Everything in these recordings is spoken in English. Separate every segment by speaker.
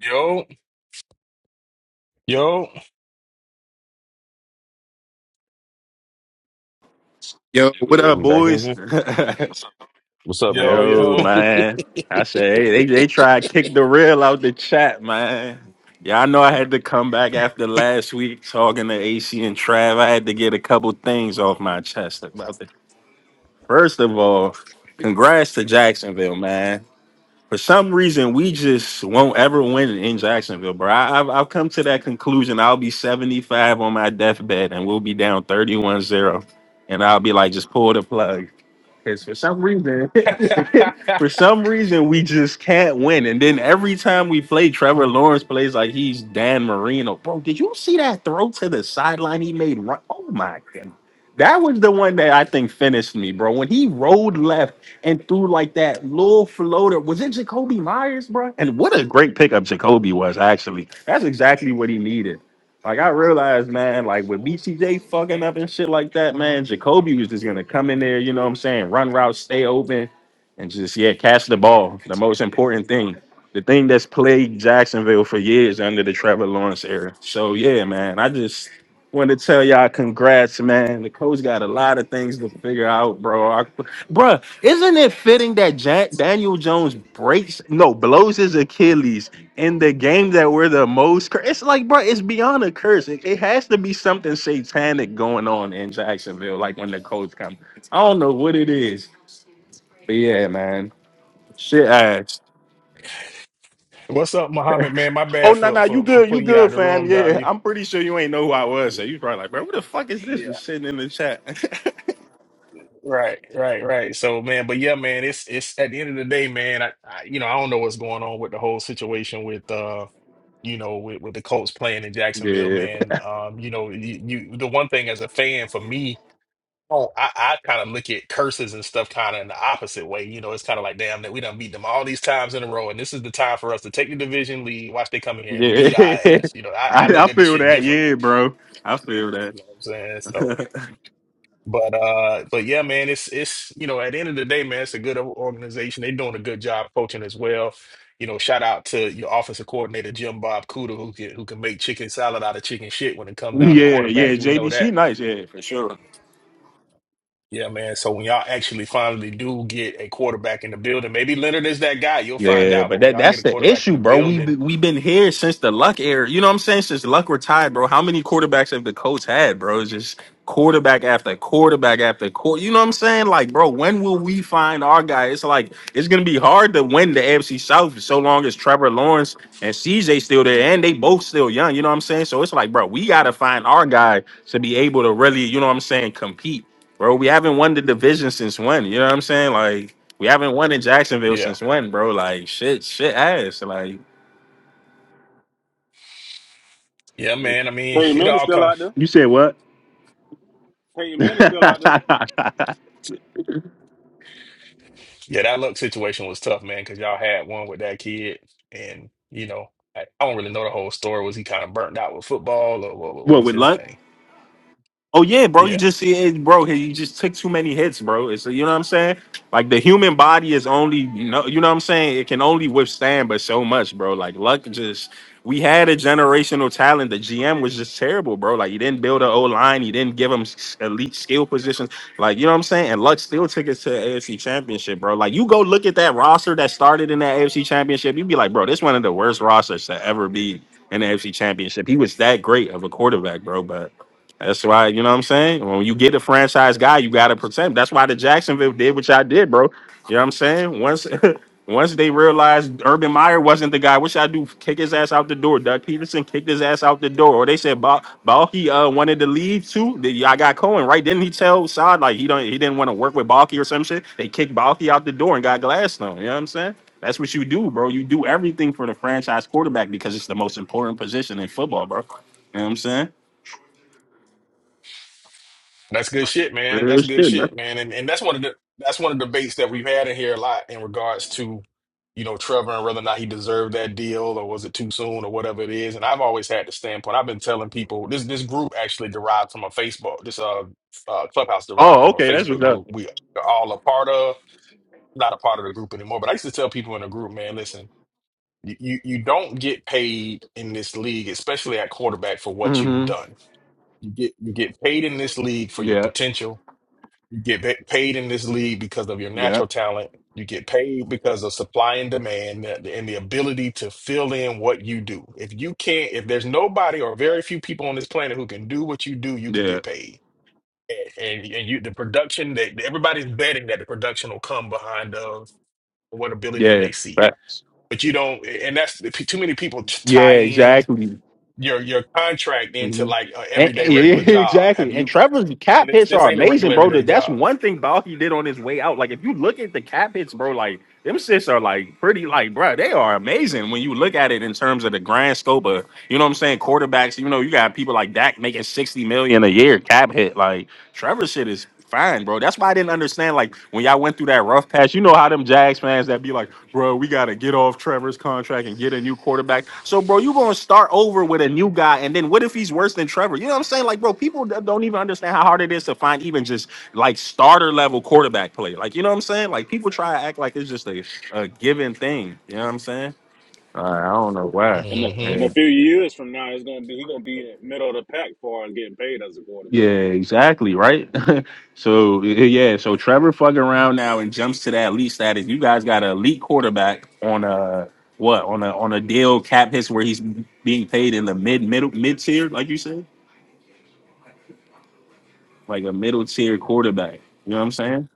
Speaker 1: Yo, yo,
Speaker 2: Yo,
Speaker 3: There we
Speaker 2: what
Speaker 3: go.
Speaker 2: up,
Speaker 3: We back in
Speaker 2: boys?
Speaker 3: here. What's up,
Speaker 1: yo,
Speaker 3: man?
Speaker 2: Yo,
Speaker 3: I
Speaker 1: yo.
Speaker 2: man. I said hey, they they try to kick the real out the chat, man. Yeah, I know I had to come back after last week talking to AC and Trav. I had to get a couple things off my chest about the First of all, congrats to Jacksonville, man for some reason we just won't ever win in Jacksonville, bro. I, I've I've come to that conclusion. I'll be 75 on my deathbed and we'll be down thirty one zero, And I'll be like, just pull the plug. Because for some reason, for some reason, we just can't win. And then every time we play, Trevor Lawrence plays like he's Dan Marino. Bro, did you see that throw to the sideline he made? Ru- Oh my god. That was the one that I think finished me, bro. When he rolled left and threw like that little floater. Was it Jacoby Myers, bro? And what a great pickup Jacoby was, actually. That's exactly what he needed. Like I realized, man, like with BCJ fucking up and shit like that, man, Jacoby was just gonna come in there, you know what I'm saying, run routes, stay open, and just yeah, catch the ball. The most important thing. The thing that's plagued Jacksonville for years under the Trevor Lawrence era. So yeah, man, I just want to tell y'all congrats, man. The coach got a lot of things to figure out, bro. I Bruh, isn't it fitting that Ja- Daniel Jones breaks, no, blows his Achilles in the game that we're the most cur- It's like, bruh, it's beyond a curse. It, it has to be something satanic going on in Jacksonville, like when the coach comes. I don't know what it is, but yeah, man. Shit ass.
Speaker 1: What's up, Muhammad, man? My
Speaker 2: Oh,
Speaker 1: bad
Speaker 2: no,
Speaker 1: for
Speaker 2: no, you
Speaker 1: for for
Speaker 2: good. You
Speaker 1: putting you out of
Speaker 2: good,
Speaker 1: the
Speaker 2: fam.
Speaker 1: room, dog.
Speaker 2: Yeah,
Speaker 1: You
Speaker 2: I'm pretty sure you ain't know who I was.
Speaker 1: yeah,
Speaker 2: So you probably like, bro, what the fuck is this
Speaker 1: yeah,
Speaker 2: just sitting in the chat?
Speaker 1: right, right, right. So, man, but yeah, man, it's it's at the end of the day, man, I, I you know, I don't know what's going on with the whole situation with uh you know, with, with the Colts playing in Jacksonville,
Speaker 2: yeah.
Speaker 1: man. Um, you know, you, you the one thing as a fan for me Oh, I, I kind of look at curses and stuff kind of in the opposite way. You know, it's kind of like, damn, that we done beat them all these times in a row, and this is the time for us to take the division lead. Watch they come in here and
Speaker 2: Yeah.
Speaker 1: beat our ass. You know, I, I
Speaker 2: I,
Speaker 1: look
Speaker 2: I
Speaker 1: at this
Speaker 2: feel
Speaker 1: shit
Speaker 2: that. Yeah,
Speaker 1: differently.
Speaker 2: bro. I feel that.
Speaker 1: You know what I'm saying? So, but uh, but yeah, man, it's it's you know, at the end of the day, man, it's a good o- organization. They're doing a good job coaching as well. You know, shout out to your offensive coordinator Jim Bob Cooter, who can who can make chicken salad out of chicken shit when it come down to
Speaker 2: yeah, yeah,
Speaker 1: quarterbacks. We know
Speaker 2: JB,
Speaker 1: that.
Speaker 2: she nice, yeah, for sure.
Speaker 1: Yeah, man. So when y'all actually finally do get a quarterback in the building, maybe Leonard is that guy. You'll find
Speaker 2: Yeah,
Speaker 1: out.
Speaker 2: but
Speaker 1: But when
Speaker 2: that
Speaker 1: y'all get
Speaker 2: that's
Speaker 1: a
Speaker 2: the
Speaker 1: quarterback in
Speaker 2: issue,
Speaker 1: the
Speaker 2: bro. We
Speaker 1: building,
Speaker 2: be- we been here since the Luck era. You know what I'm saying? Since Luck retired, bro. How many quarterbacks have the Colts had, bro? It's just quarterback after quarterback after quarter. You know what I'm saying? Like, bro, when will we find our guy? It's like it's gonna be hard to win the AFC South so long as Trevor Lawrence and CJ still there, and they both still young. You know what I'm saying? So it's like, bro, we gotta find our guy to be able to really, you know what I'm saying, compete, bro. We haven't won the division since when? You know what I'm saying? Like. We haven't won in Jacksonville
Speaker 1: yeah.
Speaker 2: since when, bro? Like shit, shit ass. Like
Speaker 1: Yeah, man. I mean,
Speaker 4: Peyton
Speaker 1: it
Speaker 4: Manning's
Speaker 1: all
Speaker 4: still
Speaker 1: comes.
Speaker 4: out there.
Speaker 2: You said what?
Speaker 4: Peyton Manning's still out there.
Speaker 1: Yeah, that luck situation was tough, man, because y'all had one with that kid. And, you know, I, I don't really know the whole story. Was he kind of burnt out with football or what, what
Speaker 2: what
Speaker 1: was
Speaker 2: with
Speaker 1: his
Speaker 2: luck?
Speaker 1: thing?
Speaker 2: Oh yeah, bro. You
Speaker 1: Yeah.
Speaker 2: just see it, bro. hey, You just took too many hits, bro. It's you know what I'm saying. Like the human body is only you know you know what I'm saying. It can only withstand but so much, bro. Like luck just we had a generational talent. The GM was just terrible, bro. Like he didn't build an O line. He didn't give him s- elite skill positions. Like you know what I'm saying. And luck still took us to the AFC Championship, bro. Like you go look at that roster that started in that AFC Championship. You'd be like, bro, this one of the worst rosters to ever be in the AFC Championship. He was that great of a quarterback, bro. But that's why, you know what I'm saying? When you get a franchise guy, you gotta protect him. That's why the Jacksonville did what y'all did, bro. You know what I'm saying? Once once they realized Urban Meyer wasn't the guy, what y'all do? Kick his ass out the door. Doug Peterson kicked his ass out the door. Or they said Ball, Balky uh wanted to leave too. Then Y'all got Cohen, right? Didn't he tell Saad like he don't he didn't want to work with Balky or some shit? They kicked Balky out the door and got Gladstone. You know what I'm saying? That's what you do, bro. You do everything for the franchise quarterback because it's the most important position in football, bro. You know what I'm saying?
Speaker 1: That's good shit, man.
Speaker 2: Real
Speaker 1: That's good
Speaker 2: shit, bro.
Speaker 1: shit, man. And and that's one of the that's one of the debates that we've had in here a lot in regards to, you know, Trevor and whether or not he deserved that deal or was it too soon or whatever it is. And I've always had the standpoint. I've been telling people this this group actually derived from a Facebook this uh, uh clubhouse derived
Speaker 2: Oh,
Speaker 1: from a
Speaker 2: okay, that's
Speaker 1: Facebook
Speaker 2: what's up.
Speaker 1: group we are all a part of. Not a part of the group anymore, but I used to tell people in the group, man, listen, you you you don't get paid in this league, especially at quarterback, for what you've
Speaker 2: Mm-hmm.
Speaker 1: done. You get you get paid in this league for your
Speaker 2: Yeah,
Speaker 1: potential get pa- paid in this league because of your
Speaker 2: yeah,
Speaker 1: natural talent. You get paid because of supply and demand and and the ability to fill in what you do. If you can't, if there's nobody or very few people on this planet who can do what you do, you can
Speaker 2: yeah,
Speaker 1: get paid. And and you, the production that everybody's betting that the production will come behind of what ability
Speaker 2: yeah.
Speaker 1: they see.
Speaker 2: Facts.
Speaker 1: But you don't, and that's too many people t-
Speaker 2: Yeah,
Speaker 1: tie in
Speaker 2: exactly.
Speaker 1: your your contract into
Speaker 2: hmm
Speaker 1: like a
Speaker 2: And,
Speaker 1: everyday
Speaker 2: and- yeah,
Speaker 1: regular job. Have
Speaker 2: exactly. And
Speaker 1: you?
Speaker 2: Trevor's cap
Speaker 1: And it's,
Speaker 2: hits
Speaker 1: this
Speaker 2: are
Speaker 1: ain't a
Speaker 2: amazing,
Speaker 1: regular
Speaker 2: bro.
Speaker 1: everyday
Speaker 2: That- That's
Speaker 1: job.
Speaker 2: one thing Balky did on his way out. Like, if you look at the cap hits, bro, like them shits are like pretty, like, bro, they are amazing when you look at it in terms of the grand scope of, you know what I'm saying, quarterbacks. You know, you got people like Dak making sixty million a year cap hit. Like Trevor's shit is. fine, bro. That's why I didn't understand. Like when y'all went through that rough patch, you know how them Jags fans that be like, bro, we gotta get off Trevor's contract and get a new quarterback. So, bro, you gonna start over with a new guy, and then what if he's worse than Trevor? You know what I'm saying? Like, bro, people d- don't even understand how hard it is to find even just like starter level quarterback play. Like, you know what I'm saying? Like people try to act like it's just a, a given thing. You know what I'm saying? Uh, I don't know
Speaker 4: In the,
Speaker 1: hmm
Speaker 4: in
Speaker 2: why.
Speaker 4: a few years from now, it's gonna be he's gonna be in the middle of the pack for and getting paid as a
Speaker 2: Yeah,
Speaker 4: quarterback.
Speaker 2: exactly, right? so y- yeah, so Trevor fucking around now and jumps to that elite status. You guys got an elite quarterback on a what on a on a deal cap hits where he's being paid in the mid middle mid tier, like you said, like a middle tier quarterback. You know what I'm saying?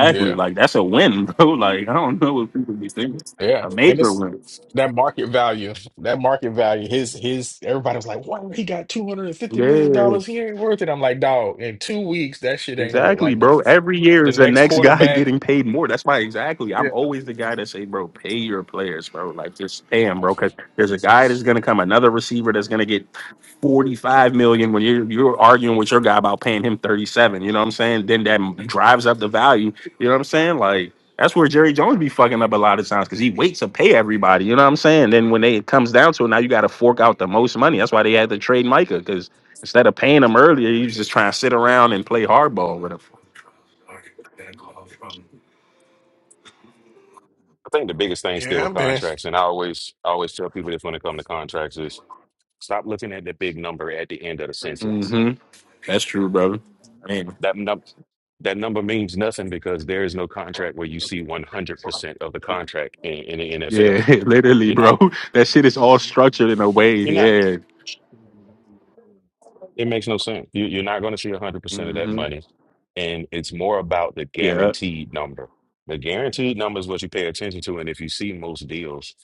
Speaker 1: Yeah.
Speaker 2: Like that's a win, bro. Like I don't know what people be thinking. A
Speaker 1: Yeah, and
Speaker 2: major
Speaker 1: it's
Speaker 2: win.
Speaker 1: that market value. That market value. His his. Everybody was like, "Wow, he got two hundred and fifty million
Speaker 2: Yeah.
Speaker 1: dollars. He ain't worth it." I'm like, "Dog, in two weeks, that shit ain't gonna look
Speaker 2: Exactly,
Speaker 1: like
Speaker 2: bro.
Speaker 1: nothing."
Speaker 2: Every year
Speaker 1: The
Speaker 2: is the
Speaker 1: next
Speaker 2: next guy
Speaker 1: quarterback.
Speaker 2: getting paid more. That's why exactly.
Speaker 1: Yeah,
Speaker 2: I'm always the guy that say, bro, pay your players, bro. Like just pay them, bro. Cause there's a guy that's gonna come, another receiver that's gonna get 45 million when you're you're arguing with your guy about paying him 37. You know what I'm saying? Then that drives up the value. You know what I'm saying? Like that's where Jerry Jones be fucking up a lot of times because he waits to pay everybody. You know what I'm saying? Then when they, it comes down to it, now you got to fork out the most money. That's why they had to trade Micah because Instead of paying them earlier, you just try and sit around and play hardball with them.
Speaker 3: think the biggest thing still
Speaker 1: yeah,
Speaker 3: with
Speaker 1: man.
Speaker 3: contracts, and I always I always tell people this when it comes to contracts is stop looking at the big number at the end of the sentence.
Speaker 2: hmm That's true, brother. Man.
Speaker 3: That num- that number means nothing because there is no contract where you see one hundred percent of the contract in, in the
Speaker 2: Yeah,
Speaker 3: NFL.
Speaker 2: literally,
Speaker 3: You're
Speaker 2: bro.
Speaker 3: not.
Speaker 2: That shit is all structured in a way.
Speaker 3: You're not.
Speaker 2: Yeah.
Speaker 3: It makes no sense. You, you're not going to see 100% of that
Speaker 2: hmm
Speaker 3: money. And it's more about the
Speaker 2: Yeah.
Speaker 3: guaranteed number. The guaranteed number is what you pay attention to. And if you see most deals,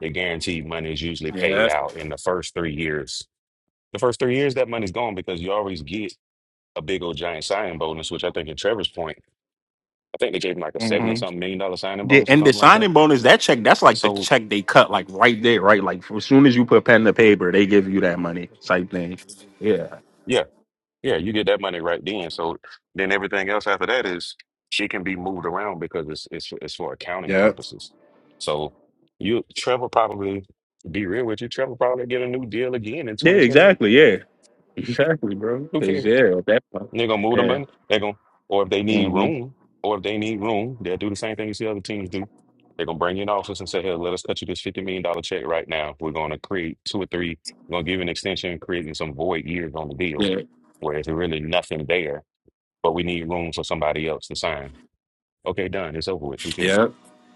Speaker 3: the guaranteed money is usually paid
Speaker 2: Yeah.
Speaker 3: out in the first three years. The first three years, that money's gone because you always get a big old giant signing bonus, which I think in Trevor's point, I think they gave him like a 70
Speaker 2: hmm
Speaker 3: something million dollar signing
Speaker 2: The
Speaker 3: bonus or
Speaker 2: and the
Speaker 3: something like that.
Speaker 2: signing bonus, that check, that's like the
Speaker 3: So
Speaker 2: check they cut like right there, right? Like as soon as you put pen to paper, they give you that money type thing. Yeah.
Speaker 3: yeah, Yeah, you get that money right then. So then everything else after that is she can be moved around because it's it's it's for accounting
Speaker 2: Yeah.
Speaker 3: purposes. So you Trevor probably be real with you. Trevor probably get a new deal again in
Speaker 2: Yeah,
Speaker 3: 2028.
Speaker 2: exactly. Yeah. Exactly, bro.
Speaker 3: Who
Speaker 2: 'Cause,
Speaker 3: cares?
Speaker 2: yeah, at that point.
Speaker 3: They're gonna move the money. They're gonna, or if they need
Speaker 2: Yeah.
Speaker 3: room, or if they need room, they'll do the same thing you see other teams do. They're gonna bring you an office and say, "Hey, let us cut you this fifty million dollar check right now. We're gonna create two or three. We're gonna give you an extension, creating some void years on the deal,
Speaker 2: hmm
Speaker 3: where there's really nothing there, but we need room for somebody else to sign." Okay, done. It's over with. Who cares?
Speaker 2: Yeah,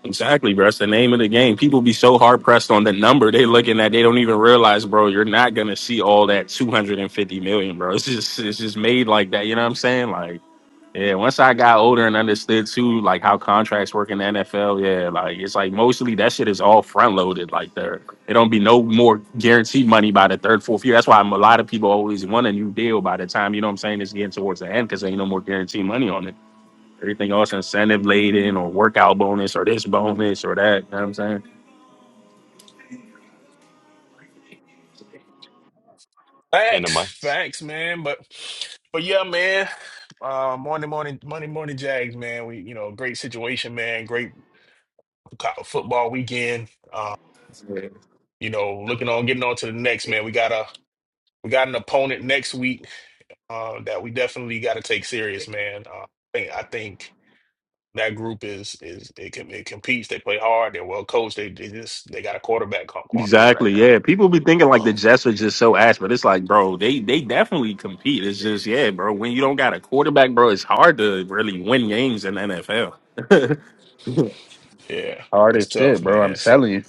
Speaker 2: exactly, bro. That's the name of the game. People be so hard pressed on the number they looking at. They don't even realize, bro. You're not gonna see all that 250 million, bro. It's just it's just made like that. You know what I'm saying? Like, yeah. Once I got older and understood too, like how contracts work in the NFL. Yeah, like it's like mostly that shit is all front loaded. Like there, it don't be no more guaranteed money by the third, fourth year. That's why I'm, a lot of people always want a new deal by the time you know what I'm saying. It's getting towards the end because ain't no more guaranteed money on it. Everything else incentive laden or workout bonus or this bonus or that. You know what I'm saying?
Speaker 3: End of
Speaker 1: Facts,
Speaker 3: month.
Speaker 1: facts, man. But, but yeah, man. Uh, morning, morning, Monday morning, Jags, man. We, you know, great situation, man. Great co- football weekend. Uh, you know, looking on, getting on to the next, man. We got a, we got an opponent next week uh, that we definitely got to take serious, man. Uh, I think I think that group is is it, com- it competes. They play hard. They're well coached. They, they just they got a quarterback qua- quandary right
Speaker 2: Exactly.
Speaker 1: now.
Speaker 2: Yeah. People be thinking like the
Speaker 1: Um,
Speaker 2: Jets are just so ass, but it's like, bro, they they definitely compete. It's just, yeah, bro. When you don't got a quarterback, bro, it's hard to really win games in the NFL.
Speaker 1: yeah,
Speaker 2: hard
Speaker 1: it's
Speaker 2: as
Speaker 1: tough,
Speaker 2: shit, bro. I'm
Speaker 1: man. So,
Speaker 2: telling you.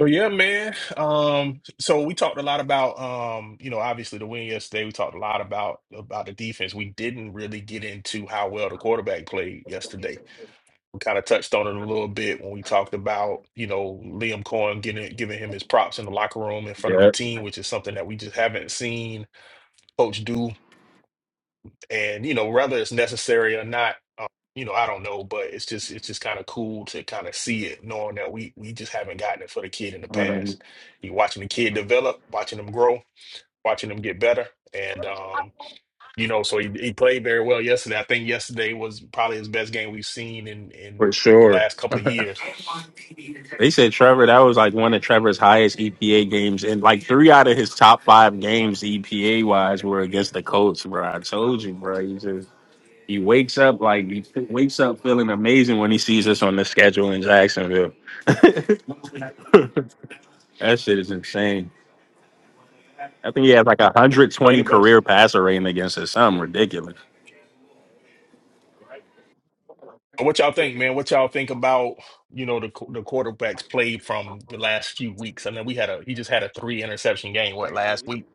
Speaker 1: so yeah, man. Um, so we talked a lot about um, you know, obviously the win yesterday. We talked a lot about about the defense. We didn't really get into how well the quarterback played yesterday kind of touched on it a little bit when we talked about, you know, Liam Cohen getting giving him his props in the locker room in front of the
Speaker 2: Yeah.
Speaker 1: team, which is something that we just haven't seen coach do. And, you know, whether it's necessary or not, uh, you know, I don't know, but it's just it's just kind of cool to kind of see it, knowing that we we just haven't gotten it for the kid in the
Speaker 2: Um,
Speaker 1: past. You watching the kid develop, watching him grow, watching him get better. And um, you know, so he, he played very well yesterday. I think yesterday was probably his best game we've seen in in
Speaker 2: for
Speaker 1: the
Speaker 2: sure.
Speaker 1: last couple of years.
Speaker 2: They said Trevor, that was like one of Trevor's highest EPA games. And like three out of his top five games, EPA wise, were against the Colts, bro. I told you, bro. He just. He wakes up like he f- wakes up feeling amazing when he sees us on the schedule in Jacksonville. That shit is insane. I think he has like a
Speaker 1: So
Speaker 2: 120
Speaker 1: anybody,
Speaker 2: career passer rating against us. Something ridiculous.
Speaker 1: what y'all think, man? What y'all think about you know the qu- the quarterbacks play from the last few weeks? I mean, we had a he just had a three interception game what last week,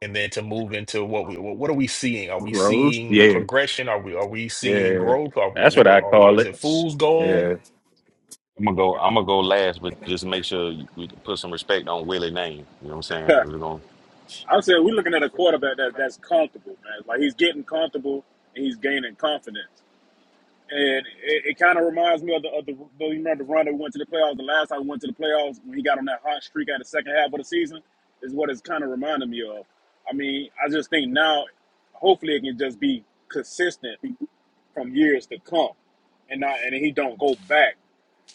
Speaker 1: and then to move into what we what what are we seeing? Are we
Speaker 2: Bro.
Speaker 1: seeing
Speaker 2: Yeah.
Speaker 1: progression? Are we are we
Speaker 2: Yeah.
Speaker 1: seeing
Speaker 2: yeah.
Speaker 1: growth? Or what
Speaker 2: That's
Speaker 1: what
Speaker 2: what
Speaker 1: are,
Speaker 2: I
Speaker 1: or
Speaker 2: call
Speaker 1: is
Speaker 2: it.
Speaker 1: it fool's goal?
Speaker 2: Yeah.
Speaker 3: I'm gonna go. I'm gonna go last, but just make sure we put some respect on Willie's name. You know what I'm saying? We're gonna.
Speaker 4: I'm saying we're looking at a quarterback that that's comfortable, man. Like he's getting comfortable and he's gaining confidence. And it, it kind of reminds me of the, of the you remember the run that we went to the playoffs. The last time we went to the playoffs when he got on that hot streak at the second half of the season is what it's kind of reminding me of. I mean, I just think now, hopefully, it can just be consistent from years to come, and not and he don't go back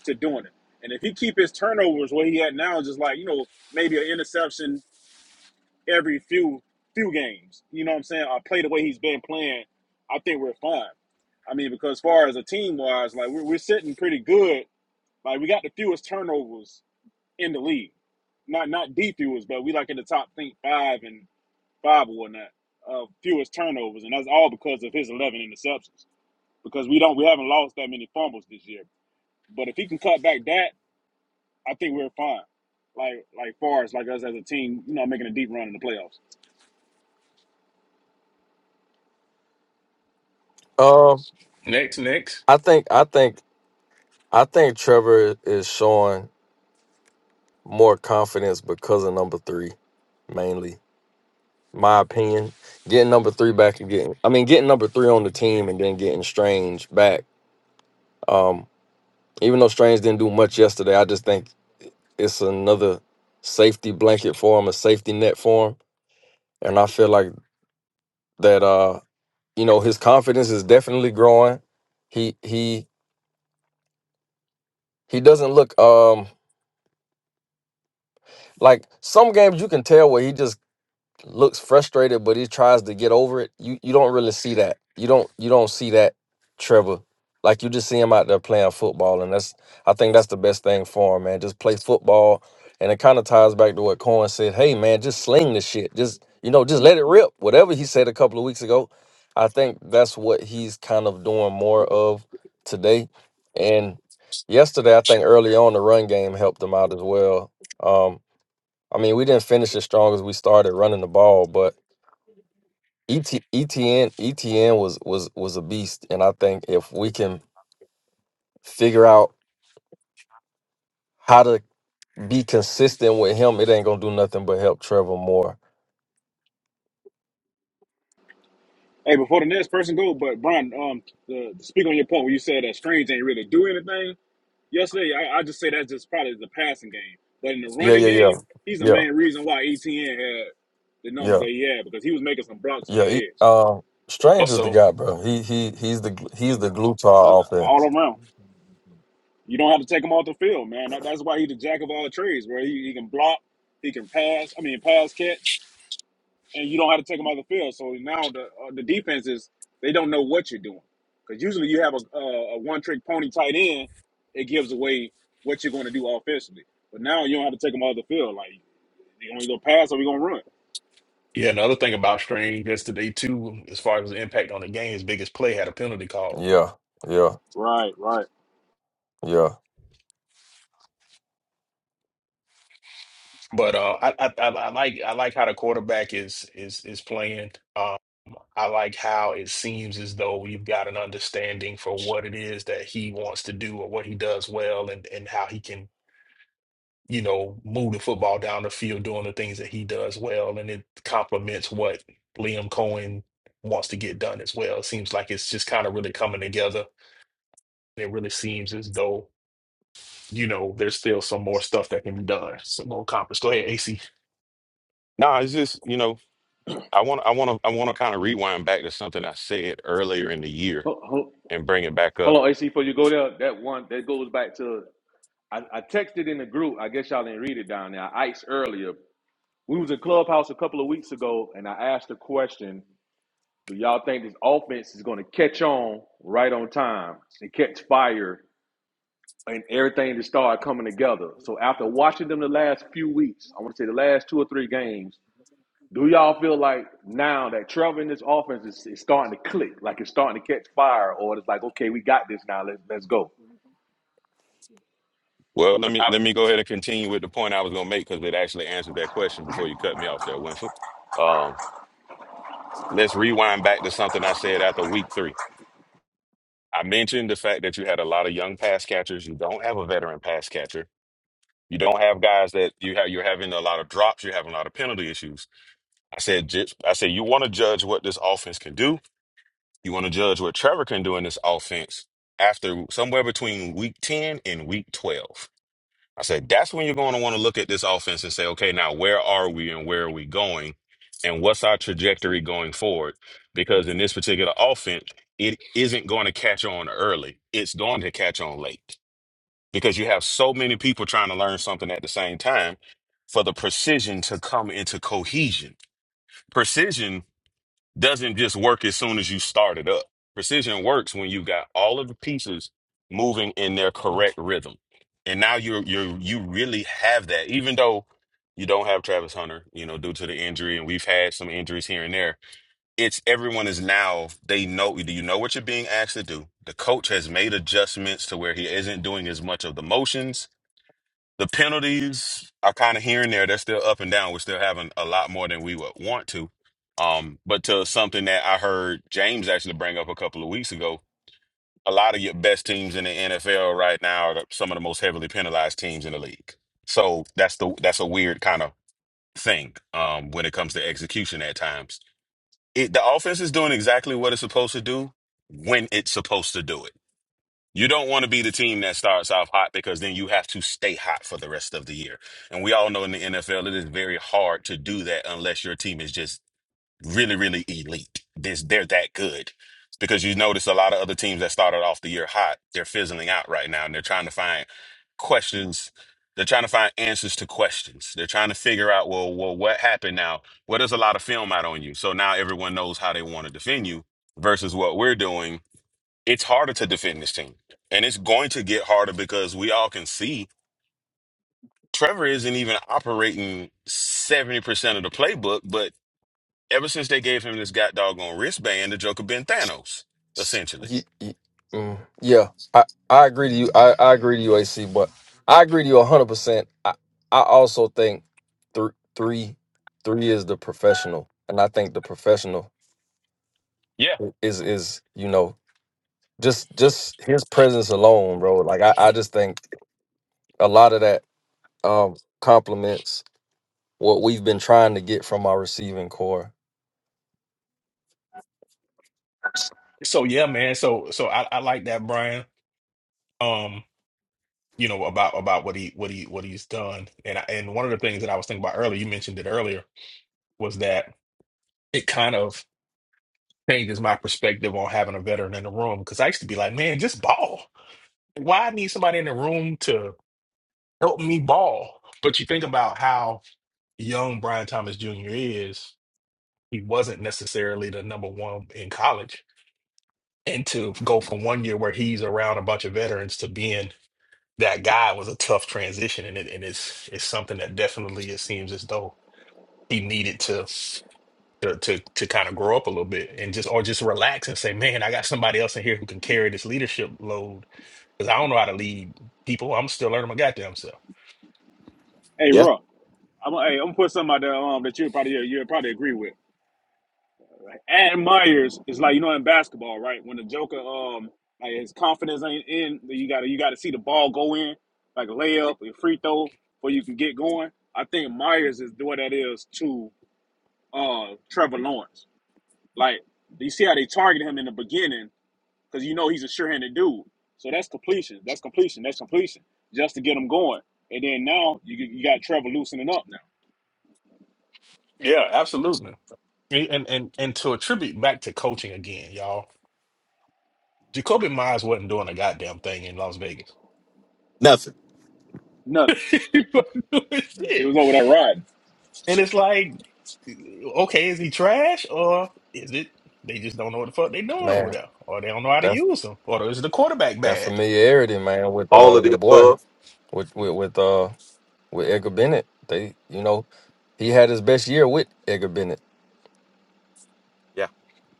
Speaker 4: to doing it. And if he keep his turnovers where he at now, just like you know maybe an interception every few few games, you know what I'm saying? I play the way he's been playing, I think we're fine. I mean, because as far as a team wise, like we're, we're sitting pretty good. Like we got the fewest turnovers in the league, not not the fewest, but we like in the top think five and five or whatnot of uh, fewest turnovers, and that's all because of his 11 interceptions because we don't we haven't lost that many fumbles this year. But if he can cut back that, I think we're fine. Like like far as like us as a team, you know, making a deep run in the playoffs.
Speaker 5: Um,
Speaker 1: Next, next.
Speaker 5: I think I think I think Trevor is showing more confidence because of number three, mainly. My opinion. Getting number three back and getting I mean getting number three on the team and then getting Strange back. Um, even though Strange didn't do much yesterday, I just think it's another safety blanket for him, a safety net for him. And I feel like that uh, you know, his confidence is definitely growing. He he he doesn't look um like some games you can tell where he just looks frustrated, but he tries to get over it. You you don't really see that. You don't you don't see that, Trevor. Like you just see him out there playing football, and that's I think that's the best thing for him, man. Just play football, and it kind of ties back to what Cohen said. Hey, man, just sling the shit. Just you know, just let it rip. Whatever he said a couple of weeks ago, I think that's what he's kind of doing more of today. And yesterday, I think early on the run game helped him out as well. Um, I mean, we didn't finish as strong as we started running the ball, but ET, ETN ETN was was was a beast, and I think if we can figure out how to be consistent with him, it ain't gonna do nothing but help Trevor more.
Speaker 4: Hey, before the next person go, but Brian, um, the, to speak on your point where you said that Strange ain't really do anything yesterday. I, I just say that's just probably the passing game, but in the
Speaker 5: Yeah,
Speaker 4: running
Speaker 5: yeah, yeah,
Speaker 4: game, he's the
Speaker 5: yeah,
Speaker 4: main reason why ETN had the numbers
Speaker 5: yeah,
Speaker 4: that he had because he was making some blocks on the
Speaker 5: yeah. He,
Speaker 4: edge.
Speaker 5: um, Strange is the
Speaker 1: Also,
Speaker 5: guy, bro. He he he's the he's the glue to
Speaker 4: He's
Speaker 5: our
Speaker 4: all
Speaker 5: offense.
Speaker 4: around. You don't have to take him off the field, man. That, that's why he's the jack of all trades, where he, he can block, he can pass. I mean, pass catch, and you don't have to take him off the field. So now the uh, the defenses they don't know what you're doing because usually you have a, a, a one trick pony tight end, it gives away what you're going to do offensively. But now you don't have to take him off the field. Like you only go pass or we gonna run.
Speaker 1: yeah, another thing about Strange yesterday too, as far as the impact on the game, his biggest play had a penalty call.
Speaker 5: Yeah, yeah,
Speaker 4: Right, right.
Speaker 5: yeah.
Speaker 1: But uh, I, I I I like I like how the quarterback is is is playing. Um, I like how it seems as though you've got an understanding for what it is that he wants to do or what he does well, and and how he can you know move the football down the field doing the things that he does well, and it complements what Liam Cohen wants to get done as well. It seems like it's just kind of really coming together. It really seems as though you know there's still some more stuff that can be done, some more accomplished. Go ahead, AC.
Speaker 3: Nah, it's just you know. I want I want to I want to kind of rewind back to something I said earlier in the year
Speaker 6: Hold, hold,
Speaker 3: and bring it back up.
Speaker 6: hold on, AC, before you go there, that one that goes back to I, I texted in the group. I guess y'all didn't read it down there. I iced earlier. We was in clubhouse a couple of weeks ago, and I asked the question: Do y'all think this offense is going to catch on right on time and catch fire and everything to start coming together? So after watching them the last few weeks, I want to say the last two or three games, do y'all feel like now that Trevor in this offense is, is starting to click, like it's starting to catch fire, or it's like okay, we got this now, let's let's go?
Speaker 3: Well, let me let me go ahead and continue with the point I was going to make because it actually answered that question before you cut me off there, Winford. Um, let's rewind back to something I said after week three. I mentioned the fact that you had a lot of young pass catchers. You don't have a veteran pass catcher. You don't have guys that you have. You're having a lot of drops. You're having a lot of penalty issues. I said, just, I said you want to judge what this offense can do You want to judge what Trevor can do in this offense after somewhere between week 10 and week 12. I said, that's when you're going to want to look at this offense and say, okay, now where are we and where are we going? And what's our trajectory going forward? Because in this particular offense, it isn't going to catch on early, it's going to catch on late because you have so many people trying to learn something at the same time for the precision to come into cohesion. Precision doesn't just work as soon as you start it up. Precision works when you got all of the pieces moving in their correct rhythm. And now you're you're you really have that, even though you don't have Travis Hunter, you know, due to the injury, and we've had some injuries here and there. It's everyone is now they know do you know what you're being asked to do? The coach has made adjustments to where he isn't doing as much of the motions the penalties are kind of here and there. They're still up and down. We're still having a lot more than we would want to. Um, but to something that I heard James actually bring up a couple of weeks ago, a lot of your best teams in the NFL right now are some of the most heavily penalized teams in the league. So that's the that's a weird kind of thing um, when it comes to execution at times. It, the offense is doing exactly what it's supposed to do when it's supposed to do it you don't want to be the team that starts off hot because then you have to stay hot for the rest of the year. And we all know in the NFL, it is very hard to do that unless your team is just really, really elite. This they're that good. Because you notice a lot of other teams that started off the year hot, they're fizzling out right now and they're trying to find questions. They're trying to find answers to questions. They're trying to figure out, well, well, what happened now? Well, there's a lot of film out on you. So now everyone knows how they want to defend you versus what we're doing it's harder to defend this team. And it's going to get harder because we all can see Trevor isn't even operating 70% of the playbook, but ever since they gave him this god doggone wristband, the Joker been Thanos,
Speaker 5: S-
Speaker 3: essentially.
Speaker 5: y- y- mm, yeah, I, I agree to you. I, I agree to you, AC. But I agree to you hundred percent. I I also think three three three is the professional, and I think the professional
Speaker 3: Yeah.
Speaker 5: is is you know just just his presence alone, bro. Like I, I just think a lot of that um complements what we've been trying to get from our receiving core,
Speaker 1: So yeah, man. So so I, I like that, Brian. Um, you know about about what he what he what he's done, and I, and one of the things that I was thinking about earlier, you mentioned it earlier, was that it kind of changes my perspective on having a veteran in the room because I used to be like, man, just ball. Why I need somebody in the room to help me ball? But you think about how young Brian Thomas Jr. is. He wasn't necessarily the number one in college, and to go from one year where he's around a bunch of veterans to being that guy was a tough transition, and it and it's it's something that definitely it seems as though he needed to to to, to kind of grow up a little bit and just or just relax and say, man, I got somebody else in here who can carry this leadership load because I don't know how to lead people. I'm still learning my goddamn self.
Speaker 4: Hey, Ruck, I'm hey, I'm gonna put something out there um, that you'll probably you'll probably agree with. And Myers is like you know in basketball, right? When the Joker, um, like his confidence ain't in, you gotta you gotta see the ball go in, like a layup, a free throw, before you can get going. I think Myers is what that is to uh Trevor Lawrence. Like you see how they target him in the beginning because you know he's a sure-handed dude. So that's completion. That's completion. That's completion. Just to get him going. And then now you you got Trevor loosening up now.
Speaker 1: Yeah, absolutely. And and and and to attribute back to coaching again, y'all. Jacoby Myers wasn't doing a goddamn thing in Las Vegas.
Speaker 3: Nothing.
Speaker 4: Nothing.
Speaker 1: He wasn't doing
Speaker 4: It was
Speaker 1: shit.
Speaker 4: over that ride.
Speaker 1: And it's like Okay, is he trash or is it they just don't know what the fuck they doing over
Speaker 5: man.
Speaker 1: there, or they don't know how to
Speaker 5: That
Speaker 1: use him, or is the quarterback
Speaker 5: that
Speaker 1: bad?
Speaker 5: familiarity, man, with
Speaker 3: All
Speaker 5: uh
Speaker 3: of
Speaker 5: your
Speaker 3: the
Speaker 5: boy,
Speaker 3: above.
Speaker 5: with with with uh. with Edgar Bennett. They, you know, he had his best year with Edgar Bennett.
Speaker 3: Yeah,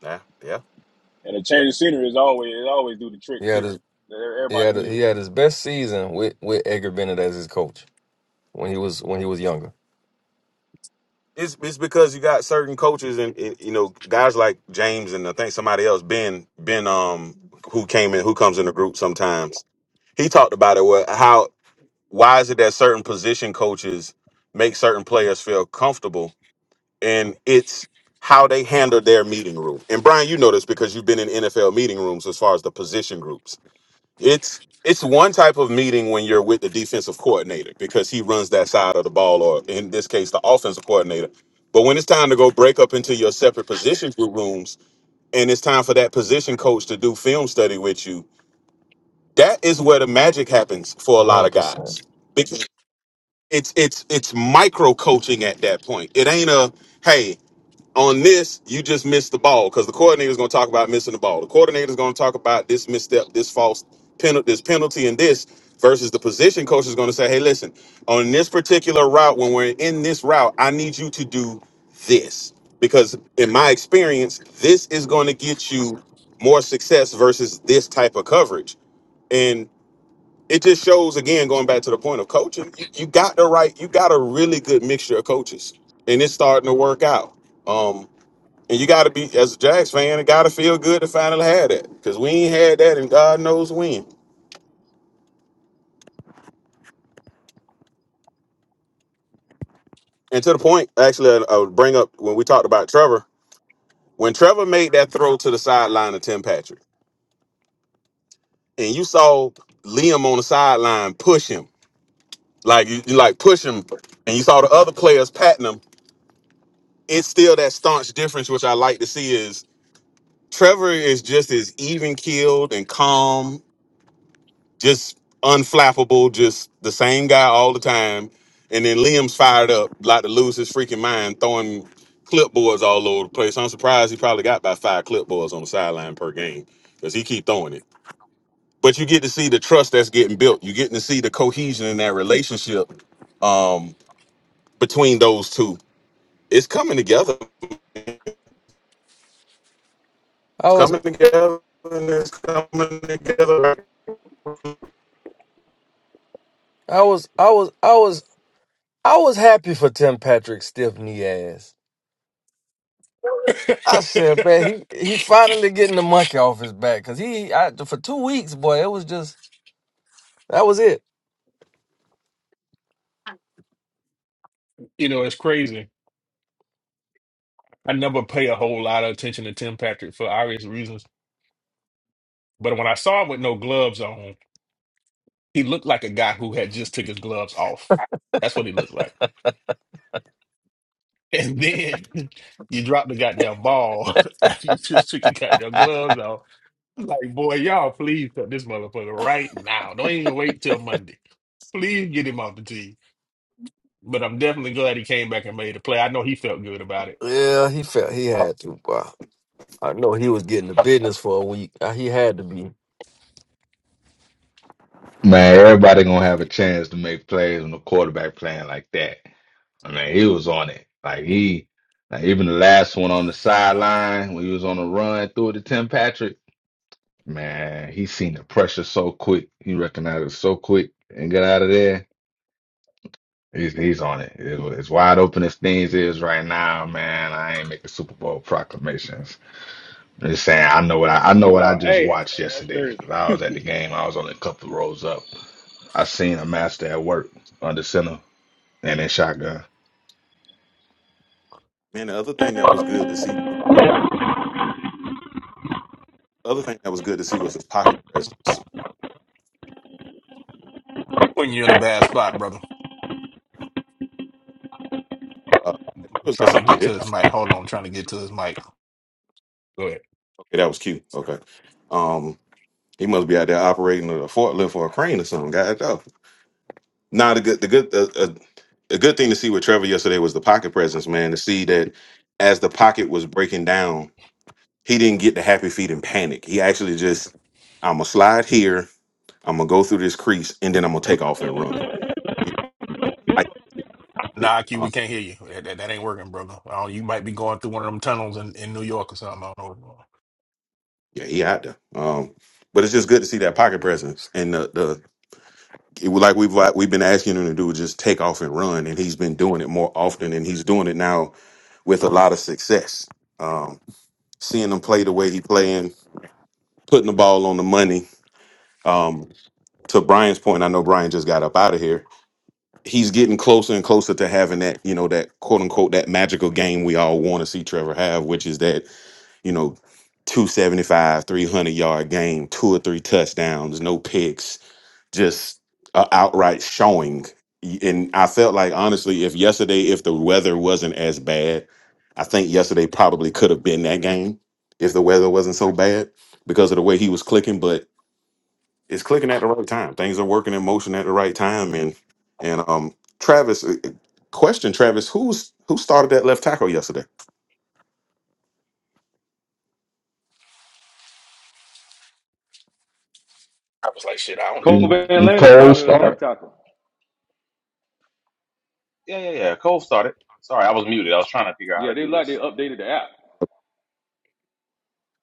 Speaker 3: yeah, yeah,
Speaker 4: And a
Speaker 3: yeah.
Speaker 4: change of scenery is always it always do the trick
Speaker 5: He had
Speaker 4: too.
Speaker 5: his he
Speaker 4: Everybody
Speaker 5: had
Speaker 4: need
Speaker 5: he
Speaker 4: it.
Speaker 5: had his best season with with Edgar Bennett as his coach when he was when he was younger.
Speaker 3: It's it's because you got certain coaches and, and you know guys like James and I think somebody else Ben Ben um who came in who comes in the group sometimes. He talked about it. Well, how? Why is it that certain position coaches make certain players feel comfortable and it's how they handle their meeting room? And Brian, you know this because you've been in NFL meeting rooms as far as the position groups. It's it's one type of meeting when you're with the defensive coordinator because he runs that side of the ball, or in this case, the offensive coordinator. But when it's time to go break up into your separate position group rooms, and it's time for that position coach to do film study with you, that is where the magic happens for
Speaker 5: A
Speaker 3: a lot
Speaker 5: hundred
Speaker 3: of
Speaker 5: percent.
Speaker 3: guys it's it's it's micro coaching at that point. It ain't a hey on this you just missed the ball because the coordinator's going to talk about missing the ball. The coordinator's going to talk about this misstep, this false penalty, this penalty, and this versus the position coach is going to say, hey, listen, on this particular route, when we're in this route, I need you to do this because in my experience, this is going to get you more success versus this type of coverage it just shows again going back to the point of coaching you, you got the right you got a really good mixture of coaches and it's starting to work out um and you got to be as a jags fan it got to feel good to finally have that because we ain't had that and god knows when and to the point actually I, I would bring up when we talked about trevor when trevor made that throw to the sideline of tim patrick and you saw liam on the sideline push him like you, you like push him and you saw the other players patting him it's still that staunch difference which i like to see is Trevor is just as even keeled and calm, just unflappable, just the same guy all the time. And then Liam's fired up, like to lose his freaking mind, throwing clipboards all over the place. I'm surprised he probably got about five clipboards on the sideline per game because he keep throwing it. But you get to see the trust that's getting built. You're getting to see the cohesion in that relationship um, between those two. It's coming together.
Speaker 5: I
Speaker 3: It's
Speaker 5: was
Speaker 3: coming together. And it's coming together.
Speaker 5: I was I was I was I was happy for Tim Patrick's stiff knee ass. I said, man, he he finally getting the monkey off his back because he I, for two weeks, boy, it was just that was it.
Speaker 1: You know, it's crazy. I never pay a whole lot of attention to Tim Patrick for obvious reasons, but when I saw him with no gloves on, he looked like a guy who had just took his gloves off. That's what he looked like. And then you drop the goddamn ball after you just took your goddamn gloves off. Like, boy, y'all please cut this motherfucker right now. Don't even wait till Monday. Please get him off the tee. But I'm definitely glad he came back and made a play. I know he felt good about it.
Speaker 5: Yeah, he felt he had to. Boy. I know he was getting the business for a week. Uh, He had to be.
Speaker 7: Man, everybody gonna have a chance to make plays on the quarterback playing like that. I mean, he was on it. Like he, like even the last one on the sideline when he was on the run through it to Tim Patrick. Man, he seen the pressure so quick. He recognized it so quick and got out of there. He's he's on it. It- It's wide open as things is right now, man. I ain't making Super Bowl proclamations. I'm just saying, I know what I, I know what I
Speaker 4: No,
Speaker 7: just
Speaker 4: hey,
Speaker 7: watched
Speaker 4: that's
Speaker 7: yesterday.
Speaker 4: crazy.
Speaker 7: 'Cause I was at the game. I was only a couple rows up. I seen a master at work under center and in shotgun.
Speaker 3: Man, the other thing that was good to see, the other thing that was good to see was his pocket presence.
Speaker 1: When you're in a bad spot, brother,
Speaker 3: Uh, it was like
Speaker 1: trying to get
Speaker 3: somebody.
Speaker 1: to his mic. Hold on, trying to get to his mic. Go ahead.
Speaker 3: Okay, that was cute. Okay, um, he must be out there operating a forklift or a crane or something. God, though. Now the good, the good, uh, uh, the good thing to see with Trevor yesterday was the pocket presence. Man, to see that as the pocket was breaking down, he didn't get the happy feet and panic. He actually just, I'm gonna slide here, I'm gonna go through this crease, and then I'm gonna take off and run. You know, I-
Speaker 1: Nah, Q,
Speaker 3: uh,
Speaker 1: we can't hear you. That, that, that ain't working, brother. Oh, you might be going through one of them tunnels in, in New York or something. I don't know. what's going on.
Speaker 3: Yeah, he out there. Um, but it's just good to see that pocket presence and the the it, was like we've like, we've been asking him to do just take off and run, and he's been doing it more often, and he's doing it now with a lot of success. Um, seeing him play the way he playing, putting the ball on the money. Um, to Brian's point, I know Brian just got up out of here. He's getting closer and closer to having that, you know, that quote unquote that magical game we all want to see Trevor have, which is that, you know, 275, 300 yard game, two or three touchdowns, no picks, just a outright showing. And I felt like honestly, if yesterday, if the weather wasn't as bad, I think yesterday probably could have been that game if the weather wasn't so bad because of the way he was clicking. But it's clicking at the right time. Things are working in motion at the right time. And and um, Travis, uh, uh, question Travis, who's who started that left tackle yesterday?
Speaker 1: I was like, shit, I don't know.
Speaker 7: Been-
Speaker 6: Kobe
Speaker 7: been
Speaker 6: Atlanta
Speaker 7: Cold
Speaker 6: started a left
Speaker 7: start.
Speaker 6: tackle.
Speaker 8: Yeah, yeah, yeah. Cole started. Sorry, I was muted. I was trying to figure out
Speaker 6: Yeah,
Speaker 8: how to
Speaker 6: they
Speaker 8: do
Speaker 6: like they
Speaker 8: this.
Speaker 6: updated the app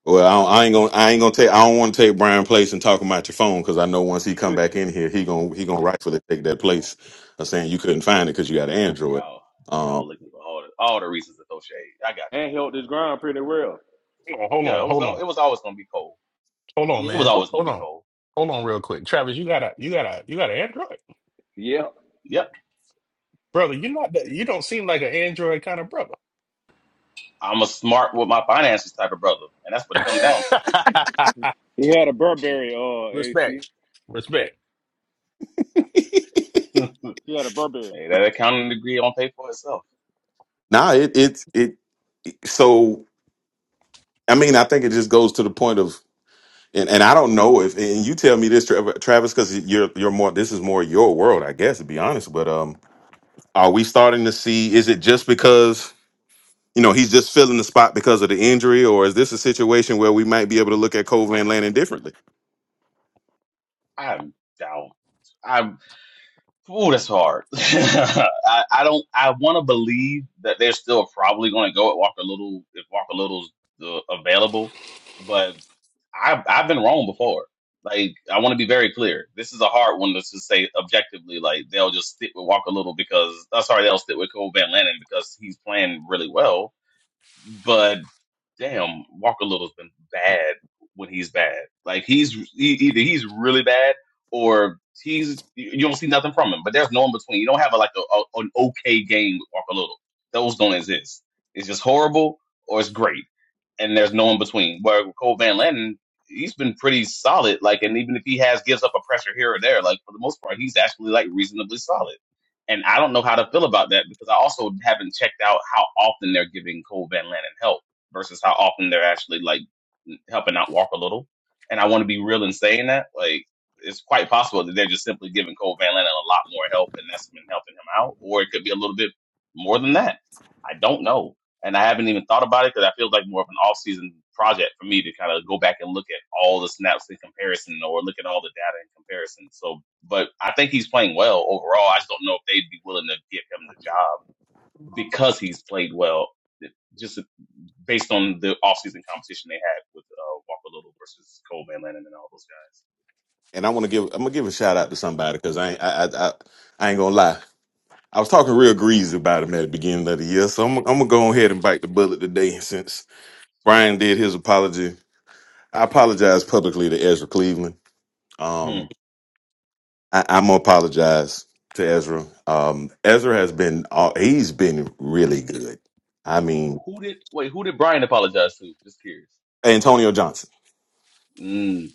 Speaker 3: Well, I, don't- I ain't gonna, I ain't gonna take, I don't want to take Brian place and talk about your phone because I know once he come back in here, he gonna, he gonna rightfully take that place of saying you couldn't find it because you got an Android.
Speaker 8: Y'all,
Speaker 3: Um,
Speaker 8: y'all looking for all the, all the reasons to throw shade. I got
Speaker 6: and held this ground pretty well.
Speaker 1: Hold
Speaker 8: you.
Speaker 1: on,
Speaker 8: Yeah, it was
Speaker 1: hold on, hold
Speaker 8: al-
Speaker 1: on,
Speaker 8: it was always gonna be cold.
Speaker 1: hold on,
Speaker 8: Yeah, it was
Speaker 1: man.
Speaker 8: always gonna
Speaker 1: Hold
Speaker 8: be
Speaker 1: on,
Speaker 8: cold.
Speaker 1: hold on, real quick. Travis, you got a, you got a, you got an Android,
Speaker 6: Yeah.
Speaker 8: Yep,
Speaker 1: brother. You're not, that, you don't seem like an Android kind of brother.
Speaker 8: I'm a smart with my finances type of brother, and that's what it comes down to.
Speaker 4: He had a Burberry uh AC.
Speaker 1: Respect, respect.
Speaker 4: He had a Burberry.
Speaker 8: hey, that accounting degree don't pay for itself.
Speaker 3: now it, it, it. So I mean, I think it just goes to the point of, and, and I don't know if, and you tell me this, Tra- Travis, because you're, you're more, this is more your world, I guess, to be honest. But um, are we starting to see? Is it just because? You know, he's just filling the spot because of the injury, or is this a situation where we might be able to look at Cove Van Lanning
Speaker 8: I'm down. I'm. Ooh, that's hard. I, I don't. I want to believe that they're still probably going to go at Walker Little if Walker Little's uh, available, but I've I've been wrong before. Like I want to be very clear. This is a hard one to just say objectively. Like they'll just stick with Walker Little because i sorry, they'll stick with Cole Van Lannon because he's playing really well but damn, Walker Little's been bad when he's bad. Like he's he, either he's really bad or he's you you don't see nothing from him. But there's no in between. You don't have a, like a, a, an okay game with Walker Little. Those don't exist. It's just horrible or it's great, and there's no in between. Where with Cole Van Landen, he's been pretty solid. Like, and even if he has gives up a pressure here or there, like for the most part, he's actually like reasonably solid. And I don't know how to feel about that because I also haven't checked out how often they're giving Cole Van Lannon help versus how often they're actually like helping out Walk a little. And I want to be real in saying that. Like, it's quite possible that they're just simply giving Cole Van Lannon a lot more help and that's been helping him out. Or it could be a little bit more than that. I don't know. And I haven't even thought about it because I feel like more of an off-season project for me to kind of go back and look at all the snaps in comparison or look at all the data in comparison. So but I think he's playing well overall. I just don't know if they'd be willing to give him the job because he's played well, eh, just eh, based on the offseason competition they had with uh, Walker Little versus Cole Van Lennon and all those
Speaker 3: and I want to give I'm gonna give a shout out to somebody because I ain't I, I I I ain't gonna lie. I was talking real greasy about him at the beginning of the year, so I'm, I'm gonna go ahead and bite the bullet today. Since Brian did his apology, I apologize publicly to Ezra Cleveland.
Speaker 8: guys.
Speaker 3: Um, I, I'm gonna apologize to Ezra. Um, Ezra has been uh, he's been really good. I
Speaker 8: Hmm. Who
Speaker 3: mean,
Speaker 8: who did wait? Who did Brian apologize to? Just curious.
Speaker 3: Antonio Johnson.
Speaker 8: Mm,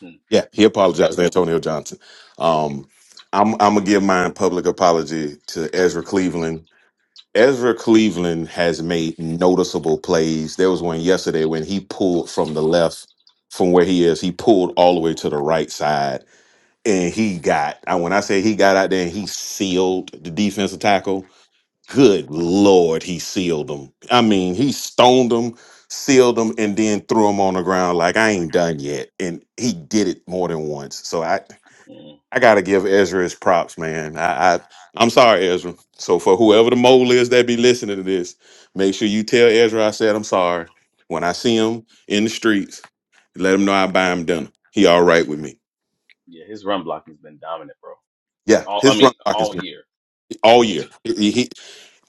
Speaker 8: hmm.
Speaker 3: Yeah, he
Speaker 8: that's a
Speaker 3: apologized
Speaker 8: good.
Speaker 3: to Antonio Johnson. Um, I'm I'm gonna give my public apology to Ezra Cleveland Ezra Cleveland has made noticeable plays. There was one yesterday when he pulled from the left from where he is. He pulled all the way to the right side and he got And when I say he got out there and he sealed the defensive tackle. Good lord, he sealed him. I mean, he stoned him, sealed him and then threw him on the ground like I ain't done yet. And he did it more than once. So I
Speaker 8: One. Mm.
Speaker 3: I gotta give Ezra his props, man. I, I I'm sorry, Ezra. So for whoever the mole is that be listening to this, make sure you tell Ezra I said I'm sorry. When I see him in the streets, let him know I buy him dinner. He all right with me.
Speaker 8: Yeah, his run blocking's been dominant, bro.
Speaker 3: Yeah,
Speaker 8: All I
Speaker 3: his
Speaker 8: mean,
Speaker 3: drunk talk
Speaker 8: all
Speaker 3: is
Speaker 8: year.
Speaker 3: all year. He, he-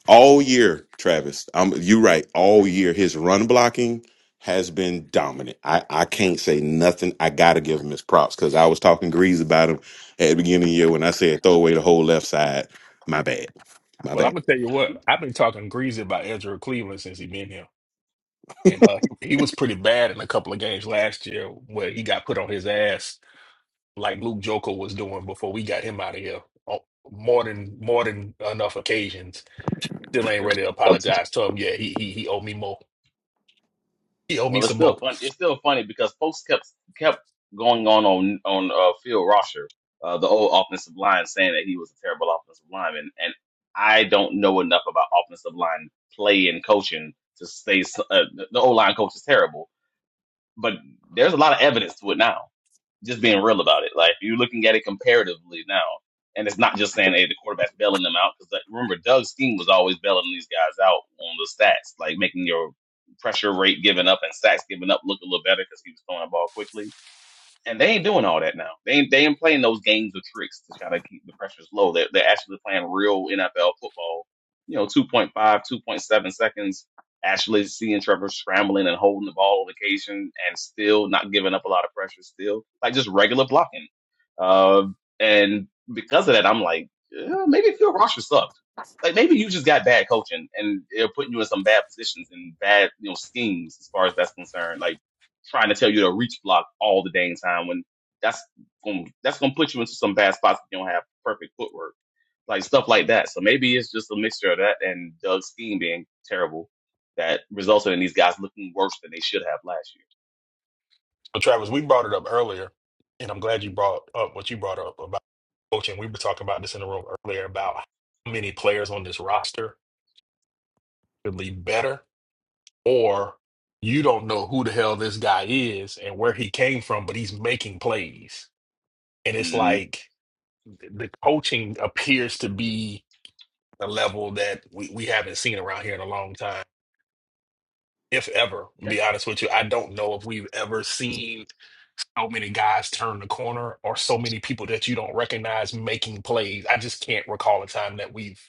Speaker 3: all year, Travis. I'm you right. All year, his run blocking has been dominant. I, I can't say nothing. I gotta give him his props because I was talking grease about him at the beginning of the year when I said throw away the whole left side. My bad. My
Speaker 1: Well, I'm
Speaker 3: bad.
Speaker 1: gonna tell you what. I've been talking greasy about Ezra Cleveland since he been here, and uh, he, he was pretty bad in a couple of games last year where he got put on his ass like Luke Joker was doing before we got him out of here. On more than more than enough occasions, still ain't
Speaker 8: Yeah.
Speaker 1: ready to apologize to him. Yeah, he he he owe me more. He owe me
Speaker 8: Well, it's
Speaker 1: some more.
Speaker 8: still fun. It's still funny because folks kept kept going on on on uh, Phil Rosher, uh, the old offensive line, saying that he was a terrible offensive lineman, and I don't know enough about offensive line play and coaching to say s- uh, the the old line coach is terrible. But there's a lot of evidence to it now just being real about it. Like you're looking at it comparatively now, and it's not just saying, "Hey, the quarterback's bailing them out." Because like, remember, Doug's team was always bailing these guys out on the stats, like making your pressure rate given up and sacks given up look a little better because he was throwing the ball quickly. And they ain't doing all that now. They ain't, they ain't playing those games of tricks to try to keep the pressures low. They're, they're actually playing real NFL football. You know, two point five, two point seven seconds, actually seeing Trevor scrambling and holding the ball on occasion and still not giving up a lot of pressure still. Like just regular blocking. Uh, and because of that, I'm like, yeah, maybe Phil Rosher sucked. Like maybe you just got bad coaching and they're putting you in some bad positions and bad, you know, schemes as far as that's concerned. Like, trying to tell you to reach block all the dang time when that's going to that's gonna put you into some bad spots if you don't have perfect footwork, like stuff like that. So maybe it's just a mixture of that and Doug's scheme being terrible that resulted in these guys looking worse than they should have last
Speaker 1: But Travis, we brought it up earlier, and I'm glad you brought up what you brought up about coaching. We were talking about this in the room earlier about how many players on this roster could be better or you don't know who the hell this guy is and where he came from, but he's making plays. And
Speaker 8: year.
Speaker 1: it's
Speaker 8: hmm
Speaker 1: like the coaching appears to be a level that we, we haven't seen around here in a long time if ever. To
Speaker 8: Yeah,
Speaker 1: be honest with you, I don't know if we've ever seen so many guys turn the corner or so many people that you don't recognize making plays. I just can't recall a time that we've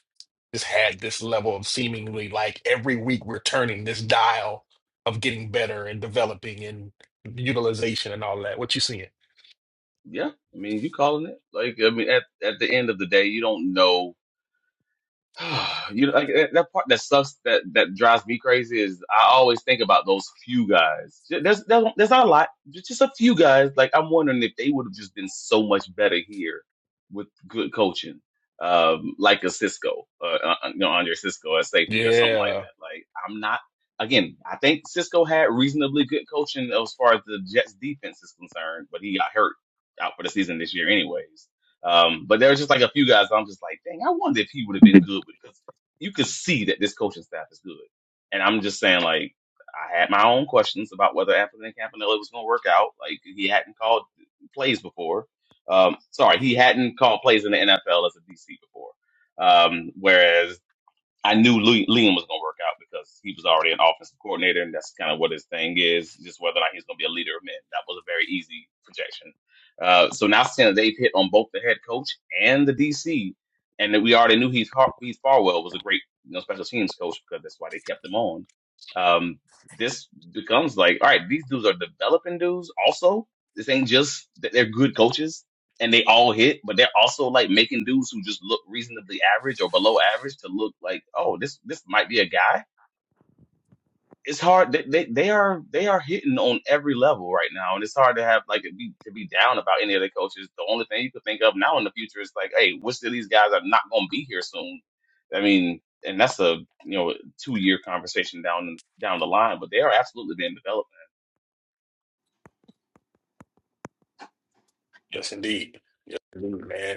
Speaker 1: just had this level of seemingly like every week we're turning this dial of getting better and developing and utilization and all that. What you seeing?
Speaker 8: yeah. I mean, you calling it? Like, I mean, at at the end of the day, you don't know you know, like, that that part that sucks that that drives me crazy is I always think about those few guys. There's there's there's not a lot, there's just a few guys. Like I'm wondering if they would have just been so much better here with good coaching, um, like a Cisco, uh, uh, uh, you know, Andre Cisco at safety or something like
Speaker 1: Yeah.
Speaker 8: that. Like I'm not. Again, I think Cisco had reasonably good coaching as far as the Jets defense is concerned, but he got hurt out for the season this year, anyways. Um, but there was just like a few guys I'm just like, dang, I wonder if he would have been good with it, because you could see that this coaching staff is good. And I'm just saying, like, I had my own questions about whether Anthony Campanella was going to work out. Like, he hadn't called plays before. Um, sorry, he hadn't called plays in the NFL as a DC before. Um, whereas I knew Lea- Liam was going to work out because he was already an offensive coordinator, and that's kind of what his thing is. Just whether or not he's going to be a leader of men. That was a very easy projection. Uh, so now seeing that they've hit on both the head coach and the DC, and that we already knew Heath, Har- Heath Farwell was a great you know, special teams coach because that's why they kept him on. Um, this becomes like, all right, these dudes are developing dudes. Also, this ain't just that they're good coaches and they all hit, but they're also like making dudes who just look reasonably average or below average to look like, oh, this this might be a guy. It's hard. They, they they are they are hitting on every level right now, and it's hard to have like to be to be down about any of the coaches. The only thing you could think of now in the future is like, hey, which of these guys are not going to be here soon? I mean, and that's a you know two year conversation down down the line, but they are absolutely being developed.
Speaker 1: Yes, indeed. Indeed, man.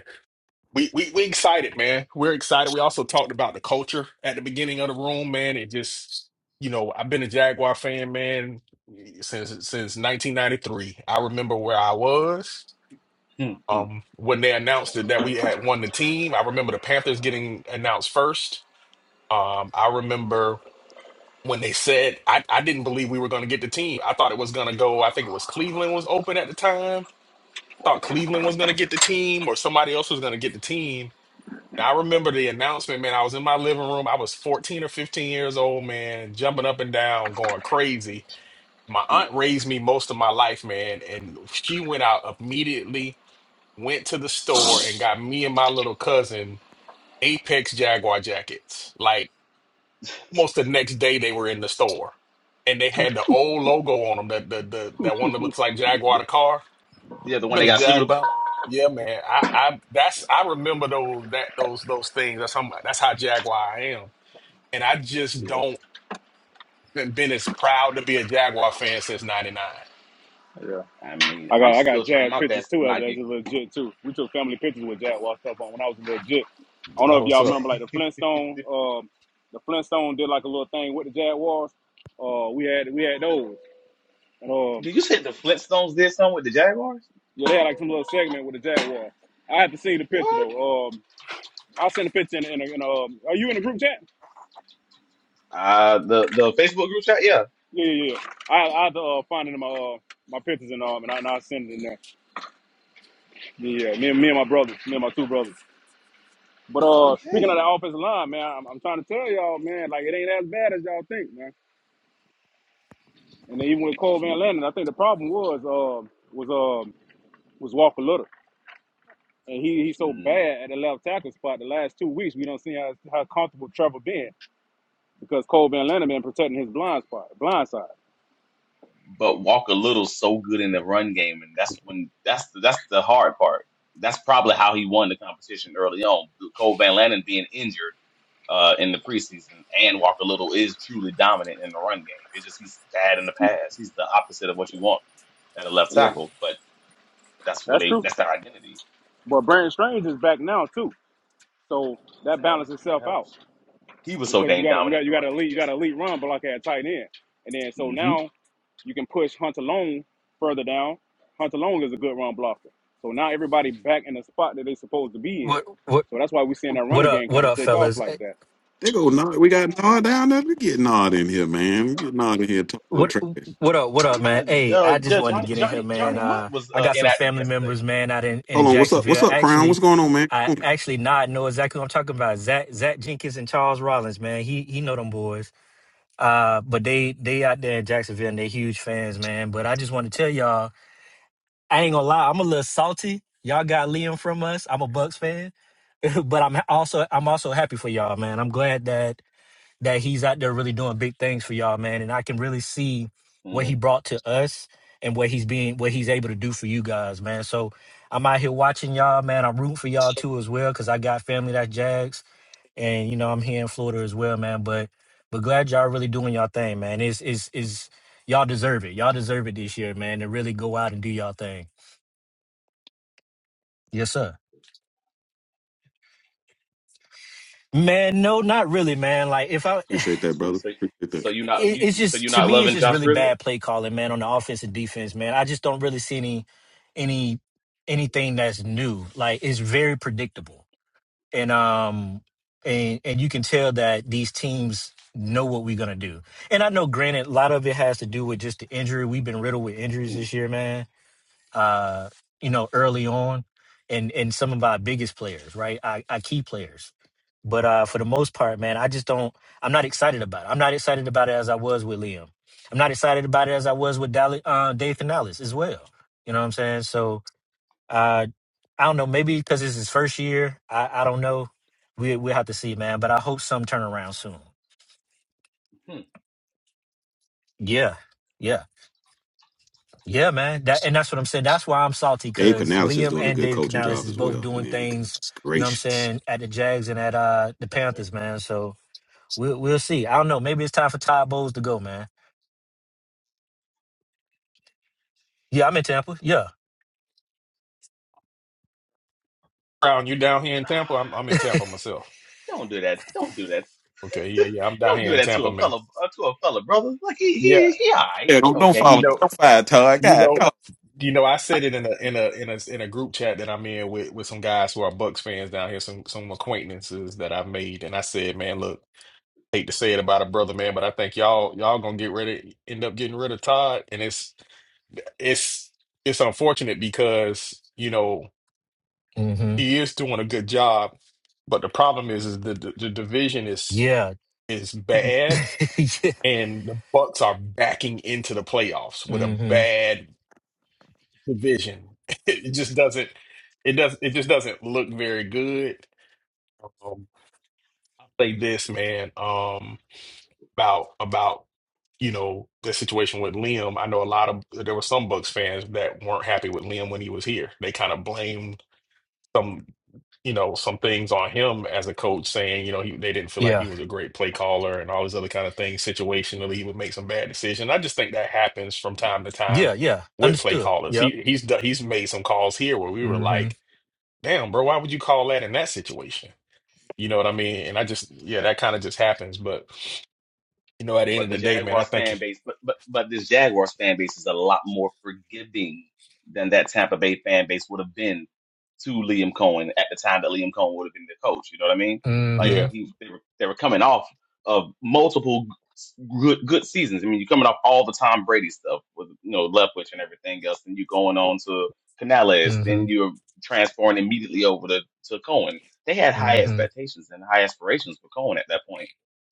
Speaker 1: We we we excited, man. We're excited. We also talked about the culture at the beginning of the room, man. It just, you know, I've been a Jaguar fan, man, since since 1993. I remember where I was
Speaker 8: Hmm, hmm,
Speaker 1: um, when they announced that, that we had won the team. I remember the Panthers getting announced first. Um, I remember when they said I, I didn't believe we were going to get the team. I thought it was going to go. I think it was Cleveland was open at the time. Thought Cleveland was going to get the team or somebody else was going to get the team I remember the announcement, man. I was in my living room. I was 14 or 15 years old, man, jumping up and down, going crazy. My
Speaker 8: hmm.
Speaker 1: aunt raised me most of my life, man, and she went out immediately, went to the store and got me and my little cousin Apex Jaguar jackets. Like almost the next day they were in the store. And they had the old logo on them, that the, the that one that looks like Jaguar the car.
Speaker 8: Yeah, the one
Speaker 1: Been
Speaker 8: they
Speaker 1: a
Speaker 8: got sued
Speaker 1: jag.
Speaker 8: about.
Speaker 1: Yeah, man. I, I that's I remember those that those those things. That's how that's how Jaguar I am. And I just
Speaker 4: Yeah,
Speaker 1: don't haven't been as proud to be a Jaguar fan since '99.
Speaker 4: yeah.
Speaker 8: I mean,
Speaker 4: I
Speaker 8: I'm
Speaker 4: got I got
Speaker 8: still trying
Speaker 4: Jazz
Speaker 8: my
Speaker 4: pictures
Speaker 8: best to
Speaker 4: too as
Speaker 8: not
Speaker 4: as a
Speaker 8: get.
Speaker 4: legit too. We took family pictures with Jazz while stuff on when I was a legit. I don't know
Speaker 1: That's
Speaker 4: if
Speaker 1: what's
Speaker 4: y'all remember
Speaker 1: up.
Speaker 4: like the Flintstone. Um, the Flintstone did like a little thing with the Jaguars. Uh, we had we had those. And, um,
Speaker 8: Did you say the Flintstones did something with the Jaguars?
Speaker 4: yeah, they had like some little segment with the Jaguar. I have to see the picture
Speaker 8: What?
Speaker 4: though. Um, I'll send a picture in. in, a, in a, um, are you in the group chat?
Speaker 8: Uh the the Facebook group chat. Yeah.
Speaker 4: Yeah, yeah, yeah. I I have to uh, find it in my uh, my pictures and um, and I and I send it in there. Yeah, yeah. me and me and my brothers, me and my two brothers. But uh, speaking of the
Speaker 8: Okay.
Speaker 4: offensive line, man, I'm, I'm trying to tell y'all, man, like it ain't as bad as y'all think, man. And then even with Cole Van Landen, I think the problem was uh was um was Walker Little, and he he's so
Speaker 8: Mm,
Speaker 4: bad at the left tackle spot. The last two weeks, we don't see how how comfortable Trevor been because Cole Van Landen been protecting his blind spot, blind side.
Speaker 8: but Walker Little's so good in the run game, and that's when that's the, that's the hard part. That's probably how he won the competition early on. Cole Van Lannon being injured uh, in the preseason, and Walker Little is truly dominant in the run game. It's just he's bad in the pass. He's the opposite of what you want at a left
Speaker 4: Yeah,
Speaker 8: tackle, but that's what
Speaker 4: that's
Speaker 8: they
Speaker 4: true.
Speaker 8: that's their identity.
Speaker 4: But Brandon Strange is back now too, so that
Speaker 8: That
Speaker 4: balances
Speaker 8: that
Speaker 4: itself out.
Speaker 8: helps. He was so
Speaker 4: because you
Speaker 8: dang
Speaker 4: got you
Speaker 8: dominant
Speaker 4: got
Speaker 8: in the
Speaker 4: you got
Speaker 8: run
Speaker 4: an elite
Speaker 8: game
Speaker 4: you got an
Speaker 8: yesterday.
Speaker 4: elite run block at tight end, and then so
Speaker 8: Mm-hmm.
Speaker 4: now you can push Hunter Long further down. Hunter Long is a good run blocker, so now everybody back in the spot that they supposed to be in.
Speaker 9: What what
Speaker 4: So that's why we seeing that
Speaker 9: what
Speaker 4: running
Speaker 9: up?
Speaker 4: game
Speaker 9: What
Speaker 4: kind of
Speaker 9: up,
Speaker 4: take off
Speaker 9: fellas? Eh,
Speaker 4: like that.
Speaker 3: They go Nod. We
Speaker 8: Yeah,
Speaker 3: got Nod down there. We get Nod in here, man. We get Nod in here. Talk a little
Speaker 9: What
Speaker 3: trash.
Speaker 9: what up? What up,
Speaker 8: yeah.
Speaker 9: man? Hey,
Speaker 8: Uh,
Speaker 9: I just
Speaker 8: Judge
Speaker 9: wanted to
Speaker 8: Johnny
Speaker 9: get in here,
Speaker 8: Johnny
Speaker 9: man.
Speaker 8: Johnny Mutt
Speaker 9: Uh,
Speaker 8: was
Speaker 9: I
Speaker 8: uh,
Speaker 9: got some
Speaker 8: inactive
Speaker 9: family
Speaker 8: yesterday.
Speaker 9: members, man, out in,
Speaker 3: Hold
Speaker 9: in
Speaker 3: on. What's up? What's
Speaker 9: Jacksonville.
Speaker 3: up, Crown? What's
Speaker 9: Actually,
Speaker 3: going on, man?
Speaker 9: I
Speaker 3: Come on.
Speaker 9: actually not know exactly what I'm talking about. Zach Zach Jenkins and Charles Rollins, man. He he know them boys. Uh, but they they out there in Jacksonville and they huge fans, man. But I just want to tell y'all, I ain't gonna lie, I'm a little salty. Y'all got Liam from us. I'm a Bucks fan, but I'm also I'm also happy for y'all, man. I'm glad that that he's out there really doing big things for y'all, man. And I can really see what he
Speaker 8: Mm.
Speaker 9: brought to us and what he's being, what he's able to do for you guys, man. So I'm out here watching y'all, man. I'm rooting for y'all too as well, cause I got family that Jags, and you know I'm here in Florida as well, man. But but glad y'all really doing y'all thing, man. It's is is y'all deserve it. Y'all deserve it this year, man. To really go out and do y'all thing. Yes, sir. Man, no, not really, man. Like if I
Speaker 3: Appreciate that,
Speaker 8: So,
Speaker 3: brother.
Speaker 8: so,
Speaker 3: Appreciate that.
Speaker 8: so
Speaker 9: it,
Speaker 8: you not you,
Speaker 9: it's
Speaker 8: you- so you
Speaker 9: just to
Speaker 8: not
Speaker 9: me, it's
Speaker 8: loving
Speaker 9: just
Speaker 8: Josh
Speaker 9: really
Speaker 8: Grizzard?
Speaker 9: bad play calling, man, on the offense and defense, man. I just don't really see any any anything that's new. Like it's very predictable, and um, and and you can tell that these teams know what we're gonna do. And I know, granted, a lot of it has to do with just the injury. We've been riddled with injuries
Speaker 8: Mm.
Speaker 9: this year, man uh, you know, early on, and and some of our biggest players, right? Our, our key players. But uh, for the most part, man, I just don't. I'm not excited about it. I'm not excited about it as I was with Liam. I'm not excited about it as I was with Dali, uh, Dathan Ellis as well. You know what I'm saying? So uh, I don't know. Maybe because it's his first year. I, I don't know. We we will have to see, man. But I hope some turnaround soon.
Speaker 8: Hmm.
Speaker 9: Yeah, yeah. Yeah, man. That and that's what I'm saying. That's why I'm salty
Speaker 3: Dave
Speaker 9: because
Speaker 3: Canales is
Speaker 9: Liam
Speaker 3: doing a
Speaker 9: and
Speaker 3: good
Speaker 9: David
Speaker 3: coaching
Speaker 9: Canales
Speaker 3: job
Speaker 9: is
Speaker 3: as
Speaker 9: both
Speaker 3: well,
Speaker 9: doing
Speaker 3: man.
Speaker 9: things.
Speaker 3: Goodness
Speaker 9: You know what I'm
Speaker 3: gracious.
Speaker 9: saying at the Jags and at uh the
Speaker 8: That's fair.
Speaker 9: Panthers, man. So we'll we'll see. I don't know. Maybe it's time for Todd Bowles to go, man. Yeah, I'm in Tampa. Yeah.
Speaker 1: Crown, you down here in
Speaker 8: Ah,
Speaker 1: Tampa? I'm I'm in Tampa myself.
Speaker 8: Don't do that. Don't do that.
Speaker 1: Okay, yeah, yeah. I'm down
Speaker 8: Don't do
Speaker 1: here in
Speaker 8: that to
Speaker 1: Tampa,
Speaker 8: a
Speaker 1: man.
Speaker 8: fellow uh, to a fellow brother. Like he
Speaker 1: Yeah,
Speaker 8: he he all right.
Speaker 3: Yeah,
Speaker 8: He
Speaker 3: don't don't
Speaker 8: okay.
Speaker 1: you
Speaker 3: follow.
Speaker 1: know,
Speaker 3: Don't fire Todd.
Speaker 1: you
Speaker 3: God,
Speaker 1: know,
Speaker 3: no.
Speaker 1: you know. I said it in a in a in a in a group chat that I'm in with with some guys who are Bucks fans down here, some some acquaintances that I've made, and I said, man, look. hate to say it about a brother, man, but I think y'all y'all gonna get ready, end up getting rid of Todd, and it's it's it's unfortunate because you know
Speaker 9: Mm-hmm.
Speaker 1: he is doing a good job, but the problem is is the the, the division is
Speaker 9: Yeah.
Speaker 1: is bad,
Speaker 9: yeah.
Speaker 1: and the Bucks are backing into the playoffs with a
Speaker 9: Mm-hmm.
Speaker 1: bad division. It just doesn't it does it just doesn't look very good. Um, I'll say this, man. Um, about about you know the situation with Liam. I know a lot of there were some Bucks fans that weren't happy with Liam when he was here. They kind of blamed some you know some things on him as a coach, saying you know he, they didn't feel like
Speaker 9: Yeah.
Speaker 1: he was a great play caller and all these other kind of things. Situationally, he would make some bad decisions. I just think that happens from time to time
Speaker 9: Yeah. Yeah.
Speaker 1: with play
Speaker 9: Understood.
Speaker 1: callers.
Speaker 9: Yep.
Speaker 1: He he's done- he's made some calls here where we were
Speaker 9: Mm-hmm.
Speaker 1: like, damn, bro, why would you call that in that situation? You know what I mean? And I just yeah, that kind of just happens, but you know, at the end of
Speaker 8: but
Speaker 1: the
Speaker 8: the
Speaker 1: day, man, I
Speaker 8: Jaguars
Speaker 1: think
Speaker 8: fan base, but but but this Jaguars fan base is a lot more forgiving than that Tampa Bay fan base would have been to Liam Cohen at the time that Liam Cohen would have been the coach. You know what I mean? Like
Speaker 9: Mm-hmm.
Speaker 1: Yeah,
Speaker 8: he, they were they were coming off of multiple good good seasons. I mean, you're coming off all the Tom Brady stuff with you know Leftwich and everything else, and you going on to Canales,
Speaker 9: Mm-hmm.
Speaker 8: then you're transferring immediately over to to Cohen. They had high expectations and high aspirations for Cohen at that point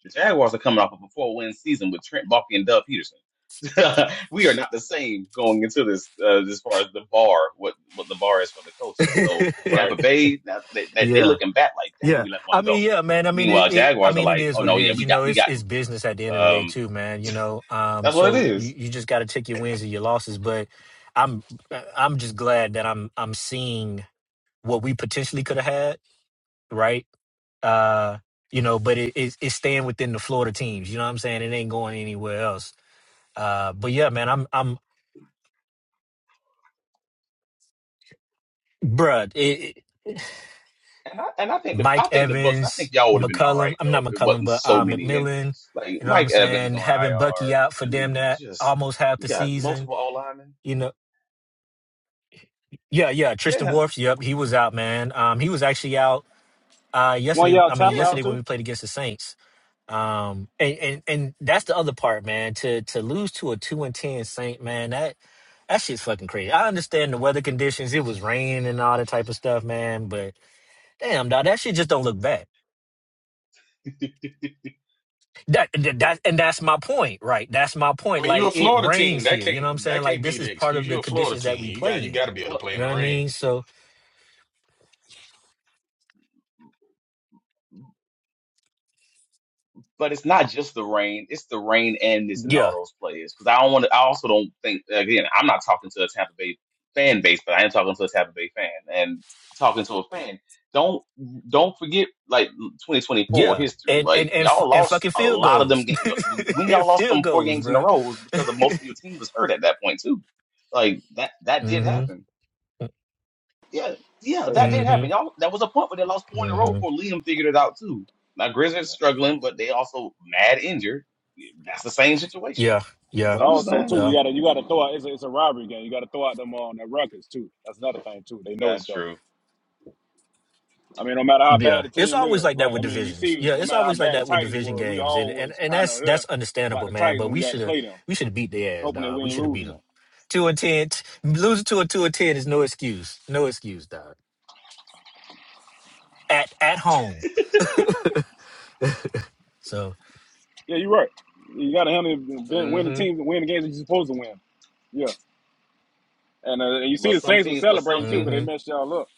Speaker 8: the Jaguars are coming off of a four-win season with Trent Baalke and Doug Peterson. we are not the same going into this uh, as far as the bar, what what the bar is for the coaches. So
Speaker 9: Mm-hmm.
Speaker 1: right.
Speaker 8: Tampa Bay, now they, they, they
Speaker 9: yeah.
Speaker 8: looking back like, dang,
Speaker 9: Yeah,
Speaker 8: we let
Speaker 9: I
Speaker 8: one
Speaker 9: mean,
Speaker 8: go.
Speaker 9: yeah, man. I mean, it,
Speaker 8: Meanwhile,
Speaker 9: it. I
Speaker 8: Jaguars are
Speaker 9: mean, it
Speaker 8: like,
Speaker 9: is
Speaker 8: oh
Speaker 9: what it
Speaker 8: no, yeah,
Speaker 9: is. You
Speaker 8: we got
Speaker 9: know,
Speaker 8: we
Speaker 9: it's
Speaker 8: got
Speaker 9: it's
Speaker 8: them
Speaker 9: business
Speaker 8: fools.
Speaker 9: at the end of the day,
Speaker 8: Um,
Speaker 9: too, man. You know, um,
Speaker 8: that's what it
Speaker 9: so you,
Speaker 8: is.
Speaker 9: you just got to take your wins and your losses. But I'm uh, I'm just glad that I'm I'm seeing what we potentially could have had, right? Uh, you know, but it, it's it's staying within the Florida teams. You know what I'm saying? It ain't going anywhere else. Uh, but yeah, man, I'm I'm bruh. It,
Speaker 8: And I and I think the I
Speaker 9: Mike
Speaker 8: think the Bucks, I
Speaker 9: Evans,
Speaker 8: think y'all would have been all
Speaker 9: McCullum.
Speaker 8: right
Speaker 9: I'm
Speaker 8: though
Speaker 9: not
Speaker 8: if it
Speaker 9: McCullum,
Speaker 8: wasn't
Speaker 9: but
Speaker 8: so
Speaker 9: uh,
Speaker 8: many
Speaker 9: McMillan.
Speaker 8: injuries. Like
Speaker 9: You know what I'm
Speaker 8: Mike Evans
Speaker 9: saying?
Speaker 8: on
Speaker 9: Having Bucky out for
Speaker 8: IR. I
Speaker 9: damn
Speaker 8: mean,
Speaker 9: that
Speaker 8: just
Speaker 9: almost half
Speaker 8: you
Speaker 9: the
Speaker 8: got
Speaker 9: season.
Speaker 8: multiple all linemen.
Speaker 9: You know, yeah, yeah. Tristan
Speaker 8: Yeah,
Speaker 9: Wirfs. Yep, he was out, man. Um, he was actually out uh
Speaker 4: One
Speaker 9: yesterday.
Speaker 4: y'all
Speaker 9: I mean,
Speaker 4: tackle
Speaker 8: yeah.
Speaker 4: out
Speaker 9: yesterday when
Speaker 4: too,
Speaker 9: we played against the Saints. Um, and and and that's the other part, man. To to lose to a two and ten Saint, man. That that shit's fucking crazy. I understand the weather conditions. It was raining and all that type of stuff, man. But damn, dog, that shit just don't look bad. That, that that- and that's my point, right? That's my
Speaker 1: I
Speaker 9: point.
Speaker 1: mean, you're
Speaker 9: Like
Speaker 1: a
Speaker 9: it
Speaker 1: Florida team.
Speaker 9: rains
Speaker 1: That
Speaker 9: here, you know what I'm
Speaker 1: can't
Speaker 9: saying?
Speaker 1: that
Speaker 9: Like
Speaker 1: can't be
Speaker 9: this is
Speaker 1: the
Speaker 9: part
Speaker 1: excuse.
Speaker 9: of the
Speaker 1: You're a Florida
Speaker 9: conditions that we
Speaker 1: team. You
Speaker 9: play
Speaker 1: got you
Speaker 9: in.
Speaker 1: got to be able to
Speaker 8: What
Speaker 1: play
Speaker 9: You
Speaker 1: in
Speaker 9: know
Speaker 1: the
Speaker 9: what I
Speaker 1: rain.
Speaker 9: mean? So
Speaker 8: But it's not just the rain; it's the rain and this and all
Speaker 9: yeah,
Speaker 8: those players. Because I don't want to. I also don't think again. I'm not talking to a Tampa Bay fan base, but I am talking to a Tampa Bay fan and talking to a fan. Don't don't forget like 2024
Speaker 9: yeah,
Speaker 8: history.
Speaker 9: and and
Speaker 8: Like
Speaker 9: and f-
Speaker 8: y'all
Speaker 9: and
Speaker 8: lost
Speaker 9: fucking
Speaker 8: a
Speaker 9: field
Speaker 8: lot of them.
Speaker 9: goals,
Speaker 8: Ga- when
Speaker 9: and
Speaker 8: y'all lost
Speaker 9: field
Speaker 8: them four
Speaker 9: goals,
Speaker 8: games in a
Speaker 9: bro.
Speaker 8: row it was because of most of your team was hurt at that point too. Like that that did
Speaker 9: Mm-hmm.
Speaker 8: happen. Yeah, yeah,
Speaker 4: Hey,
Speaker 8: that did happen.
Speaker 9: Mm-hmm.
Speaker 8: Y'all, that was a point where they lost four in a row
Speaker 9: Mm-hmm.
Speaker 8: before Liam figured it out too. Now Grizzlies struggling, but they also mad injured. That's the same situation.
Speaker 9: Yeah, yeah,
Speaker 4: but
Speaker 8: So I'm just
Speaker 4: also too
Speaker 8: saying
Speaker 9: yeah.
Speaker 4: you gotta you gotta throw out. It's a, it's a robbery game. You gotta throw out them on uh, the records too. That's another thing too. They know
Speaker 8: that's
Speaker 4: each other.
Speaker 8: true.
Speaker 4: I mean, no matter how bad
Speaker 9: Yeah,
Speaker 4: the
Speaker 9: it's
Speaker 4: team
Speaker 9: always
Speaker 4: is,
Speaker 9: like that
Speaker 4: like
Speaker 9: with
Speaker 4: I mean, you
Speaker 9: divisions.
Speaker 4: see,
Speaker 9: Yeah,
Speaker 4: no
Speaker 9: it's
Speaker 4: matter how
Speaker 9: always like
Speaker 4: bad the
Speaker 9: that with
Speaker 4: Titans
Speaker 9: division
Speaker 4: were, we
Speaker 9: games, and
Speaker 4: all
Speaker 9: and,
Speaker 4: was
Speaker 9: and
Speaker 4: kind of
Speaker 9: that's
Speaker 4: uh
Speaker 9: that's
Speaker 4: about
Speaker 9: understandable,
Speaker 4: the
Speaker 9: man.
Speaker 4: Titans
Speaker 9: But
Speaker 4: when
Speaker 9: we
Speaker 4: we had
Speaker 9: should
Speaker 4: to
Speaker 9: have
Speaker 4: play them.
Speaker 9: we should have beat their ass,
Speaker 4: hoping that
Speaker 9: dog.
Speaker 4: we
Speaker 9: We
Speaker 4: ain't
Speaker 9: should have beat
Speaker 4: losing
Speaker 9: them.
Speaker 4: them.
Speaker 9: Two and ten, t- losing to a two and ten is no excuse, no excuse, dog. At at home, so.
Speaker 4: Yeah, you're right. You got to handle it, win the
Speaker 9: Mm-hmm.
Speaker 4: teams win the games that you're supposed to win. Yeah, and, uh, and you see
Speaker 8: But
Speaker 4: the Saints were
Speaker 8: something, but
Speaker 4: celebrating too because
Speaker 8: something,
Speaker 4: they
Speaker 9: Mm-hmm.
Speaker 4: messed y'all up.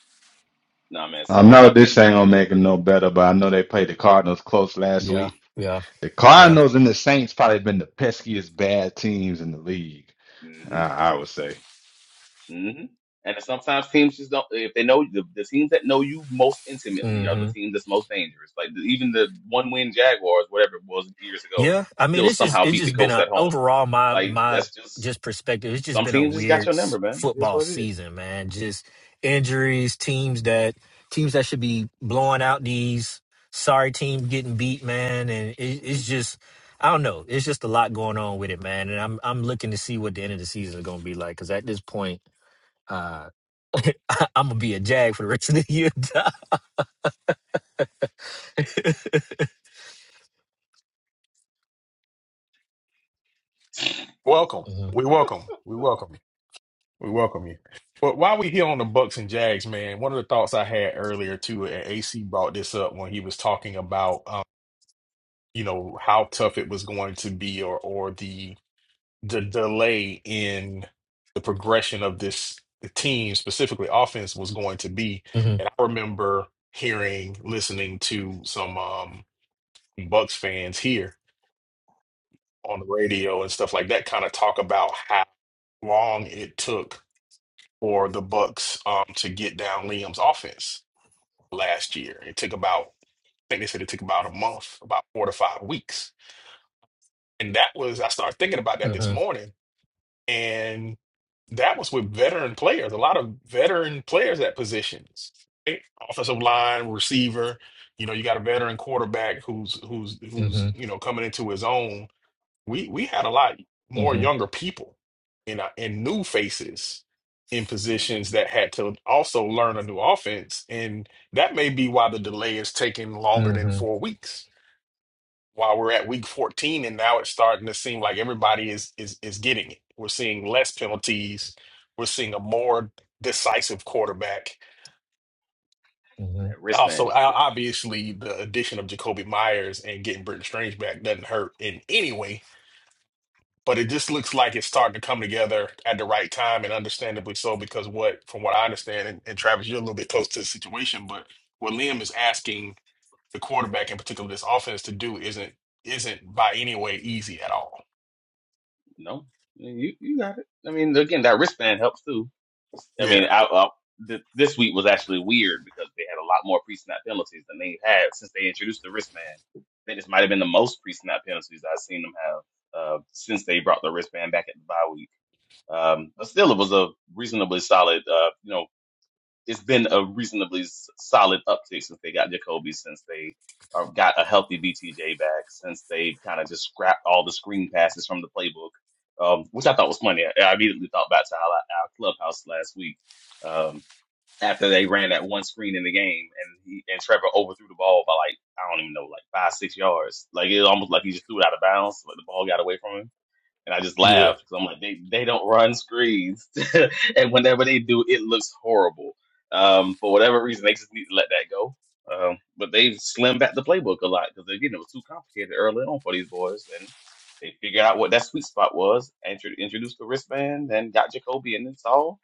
Speaker 8: nah, man,
Speaker 7: I
Speaker 8: some
Speaker 4: But
Speaker 7: know
Speaker 8: some
Speaker 7: this
Speaker 8: teams
Speaker 7: ain't
Speaker 8: got
Speaker 7: gonna
Speaker 8: your
Speaker 7: make it
Speaker 8: number
Speaker 7: no
Speaker 8: though.
Speaker 7: better, but I know they played the Cardinals close last
Speaker 9: Yeah.
Speaker 7: week.
Speaker 9: Yeah.
Speaker 7: The
Speaker 9: Yeah.
Speaker 7: Cardinals and the Saints probably been the peskiest bad teams in the league.
Speaker 8: Mm-hmm.
Speaker 7: I, I would say.
Speaker 8: Mm-hmm. And sometimes teams just don't. If they know the, the teams that know you most intimately are
Speaker 9: Mm-hmm.
Speaker 8: the teams that's most dangerous. Like the, even the one win Jaguars, whatever it was years ago,
Speaker 9: Yeah, I mean,
Speaker 8: still
Speaker 9: it's just
Speaker 8: somehow
Speaker 9: it's
Speaker 8: beat the
Speaker 9: just been
Speaker 8: Colts
Speaker 9: a
Speaker 8: at home.
Speaker 9: overall my
Speaker 8: Like
Speaker 9: my
Speaker 8: that's just
Speaker 9: just perspective. It's just
Speaker 8: Some
Speaker 9: been a
Speaker 8: teams just got
Speaker 9: weird
Speaker 8: your number,
Speaker 9: s-
Speaker 8: man. It's
Speaker 9: football
Speaker 8: what it is.
Speaker 9: season, man. Just injuries, teams that teams that should be blowing out these sorry team getting beat, man. And it, it's
Speaker 8: Mm-hmm.
Speaker 9: just I don't know. It's just a lot going on with it, man. And I'm I'm looking to see what the end of the season is going to be like because at this point, uh, I'm gonna be a jag for the rest of the year.
Speaker 1: Welcome.
Speaker 9: Mhm,
Speaker 1: We welcome. We welcome you. We welcome you. But while we here on the Bucks and Jags, man, one of the thoughts I had earlier too, and AC brought this up when he was talking about um, you know how tough it was going to be, or or the the delay in the progression of this team, specifically offense, was going to be.
Speaker 9: mhm,
Speaker 1: And I remember hearing, listening to some. um Bucks fans here on the radio and stuff like that kind of talk about how long it took for the Bucks um, to get down Liam's offense last year. It took about, I think they said it took about a month, about four to five weeks. And that was, I started thinking about that this
Speaker 9: mhm,
Speaker 1: morning. And that was with veteran players, a lot of veteran players at positions. right? Offensive line, receiver, you know, you got a veteran quarterback who's who's who's,
Speaker 9: mhm,
Speaker 1: you know, coming into his own we we had a lot more
Speaker 9: mhm,
Speaker 1: younger people and uh, and new faces in
Speaker 8: Mm-hmm.
Speaker 1: positions that had to also learn a new offense, and that may be why the delay is taking longer than
Speaker 9: mhm,
Speaker 1: four weeks. While we're at week 14, and now it's starting to seem like everybody is is is getting it. We're seeing less penalties. We're seeing a more decisive quarterback.
Speaker 9: mhm.
Speaker 8: That
Speaker 1: And also, o-
Speaker 8: wristband.
Speaker 1: obviously, the addition of Jacoby Myers and getting Britton Strange back doesn't hurt in any way but it just looks like it's starting to come together at the right time and understandably so because what from what i understand and, and travis you're a little bit close to the situation but what liam is asking the quarterback in particular this offense to do isn't isn't by any way easy at all
Speaker 8: No, you you got it. I mean, again, that wristband helps too. I mean,
Speaker 1: yeah
Speaker 8: I, I, th- this week was actually weird because they had a lot more pre-snap penalties than they've had since they introduced the wristband. I think this might have been the most pre-snap penalties I've seen them have uh, since they brought the wristband back at the bye week. Um, but still, it was a reasonably solid. Uh, you know. it's been a reasonably s- solid uptick since they got Jacoby, since they uh, got a healthy BTJ back, since they kind of just scrapped all the screen passes from the playbook, um, which I thought was funny. I, I immediately thought back to our, our clubhouse last week um, after they ran that one screen in the game, and he, and Trevor overthrew the ball by like I don't even know, like five six yards. Like it was almost like he just threw it out of bounds, but the ball got away from him and I just
Speaker 1: yeah
Speaker 8: laugh because 'cause I'm like, they, they don't run screens. and whenever they do, it looks horrible. Um, for whatever reason, they just need to let that go. Um, but they've slimmed back the playbook a lot because again, it was too complicated early on for these boys, and they figured out what that sweet spot was, intro- introduced the wristband, and got Jacoby, and it's all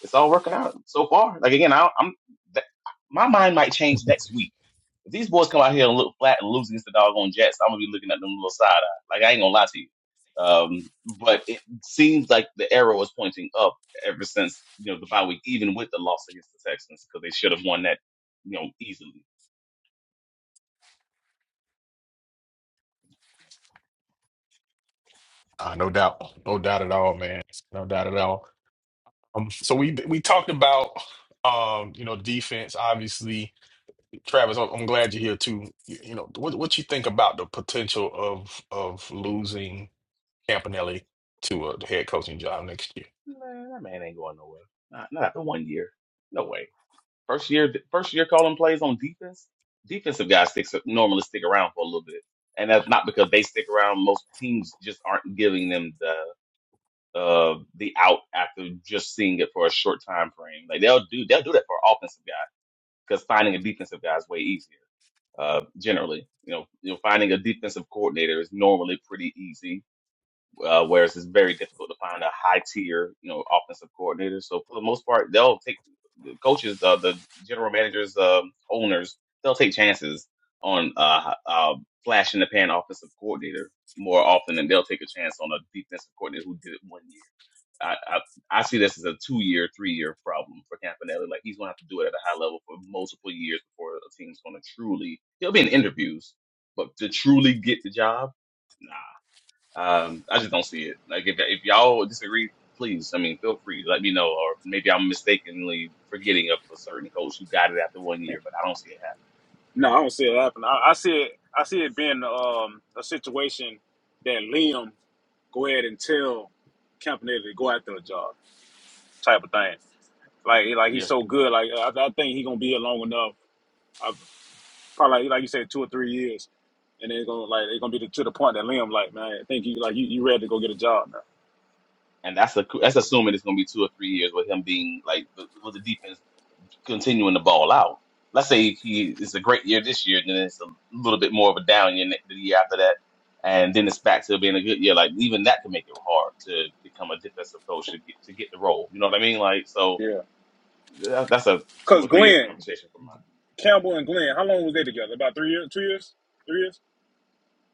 Speaker 8: it's all working out so far. Like again, I, I'm that, my mind might change next week if these boys come out here and look flat and lose against the doggone Jets, I'm gonna be looking at them a little side eye. Like I ain't gonna lie to you. Um, but it seems like the arrow is pointing up ever since you know the bye week, even with the loss against the Texans, because they should have won that, you know, easily.
Speaker 1: uh, no doubt no doubt at all man no doubt at all um, so we we talked about um you know defense obviously Travis, I'm I'm glad you're here too. You you know, what what you think about the potential of of losing Campanelli to a head coaching job next year.
Speaker 8: Man, that man ain't going nowhere. Not, not after one year. No way. First year, first year calling plays on defense. Defensive guys sticks normally stick around for a little bit, and that's not because they stick around. Most teams just aren't giving them the. uh, the out after just seeing it for a short time frame. Like they'll do they'll do that for an offensive guy because finding a defensive guy is way easier. Uh, generally, you know, you know, finding a defensive coordinator is normally pretty easy, uh, whereas it's very difficult to find a high tier, you know, offensive coordinator. So for the most part, they'll take the coaches, uh, the general managers, um, owners, they'll take chances on uh, uh, flash in the pan offensive coordinator more often than they'll take a chance on a defensive coordinator who did it one year. I, I I see this as a two year, three year problem for Campanelli. Like he's gonna have to do it at a high level for multiple years before a team's gonna truly. He'll be in interviews, but to truly get the job, nah. Um, I just don't see it. Like if if y'all disagree, please. I mean, feel free. to Let me know, or maybe I'm mistakenly forgetting of a certain coach who got it after one year, but I don't see it
Speaker 4: No, I don't see it happening. I, I see it. I see it being um, a situation that Liam go ahead and tell Campanella to go after a job type of thing. Like, like
Speaker 8: happening.
Speaker 4: he's
Speaker 8: Yeah.
Speaker 4: so good. Like, I, I think he's gonna be here long enough. I, probably like like you said, two or three years, and they're gonna like they're gonna be to, to the point that Liam like, man, I think you like you, you ready to go get a job now.
Speaker 8: And that's a, that's assuming it's gonna be two or three years with him being like the, with the defense continuing to ball out. Let's say he it's a great year this year, then it's a little bit more of a down year ne- the year after that, and then it's back to being a good year. Like even that can make it hard to become a defensive coach to get to get the role. You know what I mean? Like so
Speaker 4: Yeah.
Speaker 8: that, that's a two
Speaker 4: Cause
Speaker 8: or three year
Speaker 4: Glenn
Speaker 8: conversation for mine.
Speaker 4: Campbell and Glenn, how long was they together? About three years, two years, three years.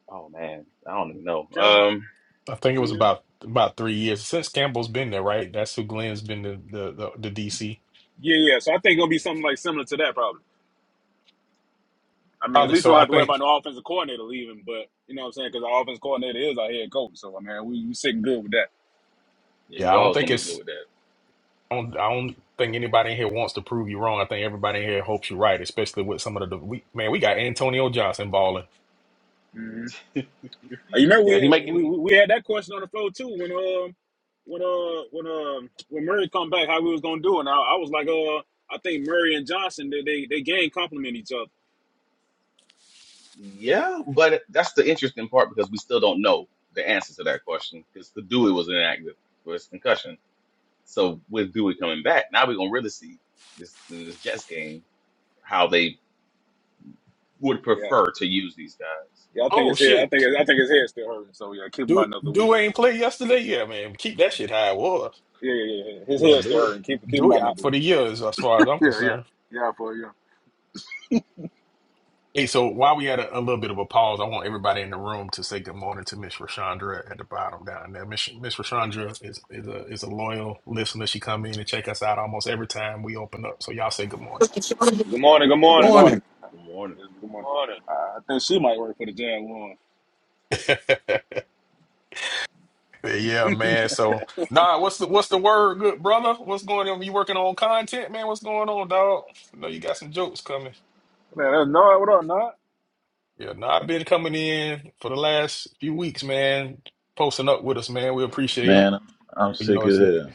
Speaker 8: Oh man, I don't even know.
Speaker 4: Campbell,
Speaker 8: Um,
Speaker 1: I think it
Speaker 4: two
Speaker 1: was
Speaker 4: years.
Speaker 1: about about three years since Campbell's been there, right? That's who Glenn's been the the the, the DC
Speaker 4: Yeah, yeah. So I think it'll be something like similar to that, probably. I mean, at
Speaker 8: yeah,
Speaker 1: probably.
Speaker 4: least we
Speaker 1: So
Speaker 4: don't
Speaker 1: I
Speaker 4: have to
Speaker 8: maybe.
Speaker 4: worry about
Speaker 1: think,
Speaker 4: no offensive coordinator leaving, but you know what I'm saying? Because our offensive coordinator is our head coach, so I mean, we, we sitting good with that.
Speaker 8: Yeah,
Speaker 1: yeah,
Speaker 8: you
Speaker 1: I don't
Speaker 8: always
Speaker 1: think
Speaker 8: gonna be good
Speaker 1: it's
Speaker 8: with that.
Speaker 1: I don't I don't think anybody in here wants to prove you wrong. I think everybody in here hopes you're right, especially with some of the we man we got Antonio Johnson balling.
Speaker 4: hmm You remember we
Speaker 8: Yeah, he
Speaker 4: had,
Speaker 8: might get.
Speaker 4: we we we had that question on the floor too when um when uh when um when Murray come back, how we was gonna do, it. and I, I was like, uh, I think Murray and Johnson they they, they game complement each other.
Speaker 8: Yeah, but that's the interesting part because we still don't know the answer to that question because the Dewey
Speaker 4: Yeah.
Speaker 8: was inactive for his concussion. So with Dewey coming back, now we're gonna really see this this Jets game how they would
Speaker 4: Yeah,
Speaker 8: prefer to use these guys.
Speaker 4: Yeah, I think
Speaker 1: Oh
Speaker 4: his head. I
Speaker 1: shit,
Speaker 4: think I think his head's still hurting. So yeah, keep him out
Speaker 1: do
Speaker 4: another week.
Speaker 1: do ain't play yesterday. Yeah, man, keep that shit high. Whoa,
Speaker 4: Yeah, yeah, yeah. yeah. His
Speaker 1: yeah,
Speaker 4: head's still
Speaker 1: do it
Speaker 4: hurting. Keep keep
Speaker 1: do
Speaker 4: him
Speaker 1: it
Speaker 4: out
Speaker 1: out
Speaker 4: another
Speaker 1: for
Speaker 4: week.
Speaker 1: the years as far as I'm
Speaker 4: Yeah, yeah,
Speaker 1: concerned.
Speaker 4: yeah. For you.
Speaker 1: Hey, so while we had a, a little bit of a pause, I want everybody in the room to say good morning to Miss Rashandra at the bottom down there. Miss Miss Rashandra is is a is a loyal listener. She come in and check us out almost every time we open up. So y'all say good morning.
Speaker 3: Mister Sherman, good
Speaker 6: Good morning. Good
Speaker 4: Hey, good
Speaker 6: morning.
Speaker 4: morning.
Speaker 3: Morning.
Speaker 8: Good morning.
Speaker 4: Yes, good
Speaker 6: Good
Speaker 4: morning.
Speaker 6: morning.
Speaker 4: Uh, I think she might work for the Jam One.
Speaker 1: yeah, man. So nah, what's the what's the word, good brother? What's going on? You working on content, man? What's going on, dog? I know you got some jokes coming.
Speaker 4: Man, that's not what up, not.
Speaker 1: Yeah, nah, I've been coming in for the last few weeks, man. Posting up with us, man. We appreciate them.
Speaker 10: Man, I'm I'm
Speaker 1: You
Speaker 10: sick
Speaker 1: know,
Speaker 10: as
Speaker 1: it's, you
Speaker 10: hell.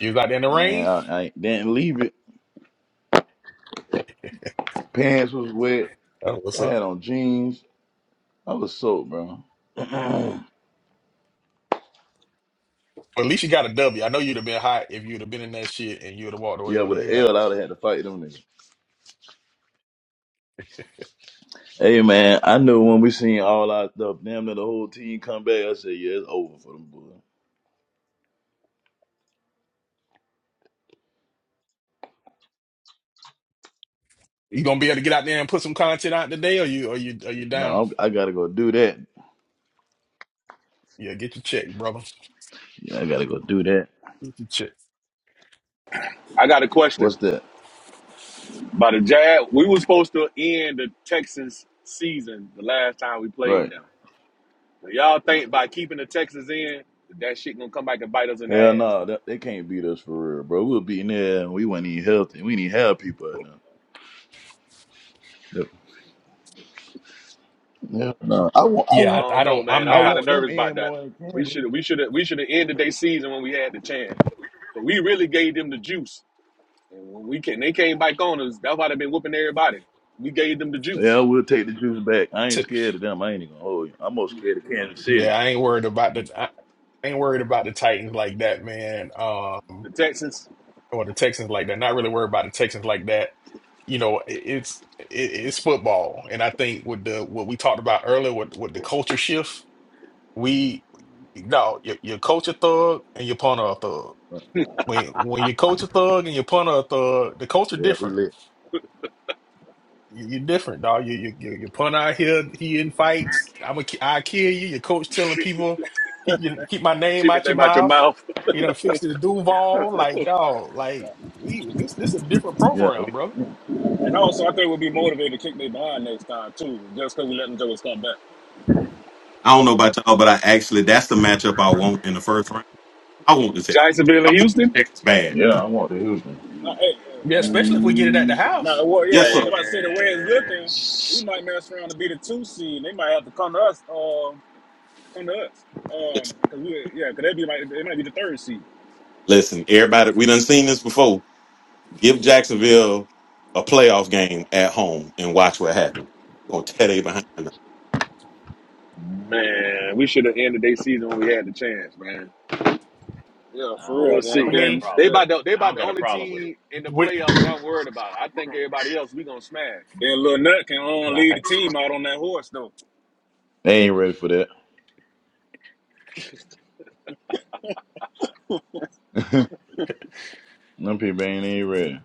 Speaker 1: was out there in the
Speaker 10: Man,
Speaker 1: rain.
Speaker 10: I, I didn't leave it. Pants was wet.
Speaker 1: That was
Speaker 10: I
Speaker 1: up.
Speaker 10: had on jeans. I was soaked, bro. yeah,
Speaker 1: Well, at least you got a W. I know you'd have been hot if you'd have been in that shit and you'd have walked away with
Speaker 10: with an
Speaker 1: a
Speaker 10: L,
Speaker 1: L.
Speaker 10: I would have had to fight them niggas. Hey, man, I knew when we seen all our stuff, damn near the whole team come back. I said, yeah, it's over for them boys.
Speaker 1: You gonna be able to get out there and put some content out today, or you, or you, are you
Speaker 10: No,
Speaker 1: down?
Speaker 10: I'm, I gotta go do that.
Speaker 1: Yeah, get your check, brother.
Speaker 10: Yeah, I gotta go do that.
Speaker 1: Get your check.
Speaker 6: I got a question
Speaker 10: What's that?
Speaker 6: about the Jazz. We were supposed to end the Texans season the last time we played
Speaker 10: Right.
Speaker 6: them. Do y'all think by keeping the Texans in that, shit gonna come back and bite us in the
Speaker 10: Hell
Speaker 6: ass?
Speaker 10: no, that, they can't beat us for real, bro. We were beating there and we weren't even healthy. We didn't have people right now. Yep. Hell no. I want. I
Speaker 6: I
Speaker 10: want.
Speaker 1: Yeah, I, I
Speaker 6: don't know,
Speaker 1: don't.
Speaker 6: man.
Speaker 1: I'm
Speaker 6: I'm
Speaker 10: I
Speaker 1: not.
Speaker 6: kind of
Speaker 10: want them
Speaker 6: nervous about
Speaker 10: in
Speaker 6: that.
Speaker 10: more than
Speaker 6: We
Speaker 10: Kansas.
Speaker 6: should we should we should have ended their season when we had the chance. But we really gave them the juice And when we can, they came back on us. That's why they been whooping everybody. We gave them the
Speaker 10: Yeah,
Speaker 6: juice.
Speaker 10: we'll take the juice back. I ain't
Speaker 1: t-
Speaker 10: scared of them. I ain't even gonna hold you. I'm more scared of Kansas City.
Speaker 1: Yeah, I ain't worried about the. I ain't worried about the Titans like that, man. Um,
Speaker 6: The Texans,
Speaker 1: or the Texans like that. Not really worried about the Texans like that. You know, it, it's it, it's football, and I think with the what we talked about earlier with with the culture shift, we no, your, your culture thug and your punter are thug. When when you coach a thug and you punter a thug, the culture
Speaker 10: Yeah, we
Speaker 1: different.
Speaker 10: lit.
Speaker 1: You, you're different, dog. You you you, you punter out here, he in fights. I'm a I kill you. Your coach telling
Speaker 6: keep
Speaker 1: people keep your, keep my name
Speaker 6: your
Speaker 1: out your
Speaker 6: name out your
Speaker 1: mouth.
Speaker 6: mouth.
Speaker 1: You know, fix the Duval. Like dog, like we this, this a different
Speaker 10: Yeah,
Speaker 1: program,
Speaker 10: we,
Speaker 1: bro.
Speaker 4: And also, I think we'll be motivated to kick their behind next time too, just because we let them jokers come back.
Speaker 3: I don't know about y'all, but I actually that's the matchup I want in the first round. I want the Texans.
Speaker 6: Jacksonville
Speaker 3: I
Speaker 6: and
Speaker 3: want the
Speaker 6: Houston,
Speaker 3: Texans bad.
Speaker 10: yeah, I want the Houston.
Speaker 4: No, hey, yeah,
Speaker 1: Yeah,
Speaker 4: yeah.
Speaker 1: especially if we get it at the
Speaker 6: Mm,
Speaker 1: house.
Speaker 4: no, well,
Speaker 3: Yes,
Speaker 4: yeah.
Speaker 3: sir.
Speaker 4: They about to say the way it's
Speaker 6: man,
Speaker 4: looking, we
Speaker 6: s-
Speaker 4: might mess around to be the two seed. They might have to come to us. Um, come to us.
Speaker 3: Yes.
Speaker 4: Um, cause we, yeah, cause they be like they might be the third seed.
Speaker 3: Listen, everybody, we done seen this before. Give Jacksonville a playoff game at home and watch what happens. We're gonna tear they behind. them.
Speaker 6: man, we should have ended
Speaker 8: Mm.
Speaker 6: their season when we had the chance, man.
Speaker 4: Yeah,
Speaker 8: I
Speaker 4: for
Speaker 6: We'll
Speaker 8: don't
Speaker 4: real.
Speaker 8: I
Speaker 4: And
Speaker 1: I
Speaker 6: see.
Speaker 8: don't got a
Speaker 1: mean,
Speaker 4: then
Speaker 6: They
Speaker 8: problem.
Speaker 4: yeah,
Speaker 6: about the, they
Speaker 8: I
Speaker 6: about
Speaker 8: don't
Speaker 6: the
Speaker 8: got a
Speaker 6: only
Speaker 8: problem with it.
Speaker 6: team in the
Speaker 1: we
Speaker 6: playoffs that I'm worried about. I think everybody else we gonna smash.
Speaker 4: then Lil Nut can only
Speaker 1: nah,
Speaker 4: lead the
Speaker 1: thanks.
Speaker 4: team out on that horse though.
Speaker 10: They ain't ready for that. them people ain't even ready.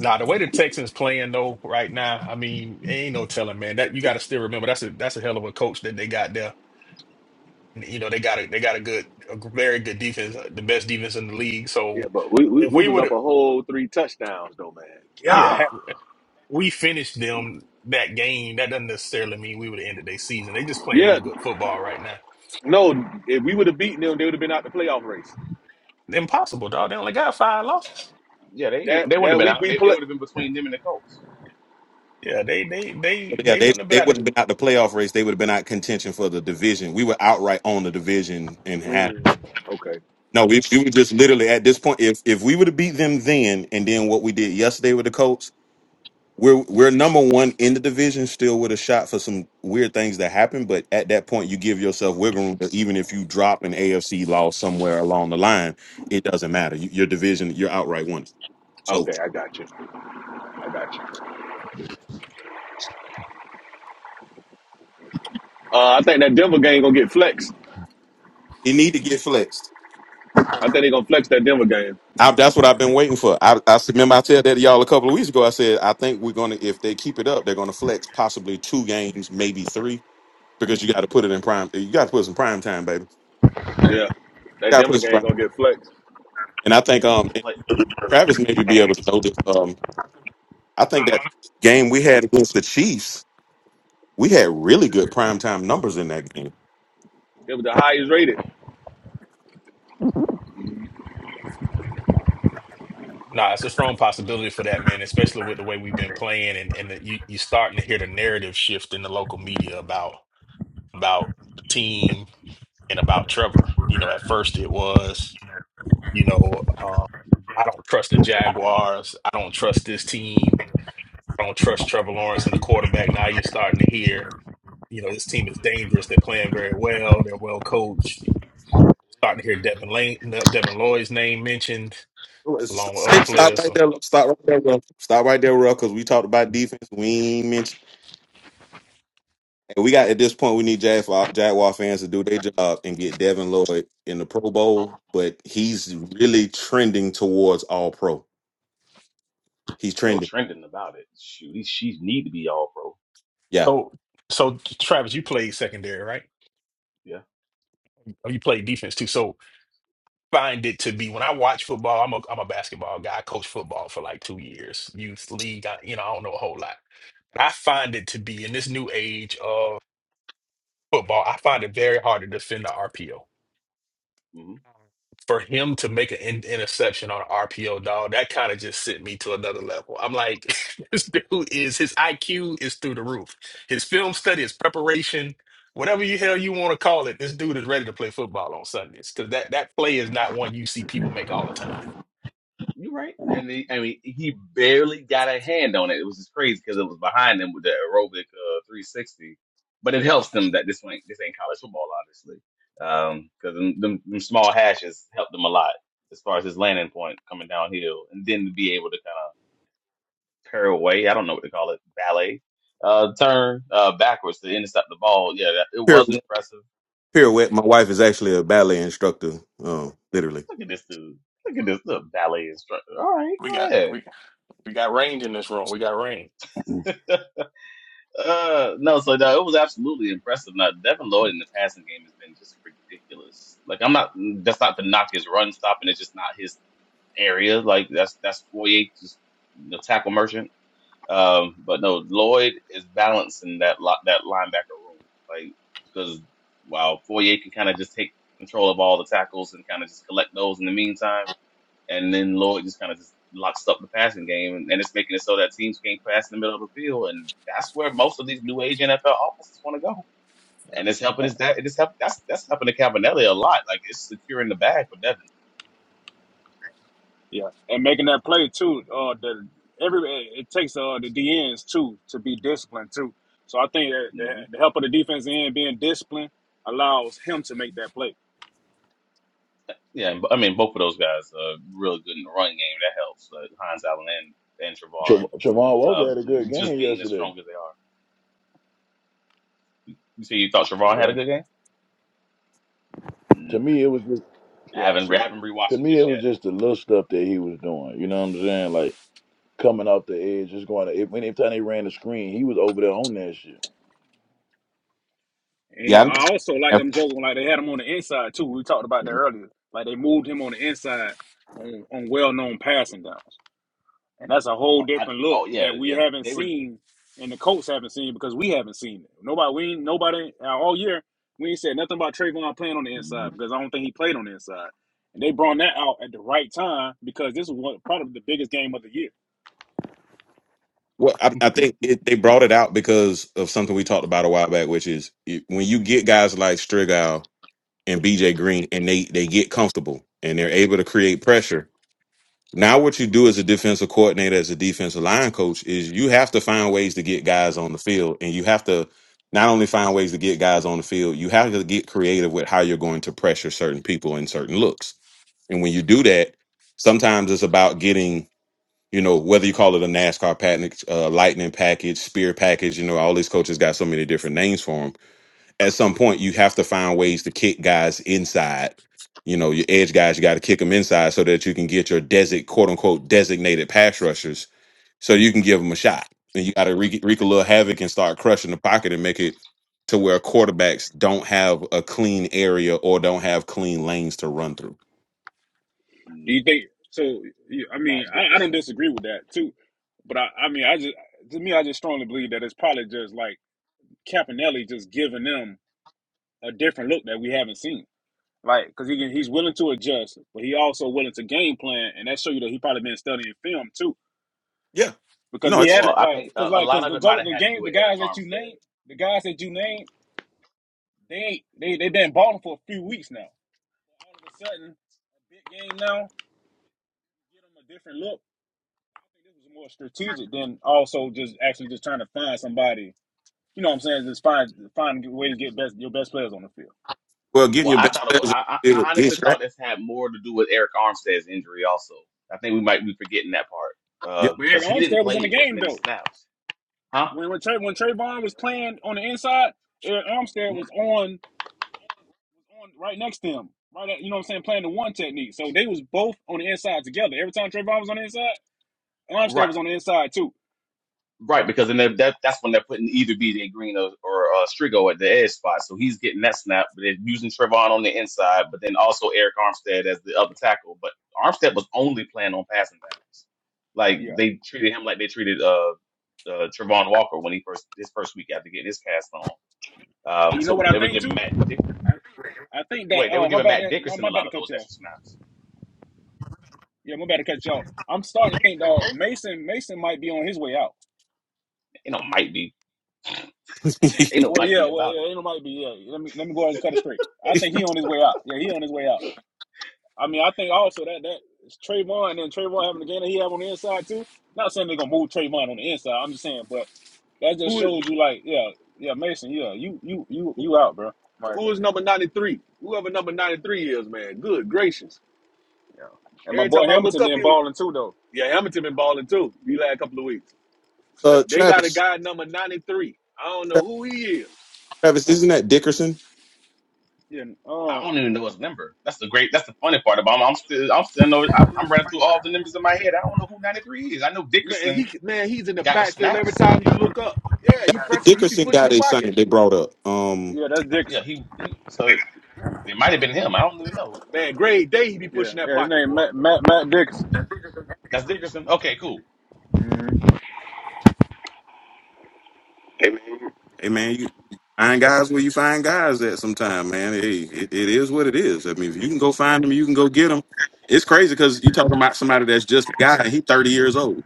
Speaker 1: nah. The way the Texans playing though right now, I mean, ain't no telling, man. That you got to still remember that's a that's a hell of a coach that they got there you know they got a they got a good a very good defense, the best defense in the league.
Speaker 6: Yeah,
Speaker 1: So
Speaker 6: but we, we,
Speaker 1: if
Speaker 6: we
Speaker 1: we
Speaker 6: was
Speaker 1: would
Speaker 6: up
Speaker 1: have
Speaker 6: a whole three touchdowns though, man.
Speaker 1: yeah
Speaker 6: Yeah.
Speaker 1: had, we finished them that game, that doesn't necessarily mean we would have ended their season. They just playing
Speaker 6: Yeah,
Speaker 1: really good football right now.
Speaker 6: No, if we would have beaten them, they would have been out the playoff race.
Speaker 1: Impossible, dog. They only got five losses.
Speaker 8: Yeah, they they
Speaker 6: That
Speaker 8: wouldn't have
Speaker 6: that
Speaker 8: been
Speaker 6: week
Speaker 8: out.
Speaker 6: we
Speaker 8: They, it
Speaker 6: play.
Speaker 8: would have been between them and the Colts.
Speaker 1: Yeah, they they they
Speaker 3: But yeah,
Speaker 1: they
Speaker 3: they
Speaker 1: wouldn't have been
Speaker 3: they
Speaker 1: out
Speaker 3: would
Speaker 1: of.
Speaker 3: have been out the playoff race. They would have been out contention for the division. We were outright on the division and had.
Speaker 6: Mm, okay,
Speaker 3: No, we, we were just literally at this point. If if we would have beat them then, and then what we did yesterday with the Colts, we're we're number one in the division, still with a shot for some weird things that happen. But at that point, you give yourself wiggle room. that Even if you drop an AFC loss somewhere along the line, it doesn't matter. You, your division, you're outright winning. So
Speaker 6: okay, I got you. I got you. Uh, I think that Denver game gonna get flexed.
Speaker 3: it need to get flexed.
Speaker 6: I think they gonna flex that Denver game.
Speaker 3: I, that's what I've been waiting for. I, I remember I said
Speaker 8: Man,
Speaker 3: that to y'all a couple of weeks ago. I said I think we're gonna if they keep it up, they're gonna flex possibly two games, maybe three because you got to put it in prime. You got to put some prime time, baby.
Speaker 6: Yeah, that
Speaker 3: got to
Speaker 6: Denver
Speaker 3: put some
Speaker 6: game
Speaker 3: prime.
Speaker 6: gonna get flexed.
Speaker 3: And I think
Speaker 8: man,
Speaker 3: um
Speaker 8: the play.
Speaker 3: Travis maybe be able to know this. Um, I think that game we had against the Chiefs, we had really good prime time numbers in that game.
Speaker 6: It was the highest rated.
Speaker 8: Oh, dot com
Speaker 1: Nah, it's a
Speaker 8: code.
Speaker 1: strong
Speaker 8: What?
Speaker 1: possibility for that, man. Especially with the way we've been playing, and and the, you you starting to hear the narrative shift in the local media about about the team and about Trevor. You know, at first it was. You know, um, I don't trust the Jaguars. I don't trust this team. I don't trust Trevor Lawrence and the quarterback. Now you're starting to hear, you know, this team is dangerous. They're playing very well. They're well coached. Starting to hear Devin Lane, uh, Devin Lloyd's name mentioned
Speaker 3: S-
Speaker 1: along with other
Speaker 3: Stop
Speaker 1: players.
Speaker 3: right
Speaker 1: So,
Speaker 3: there. Stop right there, Ruff. Stop right there, Ruff, because we talked about
Speaker 1: mm.
Speaker 3: defense. We ain't mentioned. And we got at this point, we need Jag- Jaguar fans to do their job and get Devin Lloyd in the Pro Bowl. But he's really trending towards All Pro. He's
Speaker 8: Ain't no
Speaker 3: trending.
Speaker 8: trending about it. Shoot, these sheets need to be all pro.
Speaker 3: Yeah.
Speaker 1: so, so Travis, you played secondary, right?
Speaker 8: Yeah.
Speaker 1: Or You played defense too. So find it to be when I watch football, I'm a I'm a basketball guy. I coached football for like two years, youth league. I, you know, I don't know a whole lot. I find it to be in this new age of football, I find it very hard to defend the RPO.
Speaker 8: mm-hmm.
Speaker 1: For him to make an in- interception on an RPO, dog, that kind of just sent me to another level. I'm like, this dude is his IQ is through the roof. His film study, his preparation, whatever you hell you want to call it, this dude is ready to play football on Sundays because that that play is not one you see people make all the time.
Speaker 8: You're right. And he, I mean, he barely got a hand on it. It was just crazy because it was behind him with the aerobic uh, 360. But it helps them that this ain't this ain't college football, obviously, because them, them them small hashes helped them a lot as far as his landing point coming downhill, and then to be able to kind of pair away. I don't know what to call it, ballet uh, turn uh, backwards to intercept the ball. Yeah, that, it was impressive.
Speaker 3: pirouette. My wife is actually a ballet instructor, um, literally.
Speaker 8: Look at this dude. Look at this little ballet instructor. All right,
Speaker 1: We
Speaker 8: go
Speaker 1: got
Speaker 8: ahead.
Speaker 1: we we got range in this room. We got range.
Speaker 8: Uh, no, so no, it was absolutely impressive. Now, Devin Lloyd in the passing game has been just ridiculous. Like, I'm not, that's not to knock his run stopping. It's just not his area. Like, that's, that's Foyer, just the tackle merchant. Um, but no, Lloyd is balancing that lot, that linebacker room. Like, cause while Foyer can kind of just take control of all the tackles and kind of just collect those in the meantime and then Lloyd just kind of just locks up the passing game, and, and it's making it so that teams can't pass in the middle of the field, and that's where most of these new age NFL offenses want to go.
Speaker 4: Yeah,
Speaker 8: And it's helping.
Speaker 4: and,
Speaker 8: It's that. It's help, that's that's helping to Cabanelli a lot. Like it's securing the bag for Devin.
Speaker 4: yeah. and making that play too. Uh, the every it takes uh the D DNs too to be disciplined too. So I think that the,
Speaker 8: hmm
Speaker 4: the help of the defense end being disciplined allows him to make that play.
Speaker 8: Yeah, and, I mean both of those guys are really good in the run game. That helps uh, Hines Allen and, and
Speaker 10: Tra-
Speaker 8: Trevon
Speaker 10: Travon Walker had a good
Speaker 8: uh,
Speaker 10: game
Speaker 8: just being as
Speaker 10: yesterday.
Speaker 8: strong as they are. You see, you thought Trevon had
Speaker 10: Yeah.
Speaker 8: a good game.
Speaker 10: To
Speaker 8: Mm.
Speaker 10: me, it was just
Speaker 8: I
Speaker 4: Yeah,
Speaker 8: haven't I
Speaker 4: shoot.
Speaker 8: haven't
Speaker 10: to
Speaker 8: rewatched it
Speaker 10: me it
Speaker 8: just
Speaker 10: was
Speaker 8: yet.
Speaker 10: just the little stuff that he was doing. You know what I'm saying? Like coming off the edge, just going. To, if anytime they ran the screen, he was over there on that shit.
Speaker 4: And yeah,
Speaker 3: Yeah, I,
Speaker 4: I
Speaker 8: Mm.
Speaker 4: also like them joking like they had him on the inside too. We talked about that earlier. Like they moved him on the inside on on well known passing downs. And that's a whole
Speaker 8: Oh, I,
Speaker 4: different look
Speaker 8: oh yeah,
Speaker 4: that we
Speaker 8: yeah.
Speaker 4: haven't
Speaker 8: They were
Speaker 4: seen and the Colts haven't seen because we haven't seen it. Nobody we ain't- nobody uh, all year we ain't said nothing about Trayvon playing on the
Speaker 10: Mhm.
Speaker 4: inside because I don't think he played on the inside. And they brought that out at the right time because this is one, probably the biggest game of the year.
Speaker 3: well, I, I think it, they brought it out because of something we talked about a while back, which is it, when you get guys like Strigal and BJ Green, and they they get comfortable and they're able to create pressure. Now, what you do as a defensive coordinator, as a defensive line coach, is you have to find ways to get guys on the field, and you have to not only find ways to get guys on the field, you have to get creative with how you're going to pressure certain people in certain looks. And when you do that, sometimes it's about getting, you know, whether you call it a NASCAR package, uh, lightning package, spear package, you know, all these coaches got so many different names for them at some point you have to find ways to kick guys inside. You know, your edge guys, you got to kick them inside so that you can get your desert, quote unquote, designated pass rushers so you can give them a shot. And you got to wreak, wreak a little havoc and start crushing the pocket and make it to where quarterbacks don't have a clean area or don't have clean lanes to run through.
Speaker 4: Do
Speaker 8: mm,
Speaker 4: you think so? you- I mean,
Speaker 8: Matt
Speaker 4: I, I don't
Speaker 8: Dickerson.
Speaker 4: disagree with that too, but I, I mean, I just to me, I just strongly believe that it's probably just like Campanelli just giving them a different look that we haven't seen. Like, because he can, he's willing to adjust, but he also willing to game plan, and that show you that he probably been studying film too.
Speaker 3: Yeah.
Speaker 4: Because
Speaker 3: No,
Speaker 4: we
Speaker 3: it's
Speaker 8: Well,
Speaker 4: haven't
Speaker 8: I
Speaker 4: like,
Speaker 8: think
Speaker 4: because
Speaker 8: a, a
Speaker 4: like,
Speaker 8: lot
Speaker 4: because
Speaker 8: of
Speaker 4: the
Speaker 8: it might
Speaker 4: joke,
Speaker 8: have
Speaker 4: the
Speaker 8: had to
Speaker 4: game,
Speaker 8: do
Speaker 4: the
Speaker 8: with Eric
Speaker 4: guys that you
Speaker 8: Armstead.
Speaker 4: name, the guys that you name, they ain't they they been balling for a few weeks now. All of a sudden, a big game now, get them a different look. I think this was more strategic than also just actually just trying to find somebody. You know what I'm saying? Just find find a way to get best your best players on the field.
Speaker 3: well, getting
Speaker 8: Well,
Speaker 3: your
Speaker 8: I
Speaker 3: best
Speaker 8: thought it was.
Speaker 3: players on
Speaker 8: I, I
Speaker 3: the field
Speaker 8: I honestly
Speaker 3: is right.
Speaker 8: thought this had more to do with Eric Armstead's injury. Also, I think we might be forgetting that
Speaker 3: Yeah.
Speaker 8: part
Speaker 4: But yeah,
Speaker 8: because he didn't
Speaker 4: Armstead was in the
Speaker 8: play as
Speaker 4: game
Speaker 8: many
Speaker 4: though.
Speaker 8: snaps, huh?
Speaker 4: When when, Tra- when Trayvon was playing on the inside, Eric Armstead was
Speaker 8: Mhm.
Speaker 4: on on right next to him, right at you know what I'm saying, playing the one technique. So they was both on the inside together. Every time Trayvon was on the inside, Armstead
Speaker 8: Right.
Speaker 4: was on the inside too.
Speaker 8: Right, because then they're- that that's when they're putting either BJ Green or, or uh, Strigo at the edge spot, so he's getting that snap. But they're using Trevon on the inside, but then also Eric Armstead as the other tackle. But Armstead was only playing on passing downs. Like
Speaker 4: Yeah.
Speaker 8: they treated him like they treated uh, uh Trevon Walker when he first his first week after getting his cast on.
Speaker 4: And
Speaker 8: Um,
Speaker 4: you know
Speaker 8: so
Speaker 4: what I
Speaker 8: they were
Speaker 4: think
Speaker 8: giving
Speaker 4: too?
Speaker 8: Matt Dick
Speaker 4: I think that
Speaker 8: wait they were
Speaker 4: uh my
Speaker 8: giving
Speaker 4: bad
Speaker 8: Matt
Speaker 4: my,
Speaker 8: Dickerson
Speaker 4: my
Speaker 8: a
Speaker 4: bad
Speaker 8: lot
Speaker 4: to
Speaker 8: of
Speaker 4: cut
Speaker 8: those
Speaker 4: y'all.
Speaker 8: extra snaps.
Speaker 4: Yeah, my bad to cut y'all. I'm starting to think though Mason Mason might be on his way out.
Speaker 8: You know, might be you know
Speaker 4: Well,
Speaker 8: might
Speaker 4: yeah,
Speaker 8: be
Speaker 4: well,
Speaker 8: about it.
Speaker 4: yeah, it might be. Yeah, let me let me go ahead and cut it straight. I think he on his way out. Yeah, he on his way out. I mean, I think also that that is Trayvon and then Trayvon having the game that he have on the inside too. Not saying they're gonna move Trayvon on the inside. I'm just saying, but that just
Speaker 6: Who is-
Speaker 4: shows you, like, yeah, yeah, Mason, yeah, you you you
Speaker 6: who,
Speaker 4: you out, bro. Right.
Speaker 6: who is number ninety three? Whoever number ninety three is, man. Good gracious!
Speaker 4: Yeah. And my
Speaker 6: Every
Speaker 4: boy
Speaker 6: time I look
Speaker 4: Hamilton
Speaker 6: up,
Speaker 4: been
Speaker 6: he was,
Speaker 4: balling too, though.
Speaker 6: yeah, Hamilton been balling too. The last couple of weeks, but
Speaker 3: uh,
Speaker 6: they got a
Speaker 3: Travis,
Speaker 6: guy number ninety three. I don't know
Speaker 3: Travis,
Speaker 6: who he is.
Speaker 3: Travis, isn't that Dickerson?
Speaker 4: Yeah.
Speaker 8: I
Speaker 4: Um.
Speaker 8: don't even know his number. That's the great. That's the funny part about him. I'm still, I'm still know. I'm, I'm running through all the numbers in my head. I don't know who 93 is. I know
Speaker 6: Man,
Speaker 8: Dickerson
Speaker 6: he man, he's in the
Speaker 8: got
Speaker 6: backfield every
Speaker 8: snaps.
Speaker 6: time you look up. Yeah, he
Speaker 3: The
Speaker 6: pressing, he be
Speaker 3: Dickerson
Speaker 6: pushing
Speaker 3: guy
Speaker 6: the
Speaker 3: they
Speaker 6: pocket.
Speaker 3: signed, they brought up. Um,
Speaker 4: Yeah, that's
Speaker 8: Yeah,
Speaker 4: Dickerson.
Speaker 8: he. he so it might have been him. I don't even know.
Speaker 6: Man, grade day, he be
Speaker 4: Yeah.
Speaker 6: pushing that
Speaker 4: Yeah. His
Speaker 6: pocket,
Speaker 4: name
Speaker 6: boy.
Speaker 4: Matt Matt Matt Dickerson.
Speaker 8: That's Dickerson. Okay, cool.
Speaker 4: Mm-hmm.
Speaker 3: Hey man, you find guys where you find guys at sometime, man. Hey, it, it is what it is. I mean, if you can go find them, you can go get them. It's crazy because you talking about somebody that's just a guy and he's 30 years old. In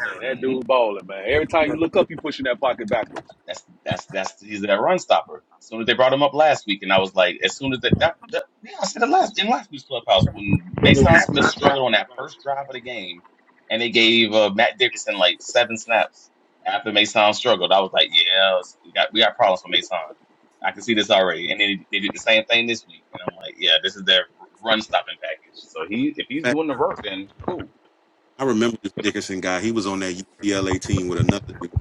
Speaker 6: Man, that
Speaker 8: Mm-hmm.
Speaker 6: dude balling, man. Every time you look up, he pushing that pocket backwards.
Speaker 8: That's that's that's he's that run stopper. As soon as they brought him up last week, and I was like, as soon as that, that, that yeah, I said it last in last week's clubhouse when Mason Smith struggled on that first drive of the game, and they gave uh, Matt Dickerson like seven snaps after Mason struggled. I was like, yeah, we got we got problems with Mason. I can see this already. And then they did the same thing this week, and I'm like, yeah, this is their run stopping package. So he if he's
Speaker 3: fact,
Speaker 8: doing the work, then cool.
Speaker 3: I remember this Dickerson guy. He was on that UCLA team with another dude.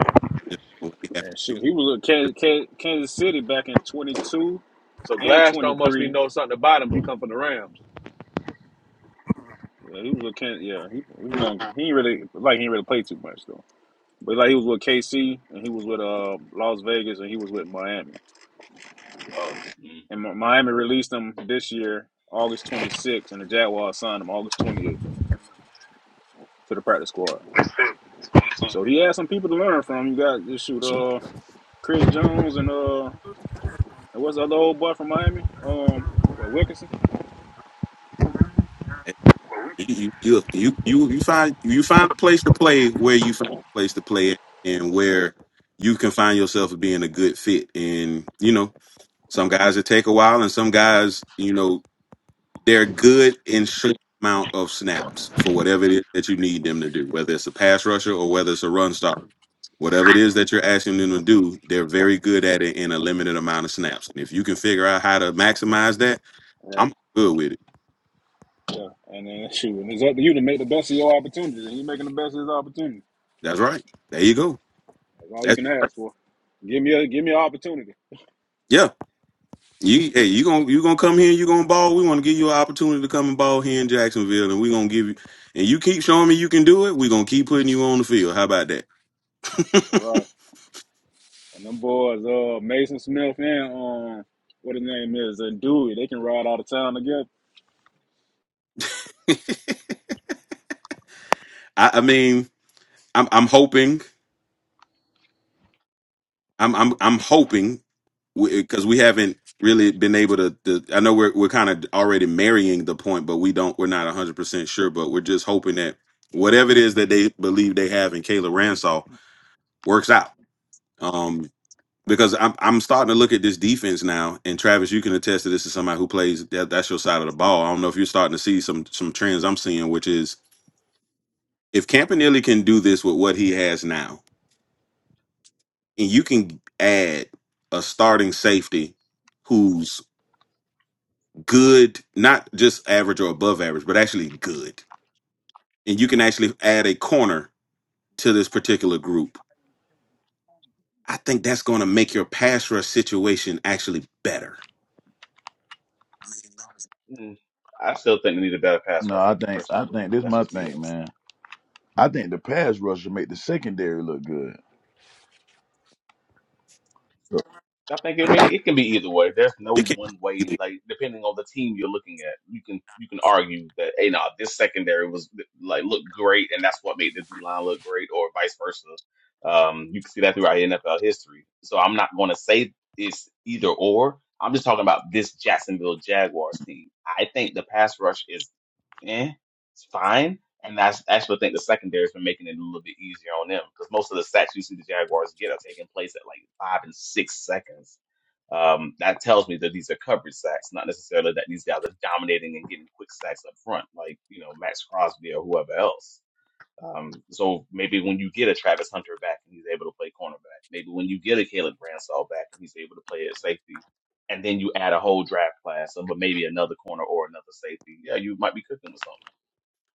Speaker 4: And shoot, he was at Kansas, Kansas City back in 22
Speaker 6: So
Speaker 4: and
Speaker 6: Gladstone must be
Speaker 4: 23.
Speaker 6: know something about him. He come from the Rams.
Speaker 4: Yeah, he was with Ken. Yeah, he he was on. He ain't really like he ain't really played too much though. But like he was with KC and he was with uh Las Vegas and he was with Miami.
Speaker 6: Uh,
Speaker 8: mm
Speaker 4: And Mi- Miami released him this year, August 26th, and the Jaguars signed him August 28th to the practice squad. So he had some people to learn from. You got just shoot uh Chris Jones and uh and what's the other old boy from Miami? Um, what Wilkinson?
Speaker 3: You, you, you, you, you find you find a place to play where you find a place to play at and where you can find yourself being a good fit. And you know, Some guys it take a while, and some guys, you know, they're good in short amount of snaps for whatever it
Speaker 4: Yeah,
Speaker 3: is that you need them to do, whether it's a pass rusher or whether it's a run stopper. Whatever it is that you're asking them to do, they're very good at it in a limited amount of snaps. And if you can figure out how to maximize that,
Speaker 4: right.
Speaker 3: I'm good with it.
Speaker 4: Yeah, and then shoot, and it's up to you to make the best of your opportunities, and you are making the best of his opportunity.
Speaker 3: That's right. There you go.
Speaker 4: That's all you
Speaker 3: That's
Speaker 4: can
Speaker 3: it.
Speaker 4: ask for. Give me a give me an opportunity.
Speaker 3: Yeah.
Speaker 8: mm
Speaker 3: You hey, you gonna you gonna come here and you gonna ball. We wanna give you an opportunity to come and ball here in Jacksonville and we're gonna give you and you keep showing me you can do it, we're gonna keep putting you on the field. How about that?
Speaker 4: All right. And them boys, uh, Mason Smith and um, what his name is, and Dewey, they can ride out of town together.
Speaker 3: I, I mean, I'm I'm hoping. I'm I'm I'm hoping because we haven't really been able to, to I know we're we're kind of already marrying the point, but we don't we're not 100% sure, but we're just hoping that whatever it is that they believe they have in Kayla Ransaw works out. Um because I'm I'm starting to look at this defense now, and Travis, you can attest to this as somebody who plays that, that's your side of the ball. I don't know if you're starting to see some some trends I'm seeing, which is if Campanelli can do this with what he has now, and you can add a starting safety who's good, not just average or above average, but actually good. And you can actually add a corner to this particular group. I think that's going to make your pass rush situation actually better.
Speaker 8: mm. I still think they need a better pass
Speaker 10: No,
Speaker 8: rusher
Speaker 10: I think I
Speaker 8: personally.
Speaker 10: think this
Speaker 8: That's
Speaker 10: my
Speaker 8: just me though.
Speaker 10: thing, man. I think the pass rush will make the secondary look good.
Speaker 8: I think I mean it can be either way. There's
Speaker 3: It
Speaker 8: no
Speaker 3: can.
Speaker 8: one way. Like depending on the team you're looking at, you can you can argue that hey, nah, this secondary was like looked great, and that's what made the D line look great, or vice versa. Um, you can see that throughout NFL history. So I'm not going to say it's either or. I'm just talking about this Jacksonville Jaguars team. I think the pass rush is eh, it's fine and that's actually I think the secondary has been making it a little bit easier on them because most of the sacks you see the Jaguars get are taking place at like five and six seconds. Um, that tells me that these are coverage sacks, not necessarily that these guys are dominating and getting quick sacks up front, like you know Max Crosby or whoever else. Um, so maybe when you get a Travis Hunter back and he's able to play cornerback, maybe when you get a Caleb Bransall back and he's able to play at safety, and then you add a whole draft class, but maybe another corner or another safety, yeah, you might be cooking with something.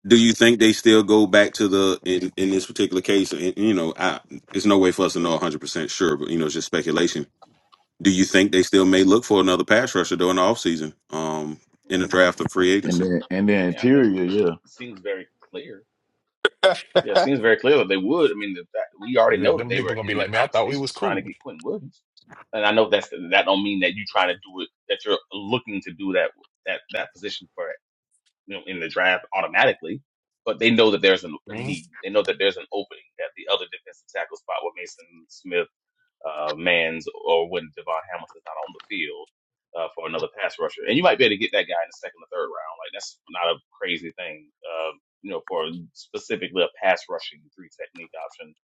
Speaker 3: Do you think they still go back to the in, in this particular case? And, you know, I, there's no way for us to know 100 percent sure, but you know, it's just speculation. Do you think they still may look for another pass rusher during the offseason, um, in the draft of free
Speaker 10: And
Speaker 3: agency?
Speaker 10: then and
Speaker 8: I
Speaker 10: then
Speaker 8: mean, I think
Speaker 10: interior,
Speaker 8: it's,
Speaker 10: yeah.
Speaker 8: it seems very clear. Yeah, it seems very clear that they would. I mean, the fact, we already know that
Speaker 1: Them
Speaker 8: they
Speaker 1: people
Speaker 8: were
Speaker 1: gonna be
Speaker 8: in the
Speaker 1: like, man, I thought we was
Speaker 8: conversations trying to
Speaker 1: cool.
Speaker 8: get Quentin Williams, and I know that's that don't mean that you trying to do it that you're looking to do that that that position for it, you know, in the draft automatically. But they know that there's an, a
Speaker 1: Man.
Speaker 8: need. They know that there's an opening at the other defensive tackle spot with Mason Smith uh, Mans or when Devon Hamilton's not on the field uh, for another pass rusher. And you might be able to get that guy in the second or third round. Like that's not a crazy thing, uh, you know, for specifically a pass rushing three technique option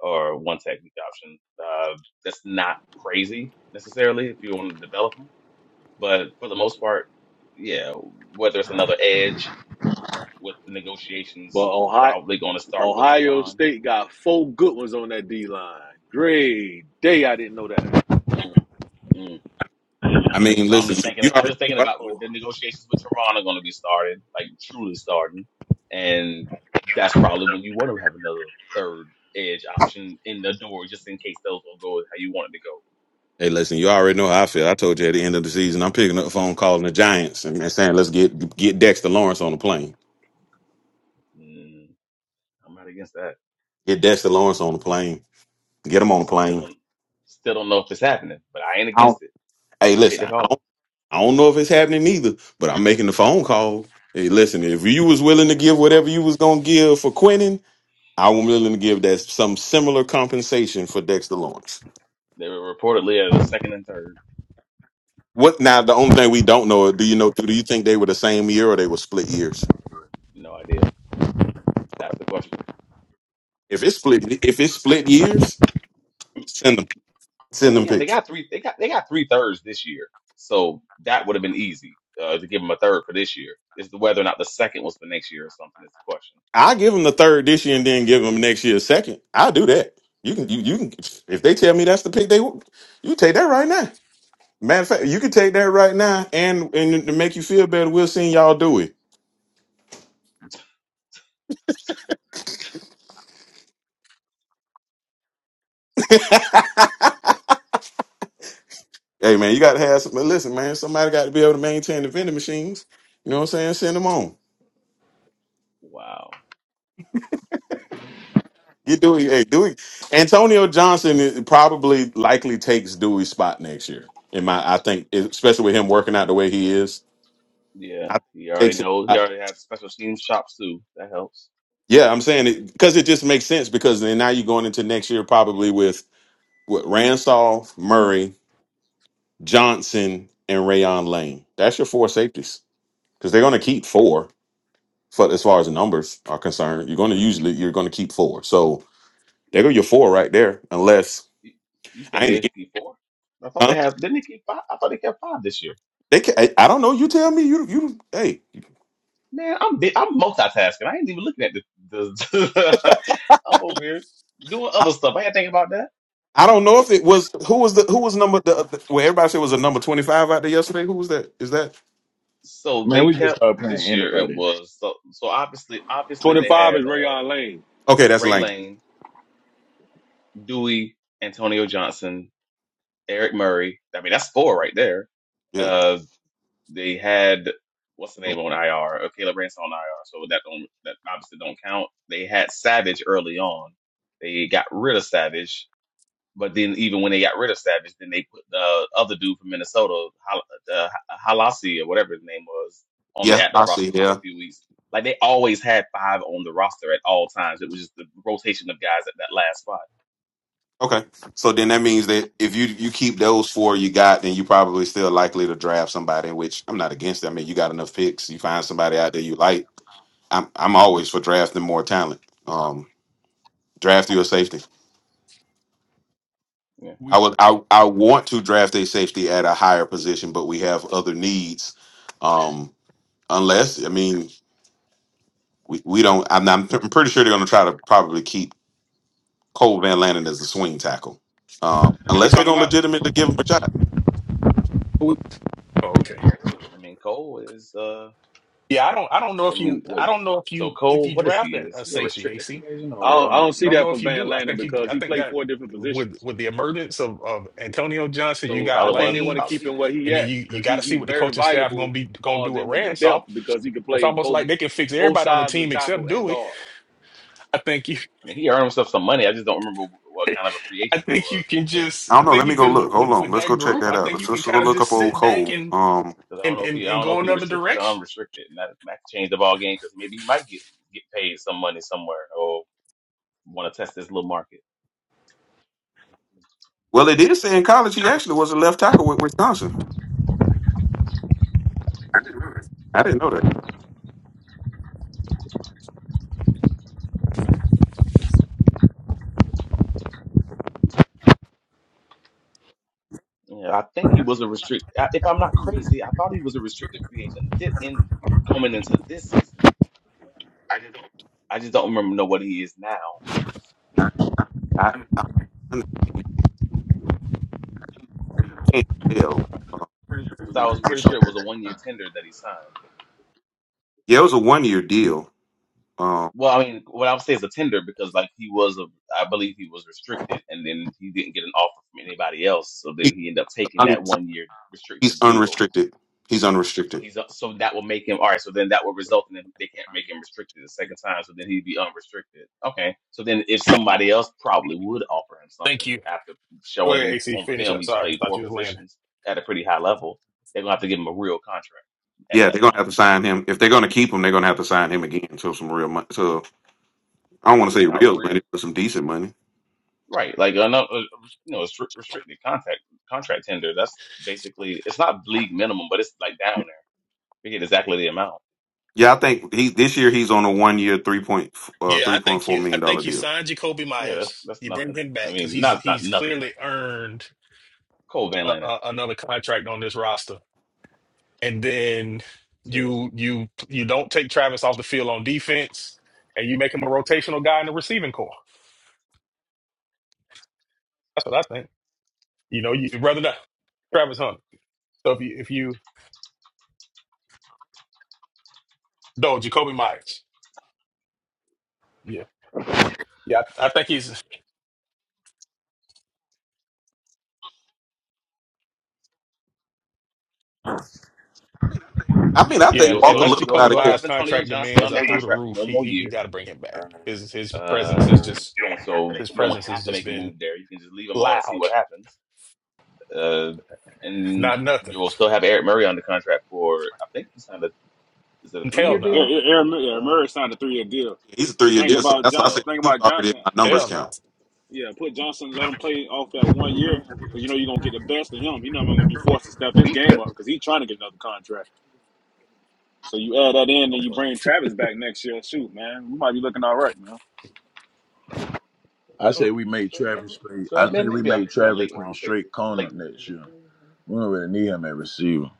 Speaker 8: or one technique option. Uh, that's not crazy necessarily if you want to develop them. But for the most part, yeah, whether it's another edge with the
Speaker 6: but
Speaker 8: negotiations
Speaker 6: Ohio,
Speaker 8: probably going to start with
Speaker 6: Ohio
Speaker 8: Trevon
Speaker 6: State got four good ones on that D line. Grade day, I didn't know that.
Speaker 3: I mean,
Speaker 8: Well, I'm
Speaker 3: listen,
Speaker 8: just thinking.
Speaker 3: you
Speaker 8: I'm
Speaker 3: already
Speaker 8: just
Speaker 3: knew.
Speaker 8: thinking
Speaker 3: I-
Speaker 8: about
Speaker 6: Oh,
Speaker 8: the negotiations with Toronto going to be starting, like truly starting, and that's probably when you want to have another third edge option in the door, just in case those don't go how you want it
Speaker 3: Hey, listen, you already know how I feel. I told you at the end of the season, I'm picking up the phone calling the Giants and, and saying, let's get get Dexter Lawrence on the plane.
Speaker 8: to go. Mm, I'm not against that.
Speaker 3: Get Dexter Lawrence on the plane. Get him on the
Speaker 8: Still
Speaker 3: plane.
Speaker 8: don't, still don't know if it's happening, but I ain't against it.
Speaker 3: Hey,
Speaker 8: Make, make
Speaker 3: listen,
Speaker 8: the
Speaker 3: I
Speaker 8: call.
Speaker 3: don't, I don't know if it's happening either, but I'm making the phone call. Hey, listen, if you was willing to give whatever you was gonna give for Quinnen, I was willing to give that some similar compensation for Dexter Lawrence.
Speaker 8: They were reportedly at the second and third.
Speaker 3: What now? The only thing we don't know, do you know? Do you think they were the same year or they were split years?
Speaker 8: No idea. That's the question.
Speaker 3: If it's split, if it's split years, Send them, send them
Speaker 8: Yeah, they
Speaker 3: picks.
Speaker 8: got three. They got they got three thirds this year, so that would have been easy uh, to give them a third for this year. It's the whether or not the second was for next year or something is the question.
Speaker 3: I give them the third this year and then give them next year a second. I do that. You can, you, you can. If they tell me that's the pick, they w- you take that right now. Matter of fact, you can take that right now, and and to make you feel better, we'll see y'all do it. hey man, you got to have some. Listen, man, somebody got to be able to maintain the vending machines. You know what I'm saying? Send them on.
Speaker 8: Wow.
Speaker 3: Get Dewey. Hey, Dewey. Antonio Johnson is- probably likely takes Dewey's spot next year. In my, I think, especially with him working out the way he is, I
Speaker 8: Yeah,
Speaker 3: think
Speaker 8: he
Speaker 3: he
Speaker 8: already
Speaker 3: takes
Speaker 8: knows.
Speaker 3: it.
Speaker 8: He already had special teams chops too. That helps.
Speaker 3: Yeah, I'm saying it because it just makes sense because then now you're going into next year probably with what Ransolph, Murray, Johnson, and Rayon Lane. That's your four safeties because they're going to keep four. For as far as numbers are concerned, you're going to usually you're going to keep four. So there go your four right there. Unless
Speaker 8: You, you
Speaker 3: I
Speaker 8: think they
Speaker 3: ain't,
Speaker 8: keep four? I thought
Speaker 3: huh?
Speaker 8: they have. Didn't they keep five? I thought they kept five this year.
Speaker 3: They can, I, I don't know. You tell me. You you hey.
Speaker 8: Man, I'm bi- I'm multitasking. I ain't even looking at the. the I'm over here doing
Speaker 3: I,
Speaker 8: other stuff. I ain't thinking about that.
Speaker 3: I don't know if it was who was the who was number the, the well everybody said it was a number twenty five out there yesterday. Who was that? Is that
Speaker 8: So
Speaker 10: Man,
Speaker 8: they
Speaker 10: we just
Speaker 8: kept
Speaker 10: start playing
Speaker 8: this year. It
Speaker 10: anybody.
Speaker 8: was so so obviously obviously
Speaker 6: twenty
Speaker 8: they
Speaker 6: five
Speaker 8: had
Speaker 6: is
Speaker 8: uh,
Speaker 6: Rayon Lane.
Speaker 3: okay? That's
Speaker 8: Ray
Speaker 3: Lane.
Speaker 8: Lane, Dewey, Antonio Johnson, Eric Murray. I mean that's four right there.
Speaker 3: Yeah.
Speaker 8: Uh, they had what's the name on IR? Uh, Caleb Ransom on IR. So that don't that obviously don't count. They had Savage early on. They got rid of Savage. But then even when they got rid of Savage, then they put the other dude from Minnesota, Hal- uh, Halasi or whatever his name was, on the
Speaker 3: Yeah,
Speaker 8: active
Speaker 3: I see.
Speaker 8: roster
Speaker 3: Yeah.
Speaker 8: for a few weeks. Like they always had five on the roster at all times. It was just the rotation of guys at that last spot.
Speaker 3: Okay. So then that means that if you you keep those four you got, then you probably still likely to draft somebody, which I'm not against. it. I mean, you got enough picks. You find somebody out there you like. I'm I'm always for drafting more talent. Um, draft your safety.
Speaker 8: Yeah.
Speaker 3: I would I I want to draft a safety at a higher position, but we have other needs. Um, unless I mean we, we don't. I'm, not, i am i am pretty sure they're going to try to probably keep Cole Van Landen as a swing tackle. Um,
Speaker 1: What we
Speaker 3: unless they're
Speaker 1: talking
Speaker 3: going to
Speaker 1: about?
Speaker 3: legitimately give him a shot.
Speaker 1: Who we- Oh, okay.
Speaker 8: I mean, Cole is. uh
Speaker 1: Yeah, I don't. I don't know
Speaker 8: I
Speaker 1: if you.
Speaker 8: mean,
Speaker 1: I
Speaker 8: wait.
Speaker 1: don't know if
Speaker 8: So
Speaker 1: you. If
Speaker 8: Cole,
Speaker 1: you
Speaker 8: what is
Speaker 1: draft
Speaker 8: he?
Speaker 1: a,
Speaker 8: Is
Speaker 1: a
Speaker 8: he a
Speaker 1: safety,
Speaker 8: restricted
Speaker 1: AC.
Speaker 8: free agent
Speaker 6: I
Speaker 8: or?
Speaker 6: don't, I
Speaker 8: Um,
Speaker 6: don't
Speaker 1: I
Speaker 6: see
Speaker 1: don't
Speaker 6: that
Speaker 1: know
Speaker 6: for
Speaker 1: if you
Speaker 6: Van
Speaker 1: do. I
Speaker 6: Lanen
Speaker 1: think you.
Speaker 6: because
Speaker 1: I
Speaker 6: he
Speaker 1: think
Speaker 6: played
Speaker 1: that
Speaker 6: four different
Speaker 1: with
Speaker 6: positions.
Speaker 1: with the emergence of, of Antonio Johnson,
Speaker 8: but
Speaker 1: you
Speaker 8: he
Speaker 6: So
Speaker 1: got
Speaker 6: I
Speaker 8: probably one
Speaker 6: think they
Speaker 8: of he
Speaker 6: want
Speaker 1: Lane,
Speaker 6: to keep
Speaker 8: probably.
Speaker 6: him where he
Speaker 1: and then
Speaker 6: at
Speaker 1: you you
Speaker 6: because
Speaker 1: got
Speaker 6: he,
Speaker 1: to see
Speaker 6: he's
Speaker 1: what the
Speaker 6: very
Speaker 1: coaching staff gonna
Speaker 6: valuable,
Speaker 1: be gonna do
Speaker 6: falls
Speaker 1: with
Speaker 6: in with the
Speaker 1: Ransaw.
Speaker 6: depth because he can
Speaker 1: It's
Speaker 6: play
Speaker 1: almost
Speaker 6: both
Speaker 1: like they can fix
Speaker 6: both
Speaker 1: everybody on the
Speaker 6: sides of the
Speaker 1: team
Speaker 6: tackle
Speaker 1: except
Speaker 6: and
Speaker 1: Dewey.
Speaker 6: guard.
Speaker 1: I think you.
Speaker 8: I mean, he earned himself some money. I just don't remember what kind of a free
Speaker 1: I
Speaker 8: agent he
Speaker 1: think you
Speaker 8: was.
Speaker 1: can just.
Speaker 3: I
Speaker 1: I
Speaker 3: don't know.
Speaker 1: think
Speaker 3: Let me
Speaker 1: you
Speaker 3: go look.
Speaker 1: can
Speaker 3: Hold
Speaker 1: with
Speaker 3: on.
Speaker 1: with
Speaker 3: Let's
Speaker 1: that
Speaker 3: go check
Speaker 1: group.
Speaker 3: that
Speaker 1: I
Speaker 3: out.
Speaker 1: think you
Speaker 3: Let's,
Speaker 1: can
Speaker 3: let's go
Speaker 1: kind of
Speaker 3: look
Speaker 1: just
Speaker 3: up old
Speaker 1: sit back
Speaker 3: Cole.
Speaker 1: and
Speaker 3: Um,
Speaker 8: Because I don't
Speaker 1: and
Speaker 8: know if
Speaker 1: and
Speaker 8: he, I
Speaker 1: and
Speaker 8: don't know
Speaker 1: go
Speaker 8: if he
Speaker 1: another
Speaker 8: restricted or
Speaker 1: direction.
Speaker 8: unrestricted, and that might change the ball game. Because maybe he might get get paid some money somewhere, or want to test this little market.
Speaker 3: well, they did say in college he actually was a left tackle with Wisconsin. I didn't know that.
Speaker 8: Yeah, I think he was a restrict. I- If I'm not crazy, I thought he was a restricted free agent did in coming into this season. I just don't remember know what he is now.
Speaker 3: I I, I can't tell. Uh,
Speaker 8: Because I was pretty
Speaker 3: so
Speaker 8: sure it was a one year tender that he signed.
Speaker 3: yeah, it was a one year deal. Um,
Speaker 8: Well, I mean, what I would say is a tender because like he was a, I believe he was restricted, and then he didn't get an offer from anybody else, so
Speaker 3: he,
Speaker 8: then he ended up taking
Speaker 3: un,
Speaker 8: that one year
Speaker 3: he's
Speaker 8: restricted deal
Speaker 3: unrestricted. He's
Speaker 8: So
Speaker 3: unrestricted.
Speaker 8: he's up, so that will make him all right. So then that will result in him, they can't make him restricted the second time. So then he'd be unrestricted. Okay. So then if somebody else probably would offer him
Speaker 1: Thank
Speaker 8: something
Speaker 1: you.
Speaker 8: after
Speaker 1: Go
Speaker 8: showing
Speaker 1: ahead,
Speaker 8: he
Speaker 1: AC.
Speaker 8: on
Speaker 1: Finish
Speaker 8: film
Speaker 1: up.
Speaker 8: he's
Speaker 1: Sorry, I
Speaker 8: played
Speaker 1: thought
Speaker 8: four
Speaker 1: you was laying.
Speaker 8: positions at a pretty high level, they're gonna have to give him a real contract at
Speaker 3: Yeah, they're
Speaker 8: that
Speaker 3: gonna
Speaker 8: point.
Speaker 3: have to sign him. If they're gonna keep him, they're gonna have to sign him again to some real money. So I don't want to say
Speaker 8: It's not
Speaker 3: real
Speaker 8: real,
Speaker 3: money, but some decent money.
Speaker 8: right? Like a, no- a- you know, a stri- restricted contract contract tender. That's basically it's not league minimum, but it's like down there. We get exactly the amount.
Speaker 3: Yeah, I think he this year he's on a one year three point uh,
Speaker 1: Yeah, I
Speaker 3: three point
Speaker 1: think
Speaker 3: four
Speaker 1: you. I
Speaker 3: million dollar
Speaker 1: think you
Speaker 3: deal.
Speaker 1: signed Jacoby
Speaker 8: Yeah, that's
Speaker 1: Myers.
Speaker 8: that's
Speaker 1: You bring
Speaker 8: nothing.
Speaker 1: him
Speaker 8: I
Speaker 1: back because
Speaker 8: mean,
Speaker 1: he's
Speaker 8: not not
Speaker 1: he's
Speaker 8: nothing,
Speaker 1: clearly
Speaker 8: nothing.
Speaker 1: earned
Speaker 8: Cole Van
Speaker 1: a,
Speaker 8: Lannon.
Speaker 1: a, another contract on this roster. And then you you you don't take Travis off the field on defense, and you make him a rotational guy in the receiving core. That's what I think. You know, you rather not Travis Hunter. So if you if you no Jacoby Myers, yeah, yeah, I, I think he's
Speaker 3: I mean,
Speaker 8: I
Speaker 3: I
Speaker 8: mean,
Speaker 1: yeah.
Speaker 3: think
Speaker 8: you'll
Speaker 3: Walker
Speaker 1: Unless
Speaker 8: still
Speaker 3: Little's
Speaker 8: you'll
Speaker 1: Jacoby
Speaker 3: out of
Speaker 8: still
Speaker 3: here.
Speaker 1: Myers'
Speaker 8: have Antonio
Speaker 1: contract
Speaker 8: Johnson
Speaker 1: demands
Speaker 8: under
Speaker 1: are through the
Speaker 8: contract for
Speaker 1: roof,
Speaker 8: one
Speaker 1: he,
Speaker 8: more
Speaker 1: he you
Speaker 8: year.
Speaker 1: got to bring him back. His his presence
Speaker 8: Uh,
Speaker 1: is just
Speaker 8: so
Speaker 1: his
Speaker 8: you don't
Speaker 1: presence has
Speaker 8: have to
Speaker 1: just
Speaker 8: make a
Speaker 1: been
Speaker 8: move there. You can just leave him on and see
Speaker 1: loud,
Speaker 8: what happens. Uh, and
Speaker 1: not nothing.
Speaker 8: you'll still have Eric Murray under contract for I think he signed a is it a three
Speaker 4: Yeah,
Speaker 1: Hell
Speaker 8: year
Speaker 4: Aaron,
Speaker 8: deal?
Speaker 1: no,
Speaker 4: Aaron
Speaker 8: Uh,
Speaker 4: Murray signed a three-year deal.
Speaker 3: He's a
Speaker 4: And
Speaker 3: three
Speaker 4: the
Speaker 3: year
Speaker 4: thing
Speaker 3: deal, so
Speaker 8: yeah.
Speaker 4: about
Speaker 3: that's why I
Speaker 4: Johnson,
Speaker 3: said
Speaker 8: So
Speaker 4: think
Speaker 3: he was
Speaker 4: about
Speaker 3: already in
Speaker 4: Johnson,
Speaker 3: my numbers
Speaker 1: hell no.
Speaker 3: count.
Speaker 4: yeah, put Johnson, let him play off that one year, because you know you're gonna get the best of him. He's not gonna be forced to step his game up because he's trying to get another contract. So you add that in, and you
Speaker 8: okay.
Speaker 4: bring Travis back next year. Shoot, man, we might be looking all right, man.
Speaker 10: I
Speaker 8: Hmm.
Speaker 10: say we made Travis play
Speaker 8: So
Speaker 10: I say
Speaker 8: then
Speaker 10: we
Speaker 8: maybe a
Speaker 10: made
Speaker 8: yeah
Speaker 10: Travis
Speaker 8: late
Speaker 10: play
Speaker 8: round safety.
Speaker 10: straight corner
Speaker 8: Late
Speaker 10: next year. We don't really need him at receiver.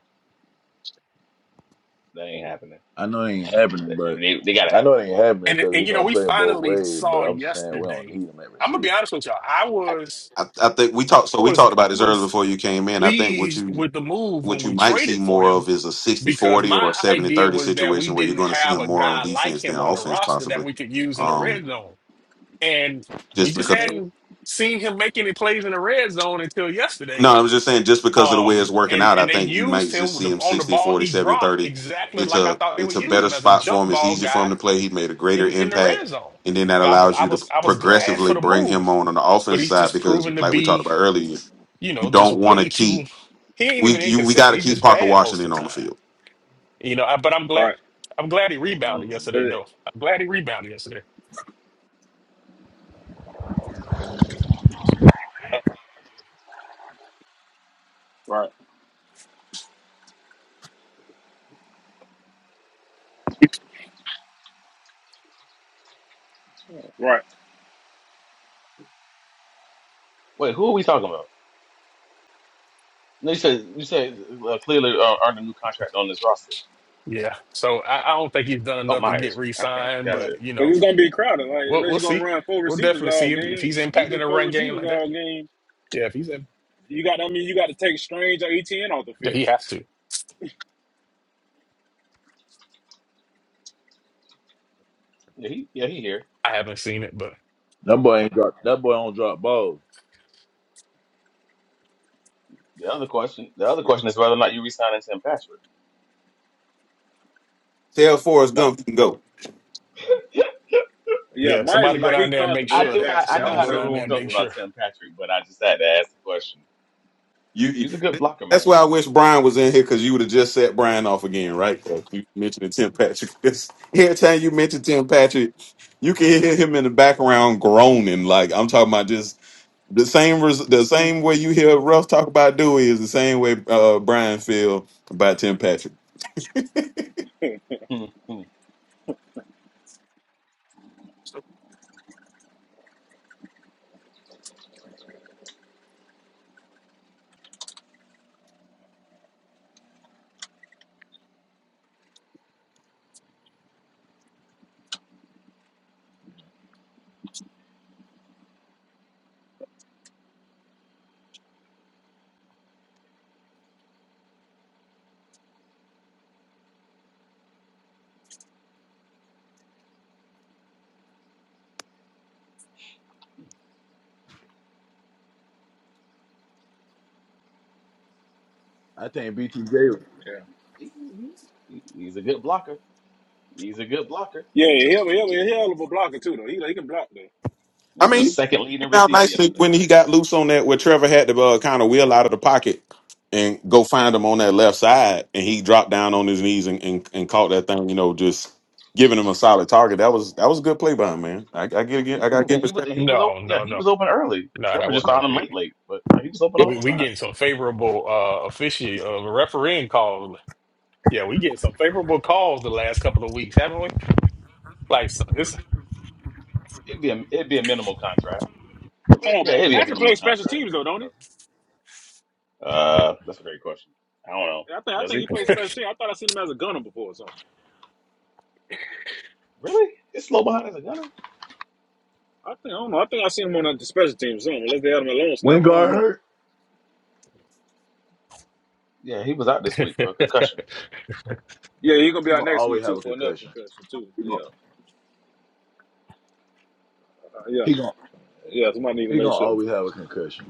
Speaker 8: that ain't happening.
Speaker 10: I know it ain't happening,
Speaker 8: I
Speaker 10: but
Speaker 8: mean they they gotta
Speaker 10: I know it ain't happening
Speaker 1: And
Speaker 10: because he
Speaker 1: and you know,
Speaker 10: gonna
Speaker 1: we
Speaker 10: play both
Speaker 1: finally
Speaker 10: ways, but
Speaker 1: saw
Speaker 10: I'm just saying we don't
Speaker 1: yesterday.
Speaker 10: need him at
Speaker 1: I'm gonna be
Speaker 10: receiver.
Speaker 1: honest with y'all. I was
Speaker 3: I, I think we talked. So
Speaker 1: I
Speaker 3: we
Speaker 8: have.
Speaker 1: was
Speaker 3: talked about
Speaker 1: I
Speaker 3: this earlier
Speaker 1: was
Speaker 3: before you came in. I think what
Speaker 1: pleased
Speaker 3: you
Speaker 1: with the move when
Speaker 3: what you
Speaker 1: we
Speaker 3: might see
Speaker 1: traded for
Speaker 3: more
Speaker 1: him
Speaker 3: of is a sixty
Speaker 1: because
Speaker 3: forty
Speaker 1: my
Speaker 3: or a 70
Speaker 1: idea
Speaker 3: thirty
Speaker 1: was that we
Speaker 3: situation where you're
Speaker 1: didn't
Speaker 3: going to see
Speaker 1: have
Speaker 3: him
Speaker 1: a
Speaker 3: more on
Speaker 1: guy like
Speaker 3: defense than
Speaker 1: him on the
Speaker 3: offense,
Speaker 1: roster that
Speaker 3: possibly.
Speaker 1: we could use in the red
Speaker 3: Um,
Speaker 1: zone, and we
Speaker 3: just
Speaker 1: just
Speaker 8: Mm,
Speaker 3: because.
Speaker 8: maybe.
Speaker 1: hadn't seen him make any plays in the red zone until yesterday
Speaker 3: No, I was just saying, just because of the way
Speaker 1: Um,
Speaker 3: it's working
Speaker 1: and
Speaker 3: out, I
Speaker 1: and they
Speaker 3: think you might
Speaker 1: used him
Speaker 3: just
Speaker 1: with
Speaker 3: see
Speaker 1: the,
Speaker 3: him
Speaker 1: on the
Speaker 3: 60,
Speaker 1: ball
Speaker 3: forty,
Speaker 1: he
Speaker 3: seventy,
Speaker 1: dropped
Speaker 3: thirty.
Speaker 1: exactly
Speaker 3: It's
Speaker 1: like I
Speaker 3: a
Speaker 1: thought they
Speaker 3: it's
Speaker 1: would
Speaker 3: a
Speaker 1: use
Speaker 3: better
Speaker 1: him as a
Speaker 3: spot for
Speaker 1: jump
Speaker 3: him. It's
Speaker 1: ball
Speaker 3: easier for him
Speaker 1: guy
Speaker 3: to play. He made a greater
Speaker 1: in in the
Speaker 3: impact,
Speaker 1: red zone.
Speaker 3: and then that
Speaker 1: And I was
Speaker 3: allows
Speaker 1: I
Speaker 3: you to
Speaker 1: was I was glad for
Speaker 3: progressively
Speaker 1: the
Speaker 3: bring him
Speaker 1: move,
Speaker 3: on on the
Speaker 1: but
Speaker 3: offense
Speaker 1: he's
Speaker 3: side
Speaker 1: just
Speaker 3: because,
Speaker 1: proven to
Speaker 3: like we talked
Speaker 1: be
Speaker 3: about earlier,
Speaker 1: you
Speaker 3: you
Speaker 1: know just
Speaker 3: don't want to
Speaker 1: way too.
Speaker 3: keep
Speaker 1: He ain't
Speaker 3: we
Speaker 1: even
Speaker 3: you we got
Speaker 1: inconsistent.
Speaker 3: to
Speaker 1: He's
Speaker 3: keep
Speaker 1: just
Speaker 3: Parker
Speaker 1: bad most
Speaker 3: Washington
Speaker 1: of the
Speaker 3: on the
Speaker 1: time.
Speaker 3: field.
Speaker 1: You know, I, but I'm glad
Speaker 4: Right.
Speaker 1: I'm glad he rebounded
Speaker 8: Mm.
Speaker 1: yesterday though. I'm glad he rebounded yesterday.
Speaker 4: right. Right.
Speaker 8: Wait, who are we talking about? No, you said you said uh, clearly uh, earned a new contract on this roster.
Speaker 1: Yeah. So I, I don't think he's done
Speaker 8: Oh,
Speaker 1: enough to get
Speaker 8: Myers. Okay,
Speaker 1: re-signed,
Speaker 4: Yeah.
Speaker 8: gotcha.
Speaker 1: but you
Speaker 4: Because
Speaker 1: know,
Speaker 4: it's going to be crowded. Like,
Speaker 1: we'll
Speaker 4: unless
Speaker 1: we'll
Speaker 4: you're going to
Speaker 1: see.
Speaker 4: run four
Speaker 1: We'll
Speaker 4: receivers
Speaker 1: definitely see
Speaker 4: all
Speaker 1: if, if
Speaker 4: game,
Speaker 1: he's
Speaker 4: you
Speaker 1: impacting
Speaker 4: do
Speaker 1: the
Speaker 4: four
Speaker 1: run game
Speaker 4: receivers
Speaker 1: like that.
Speaker 4: all game,
Speaker 1: Yeah, if he's in.
Speaker 4: you got, I mean, you got to take Strange or ETN off the
Speaker 1: Yeah,
Speaker 4: field.
Speaker 1: he has to.
Speaker 8: Yeah, he, yeah, he here.
Speaker 1: I haven't seen it, but
Speaker 10: That boy ain't drop
Speaker 4: Yeah.
Speaker 10: that boy don't drop balls.
Speaker 8: The other question, the other
Speaker 4: Yeah.
Speaker 8: question is whether or not you resigning Tim Patrick.
Speaker 3: Tell Forrest
Speaker 8: No,
Speaker 3: Gump he can go.
Speaker 4: Yeah.
Speaker 1: yeah,
Speaker 4: Myers, is
Speaker 1: somebody go
Speaker 4: like,
Speaker 1: down
Speaker 4: he
Speaker 1: there and make
Speaker 4: comfortable
Speaker 8: I
Speaker 4: here
Speaker 1: sure
Speaker 4: in
Speaker 1: of
Speaker 8: knew
Speaker 1: that
Speaker 8: how I
Speaker 4: Jacksonville. I
Speaker 8: knew
Speaker 1: somebody
Speaker 4: don't
Speaker 8: how
Speaker 1: go
Speaker 8: the
Speaker 4: see him
Speaker 1: down there
Speaker 8: room
Speaker 4: going
Speaker 1: and
Speaker 8: felt
Speaker 1: make
Speaker 4: nowhere.
Speaker 8: about
Speaker 1: sure.
Speaker 8: Tim Patrick, but I just had to ask the question.
Speaker 3: You
Speaker 8: He's a good blocker,
Speaker 3: that's why
Speaker 8: man.
Speaker 3: I wish Brian was in here because you would have just set Brian off again, right? 'Cause You mentioned Tim Patrick. 'Cause Every time you mention Tim Patrick, you can hear him in the background groaning. Like I'm talking about just the same res- the same way you hear Ruff talk about Dewey is the same way uh, Brian feel about Tim Patrick.
Speaker 10: I think BTJ
Speaker 4: yeah.
Speaker 8: He- he- He's a good blocker. He's a good blocker.
Speaker 4: Yeah. He'll, he'll, he'll, hell of a blocker, too, though. He, he can block, though.
Speaker 3: I
Speaker 8: And your
Speaker 3: mean,
Speaker 8: second
Speaker 3: you
Speaker 8: leading
Speaker 3: know,
Speaker 8: receiver
Speaker 3: nicely
Speaker 8: yesterday.
Speaker 3: when he got loose on that, where Trevor had to uh, kind of wheel out of the pocket and go find him on that left side, and he dropped down on his knees and, and, and caught that thing. You know, just giving him a solid target. That was that was a good play by him, man. I, I get
Speaker 8: He
Speaker 3: I got
Speaker 8: was
Speaker 3: to give him
Speaker 8: and he was
Speaker 3: respect.
Speaker 8: and he was open.
Speaker 1: No,
Speaker 8: Yeah,
Speaker 1: no,
Speaker 8: he
Speaker 1: no,
Speaker 8: was open early.
Speaker 1: no, that
Speaker 8: Trevor just
Speaker 1: wasn't no
Speaker 8: found him late,
Speaker 1: pick.
Speaker 8: late, but yeah, he was open the
Speaker 1: We
Speaker 8: whole
Speaker 1: we
Speaker 8: time.
Speaker 1: getting some favorable uh officiating, of uh, refereeing calls. Yeah, we getting some favorable calls the last couple of weeks, haven't we? Like so this
Speaker 8: It'd be a, it'd be a minimal contract.
Speaker 4: I don't
Speaker 8: Yeah,
Speaker 4: know, but
Speaker 8: it'd be a
Speaker 4: Patrick
Speaker 8: minimal
Speaker 4: plays special
Speaker 8: contract.
Speaker 4: teams,
Speaker 8: Like,
Speaker 4: though, don't he?
Speaker 8: whatever. Uh, that's a great question. I don't know.
Speaker 4: I think I
Speaker 8: Does
Speaker 4: think he
Speaker 8: he
Speaker 4: plays special teams. I thought I seen him as a gunner before or something.
Speaker 8: really? Is slow behind as a gunner.
Speaker 4: I think I don't know. I think I seen him on the special teams or something. Unless they had him a lone
Speaker 10: when
Speaker 4: snapper, I
Speaker 10: guard
Speaker 4: don't know.
Speaker 10: hurt,
Speaker 8: Yeah, he was out this week for a
Speaker 1: probably
Speaker 8: concussion.
Speaker 4: Yeah, he's gonna be
Speaker 10: he
Speaker 4: out
Speaker 10: gonna
Speaker 4: next week
Speaker 10: always have
Speaker 4: too
Speaker 10: a
Speaker 4: for another
Speaker 10: concussion.
Speaker 4: concussion too.
Speaker 10: He gonna
Speaker 4: Yeah, uh, yeah.
Speaker 10: he gonna,
Speaker 4: Yeah, somebody need to
Speaker 10: he
Speaker 4: make
Speaker 10: gonna
Speaker 4: sure.
Speaker 10: always have a concussion.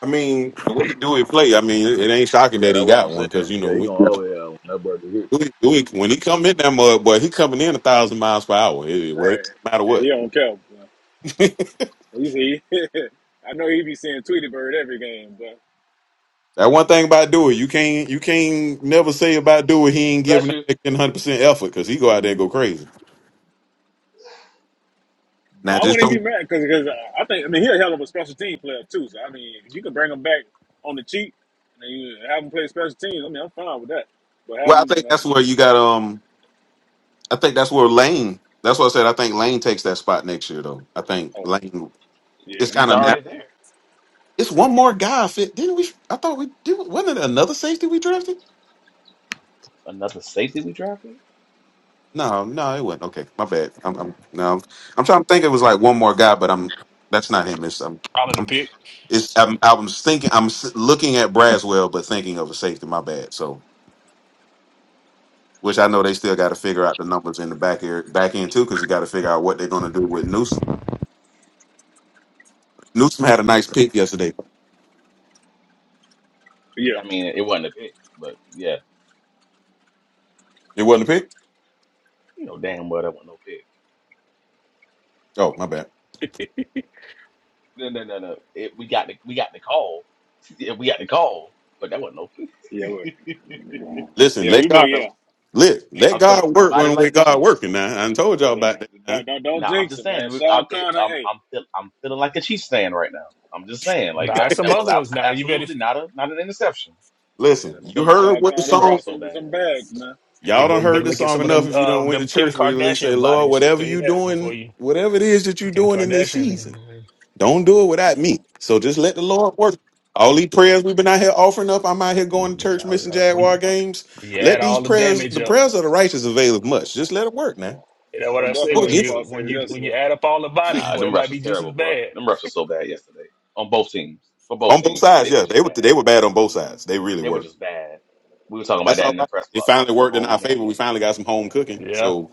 Speaker 3: I mean, what he do it play? I mean, it, it ain't shocking
Speaker 10: Yeah,
Speaker 3: that
Speaker 10: that's
Speaker 3: he
Speaker 10: what I'm
Speaker 3: got one because
Speaker 10: saying.
Speaker 3: you know
Speaker 10: Yeah, he
Speaker 3: we,
Speaker 10: gonna always have one. That brother hit.
Speaker 3: we, we- when he come in that mud, boy, he coming in a thousand miles per hour. It, it, well,
Speaker 4: Right.
Speaker 3: it, no matter
Speaker 4: Yeah,
Speaker 3: what.
Speaker 4: he don't care. Bro. He's he. I know he be seeing Tweety Bird every game, but
Speaker 3: That one thing about Dewey, you can't you can't never say about Dewey he ain't
Speaker 8: Bless
Speaker 3: giving
Speaker 8: you.
Speaker 3: hundred percent effort because he go out there
Speaker 10: Mhm.
Speaker 3: and go crazy.
Speaker 4: but
Speaker 3: Now
Speaker 4: I
Speaker 3: just
Speaker 4: wouldn't even
Speaker 3: don't.
Speaker 4: be mad because because I think I mean he's a hell of a special team player too. So I mean, if you can bring him back on the cheap and you have him play special teams, I mean, I'm fine with that. But have
Speaker 3: Well, I
Speaker 4: him.
Speaker 3: think that's
Speaker 4: Uh,
Speaker 3: where you got. Um, I think that's where Lane. That's what I said. I think Lane takes that spot next year, though. I think
Speaker 4: oh
Speaker 3: Lane. It's
Speaker 4: yeah,
Speaker 3: kind
Speaker 8: He's
Speaker 3: of natural.
Speaker 8: already there.
Speaker 3: It's one more guy. Fit didn't we? I thought we did. Wasn't it another safety we drafted?
Speaker 8: Another safety we drafted.
Speaker 3: No, no, it wasn't. Okay, my bad. I'm, I'm no. I'm trying to think. It was like one more guy, but I'm. That's not him. It's um.
Speaker 1: the pick.
Speaker 3: It's I'm, I was thinking I'm s- looking at Braswell, but thinking of a safety. My bad. So, which I know they still got to figure out the numbers in the back air, back end too, because you got to figure out what they're going to do with Newsom. Newsom had a nice pick yesterday.
Speaker 4: yeah,
Speaker 8: I mean, it wasn't a pick, but yeah,
Speaker 3: It wasn't a pick.
Speaker 8: you know damn well that wasn't no pick.
Speaker 3: Oh, my bad.
Speaker 8: No, no, no, no. It, we got the we got the call. Yeah, we got the call, but that wasn't no
Speaker 4: yeah, we,
Speaker 8: pick.
Speaker 3: Listen,
Speaker 4: yeah.
Speaker 3: let
Speaker 4: we
Speaker 8: I
Speaker 4: been
Speaker 3: God
Speaker 4: yeah,
Speaker 8: feel
Speaker 3: let
Speaker 4: and,
Speaker 3: let
Speaker 8: I'm
Speaker 3: God
Speaker 8: feeling
Speaker 3: work
Speaker 8: mighty
Speaker 3: when we
Speaker 8: like the
Speaker 3: God
Speaker 8: Chiefs.
Speaker 3: working. Now I done told y'all
Speaker 4: yeah.
Speaker 3: about that.
Speaker 4: Don't,
Speaker 3: huh?
Speaker 4: don't don't
Speaker 8: Now I'm
Speaker 4: jinx
Speaker 8: just
Speaker 4: it, man.
Speaker 8: saying, it- I,
Speaker 4: Shaw
Speaker 8: it,
Speaker 4: Connor,
Speaker 8: I'm
Speaker 4: hey,
Speaker 8: I'm feel, I'm feeling like a Chiefs fan right now. I'm just saying, like
Speaker 1: Nah,
Speaker 8: that
Speaker 1: some
Speaker 8: that was
Speaker 1: other ones.
Speaker 8: abs-
Speaker 1: Nah, you better,
Speaker 8: absolutely not a not an interception.
Speaker 3: Listen,
Speaker 4: yeah.
Speaker 3: you
Speaker 8: Them refs,
Speaker 3: heard
Speaker 4: Shaw
Speaker 8: was-
Speaker 3: what the
Speaker 4: Connor
Speaker 8: them refs
Speaker 3: song.
Speaker 8: are
Speaker 4: dropped
Speaker 8: so
Speaker 4: some some
Speaker 8: bad.
Speaker 4: bags, man.
Speaker 1: hey
Speaker 3: Y'all
Speaker 1: boy,
Speaker 3: done
Speaker 1: you
Speaker 3: heard
Speaker 1: better
Speaker 3: the
Speaker 1: look at
Speaker 3: song
Speaker 1: some of
Speaker 3: enough.
Speaker 1: them
Speaker 3: If you don't
Speaker 1: uh,
Speaker 3: went to
Speaker 1: them Kim
Speaker 3: church, where you at least say,
Speaker 1: Kardashian
Speaker 3: "Lord,
Speaker 1: bodies.
Speaker 3: whatever
Speaker 1: Tell you
Speaker 3: you
Speaker 1: that before
Speaker 3: doing,
Speaker 1: you
Speaker 3: whatever it is that you
Speaker 1: Kim
Speaker 3: doing in this season."
Speaker 1: Kardashian.
Speaker 3: Don't do it without
Speaker 8: Mm.
Speaker 3: me. So just let the Lord work. All these prayers we've been out here offering up. I'm out here going to
Speaker 1: uh,
Speaker 3: church, missing
Speaker 1: uh,
Speaker 3: Jaguar
Speaker 1: We
Speaker 3: games.
Speaker 1: you add
Speaker 3: Let these
Speaker 1: all the
Speaker 3: prayers,
Speaker 1: damage
Speaker 3: the
Speaker 1: up.
Speaker 3: prayers of the righteous avail of much. Just let it work,
Speaker 4: Oh,
Speaker 3: man.
Speaker 1: You know
Speaker 4: I
Speaker 1: what
Speaker 4: was
Speaker 1: I say?
Speaker 3: Go
Speaker 4: definitely at
Speaker 1: When
Speaker 4: eight
Speaker 3: against
Speaker 1: you
Speaker 4: o'clock
Speaker 1: when
Speaker 4: service
Speaker 1: you when you
Speaker 4: yesterday.
Speaker 1: add up all the bodies,
Speaker 8: Nah,
Speaker 1: boy,
Speaker 8: them
Speaker 1: it
Speaker 8: refs
Speaker 1: might
Speaker 8: was
Speaker 1: be just as
Speaker 8: terrible, boy.
Speaker 1: bad.
Speaker 8: Them refs was so bad yesterday on both teams. For both
Speaker 3: on both
Speaker 8: teams,
Speaker 3: sides.
Speaker 8: they were
Speaker 3: Yeah,
Speaker 8: just
Speaker 3: they were they
Speaker 8: bad.
Speaker 3: were bad on both sides. They really
Speaker 8: They were
Speaker 3: were.
Speaker 8: just bad. We were talking
Speaker 3: But
Speaker 8: about
Speaker 3: that's
Speaker 8: that
Speaker 3: all
Speaker 8: in the
Speaker 3: right.
Speaker 8: press
Speaker 3: It
Speaker 8: box
Speaker 3: finally
Speaker 8: the
Speaker 3: worked in
Speaker 8: whole
Speaker 3: our favor.
Speaker 8: game.
Speaker 3: We finally got some home cooking.
Speaker 1: Yeah,
Speaker 3: So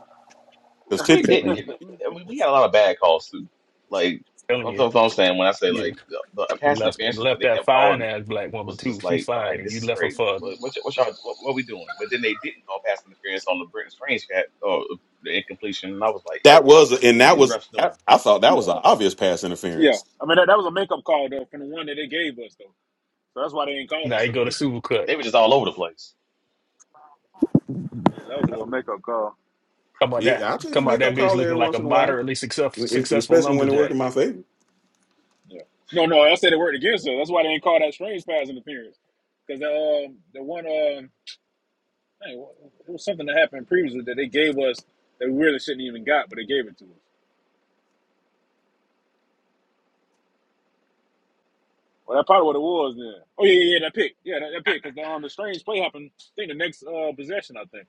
Speaker 3: because
Speaker 8: We
Speaker 3: typically
Speaker 8: didn't
Speaker 1: telling you,
Speaker 8: get. We we had a lot of bad calls too. Like
Speaker 1: telling
Speaker 8: that's
Speaker 1: you,
Speaker 8: what I'm saying when I say
Speaker 1: you,
Speaker 8: like the, the
Speaker 1: you
Speaker 8: pass
Speaker 1: left and
Speaker 8: interferences that
Speaker 1: left
Speaker 8: they
Speaker 1: that
Speaker 8: kept
Speaker 1: fine
Speaker 8: calling
Speaker 1: ass black woman
Speaker 8: was
Speaker 1: too.
Speaker 8: just
Speaker 1: She
Speaker 8: like, all
Speaker 1: fine,
Speaker 8: right,
Speaker 1: and
Speaker 8: this
Speaker 1: you
Speaker 8: is
Speaker 1: left her
Speaker 8: crazy.
Speaker 1: for
Speaker 8: What what, y- what y'all what, what we doing? But then they didn't call pass interference on the Britton Strange cat or the incompletion, and I was like,
Speaker 3: that
Speaker 8: yo,
Speaker 3: was
Speaker 8: what
Speaker 3: and
Speaker 8: are
Speaker 3: that
Speaker 8: these
Speaker 3: was
Speaker 8: refs
Speaker 3: I,
Speaker 8: doing?
Speaker 3: I thought that was an obvious pass
Speaker 4: Yeah,
Speaker 3: interference.
Speaker 4: I mean that, that was a makeup call though from the one that they gave us though, so that's why they didn't call it.
Speaker 1: now.
Speaker 8: Yes,
Speaker 1: You go to Supercut.
Speaker 8: They were just all over the place.
Speaker 4: Yeah, that was a little makeup call.
Speaker 1: Come out that,
Speaker 3: Yeah, I take a
Speaker 1: come out that
Speaker 3: makeup
Speaker 1: bitch
Speaker 3: call
Speaker 1: looking
Speaker 3: every
Speaker 1: like a
Speaker 3: once in a while,
Speaker 1: moderately success, successful
Speaker 3: especially when they work
Speaker 1: lumberjack.
Speaker 3: in my favor.
Speaker 4: Yeah. No, no, I said it worked against us. That's why they didn't call that strange pass interference because the um the one um hey, wha- it was something that happened previously that they gave us that we really shouldn't even got, but they gave it to us. Well, that's probably what it was then. Oh yeah, yeah, yeah, that pick, yeah, that, that pick because the um the strange play happened. I think the next uh possession, I think.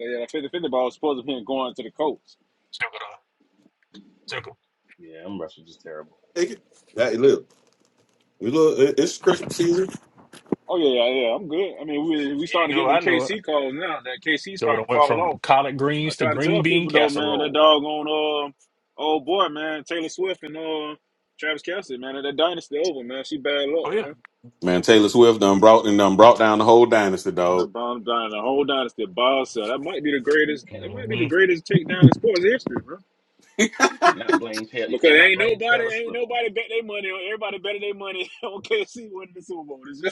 Speaker 4: So, yeah, that 50-50 ball was supposed to be going to the coach.
Speaker 1: Sugar, sugar.
Speaker 8: Yeah, them refs were just terrible.
Speaker 3: Take it. That, look. We look, it- it's Christmas season.
Speaker 4: Oh yeah, yeah, yeah. I'm good. I mean, we we
Speaker 1: You
Speaker 4: starting to get
Speaker 1: know
Speaker 4: them
Speaker 1: I know it.
Speaker 4: KC calls now. That KC
Speaker 1: Sugar
Speaker 4: starting
Speaker 1: done
Speaker 4: to
Speaker 1: went
Speaker 4: fall
Speaker 1: from
Speaker 4: off.
Speaker 1: collard greens
Speaker 4: I
Speaker 1: to
Speaker 4: try to
Speaker 1: green
Speaker 4: tell
Speaker 1: bean
Speaker 4: people though, man, that
Speaker 1: casserole.
Speaker 4: doggone on uh, old boy, man, Taylor Swift and uh, Travis Kelsey, man, that dynasty over, man. She bad luck,
Speaker 1: Oh yeah.
Speaker 4: man.
Speaker 3: Man, Taylor Swift done brought and done brought down the whole dynasty,
Speaker 4: And the
Speaker 3: dog.
Speaker 4: bomb dying the whole dynasty by herself. That might be the
Speaker 8: You
Speaker 4: greatest. That
Speaker 8: can
Speaker 4: might be
Speaker 1: hmm
Speaker 4: the greatest takedown in sports history, bro.
Speaker 8: you cannot blame Taylor. You
Speaker 4: Because
Speaker 8: cannot
Speaker 4: ain't
Speaker 8: blame
Speaker 4: nobody,
Speaker 8: Taylor
Speaker 4: ain't
Speaker 8: Swift. on-
Speaker 4: nobody bet their money on. Everybody betted their money on KC winning the Super Bowl. This year.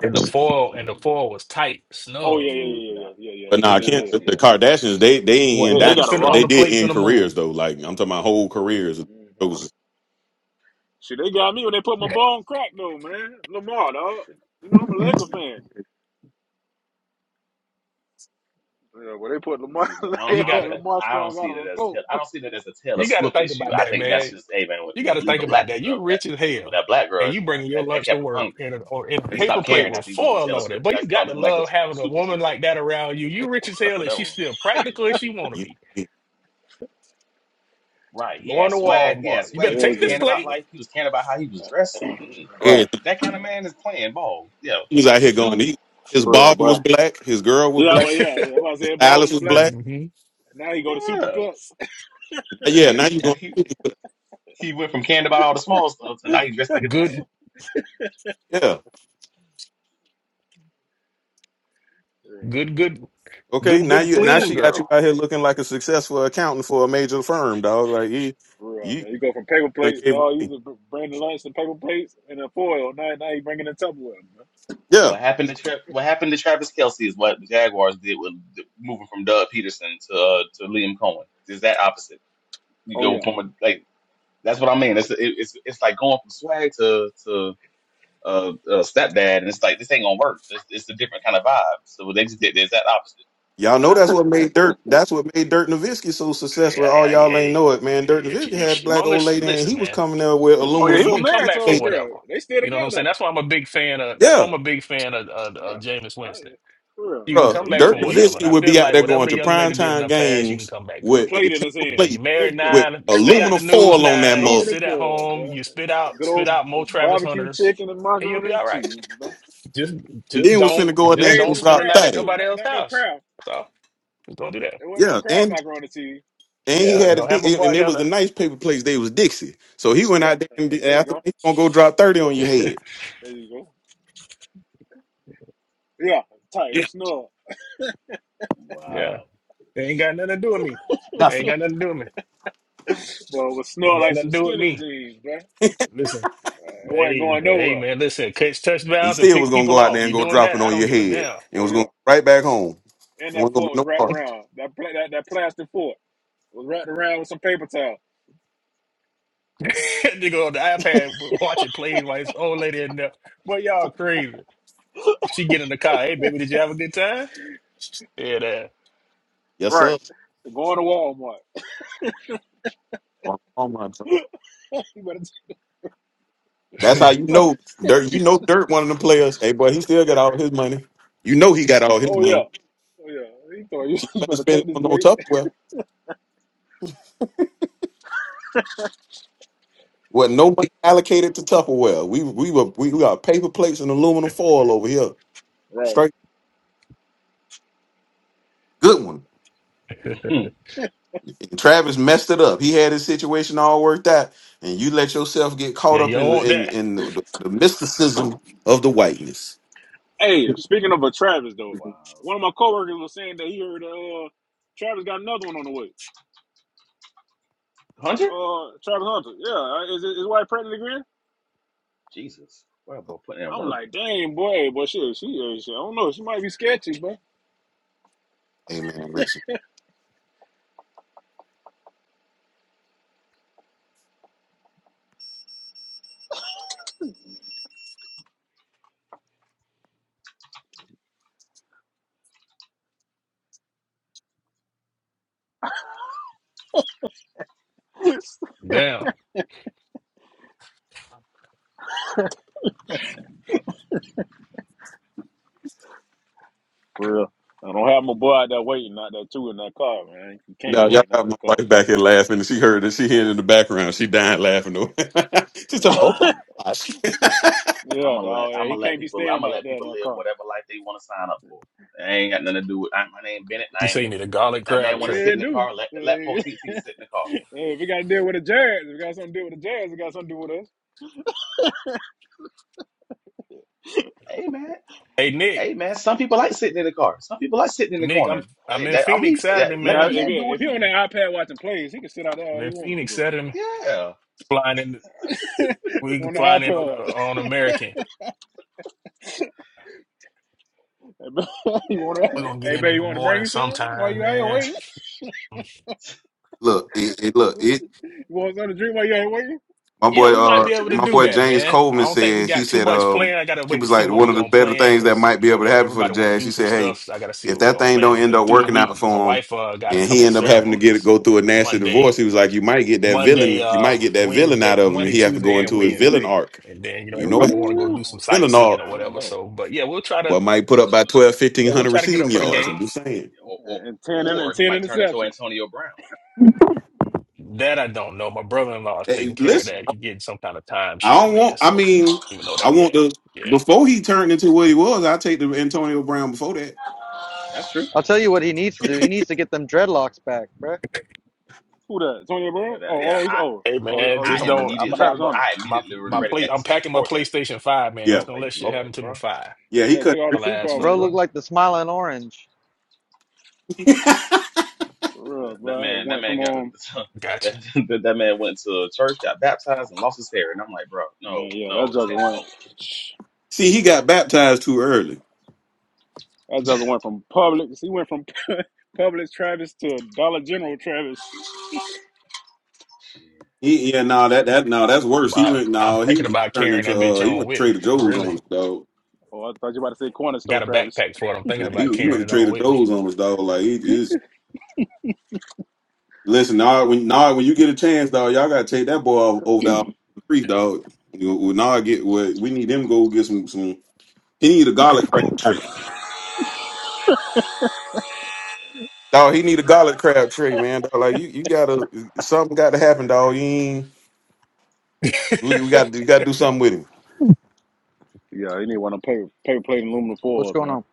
Speaker 1: And the foil and the foil was tight,
Speaker 4: Oh
Speaker 1: snug.
Speaker 4: yeah, yeah,
Speaker 8: Mm,
Speaker 4: yeah,
Speaker 8: nah,
Speaker 4: yeah, yeah, yeah.
Speaker 3: But
Speaker 4: They,
Speaker 3: nah, I
Speaker 4: they,
Speaker 3: can't.
Speaker 8: nah.
Speaker 4: they,
Speaker 3: The
Speaker 8: She,
Speaker 4: yeah.
Speaker 3: Kardashians, they they ain't in
Speaker 1: Wasn't
Speaker 4: They, they
Speaker 1: nothing
Speaker 4: got a
Speaker 3: dynasty,
Speaker 1: finna
Speaker 3: but
Speaker 1: on
Speaker 3: they
Speaker 1: the
Speaker 4: roster.
Speaker 3: did
Speaker 1: plate
Speaker 3: end
Speaker 1: finna move.
Speaker 3: careers though. Like I'm talking about whole careers. Those
Speaker 4: Shit, they got me when they put my bone crack though, man. Lamar, dog. You know I'm a Laker fan. Yeah, well, they put
Speaker 8: she,
Speaker 4: Lamar
Speaker 8: she, I don't.
Speaker 1: You
Speaker 8: I don't. think-
Speaker 1: gotta
Speaker 4: Lamar
Speaker 8: I don't
Speaker 4: Strong out
Speaker 8: see
Speaker 4: on
Speaker 8: that
Speaker 4: the
Speaker 8: as
Speaker 4: court.
Speaker 8: Taylor. I don't see that as a Taylor
Speaker 1: you gotta
Speaker 8: Swift
Speaker 1: think
Speaker 8: issue.
Speaker 1: about
Speaker 8: I
Speaker 1: that,
Speaker 8: think that's
Speaker 1: man.
Speaker 8: just hey man. When
Speaker 1: You
Speaker 8: when
Speaker 1: gotta
Speaker 8: you leave
Speaker 1: think
Speaker 8: a black
Speaker 1: about that. You
Speaker 8: girl, that
Speaker 1: rich as
Speaker 8: he was with
Speaker 1: hell,
Speaker 8: that black girl,
Speaker 1: and
Speaker 8: and,
Speaker 1: you
Speaker 8: uh,
Speaker 1: bringing your
Speaker 8: that that
Speaker 1: lunch to
Speaker 8: kept him
Speaker 1: work
Speaker 8: hungry.
Speaker 1: in a, or in a
Speaker 8: He
Speaker 3: hey,
Speaker 1: paper
Speaker 8: stopped
Speaker 1: plate
Speaker 8: caring
Speaker 1: with
Speaker 8: after he went with
Speaker 1: foil
Speaker 8: Taylor
Speaker 1: on it.
Speaker 8: Swift, and
Speaker 1: But
Speaker 8: that
Speaker 1: you got
Speaker 8: started
Speaker 1: to
Speaker 8: looking like a,
Speaker 1: love
Speaker 8: tr- a
Speaker 1: having a
Speaker 8: super
Speaker 1: woman
Speaker 8: trooper.
Speaker 1: like that around you. You rich as
Speaker 8: That's
Speaker 1: hell,
Speaker 8: what
Speaker 1: and
Speaker 8: that
Speaker 1: she's
Speaker 8: was.
Speaker 1: still practical as she want to
Speaker 3: you,
Speaker 1: be.
Speaker 3: you-
Speaker 8: Right. He
Speaker 1: Going
Speaker 8: had
Speaker 1: to
Speaker 8: swag. He had
Speaker 1: Walmart, you
Speaker 8: swag.
Speaker 1: better
Speaker 8: He
Speaker 4: Yeah,
Speaker 8: was
Speaker 1: take this
Speaker 4: good
Speaker 8: caring
Speaker 4: there,
Speaker 8: about
Speaker 1: plate.
Speaker 8: life. He was caring about how he was dressed. Mm-mm.
Speaker 4: but right
Speaker 8: That
Speaker 3: everything.
Speaker 8: that kind of man is playing ball. Yeah.
Speaker 3: he was out here
Speaker 8: This
Speaker 3: going.
Speaker 8: dude.
Speaker 3: He, his
Speaker 4: for real,
Speaker 3: barber
Speaker 4: boy.
Speaker 3: was black. His girl was
Speaker 4: Yeah,
Speaker 3: black.
Speaker 4: but yeah, yeah, I'm about to
Speaker 3: His
Speaker 4: say ball
Speaker 3: stylist
Speaker 4: was
Speaker 3: was
Speaker 4: black.
Speaker 3: black.
Speaker 1: hmm
Speaker 4: Now he go to
Speaker 8: Yeah.
Speaker 4: supercuts.
Speaker 3: Now, yeah, now you
Speaker 8: Yeah.
Speaker 3: going.
Speaker 8: He he went from caring about all the small stuff to now he dressed like a dad.
Speaker 1: Good,
Speaker 3: Yeah,
Speaker 4: Yeah,
Speaker 1: good, good,
Speaker 3: okay.
Speaker 1: good,
Speaker 3: Now
Speaker 1: good,
Speaker 8: That's
Speaker 3: you
Speaker 8: it.
Speaker 3: now
Speaker 1: clean
Speaker 3: she got you
Speaker 1: girl.
Speaker 3: out here looking like a successful accountant for a major firm, dog. Like he,
Speaker 4: for real,
Speaker 3: you
Speaker 4: man. You go from paper
Speaker 3: done
Speaker 4: plates,
Speaker 3: gave
Speaker 4: dog. You
Speaker 3: me.
Speaker 4: used to bring the lunch and paper plates and a foil. Now, now he bringing the Tupperware. Man.
Speaker 3: Yeah,
Speaker 8: What happened to Tra- What happened to Travis Kelsey is what the Jaguars did with moving from Doug Peterson to uh, to Liam Cohen. Is that opposite? You
Speaker 4: Oh
Speaker 8: go
Speaker 4: yeah,
Speaker 8: from a, like that's what I mean. It's it, it's it's like going from swag to to uh, uh stepdad, and it's like this ain't gonna work. It's, it's a different kind of vibe. So they just did there's that opposite.
Speaker 3: Y'all know that's what made Dirt. That's what made Dirt Nowitzki so successful. All
Speaker 1: Yeah, yeah,
Speaker 3: y'all ain't
Speaker 1: yeah.
Speaker 3: know it, man. Dirt
Speaker 1: If
Speaker 3: Nowitzki
Speaker 1: she- if
Speaker 3: had a
Speaker 1: she,
Speaker 3: black
Speaker 1: long as
Speaker 3: old
Speaker 1: she
Speaker 3: lady, and
Speaker 1: listen,
Speaker 3: he was
Speaker 1: man,
Speaker 3: coming there with
Speaker 4: oh
Speaker 3: aluminum
Speaker 4: yeah. He
Speaker 1: you
Speaker 3: foil.
Speaker 4: was
Speaker 1: can come
Speaker 4: married to
Speaker 1: back from
Speaker 4: old girl.
Speaker 1: whatever.
Speaker 4: They still
Speaker 1: You know what I'm saying?
Speaker 4: together.
Speaker 1: That's why I'm a big fan of. That's why
Speaker 3: Yeah,
Speaker 1: I'm a big fan of, of,
Speaker 4: Yeah,
Speaker 1: of Jameis
Speaker 4: I,
Speaker 1: Winston.
Speaker 4: for real.
Speaker 1: You can come
Speaker 3: bruh.
Speaker 1: back
Speaker 4: He
Speaker 3: Dirt
Speaker 1: from
Speaker 4: and he
Speaker 8: Hmm.
Speaker 4: was
Speaker 1: whatever. And
Speaker 3: Nowitzki
Speaker 1: I
Speaker 3: would
Speaker 1: feel
Speaker 3: be out
Speaker 1: like
Speaker 3: there
Speaker 1: whatever
Speaker 3: going
Speaker 1: the
Speaker 3: to
Speaker 1: young lady did in
Speaker 3: primetime
Speaker 1: the past, you can
Speaker 3: games
Speaker 1: come back
Speaker 4: with a
Speaker 1: from
Speaker 3: with a
Speaker 1: it.
Speaker 4: plate in his
Speaker 3: paper
Speaker 1: You know,
Speaker 4: hand.
Speaker 1: you're
Speaker 3: plate
Speaker 4: Paper
Speaker 1: married
Speaker 4: plate.
Speaker 3: with
Speaker 1: now,
Speaker 4: Paper
Speaker 1: stay out
Speaker 4: plate.
Speaker 3: aluminum
Speaker 1: the news
Speaker 3: foil on
Speaker 1: now,
Speaker 3: that
Speaker 1: you
Speaker 3: mug,
Speaker 4: Aluminum
Speaker 1: sit at
Speaker 4: foil,
Speaker 1: home,
Speaker 4: bro.
Speaker 1: you spit out
Speaker 4: Good
Speaker 1: spit
Speaker 4: old
Speaker 1: out more Travis
Speaker 4: barbecue
Speaker 1: Hunters,
Speaker 4: chicken and
Speaker 1: and you'll be
Speaker 4: macaroni and
Speaker 1: all right.
Speaker 4: cheese, bro.
Speaker 1: Just
Speaker 3: and
Speaker 1: just
Speaker 3: then was
Speaker 1: don't
Speaker 3: finna go in there
Speaker 1: just
Speaker 3: and
Speaker 4: Made
Speaker 3: go
Speaker 1: don't
Speaker 4: from
Speaker 1: spend the
Speaker 3: drop
Speaker 1: night
Speaker 4: scratch
Speaker 1: at
Speaker 3: thirty.
Speaker 4: too.
Speaker 1: nobody
Speaker 4: Not
Speaker 1: else's
Speaker 4: not no
Speaker 1: house.
Speaker 4: crowd.
Speaker 1: So just don't do that.
Speaker 4: There wasn't no
Speaker 3: Yeah,
Speaker 4: crowd
Speaker 3: and
Speaker 4: macaroni and cheese.
Speaker 3: and he
Speaker 1: Yeah,
Speaker 3: had a
Speaker 1: don't have my
Speaker 3: di-
Speaker 1: boy
Speaker 3: and it
Speaker 1: down
Speaker 3: was the nice paper plates. They was Dixie, so he went
Speaker 4: Yeah.
Speaker 3: out there and di-
Speaker 4: There you
Speaker 3: after that,
Speaker 4: go.
Speaker 3: he gonna go drop thirty on your
Speaker 1: there.
Speaker 3: head.
Speaker 4: There you go. Yeah, tight with snug.
Speaker 1: yeah.
Speaker 8: Wow,
Speaker 1: They ain't got nothing to do with me. They ain't got nothing to do with me.
Speaker 4: But with
Speaker 1: They
Speaker 4: snug
Speaker 1: ain't got
Speaker 4: like some
Speaker 1: nothing to do with
Speaker 4: skinny
Speaker 1: me.
Speaker 4: jeans, bro. Uh,
Speaker 1: Listen,
Speaker 4: it wasn't
Speaker 1: hey,
Speaker 4: going
Speaker 1: hey
Speaker 4: nowhere.
Speaker 1: man, listen, catch
Speaker 3: He
Speaker 1: touchdowns and
Speaker 3: still was
Speaker 1: pick
Speaker 3: gonna go
Speaker 1: people
Speaker 3: out
Speaker 1: off.
Speaker 3: there and
Speaker 1: You
Speaker 3: go
Speaker 1: doing
Speaker 3: drop
Speaker 1: that?
Speaker 3: it
Speaker 1: I
Speaker 3: on
Speaker 1: don't
Speaker 3: your
Speaker 1: give a
Speaker 3: head,
Speaker 1: damn.
Speaker 3: and
Speaker 4: Oh
Speaker 3: was gonna
Speaker 4: yeah.
Speaker 3: go right back home.
Speaker 4: And
Speaker 3: It
Speaker 4: that
Speaker 3: wasn't gonna
Speaker 4: fork
Speaker 3: be
Speaker 4: was
Speaker 3: no
Speaker 4: wrapped
Speaker 3: part.
Speaker 4: around. That pla- that, that plastic fork was wrapped around with some paper towel.
Speaker 1: Nigga on the iPad watching plays while this old lady in there. Boy, y'all crazy. She get in the car. Hey, baby, did you have a good time? Yeah, that.
Speaker 3: Yes,
Speaker 4: Right.
Speaker 3: sir.
Speaker 4: Going to Walmart.
Speaker 3: Oh, oh my God.
Speaker 4: you
Speaker 3: That's how you
Speaker 4: better
Speaker 3: know Dirt.
Speaker 4: you
Speaker 3: You know Dirt, one of them players. Hey, boy, he still got all his money. You know he got all his
Speaker 4: Oh
Speaker 3: money.
Speaker 4: yeah, oh yeah. He thought you,
Speaker 3: She
Speaker 4: you
Speaker 3: wasn't
Speaker 4: better
Speaker 3: spending
Speaker 4: take this
Speaker 3: on no
Speaker 4: plate.
Speaker 3: Tupperware. Well, no money allocated to Tupperware. We we were we, we got paper plates and aluminum foil over here.
Speaker 4: Right.
Speaker 3: Straight good one.
Speaker 8: Hmm.
Speaker 3: And Travis messed it up. He had his situation all worked out, and you let yourself get caught
Speaker 1: yeah, you
Speaker 3: up
Speaker 1: don't
Speaker 3: in
Speaker 1: want
Speaker 3: the- in
Speaker 1: that.
Speaker 3: in the, the mysticism of the whiteness.
Speaker 4: Hey, speaking of a Travis though,
Speaker 8: wow,
Speaker 4: one of my coworkers was saying that he heard uh Travis got another one on the way.
Speaker 8: Hunter,
Speaker 4: Uh, Travis Hunter. Yeah, uh, is is his wife pregnant again?
Speaker 8: Jesus, what about putting in
Speaker 4: I'm
Speaker 8: work,
Speaker 4: like, dang boy, but shit, she, uh, shit, I don't know, she might be sketchy, man.
Speaker 3: Amen. Listen.
Speaker 1: Damn.
Speaker 4: for real. I don't have my boy out there waiting out there too in that car, man. He can't be
Speaker 3: Now, y'all
Speaker 4: waiting out
Speaker 3: got my
Speaker 4: that car.
Speaker 3: wife back here laughing. and She heard it. She heard it in the background. She dying laughing. though. She's talking about, oh
Speaker 8: man?
Speaker 3: my gosh.
Speaker 8: I'm
Speaker 4: Yeah,
Speaker 8: gonna let
Speaker 4: dog.
Speaker 8: I'm
Speaker 4: he
Speaker 8: gonna let
Speaker 4: can't be
Speaker 8: people I'm
Speaker 4: staying
Speaker 8: gonna
Speaker 4: out
Speaker 8: let
Speaker 4: there in
Speaker 8: people
Speaker 4: that
Speaker 8: live
Speaker 4: car.
Speaker 8: whatever life they want to sign up for. It ain't got nothing to do with I, my name Bennett. and
Speaker 1: You
Speaker 8: I ain't
Speaker 1: say
Speaker 8: in
Speaker 1: you need
Speaker 8: it.
Speaker 1: a garlic
Speaker 8: If that
Speaker 1: crab
Speaker 8: man
Speaker 4: Oh
Speaker 8: want to
Speaker 1: tray.
Speaker 8: sit
Speaker 4: yeah,
Speaker 8: in
Speaker 4: it
Speaker 8: the
Speaker 4: do.
Speaker 8: car, let let Poteet sit in the car.
Speaker 4: Yeah, if we got to deal with the Jazz, if we got something to deal with the Jazz, it got something to do with us.
Speaker 8: Hey man,
Speaker 1: Hey, Nick.
Speaker 8: hey man. Some people like sitting in the car. Some people like sitting in the
Speaker 1: Nick, I'm
Speaker 8: corner.
Speaker 1: I'm
Speaker 8: Hey,
Speaker 1: in
Speaker 8: that I'm
Speaker 1: Phoenix
Speaker 8: leave, that,
Speaker 1: Saturday,
Speaker 8: let
Speaker 4: Now,
Speaker 1: man.
Speaker 8: that
Speaker 4: if he,
Speaker 8: man do what
Speaker 4: if he
Speaker 8: he
Speaker 4: on
Speaker 8: do.
Speaker 4: that iPad watching plays, he can sit out there
Speaker 1: I'm
Speaker 4: all he
Speaker 1: in
Speaker 4: wants to
Speaker 1: Phoenix
Speaker 4: though.
Speaker 1: Saturday.
Speaker 8: Yeah,
Speaker 1: Flying in. We
Speaker 4: on the
Speaker 1: flying in on a,
Speaker 4: iPad,
Speaker 1: on American.
Speaker 4: hey, ba- you want to?
Speaker 1: We
Speaker 8: yeah.
Speaker 1: gonna get
Speaker 4: Hey,
Speaker 1: in
Speaker 4: baby,
Speaker 1: in the
Speaker 4: you want to bring
Speaker 1: morning
Speaker 4: you something while
Speaker 1: sometime,
Speaker 4: you out here
Speaker 1: man.
Speaker 4: waiting?
Speaker 3: look, it, it, look,
Speaker 4: You
Speaker 3: it.
Speaker 4: want something to drink while you out here waiting?
Speaker 3: My
Speaker 1: Yeah,
Speaker 3: boy,
Speaker 1: we might
Speaker 3: uh,
Speaker 1: be able to
Speaker 3: my
Speaker 1: do
Speaker 3: boy
Speaker 1: that,
Speaker 3: James
Speaker 1: man. I
Speaker 3: Coleman
Speaker 1: don't think we
Speaker 3: said he
Speaker 1: got too
Speaker 3: said,
Speaker 1: much
Speaker 3: um,
Speaker 1: plan. I gotta
Speaker 3: he
Speaker 1: wait to
Speaker 3: was
Speaker 1: see
Speaker 3: like
Speaker 1: what
Speaker 3: one
Speaker 1: we
Speaker 3: of the
Speaker 1: gonna
Speaker 3: better
Speaker 1: plan
Speaker 3: things that
Speaker 1: because
Speaker 3: might be
Speaker 1: you know
Speaker 3: able
Speaker 1: they
Speaker 3: to happen for the
Speaker 1: everybody want to
Speaker 3: Jazz.
Speaker 1: do
Speaker 3: He
Speaker 1: some
Speaker 3: said, hey,
Speaker 1: stuff. So I gotta see
Speaker 3: if
Speaker 1: what we
Speaker 3: that
Speaker 1: gonna
Speaker 3: thing
Speaker 1: plan
Speaker 3: don't end
Speaker 1: because
Speaker 3: up
Speaker 1: through the
Speaker 3: working
Speaker 1: week,
Speaker 3: out
Speaker 1: my
Speaker 3: for him,
Speaker 1: wife uh, got a
Speaker 3: and he
Speaker 1: couple of
Speaker 3: end up having to get
Speaker 1: ceremonies
Speaker 3: go through a nasty divorce,
Speaker 1: Monday,
Speaker 3: he was like, you might get that
Speaker 1: Monday,
Speaker 3: villain, you
Speaker 1: uh,
Speaker 3: might get that villain
Speaker 1: Wednesday,
Speaker 3: out of him, and
Speaker 1: Monday,
Speaker 3: he have to go
Speaker 1: Tuesday, and
Speaker 3: into his villain
Speaker 1: Wednesday,
Speaker 3: arc.
Speaker 1: and then you know
Speaker 3: You know, what
Speaker 1: everybody want to go
Speaker 8: I
Speaker 1: do
Speaker 4: Ooh,
Speaker 1: some
Speaker 8: don't,
Speaker 3: villain arc.
Speaker 1: sightseeing or
Speaker 8: I don't
Speaker 1: whatever.
Speaker 8: know.
Speaker 1: So, but yeah, we'll try to
Speaker 3: Well, might put up by twelve,
Speaker 1: yeah
Speaker 3: fifteen,
Speaker 1: we'll
Speaker 3: hundred
Speaker 1: try to get up
Speaker 3: receiving
Speaker 1: for the
Speaker 3: yards. I'm
Speaker 1: game.
Speaker 3: just saying.
Speaker 8: Or, or,
Speaker 4: and ten in- and
Speaker 8: or he
Speaker 4: ten
Speaker 8: might turn into
Speaker 4: interceptions.
Speaker 8: Antonio Brown.
Speaker 1: That I don't know. My brother in law is taking
Speaker 3: Hey,
Speaker 1: care of
Speaker 3: listen,
Speaker 1: that. He getting some kind of
Speaker 3: I
Speaker 1: timeshare,
Speaker 3: don't want.
Speaker 1: man.
Speaker 3: I
Speaker 1: So
Speaker 3: mean,
Speaker 1: even know
Speaker 3: I
Speaker 1: that,
Speaker 3: want
Speaker 1: yeah,
Speaker 3: the
Speaker 1: yeah.
Speaker 3: before he turned into what he was. I take the Antonio Brown before that.
Speaker 8: That's true.
Speaker 11: I'll tell you what he needs to
Speaker 8: True.
Speaker 11: do. He needs to get them dreadlocks back, bro.
Speaker 4: Who that? Tony
Speaker 8: Yeah,
Speaker 4: Brown?
Speaker 8: that,
Speaker 4: Oh,
Speaker 8: yeah.
Speaker 4: oh, he's
Speaker 8: I,
Speaker 4: old.
Speaker 1: Hey
Speaker 4: oh,
Speaker 1: man,
Speaker 4: oh, you
Speaker 1: just
Speaker 8: I
Speaker 4: talking about oh,
Speaker 1: don't. I'm gonna
Speaker 8: immediately,
Speaker 1: have
Speaker 4: Travis
Speaker 8: reg-
Speaker 1: my
Speaker 4: Hunter?
Speaker 8: I
Speaker 1: my
Speaker 8: immediately
Speaker 1: my
Speaker 8: regretted
Speaker 1: play.
Speaker 8: that
Speaker 1: I'm
Speaker 8: decision
Speaker 1: packing my
Speaker 8: for him.
Speaker 1: PlayStation Five, man.
Speaker 8: I
Speaker 3: Yeah.
Speaker 1: Just
Speaker 8: was
Speaker 1: don't
Speaker 8: like,
Speaker 1: let shit happen
Speaker 8: Lord,
Speaker 1: to my
Speaker 8: bro,
Speaker 1: five.
Speaker 3: Yeah, he
Speaker 4: Yeah, took
Speaker 3: couldn't.
Speaker 4: all the
Speaker 1: I'll
Speaker 4: Super
Speaker 1: ask for
Speaker 4: Bowls,
Speaker 11: Bro
Speaker 1: it.
Speaker 11: look
Speaker 4: bro.
Speaker 11: like the smiling orange.
Speaker 4: For
Speaker 8: that,
Speaker 4: real,
Speaker 8: that
Speaker 4: bro. It
Speaker 8: man, that
Speaker 4: went
Speaker 8: man
Speaker 4: from
Speaker 8: got,
Speaker 4: um.
Speaker 1: Gotcha.
Speaker 8: that, that that man went to a church, got baptized, and lost his hair. And I'm like, bro, no,
Speaker 4: Man, yeah, that
Speaker 8: no, this
Speaker 4: jugger
Speaker 8: ain't a
Speaker 4: went.
Speaker 8: cult.
Speaker 3: See, he got baptized too early.
Speaker 4: That jugger went from Publix. He went from Publix Travis to Dollar General Travis.
Speaker 8: Shit.
Speaker 3: He, yeah, no, that that no, that's worse. He
Speaker 1: My,
Speaker 3: went
Speaker 1: I'm
Speaker 3: no, he,
Speaker 1: thinking
Speaker 3: he
Speaker 1: about
Speaker 3: turned
Speaker 1: carrying
Speaker 3: into
Speaker 1: that bitch
Speaker 3: uh, he
Speaker 1: on
Speaker 3: went to
Speaker 1: with me.
Speaker 3: Trader Joe's on
Speaker 1: Really,
Speaker 3: us dog.
Speaker 4: Oh, I thought you were about to say corner store
Speaker 1: got a
Speaker 4: Travis.
Speaker 1: backpack for it. I'm thinking
Speaker 3: Now
Speaker 1: about
Speaker 3: he, he went
Speaker 1: carrying
Speaker 3: to
Speaker 1: it on
Speaker 3: Trader
Speaker 1: with me.
Speaker 3: Joe's on us dog. Like he is. Listen, Nard, when Nard, when you get a chance, dog, y'all gotta take that boy off over there off the creek, dog. You know, Nard get what we need him to go get some some. He need a garlic crab tree, dog. He need a garlic crab tree, man. Dog. Like you, you gotta something got to happen, dog. You ain't, we, we got you got to do something with him.
Speaker 4: Yeah, you need one of them paper, paper plate and aluminum
Speaker 11: What's
Speaker 4: foils,
Speaker 11: going
Speaker 4: man.
Speaker 11: on?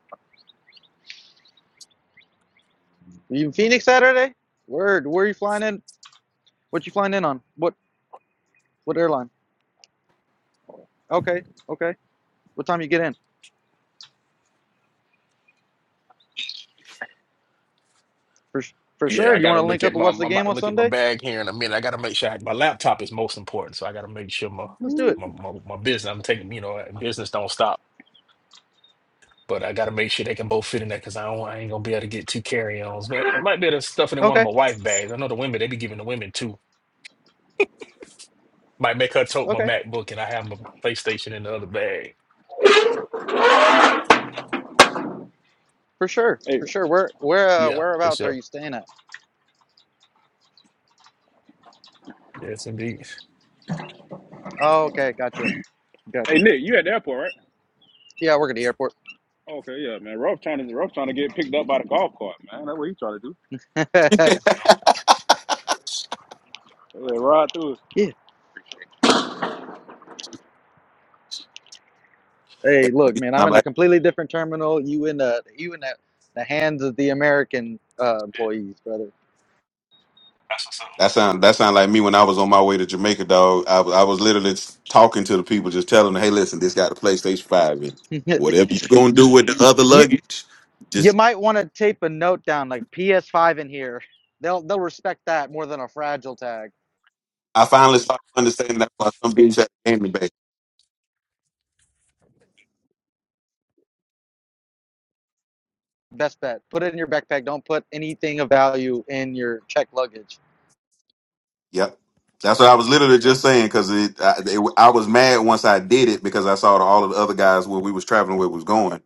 Speaker 11: Are You in Phoenix Saturday? Word. Where are you flying in? What you flying in on? What what airline? Okay, okay. What time you get in? For for
Speaker 1: yeah,
Speaker 11: sure.
Speaker 1: I
Speaker 11: Do you want
Speaker 1: gotta
Speaker 11: to link
Speaker 1: look at
Speaker 11: up and
Speaker 1: my.
Speaker 11: watch
Speaker 1: I'm
Speaker 11: the
Speaker 1: about
Speaker 11: game
Speaker 1: to
Speaker 11: on
Speaker 1: look at my
Speaker 11: Sunday?
Speaker 1: bag here in a minute. I gotta make sure I, my laptop is most important, so I gotta make sure my
Speaker 11: Let's do it.
Speaker 1: my my, my business. I'm taking you know business don't stop. But I gotta make sure they can both fit in there because I don't, I ain't gonna be able to get two carry-ons. But I might be able to stuff it in one of
Speaker 11: Okay,
Speaker 1: my wife bags. I know the women they be giving the women two. Might make her tote my
Speaker 11: okay.
Speaker 1: MacBook and I have my PlayStation in the other bag.
Speaker 11: For sure,
Speaker 4: Hey,
Speaker 11: for sure. Where where uh,
Speaker 1: Yeah, for
Speaker 11: whereabouts are
Speaker 1: sure.
Speaker 11: you staying at?
Speaker 1: Yes, indeed.
Speaker 11: Oh, okay, gotcha,
Speaker 4: hey,
Speaker 11: gotcha.
Speaker 4: Nick, you at the airport, right?
Speaker 11: Yeah, I work at the airport.
Speaker 4: Okay, yeah, man. Rolf trying to Rolf trying to get picked up by the golf cart, man. That's what he trying to do.
Speaker 1: No, yeah,
Speaker 4: Yeah, ride through. it.
Speaker 11: yeah, Hey, look,
Speaker 3: You
Speaker 11: man, I'm
Speaker 3: sound
Speaker 11: in a
Speaker 3: like-
Speaker 11: completely different terminal. You in the you in the, the hands of the American uh, employees, brother.
Speaker 1: that's what's up.
Speaker 3: that sound that sound like me when I was on my way to Jamaica, dog. I was I was literally talking to the people, just telling them, "Hey, listen, this got a PlayStation Five, and whatever you gonna do
Speaker 11: you,
Speaker 3: with the other
Speaker 11: you
Speaker 3: luggage."
Speaker 11: you might want to tape a note down like PS5 in here. They'll they'll respect that more than a fragile tag.
Speaker 3: I finally started understanding that's why some bitch had a candy bag.
Speaker 11: Best bet. Put it in your backpack. Don't put anything of value in your check luggage.
Speaker 3: Yep. That's what I was literally just saying because it, I- it, I was mad once I did it because I saw that all of the other guys where we was traveling where it was going.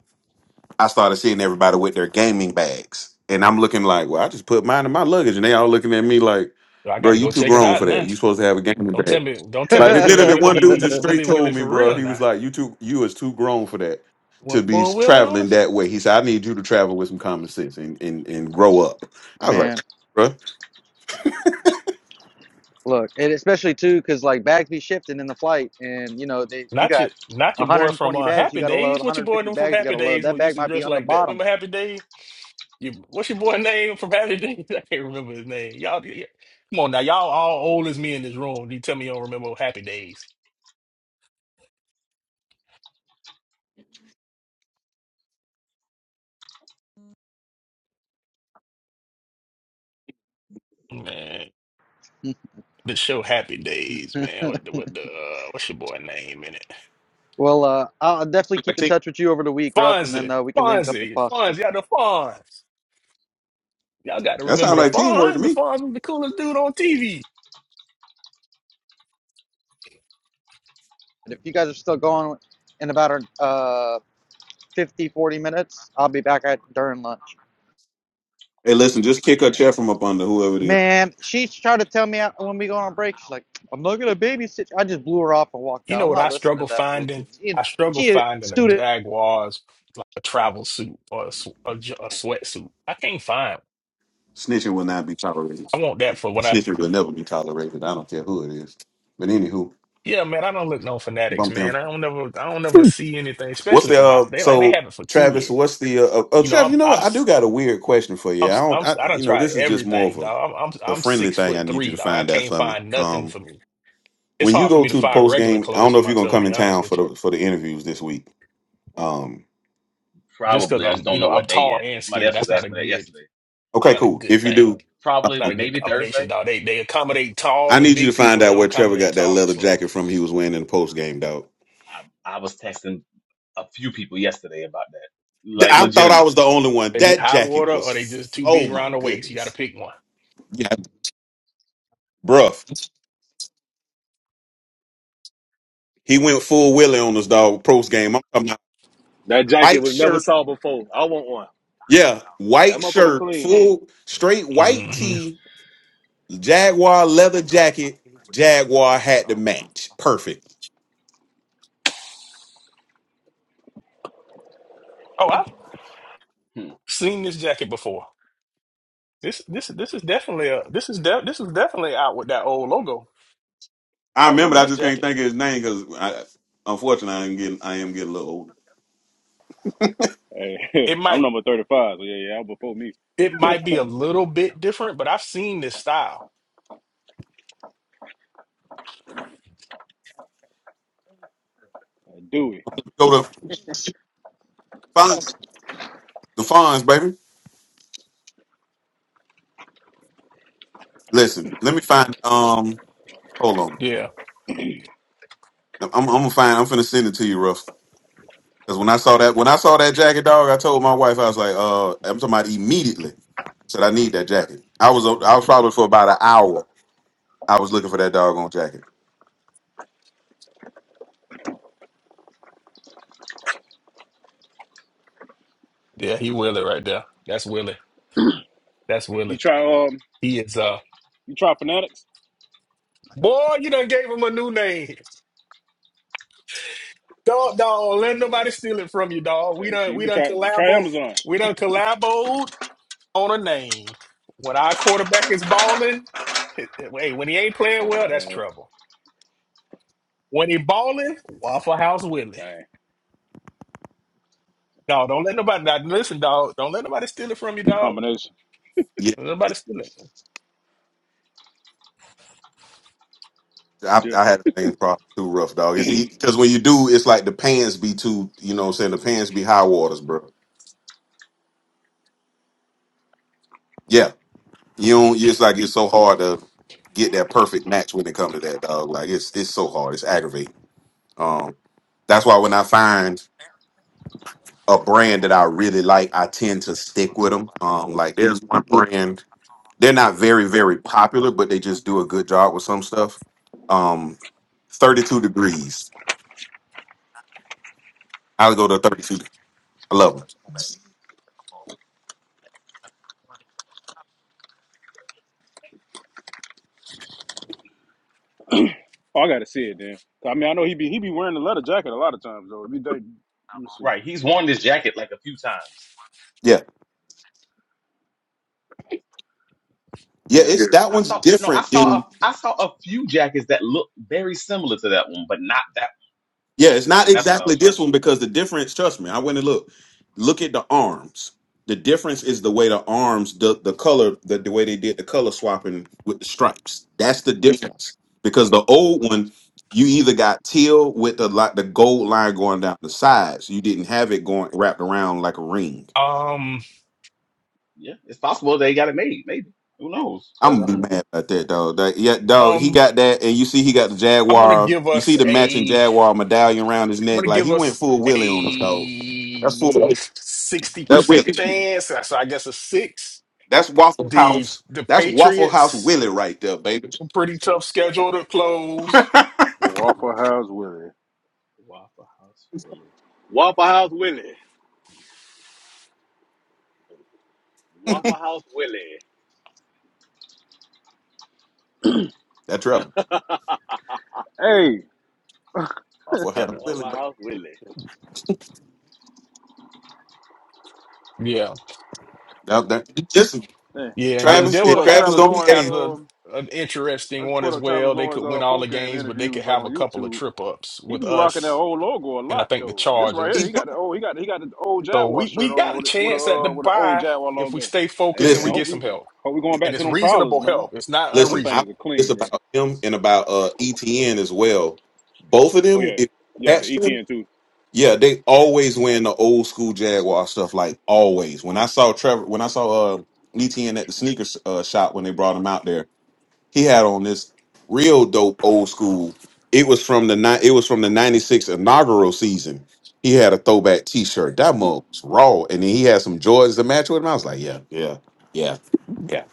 Speaker 3: I started seeing everybody with their gaming bags, and I'm looking like, well, I just put mine in my luggage, and they all looking at me like,
Speaker 1: So I
Speaker 3: bro,
Speaker 1: got to
Speaker 3: you
Speaker 1: go
Speaker 3: too
Speaker 1: check it
Speaker 3: grown
Speaker 1: out
Speaker 3: for that.
Speaker 1: now.
Speaker 3: You supposed to have a gaming
Speaker 1: Don't tell
Speaker 3: bag.
Speaker 1: me, don't tell me
Speaker 3: Like it
Speaker 1: Willie
Speaker 3: literally,
Speaker 1: Wi- he,
Speaker 3: one dude
Speaker 1: he
Speaker 3: just straight
Speaker 1: Willie Willie
Speaker 3: told me,
Speaker 1: for
Speaker 3: bro,
Speaker 1: real
Speaker 3: he was
Speaker 1: now.
Speaker 3: like, you too, you is too grown for that to
Speaker 1: Went
Speaker 3: be
Speaker 1: full Willie on
Speaker 3: traveling
Speaker 1: us.
Speaker 3: that way. He said, I need you to travel with some common sense and and, and grow up. I was like.
Speaker 11: man
Speaker 3: bro.
Speaker 11: look and especially too because like bags be shifting in the flight and you know they you
Speaker 1: Not
Speaker 11: got
Speaker 1: your, not your boy from
Speaker 11: 120
Speaker 1: uh,
Speaker 11: bags you
Speaker 1: Happy
Speaker 11: got to load
Speaker 1: Days. What your boy
Speaker 11: 150
Speaker 1: doing from
Speaker 11: bags you got
Speaker 1: Happy
Speaker 11: to load
Speaker 1: Days?
Speaker 11: that
Speaker 1: What used
Speaker 11: bag
Speaker 1: to
Speaker 11: might be
Speaker 1: dress
Speaker 11: on the
Speaker 1: like that?
Speaker 11: bottom
Speaker 1: Remember Happy Days? You, what's your boy name from Happy Days? I can't remember his name. Y'all, y- come on now, y'all all old as me in this room. You tell me you don't remember Happy Days, man. The show Happy Days, man. What the what the uh, what's your boy name in it?
Speaker 11: Well, uh, I'll definitely keep in touch with you over the week, Ruff, and then
Speaker 1: Fonzie,
Speaker 11: uh, we can link up if
Speaker 1: Fonzie, Fonzie.
Speaker 11: possible.
Speaker 1: Y'all the Fonz. Y'all got to
Speaker 3: That
Speaker 1: remember
Speaker 3: sounds
Speaker 1: the
Speaker 3: like teamwork to
Speaker 1: Fonz. The
Speaker 3: me.
Speaker 1: Fonz was the coolest dude on TV.
Speaker 11: And if you guys are still going in about uh, 50, 40 minutes, I'll be back at during lunch.
Speaker 3: Hey, listen, just kick a
Speaker 8: Yeah,
Speaker 3: chair from up under whoever it is.
Speaker 11: Man, she tried to tell me when we go on break. She's like, "I'm not gonna babysit." you." I just blew her off and walked
Speaker 1: You
Speaker 11: out.
Speaker 1: know
Speaker 11: I'm
Speaker 1: what I
Speaker 11: not listening
Speaker 1: struggle
Speaker 11: to that
Speaker 1: finding?
Speaker 11: bullshit. She,
Speaker 1: I struggle
Speaker 11: she a
Speaker 1: finding a
Speaker 11: student,
Speaker 1: Jaguars a travel suit or a, sw- a, j- a sweatsuit. I can't find.
Speaker 3: Snitching will not be
Speaker 1: one.
Speaker 3: tolerated.
Speaker 1: I want that for what
Speaker 3: Snitching will never be tolerated. I don't care who it is. But anywho,
Speaker 1: Yeah, man, I don't look no fanatics,
Speaker 3: bump them.
Speaker 1: man. I don't never, I don't never see anything,
Speaker 3: What's
Speaker 1: especially for
Speaker 3: the
Speaker 1: my.
Speaker 3: uh,
Speaker 1: They like they
Speaker 3: so
Speaker 1: have it for
Speaker 3: Travis? What's
Speaker 1: kids.
Speaker 3: the uh, uh, oh
Speaker 1: You know,
Speaker 3: Travis?
Speaker 1: I'm,
Speaker 3: You know
Speaker 1: I'm,
Speaker 3: what? I
Speaker 1: s-
Speaker 3: do got a weird question for
Speaker 1: I'm,
Speaker 3: you. I
Speaker 1: s- I'm,
Speaker 3: don't.
Speaker 1: s-
Speaker 3: I
Speaker 1: I done
Speaker 3: you know
Speaker 1: tried
Speaker 3: this is just more of
Speaker 1: everything,
Speaker 3: a,
Speaker 1: dog. I'm, I'm,
Speaker 3: a
Speaker 1: I'm
Speaker 3: friendly
Speaker 1: six
Speaker 3: thing. I
Speaker 1: foot
Speaker 3: need you
Speaker 1: three,
Speaker 3: to
Speaker 1: dog. I
Speaker 3: find out
Speaker 1: can't
Speaker 3: for me.
Speaker 1: find nothing
Speaker 3: Um,
Speaker 1: for me. It's
Speaker 3: when you
Speaker 1: hard for
Speaker 3: go
Speaker 1: me to
Speaker 3: to the
Speaker 1: find
Speaker 3: post
Speaker 1: regular
Speaker 3: game, I don't
Speaker 1: clothes
Speaker 3: know
Speaker 1: for
Speaker 3: if you're gonna
Speaker 1: myself. To
Speaker 3: come
Speaker 1: be
Speaker 3: in
Speaker 1: honest
Speaker 3: town for
Speaker 1: with you,
Speaker 3: the for the interviews this week. Um,
Speaker 1: just because
Speaker 8: probably. I just
Speaker 1: I'm, you
Speaker 8: don't know
Speaker 1: know, I'm
Speaker 8: what day
Speaker 1: tall
Speaker 8: yet.
Speaker 1: and
Speaker 8: Somebody
Speaker 1: skinny.
Speaker 8: else was
Speaker 1: That's not a
Speaker 8: asking me that
Speaker 1: good,
Speaker 8: yesterday.
Speaker 1: it's
Speaker 3: okay,
Speaker 1: not a
Speaker 3: cool.
Speaker 1: good
Speaker 3: If you
Speaker 8: Uh,
Speaker 1: thing.
Speaker 3: do.
Speaker 1: It's
Speaker 8: probably,
Speaker 1: not a good
Speaker 8: maybe
Speaker 1: combination,
Speaker 8: Thursday.
Speaker 1: dog. They, they accommodate tall
Speaker 3: I
Speaker 1: and
Speaker 3: need you to
Speaker 1: big
Speaker 3: find
Speaker 1: people. They
Speaker 3: out
Speaker 1: don't
Speaker 3: where Trevor
Speaker 1: accommodate
Speaker 3: got that
Speaker 1: tall and
Speaker 3: leather
Speaker 1: slim.
Speaker 3: jacket from he was wearing in the post game, dog.
Speaker 8: I, I was texting a few people yesterday about that,
Speaker 3: Th-
Speaker 8: like
Speaker 3: I thought I was the
Speaker 8: legitimately.
Speaker 3: only one.
Speaker 1: They be
Speaker 3: That
Speaker 1: high
Speaker 3: jacket
Speaker 1: water
Speaker 3: was,
Speaker 1: or they just
Speaker 3: f-
Speaker 1: too
Speaker 3: oh
Speaker 1: big
Speaker 3: my
Speaker 1: around the waist. You got to
Speaker 3: goodness.
Speaker 1: pick one.
Speaker 3: Yeah, bruh. He went full Willie on us, dog, post game. I'm talking about
Speaker 6: That jacket
Speaker 3: white
Speaker 6: was never
Speaker 3: shirt.
Speaker 6: saw before. I want one.
Speaker 3: Yeah,
Speaker 6: That
Speaker 3: white
Speaker 6: motherfucker
Speaker 3: shirt,
Speaker 6: clean.
Speaker 3: full, straight white
Speaker 1: Mhm.
Speaker 3: tee, Jaguar leather jacket, Jaguar hat to match. Perfect.
Speaker 8: Hmm.
Speaker 1: Seen this jacket before. This this this is definitely a this is de this is definitely out with that old logo.
Speaker 3: I
Speaker 1: I
Speaker 3: remember,
Speaker 1: remember
Speaker 3: I
Speaker 1: this
Speaker 3: just can't
Speaker 1: jacket.
Speaker 3: think of his name because I, unfortunately, I am getting, I am getting a little older.
Speaker 4: Hey,
Speaker 1: It
Speaker 4: I'm
Speaker 1: might
Speaker 4: number thirty five. So yeah, yeah, I'm before me.
Speaker 1: it might be a little bit different, but I've seen this style.
Speaker 4: do it.
Speaker 3: Go to Fonz, the Fonz, baby. Listen, let me find. Um, hold on.
Speaker 1: Yeah,
Speaker 3: I'm, I'm gonna find. I'm finna send it to you, Ruff. Because when I saw that, when I saw that jacket, dog, I told my wife, I was like, uh, I'm talking about immediately. I said I need that jacket. I was, I was probably for about an hour. I was looking for that doggone jacket.
Speaker 1: yeah, he Willie right there. That's Willie. That's Willie.
Speaker 4: You try um,
Speaker 1: He is uh
Speaker 4: you try Fanatics.
Speaker 1: boy. You done gave him a new name. Dog, dog. Let
Speaker 4: Uh,
Speaker 1: nobody steal it from you, dog. We
Speaker 4: hey,
Speaker 1: done
Speaker 4: shit, you
Speaker 1: we
Speaker 4: been
Speaker 1: done
Speaker 4: try you try
Speaker 1: collabo.
Speaker 4: Amazon.
Speaker 1: We done collabo on a name. When our quarterback is balling, hey, when he ain't playing
Speaker 4: Oh,
Speaker 1: well, that's
Speaker 4: yeah,
Speaker 1: trouble. When he balling, Waffle House Willie.
Speaker 4: dang.
Speaker 1: dog. don't let nobody now, listen, dog. Don't let nobody steal it from you, dog.
Speaker 4: Combination.
Speaker 3: Yeah,
Speaker 1: Don't let nobody steal it.
Speaker 3: I,
Speaker 4: Yeah.
Speaker 3: I had the same problem too, rough dog. It's because when you do, it's like the pants be too. You know, what I'm saying the pants be high waters, bro. Yeah, you don't. It's like it's so hard to get that perfect match when it comes to that dog. Like it's it's so hard. It's aggravating. Um, that's why when I find a brand that I really like, I tend to stick with them. Um, like there's one brand, they're not very, very popular, but they just do a good job with some stuff. Um, 32 degrees. I'll go to 32. I love them.
Speaker 4: Oh, I gotta see it then. 'Cause, I mean, I know he be he be wearing the leather jacket a lot of times though. If you think, let me see.
Speaker 8: Right, he's worn this jacket like a few times.
Speaker 3: Yeah. Yeah,
Speaker 4: Yeah.
Speaker 3: it's that
Speaker 8: I
Speaker 4: Let
Speaker 3: one's
Speaker 4: me see.
Speaker 8: saw no, I
Speaker 3: different
Speaker 8: saw
Speaker 3: than.
Speaker 8: a, I saw a few jackets that look very similar to that one, but not that
Speaker 3: Yeah, it's not
Speaker 8: one. And that's what I
Speaker 3: exactly
Speaker 8: was trying
Speaker 3: this
Speaker 8: to
Speaker 3: one
Speaker 8: learn.
Speaker 3: because the difference, trust me, I went and looked. Look at the arms. The difference is the way the arms, the, the color, the, the way they did the color swapping with the stripes. That's the difference. Because the old one, you either got teal with the like the gold line going down the sides. You didn't have it going wrapped around like a ring.
Speaker 1: Um,
Speaker 8: Yeah, it's possible they got it made. Maybe who knows? But
Speaker 3: I'm
Speaker 8: I
Speaker 3: gonna
Speaker 8: don't
Speaker 3: be
Speaker 8: know.
Speaker 3: mad about that dog. That, yeah, dog. He
Speaker 1: um,
Speaker 3: got that, and you see he got the
Speaker 1: I'm gonna
Speaker 3: jaguar.
Speaker 1: give
Speaker 3: You
Speaker 1: us
Speaker 3: see the matching
Speaker 1: a I'm
Speaker 3: jaguar medallion around his neck.
Speaker 1: gonna
Speaker 3: Like
Speaker 1: give
Speaker 3: he went
Speaker 1: us
Speaker 3: full Willie on us, dog. That's full.
Speaker 1: a sixty
Speaker 3: That
Speaker 1: percent
Speaker 3: Willie.
Speaker 1: chance. So I guess a six.
Speaker 3: That's Waffle
Speaker 1: The
Speaker 3: House.
Speaker 1: the
Speaker 3: That's Waffle House
Speaker 1: Patriots
Speaker 3: Willie right there, baby.
Speaker 1: pretty tough schedule to close.
Speaker 4: Waffle House Willie.
Speaker 8: Waffle House Willie.
Speaker 6: Waffle House Willie. Waffle House Willie.
Speaker 3: That right.
Speaker 4: Hey,
Speaker 3: Waffle
Speaker 1: Yeah,
Speaker 3: House Willie, baby.
Speaker 6: Waffle House Willie.
Speaker 1: yeah.
Speaker 3: Now, that, listen,
Speaker 4: dang.
Speaker 1: Yeah, and
Speaker 4: I
Speaker 1: then
Speaker 4: just
Speaker 3: Travis, and
Speaker 1: Denver
Speaker 4: pulled up
Speaker 1: has
Speaker 3: Travis
Speaker 4: Travis
Speaker 1: a
Speaker 3: don't be
Speaker 4: Lawrence.
Speaker 1: has
Speaker 3: hey,
Speaker 1: a
Speaker 4: Um,
Speaker 1: an
Speaker 4: I
Speaker 1: interesting
Speaker 4: just
Speaker 1: one
Speaker 4: pulled
Speaker 1: as
Speaker 4: up Travis
Speaker 1: well. They could
Speaker 4: Lawrence uh
Speaker 1: win all the
Speaker 4: post game
Speaker 1: games, but they could
Speaker 4: interviews like
Speaker 1: have a
Speaker 4: on
Speaker 1: couple of
Speaker 4: YouTube.
Speaker 1: trip ups
Speaker 4: He
Speaker 1: with
Speaker 4: be rocking that
Speaker 1: us
Speaker 4: old logo a
Speaker 1: and I
Speaker 4: lot
Speaker 1: think the
Speaker 4: though. This right
Speaker 3: he
Speaker 4: here, he
Speaker 1: Chargers.
Speaker 3: do.
Speaker 4: got the old he got he got the old
Speaker 1: So
Speaker 4: Jaguar
Speaker 1: we
Speaker 4: shirt
Speaker 1: we
Speaker 4: on
Speaker 1: got a
Speaker 4: with it with a
Speaker 1: chance at the
Speaker 4: uh, with an old
Speaker 1: bye
Speaker 4: Jaguar
Speaker 1: if we
Speaker 4: logo.
Speaker 1: stay focused
Speaker 4: Hey,
Speaker 1: and we
Speaker 4: I
Speaker 3: Listen,
Speaker 4: hope
Speaker 1: get
Speaker 4: we
Speaker 1: some help.
Speaker 4: hope we going back
Speaker 1: And
Speaker 4: to
Speaker 1: it's
Speaker 4: them prowlers,
Speaker 1: reasonable
Speaker 4: man. 'Cause
Speaker 1: help. It's not
Speaker 4: Them
Speaker 3: listen, I
Speaker 4: things are
Speaker 1: unreasonable.
Speaker 3: this
Speaker 4: clean, bro.
Speaker 3: about him and about uh ETN as well. Both of
Speaker 4: Oh
Speaker 3: them,
Speaker 4: yeah,
Speaker 3: if you
Speaker 4: yeah.
Speaker 3: catch them,
Speaker 4: ETN too.
Speaker 3: yeah, they always win the old school Jaguar stuff, like always. When I saw Trevor when I saw uh ETN at the sneakers uh, shop when they brought him out there. He had on this real dope old school. It was from the ni- it was from the 96 inaugural season. He had a throwback t-shirt. That mug was raw. And then he had some Jordans to match with him. I was like, yeah, yeah, yeah, yeah.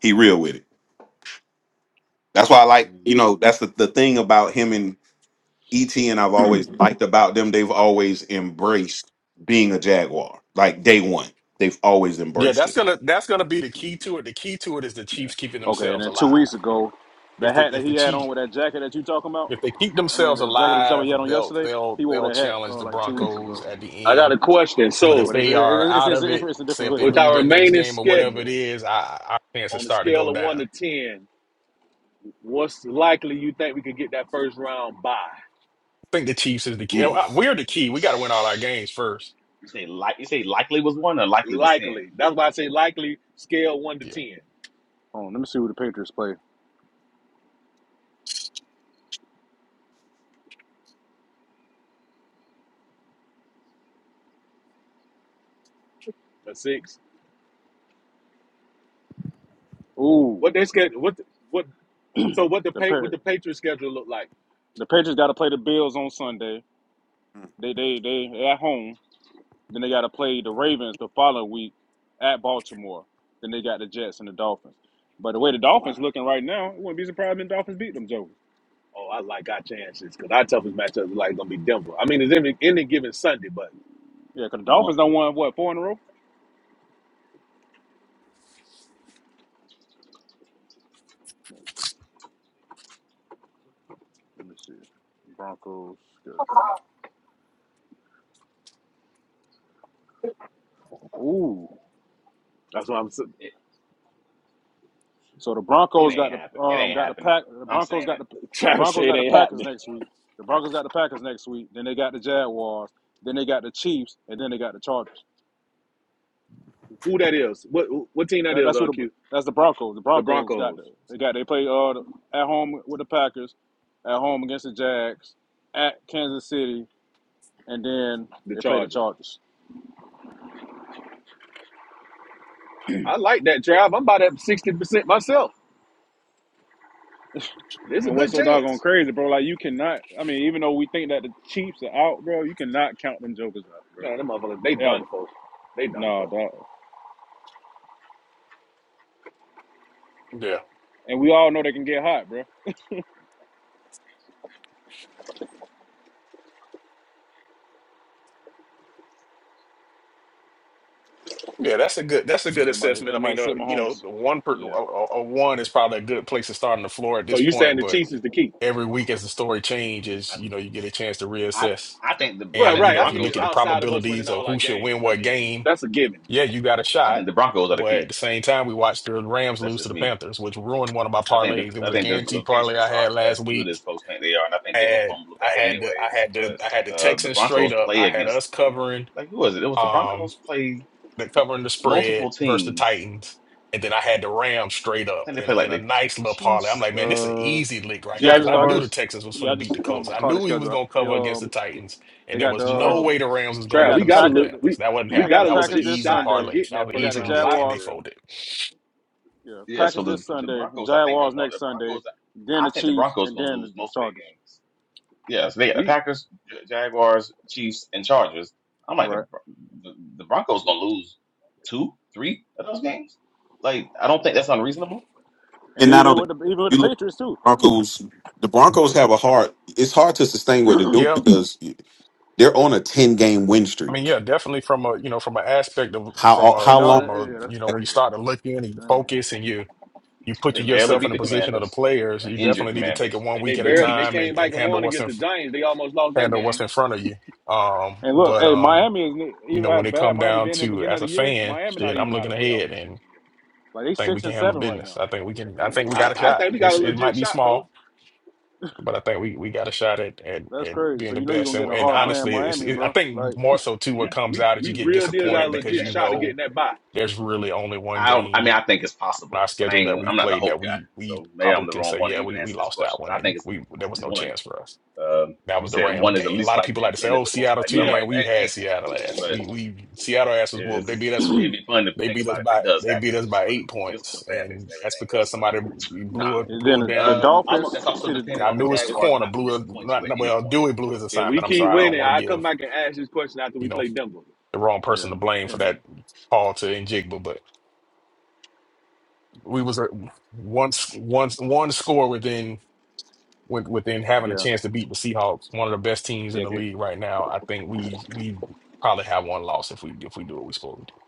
Speaker 3: He real with it. That's why I like, you
Speaker 8: Hmm.
Speaker 3: know, that's the, the thing about him and ET and I've always liked about them. They've always embraced being a Jaguar. Like day one. They've always
Speaker 1: Yeah,
Speaker 3: embraced
Speaker 1: that's
Speaker 3: it.
Speaker 1: gonna that's gonna be the key to it. The key to it is the
Speaker 4: Yeah.
Speaker 1: Chiefs keeping
Speaker 4: Okay, and
Speaker 1: themselves
Speaker 4: then two
Speaker 1: alive.
Speaker 4: weeks ago, the
Speaker 1: If the
Speaker 4: hat that
Speaker 1: if the
Speaker 4: he had on
Speaker 1: Chiefs
Speaker 4: with that jacket that you talking about,
Speaker 1: if they keep
Speaker 4: I mean,
Speaker 1: themselves
Speaker 4: the jacket that you talking about he
Speaker 1: alive,
Speaker 4: had on
Speaker 1: they'll
Speaker 4: yesterday,
Speaker 1: they'll
Speaker 4: he wore
Speaker 1: they'll
Speaker 4: that hat
Speaker 1: challenge
Speaker 4: uh,
Speaker 1: the
Speaker 4: like two weeks
Speaker 1: Broncos
Speaker 4: ago.
Speaker 1: at the
Speaker 6: I got
Speaker 1: end
Speaker 6: a question.
Speaker 1: But if
Speaker 6: So
Speaker 4: But it's
Speaker 1: they are
Speaker 4: it- it's,
Speaker 1: out
Speaker 4: it's
Speaker 1: of
Speaker 4: it's
Speaker 1: it,
Speaker 4: it's a
Speaker 1: say
Speaker 4: different
Speaker 1: if they
Speaker 4: hoodie
Speaker 6: with
Speaker 4: though.
Speaker 1: lose
Speaker 6: our
Speaker 1: their next
Speaker 6: remaining
Speaker 1: game or whatever it
Speaker 6: schedule
Speaker 1: is, I our chances
Speaker 6: on a
Speaker 1: start to go
Speaker 6: scale of
Speaker 1: down.
Speaker 6: one
Speaker 1: I
Speaker 6: to ten, what's likely you think we could get that first round by?
Speaker 1: think the Chiefs is the key. Oh,
Speaker 3: Ooh.
Speaker 1: Uh, We're the key. We got to win all our games first.
Speaker 8: You say like you say likely was one or likely was ten.
Speaker 6: Likely. That's why I say likely scale one to
Speaker 1: Yeah,
Speaker 6: ten.
Speaker 4: Hold on, let me see who the Patriots play.
Speaker 6: A six.
Speaker 4: Ooh,
Speaker 6: What they schedule? What what? So what the
Speaker 4: the
Speaker 6: pay? What
Speaker 4: Pa-
Speaker 6: the Patriots schedule look like?
Speaker 4: the Patriots got to play the Bills on Sunday. They they they they at home. Then they got to play the Ravens the following week at Baltimore. Then they got the Jets and the Dolphins. But the way the
Speaker 6: Oh, I,
Speaker 4: Dolphins looking right now, it wouldn't be surprised if the Dolphins beat them jokers.
Speaker 6: oh, I like our chances because our toughest matchup is like gonna be Denver. I mean, it's any any given Sunday, but
Speaker 4: Yeah, because the Dolphins
Speaker 8: One.
Speaker 4: don't won what four in a row. Let me see. Broncos schedule. Ooh.
Speaker 6: that's why I'm s-
Speaker 8: It,
Speaker 4: So the
Speaker 8: it
Speaker 4: Broncos got
Speaker 8: ain't
Speaker 4: the
Speaker 8: happen. It
Speaker 4: um
Speaker 8: ain't
Speaker 4: got the
Speaker 8: happening.
Speaker 4: pack the
Speaker 8: I'm
Speaker 4: Broncos
Speaker 8: saying
Speaker 4: got
Speaker 8: it.
Speaker 4: the the
Speaker 6: Travis
Speaker 4: Broncos
Speaker 6: say it
Speaker 4: got the
Speaker 6: ain't
Speaker 4: Packers
Speaker 6: happening.
Speaker 4: next week. The Broncos got the Packers next week. Then they got the Jaguars. Then they got the Chiefs, and then they got the Chargers.
Speaker 6: Who that is? What what team that
Speaker 4: That,
Speaker 6: is?
Speaker 4: that's
Speaker 6: Uh,
Speaker 4: what the,
Speaker 6: Q
Speaker 4: that's the Broncos. The
Speaker 6: the
Speaker 4: Broncos got
Speaker 6: Broncos,
Speaker 4: the they got they play uh the- at home with the Packers, at home against the Jags, at Kansas City, and then
Speaker 6: the
Speaker 4: they play the
Speaker 6: Chargers.
Speaker 4: Chargers.
Speaker 6: I like that drive. I'm about at sixty percent myself.
Speaker 8: Hmm.
Speaker 6: There's a
Speaker 4: And what's
Speaker 6: good
Speaker 4: so doggone
Speaker 6: chance.
Speaker 4: crazy, bro? Like you cannot. I mean, even though we think that the Chiefs are out, bro, you cannot count them jokers out, bro.
Speaker 6: Man, them motherfuckers, they
Speaker 4: Ever.
Speaker 6: done for. They done
Speaker 4: No,
Speaker 6: for.
Speaker 4: dog.
Speaker 1: yeah,
Speaker 4: And we all know they can get hot, bro.
Speaker 1: yeah. That's a good. That's a good
Speaker 4: They might.
Speaker 1: assessment.
Speaker 4: They
Speaker 1: I mean,
Speaker 4: might
Speaker 1: uh,
Speaker 4: sit
Speaker 1: you know,
Speaker 4: Mahomes.
Speaker 1: the one per a,
Speaker 4: Yeah.
Speaker 1: a a one is probably a good place to start on the floor at
Speaker 6: So
Speaker 1: this
Speaker 6: you saying
Speaker 1: point.
Speaker 6: the
Speaker 1: But
Speaker 6: Chiefs is the key?
Speaker 1: every week as the story changes,
Speaker 8: I,
Speaker 1: you know, you get a chance to
Speaker 8: I
Speaker 1: reassess.
Speaker 8: I think the I
Speaker 6: Well,
Speaker 1: And
Speaker 8: think
Speaker 1: you
Speaker 8: the
Speaker 6: right.
Speaker 1: know,
Speaker 6: I
Speaker 1: if you
Speaker 6: mean,
Speaker 1: look
Speaker 8: Broncos
Speaker 1: at
Speaker 8: are
Speaker 1: the
Speaker 6: outside of us winning
Speaker 1: probabilities of
Speaker 6: all our
Speaker 1: who should win
Speaker 6: games, I
Speaker 1: what
Speaker 6: mean
Speaker 1: game,
Speaker 6: that's a given.
Speaker 1: yeah, you got a
Speaker 8: I
Speaker 1: shot.
Speaker 8: think the Broncos are the
Speaker 1: But at
Speaker 8: key.
Speaker 1: the same time, we watched the Rams
Speaker 8: That's
Speaker 1: lose to
Speaker 8: just
Speaker 1: the
Speaker 8: me.
Speaker 1: Panthers, which ruined one of my
Speaker 8: I think
Speaker 1: parlays. It
Speaker 8: the
Speaker 1: was
Speaker 8: I
Speaker 1: a
Speaker 8: think the, the
Speaker 1: guaranteed parlay I
Speaker 8: Patriots
Speaker 1: had
Speaker 8: aren't
Speaker 1: last
Speaker 8: as good
Speaker 1: week.
Speaker 8: as folks think they are, and I think they're gonna
Speaker 1: And
Speaker 8: fumble the
Speaker 1: I
Speaker 8: bag
Speaker 1: had the I
Speaker 8: anyways.
Speaker 1: had the I had the
Speaker 8: But uh, the
Speaker 1: Texans straight
Speaker 8: Broncos
Speaker 1: up.
Speaker 8: play
Speaker 1: I had
Speaker 8: against
Speaker 1: us covering.
Speaker 8: like who was it? It was the
Speaker 1: Um,
Speaker 8: Broncos play
Speaker 1: the covering the spread
Speaker 8: multiple
Speaker 1: versus the
Speaker 8: teams.
Speaker 1: Titans, and then I had the Rams straight
Speaker 8: I
Speaker 1: up
Speaker 8: think they
Speaker 1: in a
Speaker 8: play like
Speaker 1: in a
Speaker 8: the
Speaker 1: nice little parlay. I'm
Speaker 8: Chiefs,
Speaker 1: like, man, this is an
Speaker 8: the
Speaker 1: easy lick right
Speaker 4: Yeah.
Speaker 1: here
Speaker 4: I
Speaker 1: because
Speaker 4: just.
Speaker 1: I
Speaker 4: I just.
Speaker 1: knew the
Speaker 8: Jaguars,
Speaker 1: Texans was going
Speaker 4: Yeah. I
Speaker 1: to beat the
Speaker 4: just
Speaker 1: Colts.
Speaker 4: um
Speaker 1: I
Speaker 4: called the
Speaker 1: knew he was
Speaker 4: schedule out.
Speaker 1: going to
Speaker 4: They
Speaker 1: cover against the
Speaker 4: um.
Speaker 1: Titans,
Speaker 4: They
Speaker 1: and there
Speaker 4: got the.
Speaker 1: was no
Speaker 4: Um,
Speaker 1: way the
Speaker 8: Chargers.
Speaker 1: Rams was
Speaker 4: they
Speaker 1: going
Speaker 6: Trav,
Speaker 1: to
Speaker 4: got
Speaker 6: we
Speaker 4: the
Speaker 1: lose
Speaker 6: got
Speaker 1: to
Speaker 6: a
Speaker 1: the
Speaker 4: Packers.
Speaker 6: look.
Speaker 1: Panthers.
Speaker 6: We
Speaker 1: That wasn't
Speaker 6: we
Speaker 4: They got
Speaker 1: happening.
Speaker 6: got a
Speaker 4: the
Speaker 1: That was an
Speaker 4: Packers
Speaker 6: legit
Speaker 4: this
Speaker 1: easy
Speaker 6: shot of
Speaker 4: Sunday.
Speaker 1: parlay.
Speaker 6: getting
Speaker 1: That
Speaker 6: that
Speaker 1: was an
Speaker 4: They
Speaker 6: first
Speaker 4: got the
Speaker 1: easy
Speaker 6: round
Speaker 1: lick,
Speaker 6: bye
Speaker 1: and
Speaker 6: for
Speaker 1: they
Speaker 4: Jaguars.
Speaker 6: real.
Speaker 1: folded.
Speaker 4: Yeah.
Speaker 8: Yeah, so
Speaker 4: Packers
Speaker 8: the
Speaker 4: this
Speaker 8: the
Speaker 4: Sunday.
Speaker 8: Broncos, I think, are
Speaker 4: Jaguars
Speaker 8: going. The
Speaker 4: next Sunday.
Speaker 8: Broncos,
Speaker 4: Then
Speaker 8: I
Speaker 4: the
Speaker 8: think the
Speaker 4: Chiefs
Speaker 8: Broncos are
Speaker 4: and
Speaker 8: going to
Speaker 4: then
Speaker 8: lose
Speaker 4: the
Speaker 8: most of their
Speaker 4: Chargers.
Speaker 8: games. Yeah, so they got the
Speaker 6: We
Speaker 8: Packers, Ja- Jaguars, Chiefs, and Chargers. I'm like the
Speaker 4: Right.
Speaker 8: Bro- the, the Broncos going to lose two, three of those games. Like, I don't think that's unreasonable.
Speaker 3: And
Speaker 4: And
Speaker 3: not
Speaker 4: even
Speaker 3: only
Speaker 4: with the even with the Patriots too.
Speaker 3: Broncos. The Broncos have a hard. It's hard to sustain what they do
Speaker 1: Yeah,
Speaker 3: because they're on a ten game win
Speaker 1: I mean,
Speaker 3: streak.
Speaker 1: yeah, definitely from a you know from an aspect of from
Speaker 3: How
Speaker 1: a
Speaker 3: how
Speaker 4: And all
Speaker 3: long?
Speaker 1: from
Speaker 4: that,
Speaker 1: a
Speaker 4: yeah, that's
Speaker 1: you know when you
Speaker 4: crazy.
Speaker 1: start to look in and you
Speaker 4: Dang,
Speaker 1: focus and you you put
Speaker 8: They
Speaker 4: dang, that's
Speaker 8: barely
Speaker 1: yourself in
Speaker 8: beat
Speaker 1: the
Speaker 4: crazy.
Speaker 8: the
Speaker 1: position of the
Speaker 8: Commanders,
Speaker 1: players,
Speaker 8: an
Speaker 1: you
Speaker 8: injured
Speaker 1: definitely need to take it
Speaker 8: Commanders.
Speaker 1: one
Speaker 6: and they
Speaker 1: week
Speaker 8: They
Speaker 1: at a
Speaker 8: did
Speaker 6: barely
Speaker 8: beat the
Speaker 6: they
Speaker 1: time
Speaker 8: Chiefs
Speaker 1: and,
Speaker 6: came
Speaker 1: and
Speaker 6: back
Speaker 8: though.
Speaker 6: and
Speaker 1: handle
Speaker 6: won
Speaker 1: what's
Speaker 6: against
Speaker 1: in
Speaker 6: the Giants. They almost lost that
Speaker 1: handle what's
Speaker 6: game.
Speaker 1: in front of you. Um,
Speaker 4: And look,
Speaker 1: but
Speaker 4: hey,
Speaker 1: um,
Speaker 4: Miami is
Speaker 1: you
Speaker 4: even
Speaker 1: know,
Speaker 4: how
Speaker 1: when it
Speaker 4: bad
Speaker 1: come
Speaker 4: Miami
Speaker 1: down
Speaker 4: been in the
Speaker 1: to
Speaker 4: beginning
Speaker 1: as
Speaker 4: of the
Speaker 1: a
Speaker 4: year.
Speaker 1: fan,
Speaker 4: Miami not
Speaker 1: shit, I'm
Speaker 4: even out
Speaker 1: looking
Speaker 4: of playoff
Speaker 1: ahead and
Speaker 4: contention yet. Like they
Speaker 1: I think we
Speaker 4: six
Speaker 1: can
Speaker 4: and
Speaker 1: handle
Speaker 4: seven right
Speaker 1: business.
Speaker 4: now.
Speaker 1: I think we can. I think we
Speaker 6: I,
Speaker 1: got a
Speaker 6: I
Speaker 1: shot.
Speaker 6: think we got
Speaker 1: It's,
Speaker 6: a
Speaker 1: it
Speaker 8: Mm.
Speaker 1: might
Speaker 6: legit
Speaker 1: be
Speaker 6: shot, fellas.
Speaker 1: small, but I think we, we got a shot at, at
Speaker 4: That's
Speaker 1: at
Speaker 4: crazy. So
Speaker 1: being the
Speaker 4: you know you're
Speaker 1: best.
Speaker 4: gonna
Speaker 1: And
Speaker 4: get a
Speaker 1: and
Speaker 4: hard
Speaker 8: I don't.
Speaker 4: play in
Speaker 1: honestly, it's
Speaker 4: Miami,
Speaker 1: it, I
Speaker 4: bro.
Speaker 1: think
Speaker 4: Like,
Speaker 1: more so too.
Speaker 8: Yeah,
Speaker 1: What
Speaker 6: We
Speaker 1: comes
Speaker 6: we
Speaker 1: out is you
Speaker 6: we
Speaker 1: get
Speaker 6: real
Speaker 8: I
Speaker 6: deal
Speaker 8: still
Speaker 6: got a
Speaker 8: don't
Speaker 1: disappointed
Speaker 8: think the
Speaker 1: because
Speaker 6: legit
Speaker 1: you
Speaker 8: Jaguars.
Speaker 6: shot of
Speaker 1: know
Speaker 6: getting that bye.
Speaker 1: there's really only one
Speaker 8: I don't, I
Speaker 1: game
Speaker 8: mean, I think it's
Speaker 1: on our
Speaker 8: possible, but I
Speaker 1: schedule that
Speaker 8: ain't.
Speaker 1: we
Speaker 8: I'm not the
Speaker 1: played
Speaker 8: hope
Speaker 1: that
Speaker 8: guy,
Speaker 1: we we
Speaker 8: so maybe
Speaker 1: probably
Speaker 8: I'm the
Speaker 1: can
Speaker 8: wrong
Speaker 1: say
Speaker 8: one to
Speaker 1: yeah
Speaker 8: even
Speaker 1: we we
Speaker 8: answer this
Speaker 1: lost that
Speaker 8: question.
Speaker 1: one
Speaker 8: But I
Speaker 1: and
Speaker 8: think it's a
Speaker 1: we there was no
Speaker 8: one.
Speaker 1: chance for us.
Speaker 8: Um, if
Speaker 1: That
Speaker 8: you
Speaker 1: was the
Speaker 8: said
Speaker 1: Rams
Speaker 8: one is the
Speaker 1: game. A
Speaker 8: least
Speaker 1: lot of people
Speaker 8: likely
Speaker 1: like
Speaker 8: and
Speaker 1: to say,
Speaker 8: ten is
Speaker 1: "Oh,
Speaker 8: the most
Speaker 1: Seattle
Speaker 8: likely,
Speaker 1: too,
Speaker 8: I'm
Speaker 6: Yeah,
Speaker 8: like,
Speaker 1: man. We
Speaker 8: that
Speaker 1: had
Speaker 8: ain't happening.
Speaker 1: Seattle ass.
Speaker 8: But
Speaker 1: We we Seattle ass was whooped. They
Speaker 4: yeah.
Speaker 8: it's
Speaker 1: beat us.
Speaker 8: it'd
Speaker 4: and
Speaker 8: be fun to
Speaker 1: They
Speaker 8: think
Speaker 1: beat us
Speaker 8: about if
Speaker 1: by
Speaker 8: it does
Speaker 1: they beat
Speaker 8: happen,
Speaker 1: us
Speaker 8: just
Speaker 1: by
Speaker 8: for the
Speaker 1: eight
Speaker 8: just for
Speaker 1: points,
Speaker 8: the fan base
Speaker 1: and
Speaker 8: and
Speaker 1: that's
Speaker 8: everything else.
Speaker 1: because
Speaker 8: But
Speaker 1: somebody blew
Speaker 8: nah.
Speaker 1: a blew
Speaker 4: then
Speaker 1: a
Speaker 4: the, the
Speaker 1: damn.
Speaker 8: Um,
Speaker 6: I'm. A,
Speaker 4: Dolphins.
Speaker 8: that's also
Speaker 4: See the,
Speaker 8: dependent
Speaker 1: I
Speaker 8: on the
Speaker 1: knew his
Speaker 6: if,
Speaker 8: Jaguars
Speaker 4: yeah,
Speaker 1: corner
Speaker 8: not to
Speaker 1: blew a
Speaker 8: disappoint you
Speaker 1: not
Speaker 8: at
Speaker 1: not-
Speaker 8: any
Speaker 1: well.
Speaker 8: point.
Speaker 1: Dewey blew his
Speaker 6: if we
Speaker 1: assignment. I'm
Speaker 6: keep
Speaker 1: sorry. I
Speaker 4: yeah,
Speaker 1: don't
Speaker 6: winning,
Speaker 1: want to
Speaker 6: I will come
Speaker 1: give
Speaker 6: back and ask this question after
Speaker 1: you
Speaker 6: we
Speaker 1: know
Speaker 6: play Denver.
Speaker 1: the wrong person
Speaker 4: yeah,
Speaker 1: to blame for
Speaker 4: and it,
Speaker 1: that call to Njigba, but we was uh, once once one score within. with within having a
Speaker 4: yeah,
Speaker 1: chance to beat the Seahawks, one of the best teams in
Speaker 4: yeah.
Speaker 1: the
Speaker 4: Okay.
Speaker 1: league right now. I think we we probably have one loss if we if we do what we are supposed to do.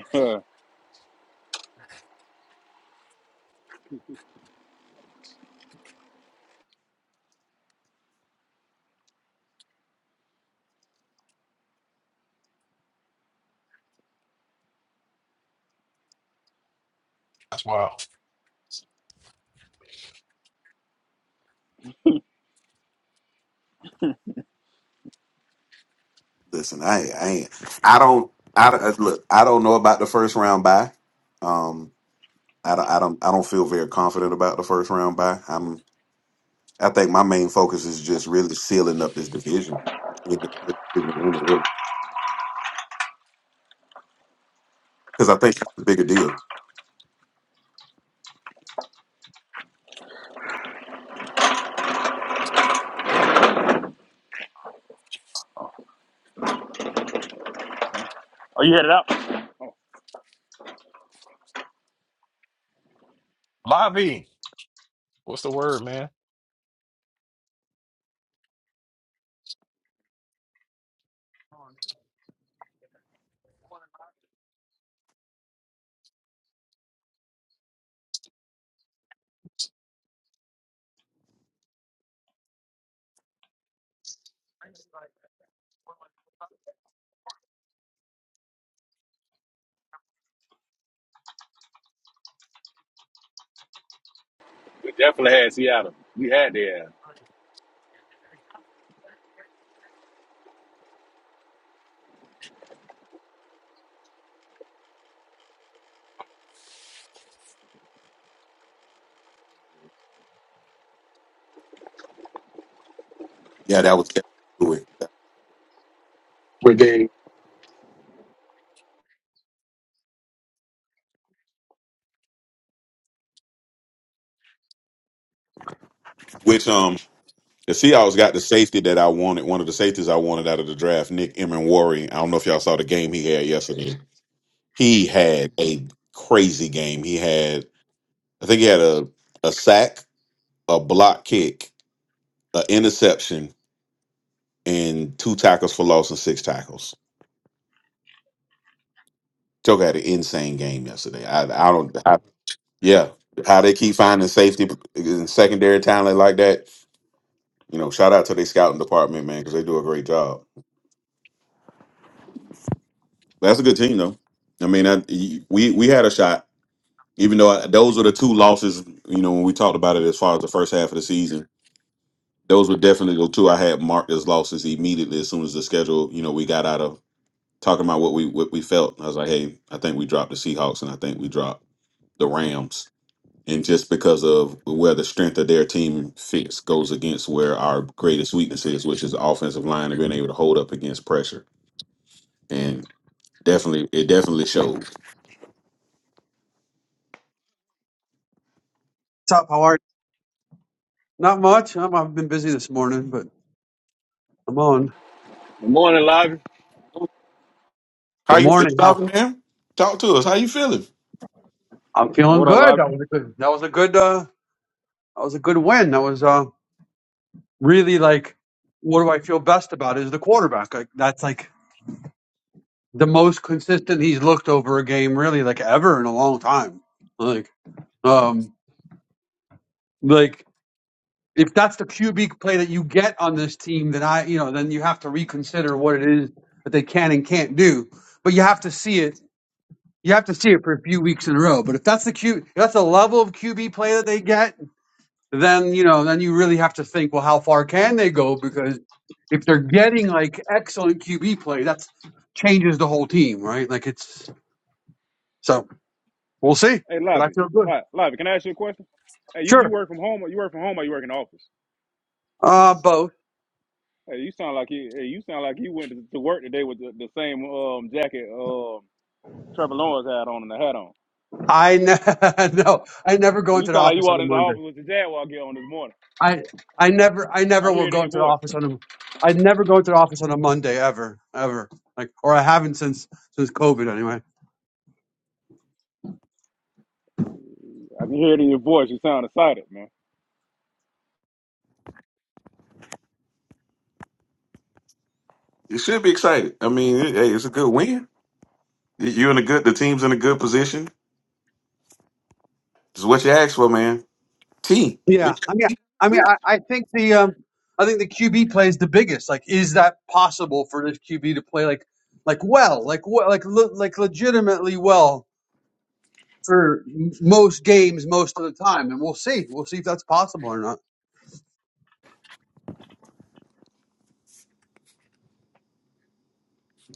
Speaker 1: That's wild.
Speaker 3: Listen, I ain't- I ain't- I don't I don't- look. I don't know about the first round bye. Um, I don't I don't I don't feel very confident about the first round bye. I'm I think my main focus is just really sealing up this division because I think that's the bigger deal.
Speaker 4: Are you headed out?
Speaker 1: Lavi, what's the word, man?
Speaker 6: We definitely had Seattle. We had their ass.
Speaker 3: Yeah, that was which um. The Seahawks got the safety that I wanted, one of the safeties I wanted out of the draft, Nick Emenwari. I don't know if y'all saw the game he had yesterday. He had a crazy game. He had, I think he had a, a sack, a block kick, an interception, and two tackles for loss and six tackles. Took had an insane game yesterday. I, I don't, I, yeah, how they keep finding safety and secondary talent like that. You know, shout out to their scouting department, man, because they do a great job. That's a good team, though. I mean, I, we we had a shot. Even though I, those are the two losses, you know, when we talked about it as far as the first half of the season, those were definitely the two I had marked as losses immediately as soon as the schedule, you know, we got out of talking about what we what we felt. I was like, hey, I think we dropped the Seahawks and I think we dropped the Rams. And just because of where the strength of their team fits goes against where our greatest weakness is, which is the offensive line and being able to hold up against pressure. And definitely it definitely showed.
Speaker 12: What's up? How are you? Not much. I'm, I've been busy this morning, but I'm on.
Speaker 6: Good morning, Lavi.
Speaker 3: How
Speaker 12: Good
Speaker 3: you feeling,
Speaker 12: morning. How?
Speaker 3: Dolphin man? Talk to us. How you feeling?
Speaker 12: I'm feeling
Speaker 4: What up,
Speaker 12: good.
Speaker 4: Lobby?
Speaker 12: That was a good. That was a good. Uh, that was a good win. That was uh, really like, what do I feel best about? Is the quarterback. Like that's like the most consistent he's looked over a game, really, like ever in a long time. Like, um, like if that's the QB play that you get on this team, then I, you know, then you have to reconsider what it is that they can and can't do. But you have to see it you have to see it for a few weeks in a row. But if that's the Q, if that's the level of QB play that they get, then you know, then you really have to think, well, how far can they go? Because if they're getting like excellent QB play, that's changes the whole team, right? Like it's so we'll see.
Speaker 4: Hey,
Speaker 12: But I
Speaker 4: Lobby,
Speaker 12: feel good.
Speaker 4: Lobby, Lobby. Can I ask you a question? Hey, you, you
Speaker 12: Sure.
Speaker 4: work from home? Or you work from home? Or you work in the office?
Speaker 12: Uh, both.
Speaker 4: Hey, you sound like you. Hey, you sound like you went to, to work today with the, the same um jacket um Trevor Lawrence had on and the hat on.
Speaker 12: I ne- no, I never go
Speaker 4: You
Speaker 12: into the
Speaker 4: sound like you
Speaker 12: office on
Speaker 4: walked
Speaker 12: a
Speaker 4: into the
Speaker 12: Monday.
Speaker 4: office with the Jaguar gear on this morning.
Speaker 12: I I never I
Speaker 4: I
Speaker 12: never will
Speaker 4: hear it in
Speaker 12: go
Speaker 4: your
Speaker 12: into the
Speaker 4: voice.
Speaker 12: office on a. I'd never go into the office on a Monday ever, ever. Like, or I haven't since since COVID anyway.
Speaker 4: I can hear it in your voice. You sound excited, man.
Speaker 3: You should be excited. I mean, it- hey, it's a good win. You- You're in a good. The team's in a good position. It's what you asked for, man. T.
Speaker 12: Yeah, I mean, I mean, I, I think the um, I think the QB play is the biggest. Like, is that possible for this QB to play like, like well, like what, like le- like legitimately well for m- most games, most of the time? And we'll see, we'll see if that's possible or not.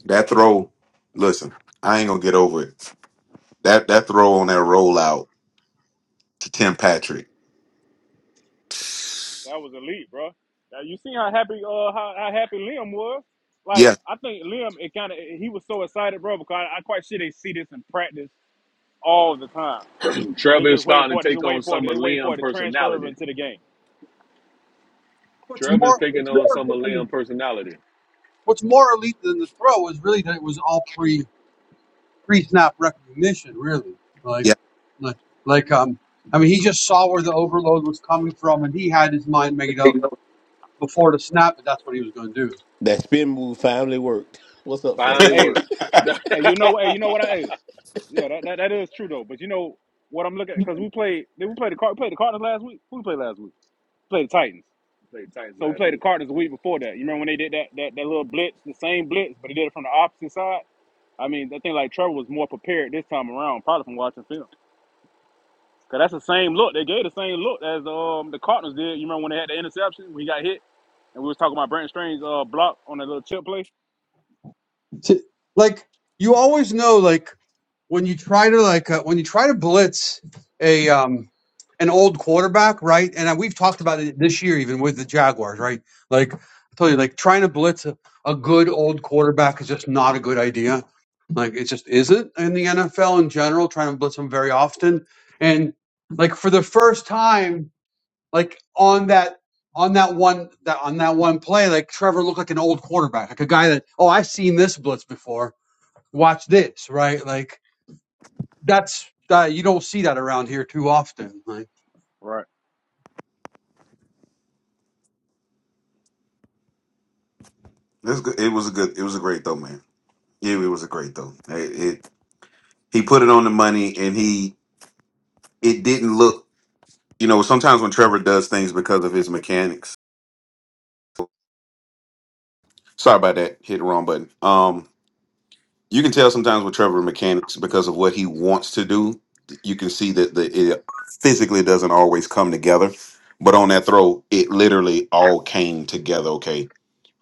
Speaker 3: That throw. Listen, I ain't gonna get over it. That that throw on that rollout to Tim Patrick.
Speaker 4: That was elite, bro. Now, you seen how happy uh how, how happy Liam was. Like
Speaker 3: Yeah,
Speaker 4: I think Liam, it kind of he was so excited, bro, because I, I quite sure they see this in practice all the time, and they
Speaker 6: Trevor is
Speaker 4: just waiting
Speaker 6: starting
Speaker 4: for it.
Speaker 6: to
Speaker 4: They
Speaker 6: take
Speaker 4: just
Speaker 6: on
Speaker 4: waiting for it.
Speaker 6: some of
Speaker 4: They waiting for
Speaker 6: Liam
Speaker 4: it to transfer over
Speaker 6: personality.
Speaker 4: into the game.
Speaker 12: What's
Speaker 6: Trevor is
Speaker 12: more,
Speaker 6: taking
Speaker 12: what's
Speaker 6: on
Speaker 12: more
Speaker 6: some of
Speaker 12: elite than the,
Speaker 6: Liam personality.
Speaker 12: what's more elite than the throw is really that it was all pre-snap recognition, really. Like,
Speaker 3: yeah.
Speaker 12: like, like, um, I mean, he just saw where the overload was coming from, and he had his mind made up before the snap that that's what he was going to do.
Speaker 13: That spin move finally worked. What's up,
Speaker 6: Finally
Speaker 13: fellas?
Speaker 4: Hey,
Speaker 6: worked.
Speaker 3: That's
Speaker 4: hey, you know, what? hey, you know what I? Hey, Yeah, that, that that is true though. But you know what I'm looking at because we played did we play the Car- we played the Cardinals last week? Who we played last week? We played the Titans.
Speaker 6: Play Titans
Speaker 4: So we
Speaker 6: last
Speaker 4: played the
Speaker 6: week.
Speaker 4: Cardinals the week before that. You remember when they did that that, that little blitz, the same blitz, but they did it from the opposite side? I mean, I think like Trevor was more prepared this time around, probably from watching film. Cause that's the same look. They gave the same look as um the Cardinals did. You remember when they had the interception when he got hit and we was talking about Brandon Strange's uh block on that little chip play?
Speaker 12: So, like, you always know, like. when you try to like uh, when you try to blitz a um an old quarterback, right? And uh, we've talked about it this year even with the Jaguars, right? Like I told you, like trying to blitz a, a good old quarterback is just not a good idea. Like it just isn't in the NFL in general, trying to blitz them very often. And like for the first time, like on that on that one that on that one play, like Trevor looked like an old quarterback, like a guy that, oh, I've seen this blitz before. Watch this, right? Like that's uh, you don't see that around here too often. Like
Speaker 4: Right.
Speaker 3: good. It was a good. It was a great throw, man. Yeah, it was a great throw. It, it he put it on the money, and he it didn't look. You know, sometimes when Trevor does things because of his mechanics. Sorry about that. Hit the wrong button. Um. you can tell sometimes with Trevor mechanics because of what he wants to do. You can see that the it physically doesn't always come together. But on that throw, it literally all came together. Okay,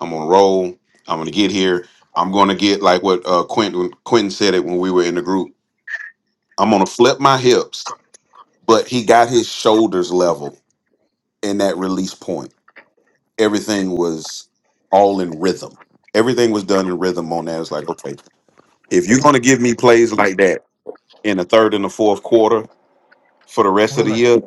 Speaker 3: I'm gonna roll. I'm gonna get here. I'm gonna get like what uh, Quentin Quentin said it when we were in the group. I'm gonna flip my hips, but he got his shoulders level in that release point. Everything was all in rhythm. Everything was done in rhythm on that. It's like okay, if you're gonna give me plays like that in the third and the fourth quarter for the rest of the
Speaker 1: Really?
Speaker 3: year,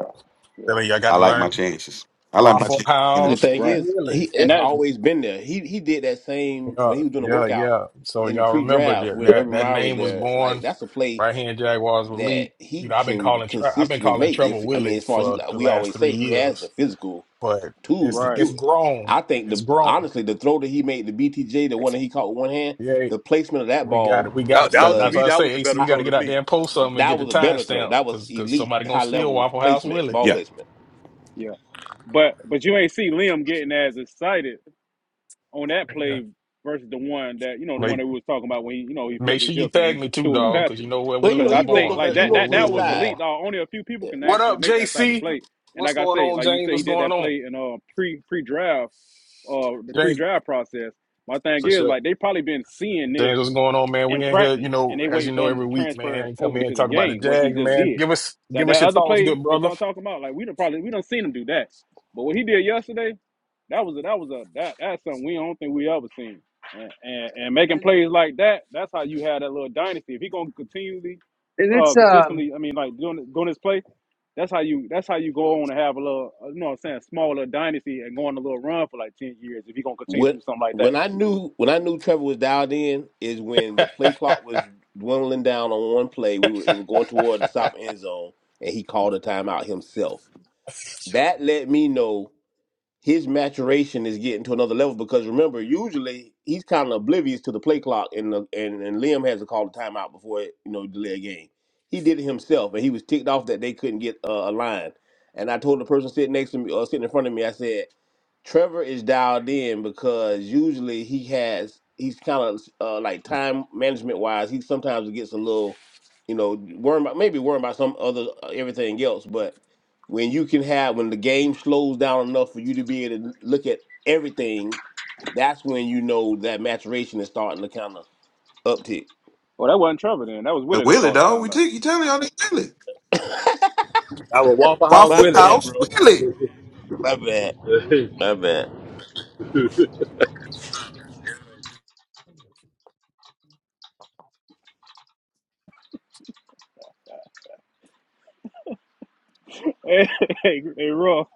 Speaker 4: Yeah.
Speaker 1: Really, I got
Speaker 3: I
Speaker 1: to
Speaker 3: like my
Speaker 1: learn
Speaker 3: chances. I like my
Speaker 1: Waffle
Speaker 3: chances. In
Speaker 13: The
Speaker 1: House.
Speaker 3: the,
Speaker 13: thing
Speaker 4: Right.
Speaker 13: is, he
Speaker 1: Really,
Speaker 4: And
Speaker 1: you
Speaker 13: it's
Speaker 1: got
Speaker 4: that
Speaker 1: to,
Speaker 13: always been there. He he did that same
Speaker 1: yeah,
Speaker 13: when he was doing the
Speaker 1: yeah,
Speaker 13: workout
Speaker 1: yeah. So
Speaker 13: in the
Speaker 1: y'all remember
Speaker 13: pre-draft
Speaker 1: that
Speaker 13: when
Speaker 1: that
Speaker 13: Urban
Speaker 1: that
Speaker 13: Meyer was
Speaker 1: name was
Speaker 13: there. Like
Speaker 1: born
Speaker 13: that's a play
Speaker 1: right here in Jaguars were
Speaker 13: that
Speaker 1: elite. You
Speaker 13: he
Speaker 1: know, I've been
Speaker 13: can
Speaker 1: calling Tre- I've been
Speaker 13: consistently
Speaker 1: calling
Speaker 13: make.
Speaker 1: Trevor
Speaker 13: If I
Speaker 1: Willie
Speaker 13: mean, as far as he,
Speaker 1: for
Speaker 13: like
Speaker 1: the
Speaker 13: we
Speaker 1: last
Speaker 13: always say,
Speaker 1: three
Speaker 13: he has the
Speaker 1: years,
Speaker 13: physical
Speaker 1: but
Speaker 13: tools
Speaker 1: it's
Speaker 13: to
Speaker 4: right.
Speaker 1: it's
Speaker 13: do it.
Speaker 1: grown.
Speaker 13: I think
Speaker 1: It's
Speaker 13: the
Speaker 1: grown.
Speaker 13: honestly the throw that he made, the BTJ, the one that he caught with one hand,
Speaker 1: Yeah,
Speaker 13: the placement of that
Speaker 1: We got
Speaker 13: ball
Speaker 1: it. We got to
Speaker 6: That,
Speaker 1: start.
Speaker 6: that to
Speaker 1: That's
Speaker 6: me,
Speaker 1: why I
Speaker 13: was
Speaker 6: that
Speaker 1: say,
Speaker 6: was the
Speaker 1: AC,
Speaker 6: better
Speaker 1: you
Speaker 13: hi-
Speaker 1: got to
Speaker 6: throw to
Speaker 1: get out there
Speaker 6: me.
Speaker 1: and post something and get
Speaker 13: that
Speaker 1: the
Speaker 13: was a better throw.
Speaker 1: timestamp
Speaker 13: That was
Speaker 1: because because
Speaker 13: elite,
Speaker 1: somebody gonna
Speaker 13: high
Speaker 1: steal
Speaker 13: level
Speaker 1: Waffle House
Speaker 13: placement,
Speaker 1: Willie.
Speaker 13: ball
Speaker 3: yeah.
Speaker 13: placement.
Speaker 4: Yeah. But but you ain't see Liam getting as excited on that
Speaker 1: Yeah.
Speaker 4: play versus the one that you know the one
Speaker 1: Like,
Speaker 4: that we was talking about when he, you know he flipped
Speaker 1: make sure
Speaker 4: his
Speaker 1: you
Speaker 4: hip and
Speaker 1: tag
Speaker 4: he
Speaker 1: me too,
Speaker 4: threw it to
Speaker 1: dog, because you
Speaker 4: Patrick.
Speaker 1: know where
Speaker 13: Well, you
Speaker 1: Willie
Speaker 13: know,
Speaker 4: Because
Speaker 1: was
Speaker 4: I
Speaker 13: he rolled
Speaker 4: think
Speaker 1: born.
Speaker 13: over.
Speaker 4: like
Speaker 13: The,
Speaker 1: You know
Speaker 13: he
Speaker 4: that
Speaker 1: where
Speaker 13: rolled
Speaker 4: that
Speaker 13: to
Speaker 1: Willie
Speaker 4: that
Speaker 13: his
Speaker 1: was
Speaker 4: was
Speaker 13: side.
Speaker 4: elite.
Speaker 1: born.
Speaker 4: Dog. Only a few people
Speaker 13: Yeah.
Speaker 4: can
Speaker 1: What
Speaker 4: actually
Speaker 1: up,
Speaker 4: make that type of
Speaker 1: JC?
Speaker 4: play. And
Speaker 1: What's
Speaker 4: like I
Speaker 1: going
Speaker 4: say,
Speaker 1: on,
Speaker 4: like you
Speaker 1: James?
Speaker 4: say,
Speaker 1: What's
Speaker 4: he did
Speaker 1: going
Speaker 4: that
Speaker 1: on,
Speaker 4: play in uh pre pre draft uh the pre
Speaker 1: James?
Speaker 4: draft process. My thing
Speaker 1: For
Speaker 4: is
Speaker 1: sure.
Speaker 4: like they probably been seeing
Speaker 1: James,
Speaker 4: this
Speaker 1: what's going on, man? We
Speaker 4: in
Speaker 1: in here, you
Speaker 4: practice and
Speaker 1: know,
Speaker 4: they
Speaker 1: as
Speaker 4: waiting
Speaker 1: you
Speaker 4: for
Speaker 1: know,
Speaker 4: him
Speaker 1: every
Speaker 4: to
Speaker 1: week,
Speaker 4: transfer
Speaker 1: man. Come
Speaker 4: over
Speaker 1: in and
Speaker 4: to the
Speaker 1: talk about the
Speaker 4: game what he
Speaker 1: Jags,
Speaker 4: just
Speaker 1: man.
Speaker 4: did.
Speaker 1: Give us,
Speaker 4: That
Speaker 1: give us
Speaker 4: that
Speaker 1: your
Speaker 4: other
Speaker 1: thoughts,
Speaker 4: play
Speaker 1: good
Speaker 4: that
Speaker 1: brother.
Speaker 4: y'all talking about, like we done probably we done seen him do that. But what he did yesterday, that was a, that was a that that's something we don't think we ever seen. And, and and making
Speaker 12: and
Speaker 4: plays like that, that's how you had that little dynasty. If he gonna continually, uh, consistently, I mean, like doing doing this play, that's how you that's how you go on and have a little, uh, you know, what I'm saying, small little dynasty and go on a little run for like ten years. If he gonna continue to
Speaker 13: When
Speaker 4: do something like that.
Speaker 13: when I knew when I knew Trevor was dialed in is when the play
Speaker 1: yeah,
Speaker 13: clock was dwindling down on one play. We were, it were going toward the south end zone, and he called a timeout himself. That let me know his maturation is getting to another level because remember, usually he's kind of oblivious to the play clock, and the, and and Liam has to call the timeout before it, you know delay a game. He did it himself, and he was ticked off that they couldn't get uh, a line. And I told the person sitting next to me, or sitting in front of me, I said, Trevor is dialed in because usually he has he's kind of uh, like time management wise. He sometimes gets a little, you know, worried about maybe worried about some other uh, everything else, but when you can have when the game slows down enough for you to be able to look at everything, that's when you know that maturation is starting to kind of uptick.
Speaker 4: Well, that wasn't Trevor then. That was
Speaker 3: Uh,
Speaker 4: Willie that
Speaker 3: Willie,
Speaker 4: called the
Speaker 3: dog. We
Speaker 4: timeout.
Speaker 3: take you telling y'all this Willie.
Speaker 6: I would Waffle House
Speaker 13: My
Speaker 3: Waffle
Speaker 13: bad,
Speaker 6: Willie.
Speaker 3: House
Speaker 13: bro.
Speaker 3: Willie.
Speaker 13: My bad. My bad.
Speaker 4: Hey, hey, hey Ruff,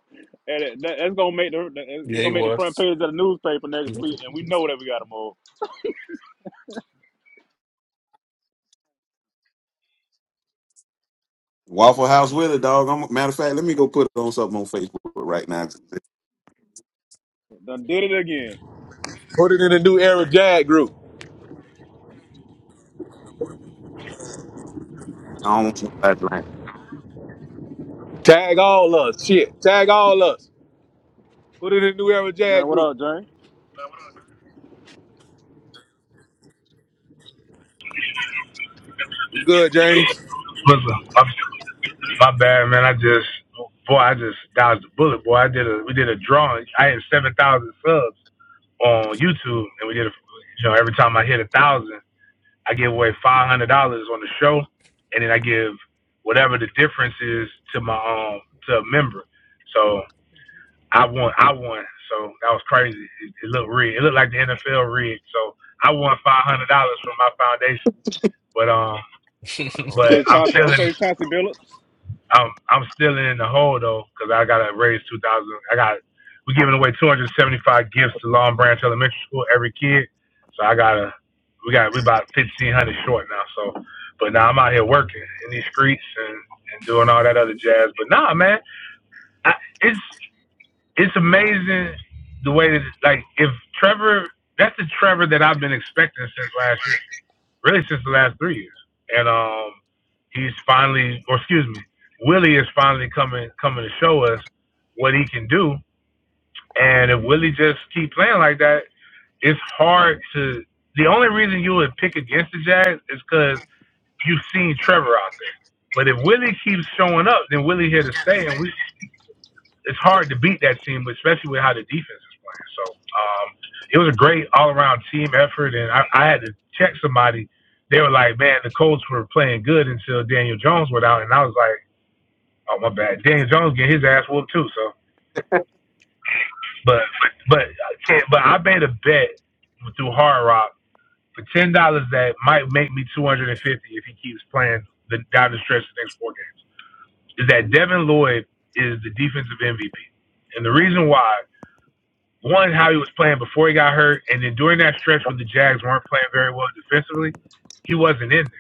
Speaker 4: and it- that, that's gonna make the that- it's
Speaker 1: he
Speaker 4: gonna make the front
Speaker 1: was.
Speaker 4: page of the newspaper next week, and we know that we got to move.
Speaker 3: Waffle House Willie, dog. I'm, matter of fact, let me go put it on something on Facebook right now.
Speaker 4: Done did it again.
Speaker 6: Put it in the new era Jag group.
Speaker 3: I don't want nobody lying.
Speaker 6: Tag all us. Shit. Tag all us. Put it in the new era Jag
Speaker 4: Now what
Speaker 6: group.
Speaker 4: up, James?
Speaker 6: We good, James.
Speaker 14: But my, my bad, man. I just, boy, I just dodged the bullet, boy. I did a, we did a drawing. I had seven thousand subs on YouTube, and we did, a, you know, every time I hit a thousand, I give away five hundred dollars on the show, and then I give whatever the difference is to my um to a member. So I won, I won. So that was crazy. It, it looked rigged. It looked like the NFL rigged. So I won five hundred dollars from my foundation, but um, but
Speaker 4: Okay,
Speaker 14: I'm
Speaker 4: Chauncey.
Speaker 14: feeling.
Speaker 4: Okay, Chauncey Billups.
Speaker 14: I'm I'm still in the hole though, cause I gotta raise two thousand. I gotta raise two thousand. I got we are giving away two hundred seventy five gifts to Long Branch Elementary School every kid. So I gotta we got we about fifteen hundred short now. So, but now I'm out here working in these streets and and doing all that other jazz. But nah, man, I, it's it's amazing the way that like if Trevor that's the Trevor that I've been expecting since last year really since the last three years. And um, he's finally, or excuse me, Willie is finally coming coming to show us what he can do. And if Willie just keep playing like that, it's hard to. The only reason you would pick against the Jags is because you've seen Trevor out there. But if Willie keeps showing up, then Willie here to stay, and we it's hard to beat that team, especially with how the defense is playing. So um, it was a great all around team effort, and I, I had to check somebody. They were like, "Man, the Colts were playing good until Daniel Jones went out," and I was like, "Oh my bad, Daniel Jones get his ass whooped too." So, but but but I made a bet through Hard Rock for ten dollars that might make me two hundred and fifty if he keeps playing the down the stretch the next four games. Is that Devin Lloyd is the defensive MVP, and the reason why one how he was playing before he got hurt, and then during that stretch when the Jags weren't playing very well defensively, he wasn't in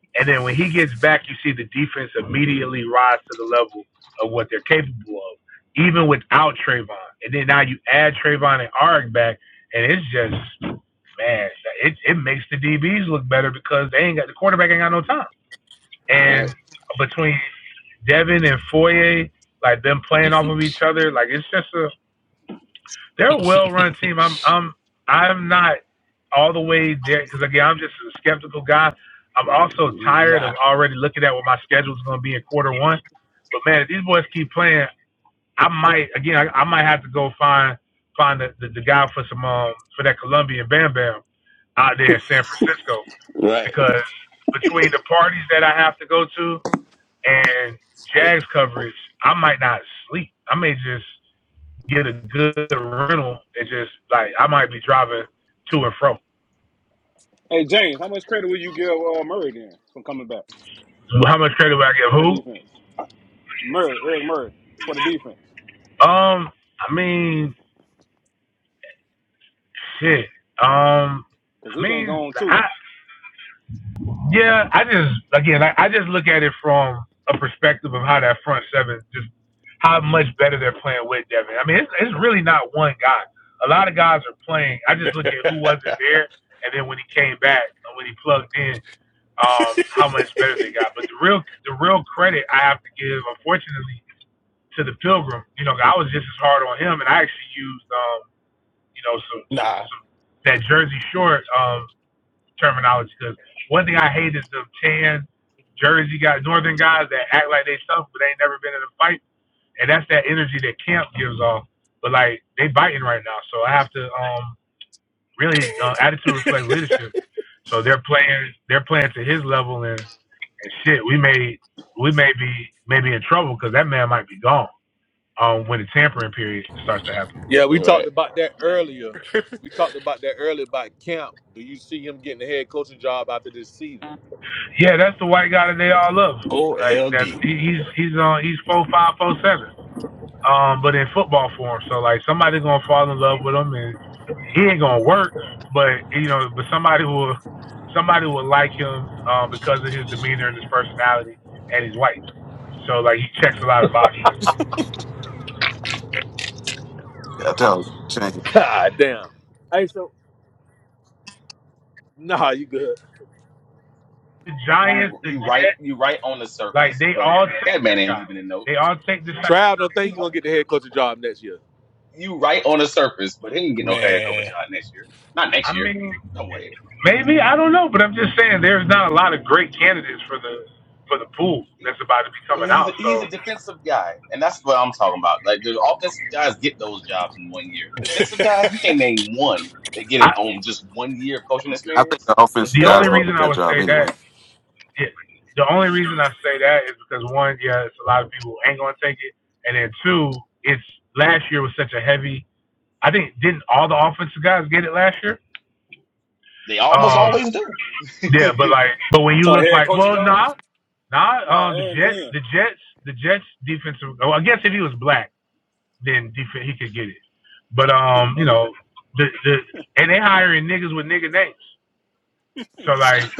Speaker 14: there. And then when he gets back, you see the defense immediately rise to the level of what they're capable of, even without Trayvon. And then now you add Trayvon and Arik back, and it's just man, it it makes the DBs look better because they ain't got the quarterback ain't got no time.
Speaker 13: All
Speaker 14: And
Speaker 13: Right.
Speaker 14: between Devin and Foye, like them playing off of each other, like it's just a they're a well-run team. I'm I'm I'm not all the way there because again, I'm just a skeptical guy. I'm also tired
Speaker 1: nah,
Speaker 14: of already looking at what my schedule is going to be in quarter one. But man, if these boys keep playing, I might again I, I might have to go find find the, the, the guy for some um, for that Colombian Bam Bam out there in San Francisco
Speaker 13: Right.
Speaker 14: because between the parties that I have to go to and Jags coverage, I might not sleep. I may just get a good rental and just like I might be driving to and from.
Speaker 4: Hey, James, how much credit would you give uh, Murray then for coming back
Speaker 14: How much credit would I give
Speaker 4: for the
Speaker 14: who?
Speaker 4: defense? Murray, Eric Murray for the defense,
Speaker 14: Um, I mean, shit. Um,
Speaker 4: because
Speaker 14: I
Speaker 4: he been
Speaker 14: mean,
Speaker 4: gone too.
Speaker 14: I yeah, I just again, I, I just look at it from a perspective of how that front seven just how much better they're playing with Devin. I mean, it's it's really not one guy. A lot of guys are playing. I just look at who wasn't there, and then when he came back, when he plugged in, um, how much better they got. But the real the real credit I have to give, unfortunately, to the Pilgrim. You know, I was just as hard on him, and I actually used um, you know some some,
Speaker 1: nah.
Speaker 14: some that Jersey Shore um, terminology because one thing I hate is the tan Jersey guys, Northern guys that act like they tough but they ain't never been in a fight, and that's that energy that Camp gives off. But like they biting right now, so I have to um, really uh, attitude reflects leadership. So they're playing they're playing to his level and and shit, we may we may be maybe in trouble because that man might be gone um, when the tampering period starts to happen.
Speaker 6: Yeah, we talked
Speaker 13: Right.
Speaker 6: about that
Speaker 8: Man,
Speaker 6: earlier. We talked about that earlier about camp. Do you see him getting the head coaching job after this season?
Speaker 14: Yeah, that's the white guy that they all love. Like
Speaker 1: OLD.
Speaker 14: that's he, he's he's on he's four five four seven. Um, but in football form, so like somebody's gonna fall in love with him, and he ain't gonna work. But you know, but somebody will somebody will like him um, because of his demeanor and his personality, and he's white. So like he checks a lot of boxes.
Speaker 3: I tell you, change it.
Speaker 6: God damn. Hey, so nah, you good.
Speaker 14: The Giants,
Speaker 8: you
Speaker 14: the
Speaker 8: you
Speaker 14: Jets.
Speaker 8: right you right on the
Speaker 14: Like
Speaker 8: surface,
Speaker 14: they
Speaker 8: but
Speaker 14: all take
Speaker 8: that
Speaker 14: this
Speaker 8: man ain't
Speaker 14: guy.
Speaker 8: leaving a note.
Speaker 14: They all take this. guy.
Speaker 6: Trav don't think
Speaker 8: You
Speaker 6: he's gonna get the head coaching job next year.
Speaker 8: you right on the surface, but he ain't get no head coaching
Speaker 1: Man.
Speaker 8: job next year. Not
Speaker 14: I
Speaker 8: next year.
Speaker 14: mean,
Speaker 8: No way.
Speaker 14: maybe I don't know, but I'm just saying there's not a lot of great candidates for the for the pool that's about to be
Speaker 8: I mean,
Speaker 14: coming
Speaker 8: he's
Speaker 14: out.
Speaker 8: a, he's
Speaker 14: So
Speaker 8: a defensive guy, and that's what I'm talking about. Like the offensive guys get those jobs in one year. Defensive guys, you can't name one. They get it
Speaker 14: I,
Speaker 8: on just one year of coaching
Speaker 3: I think
Speaker 8: experience.
Speaker 3: the offensive
Speaker 14: the
Speaker 1: Dub.
Speaker 14: only
Speaker 3: guys don't do
Speaker 14: reason I
Speaker 3: that
Speaker 8: Mm-mm.
Speaker 14: would
Speaker 3: job
Speaker 14: say that,
Speaker 3: anyway.
Speaker 14: yeah, the only reason I say that is because one, yeah, it's a lot of people who ain't gonna take it, and then two, it's last year was such a heavy. I think didn't all the offensive guys get it last year?
Speaker 8: They almost
Speaker 14: Um,
Speaker 8: always do.
Speaker 14: Yeah, but like, but when you
Speaker 4: So
Speaker 14: look
Speaker 4: head
Speaker 14: like,
Speaker 4: coaching
Speaker 14: well, nah,
Speaker 4: jobs?
Speaker 14: nah,
Speaker 4: No,
Speaker 14: um, the
Speaker 4: Aaron
Speaker 14: Jet,
Speaker 4: Glenn.
Speaker 14: the Jets, the Jets defensive. Oh, I guess if he was black, then def- he could get it. But um, you know, the the and they hiring niggas with nigga names. So like,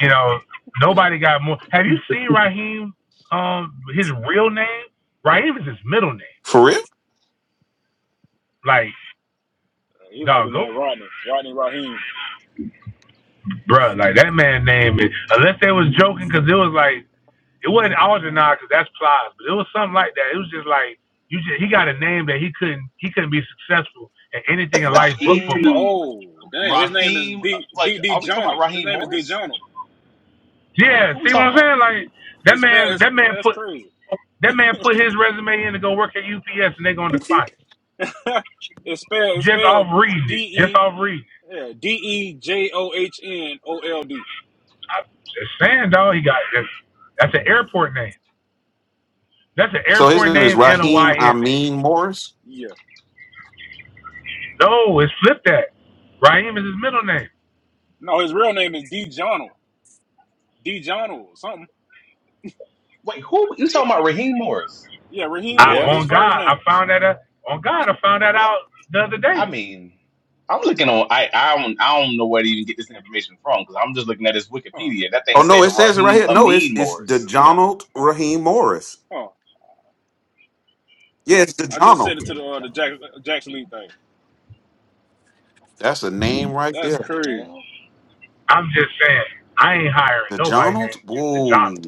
Speaker 14: you know, nobody got more. Have you seen Raheem? Um, his real name, Raheem is his middle name.
Speaker 3: For real?
Speaker 14: Like,
Speaker 4: Uh, He like
Speaker 14: dog,
Speaker 4: his
Speaker 14: go,
Speaker 4: name Rodney, Rodney Raheem.
Speaker 14: bruh, Like that man name is. Unless they was joking, cause it was like It wasn't Algernon because that's Plies, but it was something like that. It was just like you just he got a name that he couldn't he couldn't be successful at anything in life but
Speaker 8: Raheem,
Speaker 14: football.
Speaker 4: Oh, dang, his name is
Speaker 8: Raheem, uh,
Speaker 4: D
Speaker 8: like
Speaker 4: D D
Speaker 8: are we talking about
Speaker 4: Jono. His
Speaker 8: Raheem
Speaker 4: name is D
Speaker 8: Morris?
Speaker 4: Jono.
Speaker 14: Yeah,
Speaker 8: Who we
Speaker 14: see what
Speaker 8: talking
Speaker 14: I'm
Speaker 8: about?
Speaker 14: saying? Like that
Speaker 4: It's spelled.
Speaker 14: man
Speaker 4: It's,
Speaker 14: that man
Speaker 4: that's
Speaker 14: put
Speaker 4: crazy.
Speaker 14: that man put his resume in to go work at UPS and they are gonna decline
Speaker 4: it's spelled. It's
Speaker 14: it. Just off
Speaker 4: spelled
Speaker 14: reading
Speaker 4: D
Speaker 14: it. Just
Speaker 4: E
Speaker 14: off reading it.
Speaker 4: yeah, D E J O H N O L D.
Speaker 14: I'm just saying, dog, he got that's, that's an airport name. That's an
Speaker 3: So his
Speaker 14: airport
Speaker 3: name is
Speaker 14: name and a
Speaker 3: Raheem
Speaker 14: YN name.
Speaker 3: Amin Morris.
Speaker 4: Yeah.
Speaker 14: No, it's flipped. that. Raheem is his middle name.
Speaker 4: No, his real name is D Jono. D something.
Speaker 8: Wait, who you talking about? Raheem Morris?
Speaker 4: Yeah, Raheem
Speaker 14: I
Speaker 4: Moore
Speaker 1: Yeah.
Speaker 4: is his
Speaker 14: on
Speaker 4: first
Speaker 14: God, I
Speaker 4: name.
Speaker 14: found that out, on God, I found that
Speaker 8: Well,
Speaker 14: out the other
Speaker 8: I
Speaker 14: day.
Speaker 8: mean, I'm looking on. I I don't I don't know where to even get this information from because I'm just looking at his
Speaker 4: Huh.
Speaker 8: Wikipedia. That thing
Speaker 3: Oh no,
Speaker 8: say
Speaker 3: it says it right
Speaker 8: Raheem
Speaker 3: here. No, it's
Speaker 8: Amin
Speaker 3: it's
Speaker 8: Morris.
Speaker 4: Yeah.
Speaker 3: DeJounald
Speaker 4: Huh.
Speaker 3: Raheem Morris.
Speaker 4: Huh.
Speaker 3: Yeah, it's
Speaker 4: I just said
Speaker 3: DeJounald.
Speaker 4: it to the uh, the Jack,
Speaker 8: DeJono?
Speaker 4: uh, Jackson Lee thing.
Speaker 3: That's a name right
Speaker 4: That's
Speaker 3: there.
Speaker 8: The
Speaker 4: crazy.
Speaker 8: hell?
Speaker 14: I'm just saying, I ain't hiring
Speaker 3: The
Speaker 14: nobody
Speaker 3: Donald?
Speaker 14: named J-
Speaker 3: Whoa.
Speaker 14: Jonathan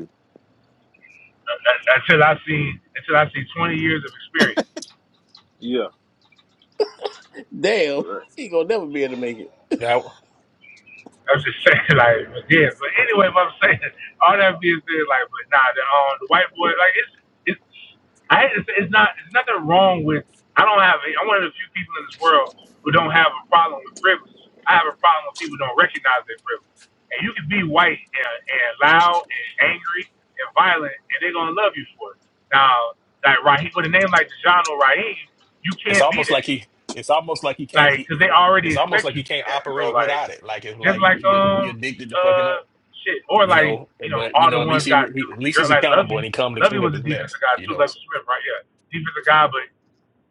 Speaker 14: Uh, uh, until I see until I see 20 years of experience.
Speaker 4: Yeah.
Speaker 13: Damn,
Speaker 4: Right.
Speaker 13: he gonna never be able to make it.
Speaker 1: That,
Speaker 14: I'm just saying, like, but yeah. But anyway, what I'm saying, all that being said, like, but nah, the um, the white boy, like, it's it's, I hate to say, it's not, it's nothing wrong with. I don't have. I'm one of the few people in this world who don't have a problem with privilege. I have a problem with people who don't recognize their privilege. And you can be white and, and loud and angry and violent, and they're gonna love you for it. Now, like Raheem, with a name like Dejan Raheem, you
Speaker 1: it's
Speaker 14: can't be
Speaker 1: almost like
Speaker 14: that.
Speaker 1: he it's almost like he can't
Speaker 14: like,
Speaker 1: he
Speaker 14: because they already
Speaker 1: it's almost
Speaker 14: expect
Speaker 1: like
Speaker 14: you
Speaker 1: he
Speaker 14: to be
Speaker 1: can't
Speaker 14: that. So,
Speaker 1: operate
Speaker 14: like
Speaker 1: without it. Like it's
Speaker 14: just
Speaker 1: like
Speaker 14: like
Speaker 1: he he
Speaker 14: um
Speaker 1: addicted to fucking
Speaker 14: uh
Speaker 1: up,
Speaker 14: shit, or
Speaker 1: you
Speaker 14: like
Speaker 1: know.
Speaker 14: you know
Speaker 1: But you
Speaker 14: all the
Speaker 1: know, at least
Speaker 14: ones
Speaker 1: he,
Speaker 14: got the
Speaker 1: he at least
Speaker 14: girl
Speaker 1: he's
Speaker 14: like
Speaker 1: accountable and
Speaker 14: Lovey.
Speaker 1: he come to
Speaker 14: Lovey
Speaker 1: clean up
Speaker 14: was a
Speaker 1: his mess,
Speaker 14: defensive guy
Speaker 1: you
Speaker 14: too.
Speaker 1: know.
Speaker 14: Lovey
Speaker 1: So,
Speaker 14: Smith, right? Yeah, defensive guy, but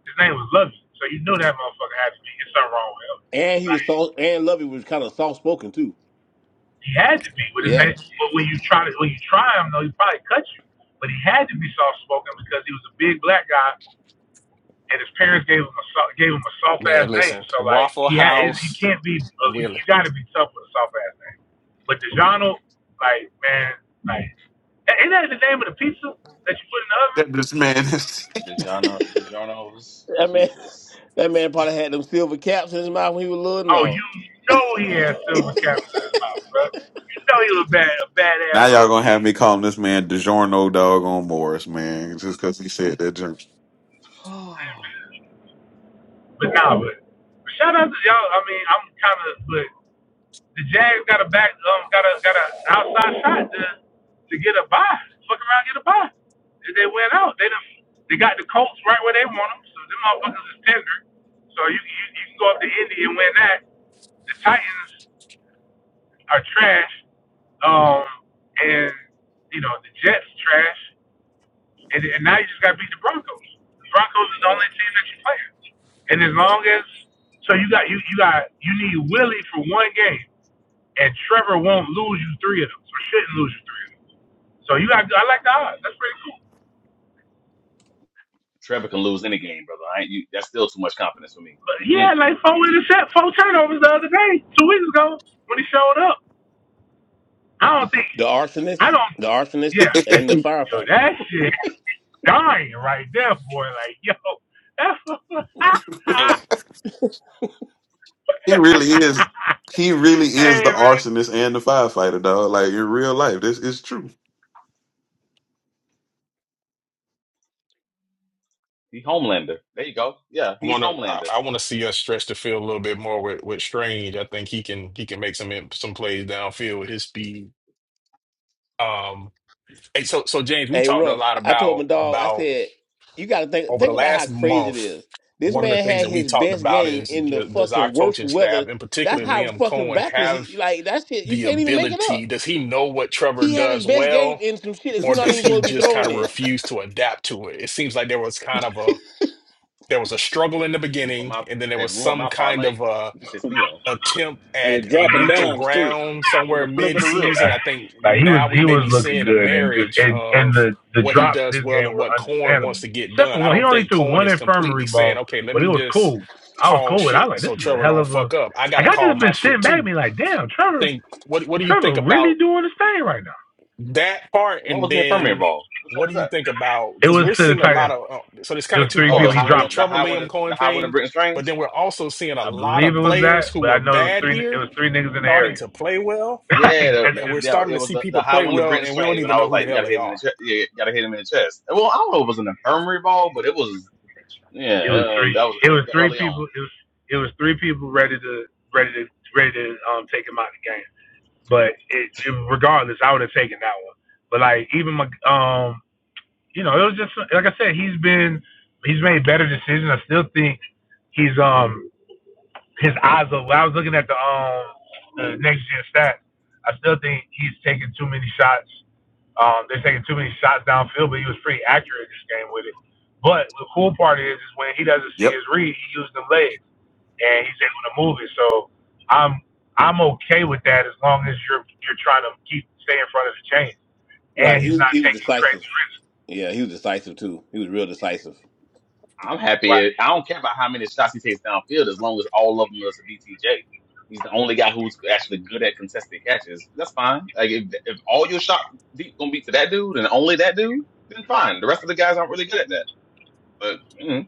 Speaker 14: his name was Lovey, so you knew that motherfucker had to be. It's something wrong with him.
Speaker 13: And he was
Speaker 14: Like
Speaker 13: soft. And Lovey was kind of soft spoken too.
Speaker 14: he had to be with his
Speaker 13: Yeah.
Speaker 14: name. But when you try to when you try him though, he probably cut you. But he had to be soft spoken because he was a big black guy and his parents gave him a so, gave him a soft
Speaker 1: man,
Speaker 14: ass name.
Speaker 1: listen,
Speaker 14: So like
Speaker 1: Waffle
Speaker 14: he ha- he
Speaker 1: House
Speaker 14: can't be uh, you,
Speaker 1: Willie.
Speaker 14: you got to be tough with a soft ass name. But DiGiorno, like man, like a- ain't that the name of the pizza that you put in the oven?
Speaker 3: That this man is.
Speaker 8: DeJono, DeJono's
Speaker 13: That man.
Speaker 8: Jesus.
Speaker 13: That man probably had them silver caps in his mouth when he was little and
Speaker 14: Oh,
Speaker 13: all.
Speaker 14: you know he has silver caps in his mouth, bro. You know he was a bad a badass
Speaker 3: now y'all
Speaker 14: little
Speaker 3: gonna have
Speaker 14: kid.
Speaker 3: me calling this man DiGiorno dog on Morris, man, just because he said that joke.
Speaker 8: Oh,
Speaker 14: But nah, but, but shout out to y'all. I mean, I'm kind of but The Jags got a back, um, got a got a outside shot to to get a bye. Fuck around, get a bye. If they went out, they done, they got the Colts right where they want them. So them motherfuckers is tender. So you you, you can go up to Indy and win that. The Titans are trash. Um, and you know the Jets trash, and, and now you just got to beat the Broncos. The Broncos is the only team that you play. And as long
Speaker 13: The
Speaker 14: as so you got you you got you need Willie for one game and Trevor won't lose you three of them, or shouldn't lose you three of them. So you got, I like the odds.
Speaker 8: man.
Speaker 14: That's pretty cool.
Speaker 8: Trevor can lose any game, brother. I ain't, you, that's still too much confidence for me.
Speaker 14: But he
Speaker 8: Mm-mm.
Speaker 14: had like four intercept, four turnovers the other day, two weeks ago when he showed up. I don't think, I
Speaker 13: arsonist,
Speaker 14: don't,
Speaker 13: the arsonist,
Speaker 14: yeah,
Speaker 13: and the
Speaker 14: yo,
Speaker 13: firefighter.
Speaker 14: that shit dying right there, boy. Like, yo, that's,
Speaker 1: Hey.
Speaker 3: he really is. He really is
Speaker 14: hey
Speaker 3: the
Speaker 14: man,
Speaker 3: arsonist and the firefighter, dog. Like in real life, this is true.
Speaker 8: He Homelander. There you go. Yeah, he's
Speaker 1: want to I,
Speaker 8: Homelander.
Speaker 1: I want to see us stretch the field a little bit more with with Strange. I think he can he can make some im- some plays downfield with his speed. Um, hey, so so James, we
Speaker 13: Hey,
Speaker 1: talked a
Speaker 13: Ruff,
Speaker 1: lot
Speaker 13: I told my
Speaker 1: about
Speaker 13: dog, I
Speaker 1: about
Speaker 13: said, you got to think
Speaker 1: over the
Speaker 13: think about how
Speaker 1: last
Speaker 13: crazy it
Speaker 1: month.
Speaker 13: is. This
Speaker 1: One of the
Speaker 13: man
Speaker 1: things
Speaker 13: had
Speaker 1: that we
Speaker 13: his
Speaker 1: talked
Speaker 13: best
Speaker 1: about
Speaker 13: game
Speaker 1: is
Speaker 13: in the
Speaker 1: ju- does our
Speaker 13: fucking worst
Speaker 1: coaching
Speaker 13: weather.
Speaker 1: staff, and
Speaker 13: That's
Speaker 1: particularly
Speaker 13: how
Speaker 1: Liam
Speaker 13: fucking
Speaker 1: Cohen,
Speaker 13: backwards
Speaker 1: have
Speaker 13: he like that shit. You
Speaker 1: the
Speaker 13: can't even make it
Speaker 1: ability?
Speaker 13: up.
Speaker 1: Does he know what Trevor
Speaker 13: He had his
Speaker 1: does
Speaker 13: best game
Speaker 1: well,
Speaker 13: in some shit that
Speaker 1: or
Speaker 13: you're not
Speaker 1: does
Speaker 13: even
Speaker 1: he
Speaker 13: supposed to be
Speaker 1: just kind
Speaker 13: throwing
Speaker 1: of
Speaker 13: in.
Speaker 1: refuse to adapt to it? It seems like there was kind of a there was a struggle in the
Speaker 8: Ruined
Speaker 1: beginning,
Speaker 8: my,
Speaker 1: and then there was
Speaker 8: it ruined
Speaker 1: some
Speaker 8: my
Speaker 1: kind
Speaker 8: parlay.
Speaker 1: of a
Speaker 8: Pissed me off.
Speaker 1: attempt
Speaker 4: And was
Speaker 1: at a
Speaker 4: dropping
Speaker 1: neutral
Speaker 4: dimes too.
Speaker 1: ground
Speaker 4: With
Speaker 1: somewhere
Speaker 4: a flick of the wrist.
Speaker 1: mid-season. I think
Speaker 14: Like he was
Speaker 1: now we
Speaker 14: he
Speaker 1: may
Speaker 14: was
Speaker 1: be
Speaker 14: looking
Speaker 1: seeing a
Speaker 14: good and just
Speaker 1: marriage
Speaker 14: and and
Speaker 1: of
Speaker 14: the the
Speaker 1: what he
Speaker 14: drops
Speaker 1: does
Speaker 14: this
Speaker 1: well
Speaker 14: game
Speaker 1: and
Speaker 14: were
Speaker 1: what Cohen wants
Speaker 14: understandable.
Speaker 1: to get
Speaker 14: Except
Speaker 1: done.
Speaker 14: for
Speaker 1: I
Speaker 14: one, he
Speaker 1: don't
Speaker 14: only
Speaker 1: think
Speaker 14: threw
Speaker 1: Cohen
Speaker 14: one
Speaker 1: is completely
Speaker 14: infirmary
Speaker 1: saying,
Speaker 14: ball,
Speaker 1: okay, let
Speaker 14: but it
Speaker 1: me
Speaker 14: was
Speaker 1: just
Speaker 14: cool. I was
Speaker 1: call
Speaker 14: cool with. It. I was
Speaker 1: shit
Speaker 14: like, this
Speaker 1: so
Speaker 14: is a
Speaker 1: Trevor
Speaker 14: hell
Speaker 1: don't
Speaker 14: of a.
Speaker 1: fuck up. I
Speaker 14: Like
Speaker 1: gotta
Speaker 14: I
Speaker 1: call
Speaker 14: just
Speaker 1: my
Speaker 14: been
Speaker 1: shit
Speaker 14: sitting back, and
Speaker 1: too.
Speaker 14: be like, damn, Trevor,
Speaker 1: Think what what do you think
Speaker 14: Trevor really
Speaker 1: about
Speaker 14: doing his thing right now.
Speaker 1: that part?
Speaker 8: What
Speaker 1: And
Speaker 8: was the infirmary
Speaker 1: then
Speaker 8: ball? Which one
Speaker 1: what do
Speaker 8: was
Speaker 1: you
Speaker 8: that?
Speaker 1: think about
Speaker 14: It
Speaker 1: because
Speaker 14: was
Speaker 1: we're
Speaker 14: to the
Speaker 1: seeing a
Speaker 14: tight
Speaker 1: lot
Speaker 14: end.
Speaker 1: of uh, so there's
Speaker 14: It
Speaker 1: kind
Speaker 14: was
Speaker 1: of two
Speaker 14: three
Speaker 8: Oh, the
Speaker 14: people.
Speaker 1: parts
Speaker 14: He
Speaker 1: the,
Speaker 8: high
Speaker 1: the
Speaker 14: dropped.
Speaker 8: one, the
Speaker 1: Trevor
Speaker 8: high one,
Speaker 1: Liam Cohen
Speaker 8: the high one of
Speaker 1: thing,
Speaker 8: Britton
Speaker 1: but then
Speaker 8: Strange.
Speaker 1: we're also seeing a
Speaker 14: I
Speaker 1: lot
Speaker 14: believe
Speaker 1: of
Speaker 14: it was
Speaker 1: players
Speaker 14: that,
Speaker 1: who
Speaker 14: but
Speaker 1: were
Speaker 14: I know it was
Speaker 1: bad
Speaker 14: three.
Speaker 1: here
Speaker 14: It was three niggas in the
Speaker 1: starting
Speaker 14: area.
Speaker 1: to play well,
Speaker 8: Yeah,
Speaker 14: like
Speaker 8: the,
Speaker 14: that's
Speaker 1: and we're
Speaker 14: just.
Speaker 8: the, yeah,
Speaker 1: starting
Speaker 8: it
Speaker 1: to
Speaker 8: was
Speaker 1: see
Speaker 8: the, the
Speaker 1: people
Speaker 8: high
Speaker 1: play
Speaker 8: one to
Speaker 1: well,
Speaker 8: Britton
Speaker 1: and we don't
Speaker 8: Strange when
Speaker 1: even
Speaker 8: I
Speaker 1: know
Speaker 8: was
Speaker 1: who the
Speaker 8: like,
Speaker 1: hell
Speaker 8: gotta
Speaker 1: they
Speaker 8: hit him in the
Speaker 1: are.
Speaker 8: chest. Yeah, gotta hit him in the chest. Well, I don't know if it was an infirmary ball, but it was. Yeah,
Speaker 14: It was
Speaker 8: uh,
Speaker 14: three.
Speaker 8: that was
Speaker 14: It was
Speaker 8: ear-
Speaker 14: three
Speaker 8: early on.
Speaker 14: people. It was it was three people ready to ready to ready to um take him out of the game. But it, it, regardless, I would have taken that one. But like even my, um, you know, it was just like I said, he's been he's made better decisions. I still think he's um his eyes are. When I was looking at the um the next gen stats, I still think he's taking too many shots. Um, they're taking too many shots downfield, but he was pretty accurate this game with it. But the cool part is, is when he doesn't see
Speaker 3: yep.
Speaker 14: his read, he used them legs and he's able to move it. So I'm I'm okay with that as long as you're you're trying to keep stay in front of the chain, and
Speaker 13: Right. He
Speaker 14: he's
Speaker 13: was-
Speaker 14: not
Speaker 13: he was
Speaker 14: taking
Speaker 13: decisive.
Speaker 14: crazy risks.
Speaker 13: Yeah, he was decisive too. He was real decisive.
Speaker 8: I'm happy. I
Speaker 14: Right.
Speaker 8: don't care about how many shots he takes downfield as long as all of them is a BTJ. He's the only guy who's actually good at contested catches. That's fine. Like if if all your shot deep gonna be to that dude and only that dude, then fine. The rest of the guys aren't really good at that. But mm,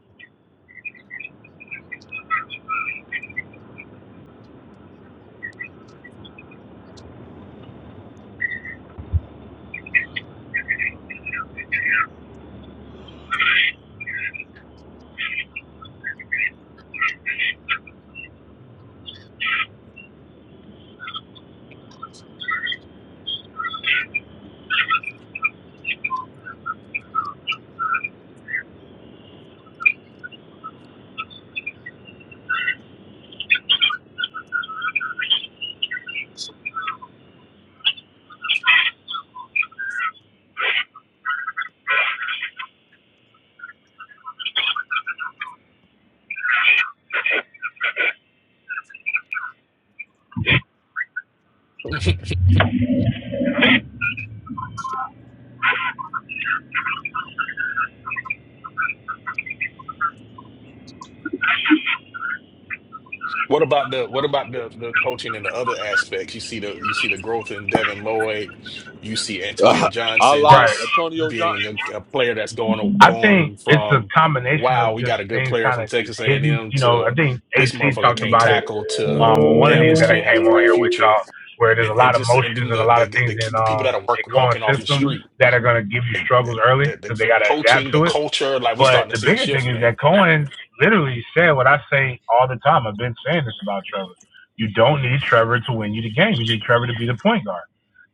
Speaker 1: What about the what about the the coaching and the other aspects? You see the you see the growth in Devin Lloyd. You see Antonio
Speaker 6: a
Speaker 1: Johnson
Speaker 6: la
Speaker 14: Right.
Speaker 1: just
Speaker 6: Antonio
Speaker 1: being a,
Speaker 6: Johnson.
Speaker 1: a player that's going
Speaker 14: I think
Speaker 1: going
Speaker 14: it's a
Speaker 1: from
Speaker 14: combination
Speaker 1: wow,
Speaker 14: of
Speaker 1: we
Speaker 14: just
Speaker 1: got a good
Speaker 14: things
Speaker 1: player
Speaker 14: kind
Speaker 1: from
Speaker 14: of just
Speaker 1: Texas A and
Speaker 14: hidden.
Speaker 1: M
Speaker 14: You know, I
Speaker 1: to
Speaker 14: think
Speaker 1: this
Speaker 14: AC
Speaker 1: motherfucker
Speaker 14: talked
Speaker 1: can't
Speaker 14: about it
Speaker 1: tackle to
Speaker 14: um, on one of
Speaker 1: damn
Speaker 14: these
Speaker 1: this
Speaker 14: that I
Speaker 1: kid has a
Speaker 14: came on
Speaker 1: bright
Speaker 14: here with
Speaker 1: future.
Speaker 14: y'all, where there's a
Speaker 1: And, and
Speaker 14: lot of
Speaker 1: just and then
Speaker 14: motions and a
Speaker 1: the,
Speaker 14: lot
Speaker 1: the
Speaker 14: of things in
Speaker 1: the the people
Speaker 14: um
Speaker 1: that are
Speaker 14: in
Speaker 1: work
Speaker 14: Cohen's
Speaker 1: walking off the
Speaker 14: system
Speaker 1: street
Speaker 14: that are going to give you
Speaker 1: Like
Speaker 14: struggles
Speaker 1: the,
Speaker 14: early
Speaker 1: the,
Speaker 14: because they
Speaker 1: the
Speaker 14: got to adapt
Speaker 1: coaching, the
Speaker 14: to it.
Speaker 1: culture, like we
Speaker 14: But
Speaker 1: starting to
Speaker 14: the
Speaker 1: see a
Speaker 14: bigger
Speaker 1: shift,
Speaker 14: thing is
Speaker 1: man.
Speaker 14: that Cohen literally said what I say all the time. I've been saying this about Trevor. You don't need Trevor to win you the game. You need Trevor to be the point guard.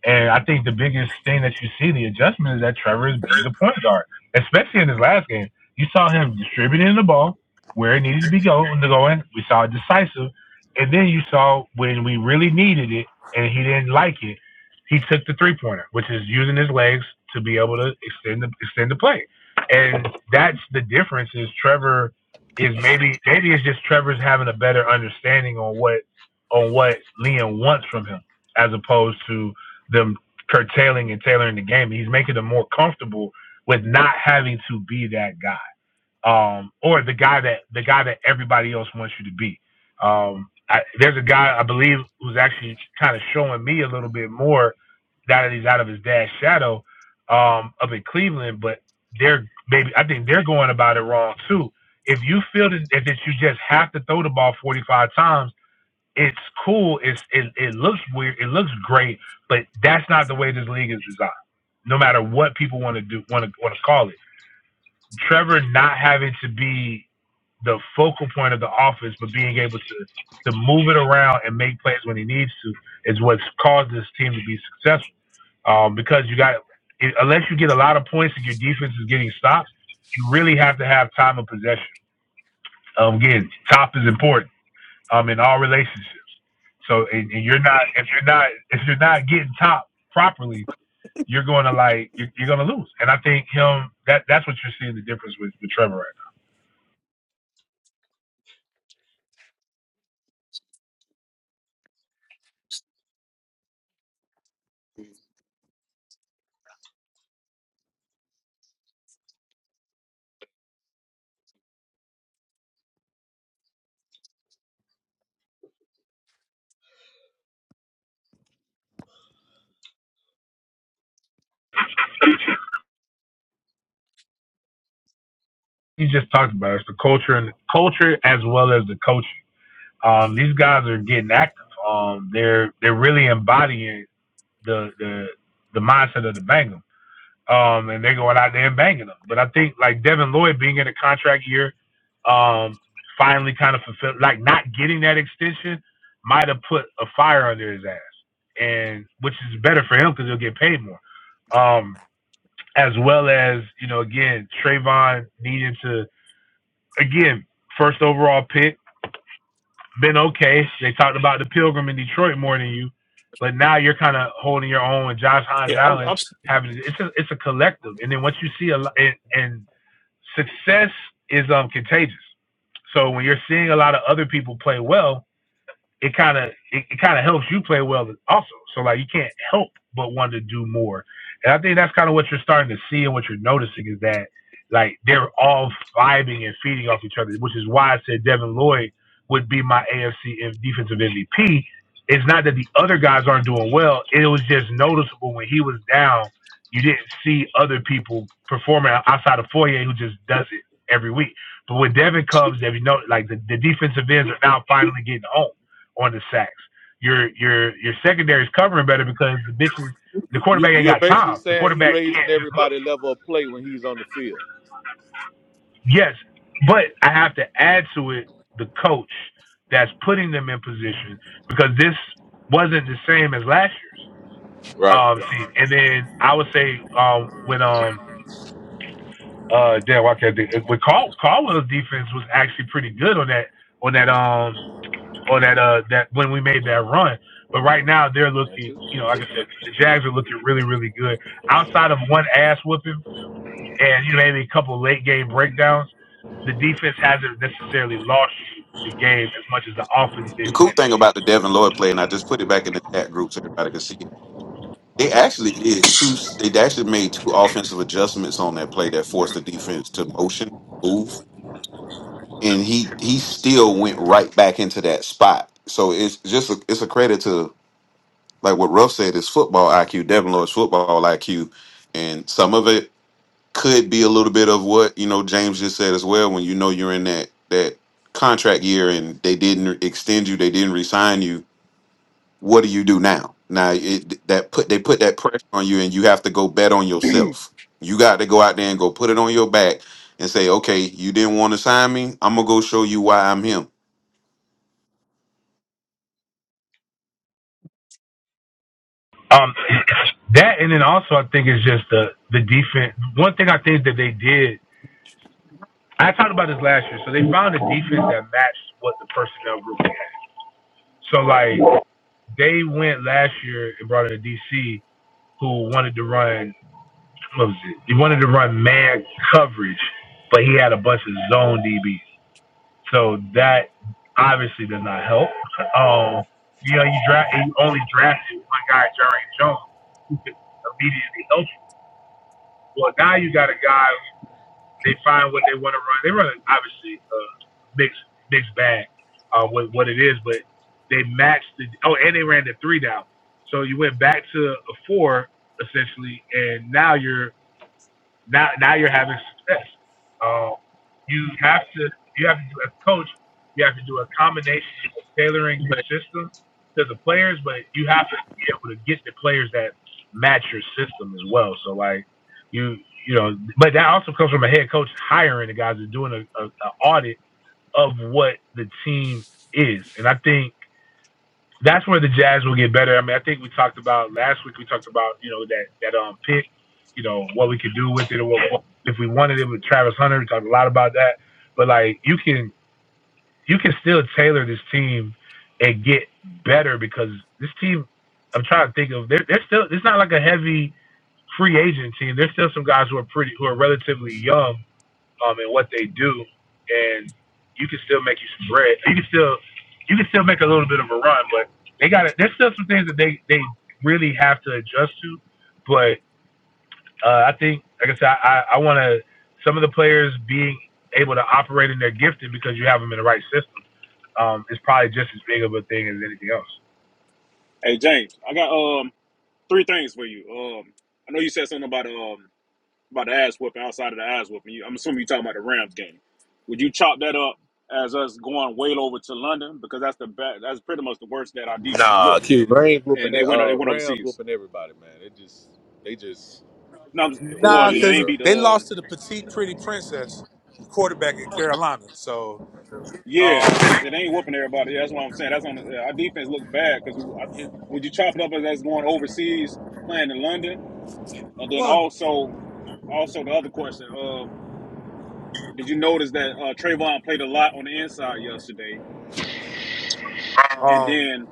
Speaker 14: And I think the biggest thing that you see the adjustment is that Trevor is being a point guard, especially in his last game. You saw him distributing the ball where it needed to be going. To go in. We saw it decisive, and then you saw when we really needed it and he didn't like it, he took the three pointer, which is using his legs to be able to extend the extend the play and that's the difference is Trevor is maybe maybe it's just Trevor's having a better understanding on what on what Liam wants from him as opposed to them curtailing and tailoring the game. He's making them more comfortable with not having to be that guy um, or the guy that the guy that everybody else wants you to be. Um, I, there's a guy I believe who's actually kind of showing me a little bit more that he's out of his dad's shadow um, up in Cleveland, but they're maybe I think they're going about it wrong too. If you feel that, that you just have to throw the ball 45 times, it's cool. It's it, it looks weird. It looks great, but that's not the way this league is designed. No matter what people want to do, want to want to call it. Trevor not having to be the focal point of the office, but being able to to move it around and make plays when he needs to is what's caused this team to be successful. Um, because you got unless you get a lot of points and your defense is getting stopped. you really have to have time of possession. Um, again, top is important um, in all relationships. So and, and you're not if you're not if you're not getting top properly, you're going to like you're, you're going to lose. And I think him that that's what you're seeing the difference with with Trevor. right you just talked about it. It's the culture and culture as well as the coaching. Um, these guys are getting active. Um, they're they're really embodying the the the mindset of the Bangham. Um, and they're going out there and banging them. But I think like Devin Lloyd being in a contract year, um, finally kind of fulfilled like not getting that extension might have put a fire under his ass, and which is better for him because he'll get paid more. Um, as well as you know again Trayvon needing to again, first overall pick, been okay. They talked about the Pilgrim in Detroit more than you, but now you're kind of holding your own with Josh Hines
Speaker 1: Yeah, I'm,
Speaker 14: Allen.
Speaker 1: I'm
Speaker 14: Having it's a it's a collective, and then once you see a lot, and, and success is um contagious. So when you're seeing a lot of other people play well, it kind of it, it kind of helps you play well also. So like you can't help but want to do more. And I think that's kind of what you're starting to see and what you're noticing is that like they're all vibing and feeding off each other, which is why I said Devin Lloyd would be my AFC defensive MVP. It's not that the other guys aren't doing well. It was just noticeable when he was down, you didn't see other people performing outside of Foye, who just does it every week. But when Devin comes, if you know, like the, the defensive ends are now finally getting home on the sacks. Your your your secondary is covering better because the bitches the
Speaker 6: You-
Speaker 14: quarterback ain't
Speaker 6: You're
Speaker 14: got
Speaker 6: basically
Speaker 14: time. The
Speaker 6: saying he
Speaker 14: quarterback can't
Speaker 6: raising
Speaker 14: just look.
Speaker 6: everybody level of play when he's on the field.
Speaker 14: Yes, but I have to add to it the coach that's putting them in position because this wasn't the same as last year's
Speaker 6: Right.
Speaker 14: um team. And then I would say um when um uh damn I can't think, with Caldwell's defense was actually pretty good on that on that um or that uh that when we made that run. But right now they're looking,
Speaker 8: 2022,
Speaker 14: you know, like I said, the Jags are looking really, really good. Outside of one ass whooping and you know maybe a couple of late game breakdowns, the defense hasn't necessarily lost the game as much as the offense did
Speaker 3: The cool
Speaker 14: win
Speaker 3: thing about the Devin Lloyd play, and I just put it back in the chat group so everybody can see it. They actually did two. They actually made two offensive adjustments on that play that forced the defense to motion move, and he he still went right back into that spot. So it's just a, it's a credit to like what Ruff said is football IQ, Devin Lloyd's football IQ, and some of it could be a little bit of what you know James just said as well. When you know you're in that that contract year and they didn't extend you, they didn't resign you what do you do now? Now it, that put they put that pressure on you, and you have to go bet on yourself. You got to go out there and go put it on your back and say, okay, you didn't want to sign me. I'm gonna go show you why I'm him.
Speaker 14: it. Um, that and then also I think it's just the the defense. One thing I think that they did, I talked about this last year. So they found a defense that matched what the personnel group had. So
Speaker 4: Right.
Speaker 14: like they went last year and brought in a DC who wanted to run what was it? He wanted to run man coverage, but he had a bunch of zone DBs. So that obviously does not help. Um, you know, you draft you only drafted one guy, Jerry Jones, who could immediately help you. Well, now you got a guy. They find what they want to run. They run obviously a mixed mixed bag uh, with what it is, but they matched the. Oh, and they ran the three down. So you went back to a four essentially, and now you're now now you're having success. Uh, you have to you have to do as a coach, you have to do a combination of tailoring your system to the players, but you have to be able to get the players that match your system as well. So like you you know, but that also comes from a head coach hiring the guys and doing a, a, a audit of what the team is, and I think that's where the Jazz will get better. I mean, I think we talked about last week. We talked about you know that that um pick, you know what we could do with it, or what, what- if we wanted it with Travis Hunter. We talked a lot about that, but like you can you can still tailor this team and get better because this team. I'm trying to think of they're they're still it's not like a heavy free agent team. There's still some guys who are pretty who are relatively young um, and what they do, and you can still make you some bread. You can still you can still make a little bit of a run, but they got to There's still some things that they they really have to adjust to. But uh, I think, like I said, I I want to some of the players being able to operate in their gifting because you have them in the right system um, is probably just as big of a thing as anything else.
Speaker 4: Hey James, I got um three things for you. Um I know you said something about um about the ass whooping outside of the ass whooping. You, I'm assuming you're talking about the Rams game. Would you chop that up as us going way over to London? Because that's the bad, that's pretty much the worst that our defense
Speaker 6: Nah,
Speaker 4: looked.
Speaker 6: kid, Rams whooping
Speaker 4: And they
Speaker 6: that,
Speaker 4: went they
Speaker 6: uh
Speaker 4: went
Speaker 6: Rams
Speaker 4: overseas.
Speaker 6: whooping everybody, man. They just they just
Speaker 4: No, I'm,
Speaker 6: They
Speaker 4: well,
Speaker 14: Nah,
Speaker 4: it
Speaker 6: elite,
Speaker 14: because
Speaker 4: ain't
Speaker 6: bro.
Speaker 4: beat.
Speaker 14: they
Speaker 4: Um,
Speaker 14: lost to the petite, pretty princess quarterback in Carolina. So,
Speaker 4: yeah,
Speaker 14: um,
Speaker 4: it ain't whooping everybody. That's what I'm saying. That's on the, our defense looked bad because
Speaker 14: it,
Speaker 4: would you chop it up as that's going overseas playing in London, and then
Speaker 14: Well,
Speaker 4: also, also the other question. Um, did you notice that uh, Trayvon played a lot on the inside yesterday? And
Speaker 14: um,
Speaker 4: then,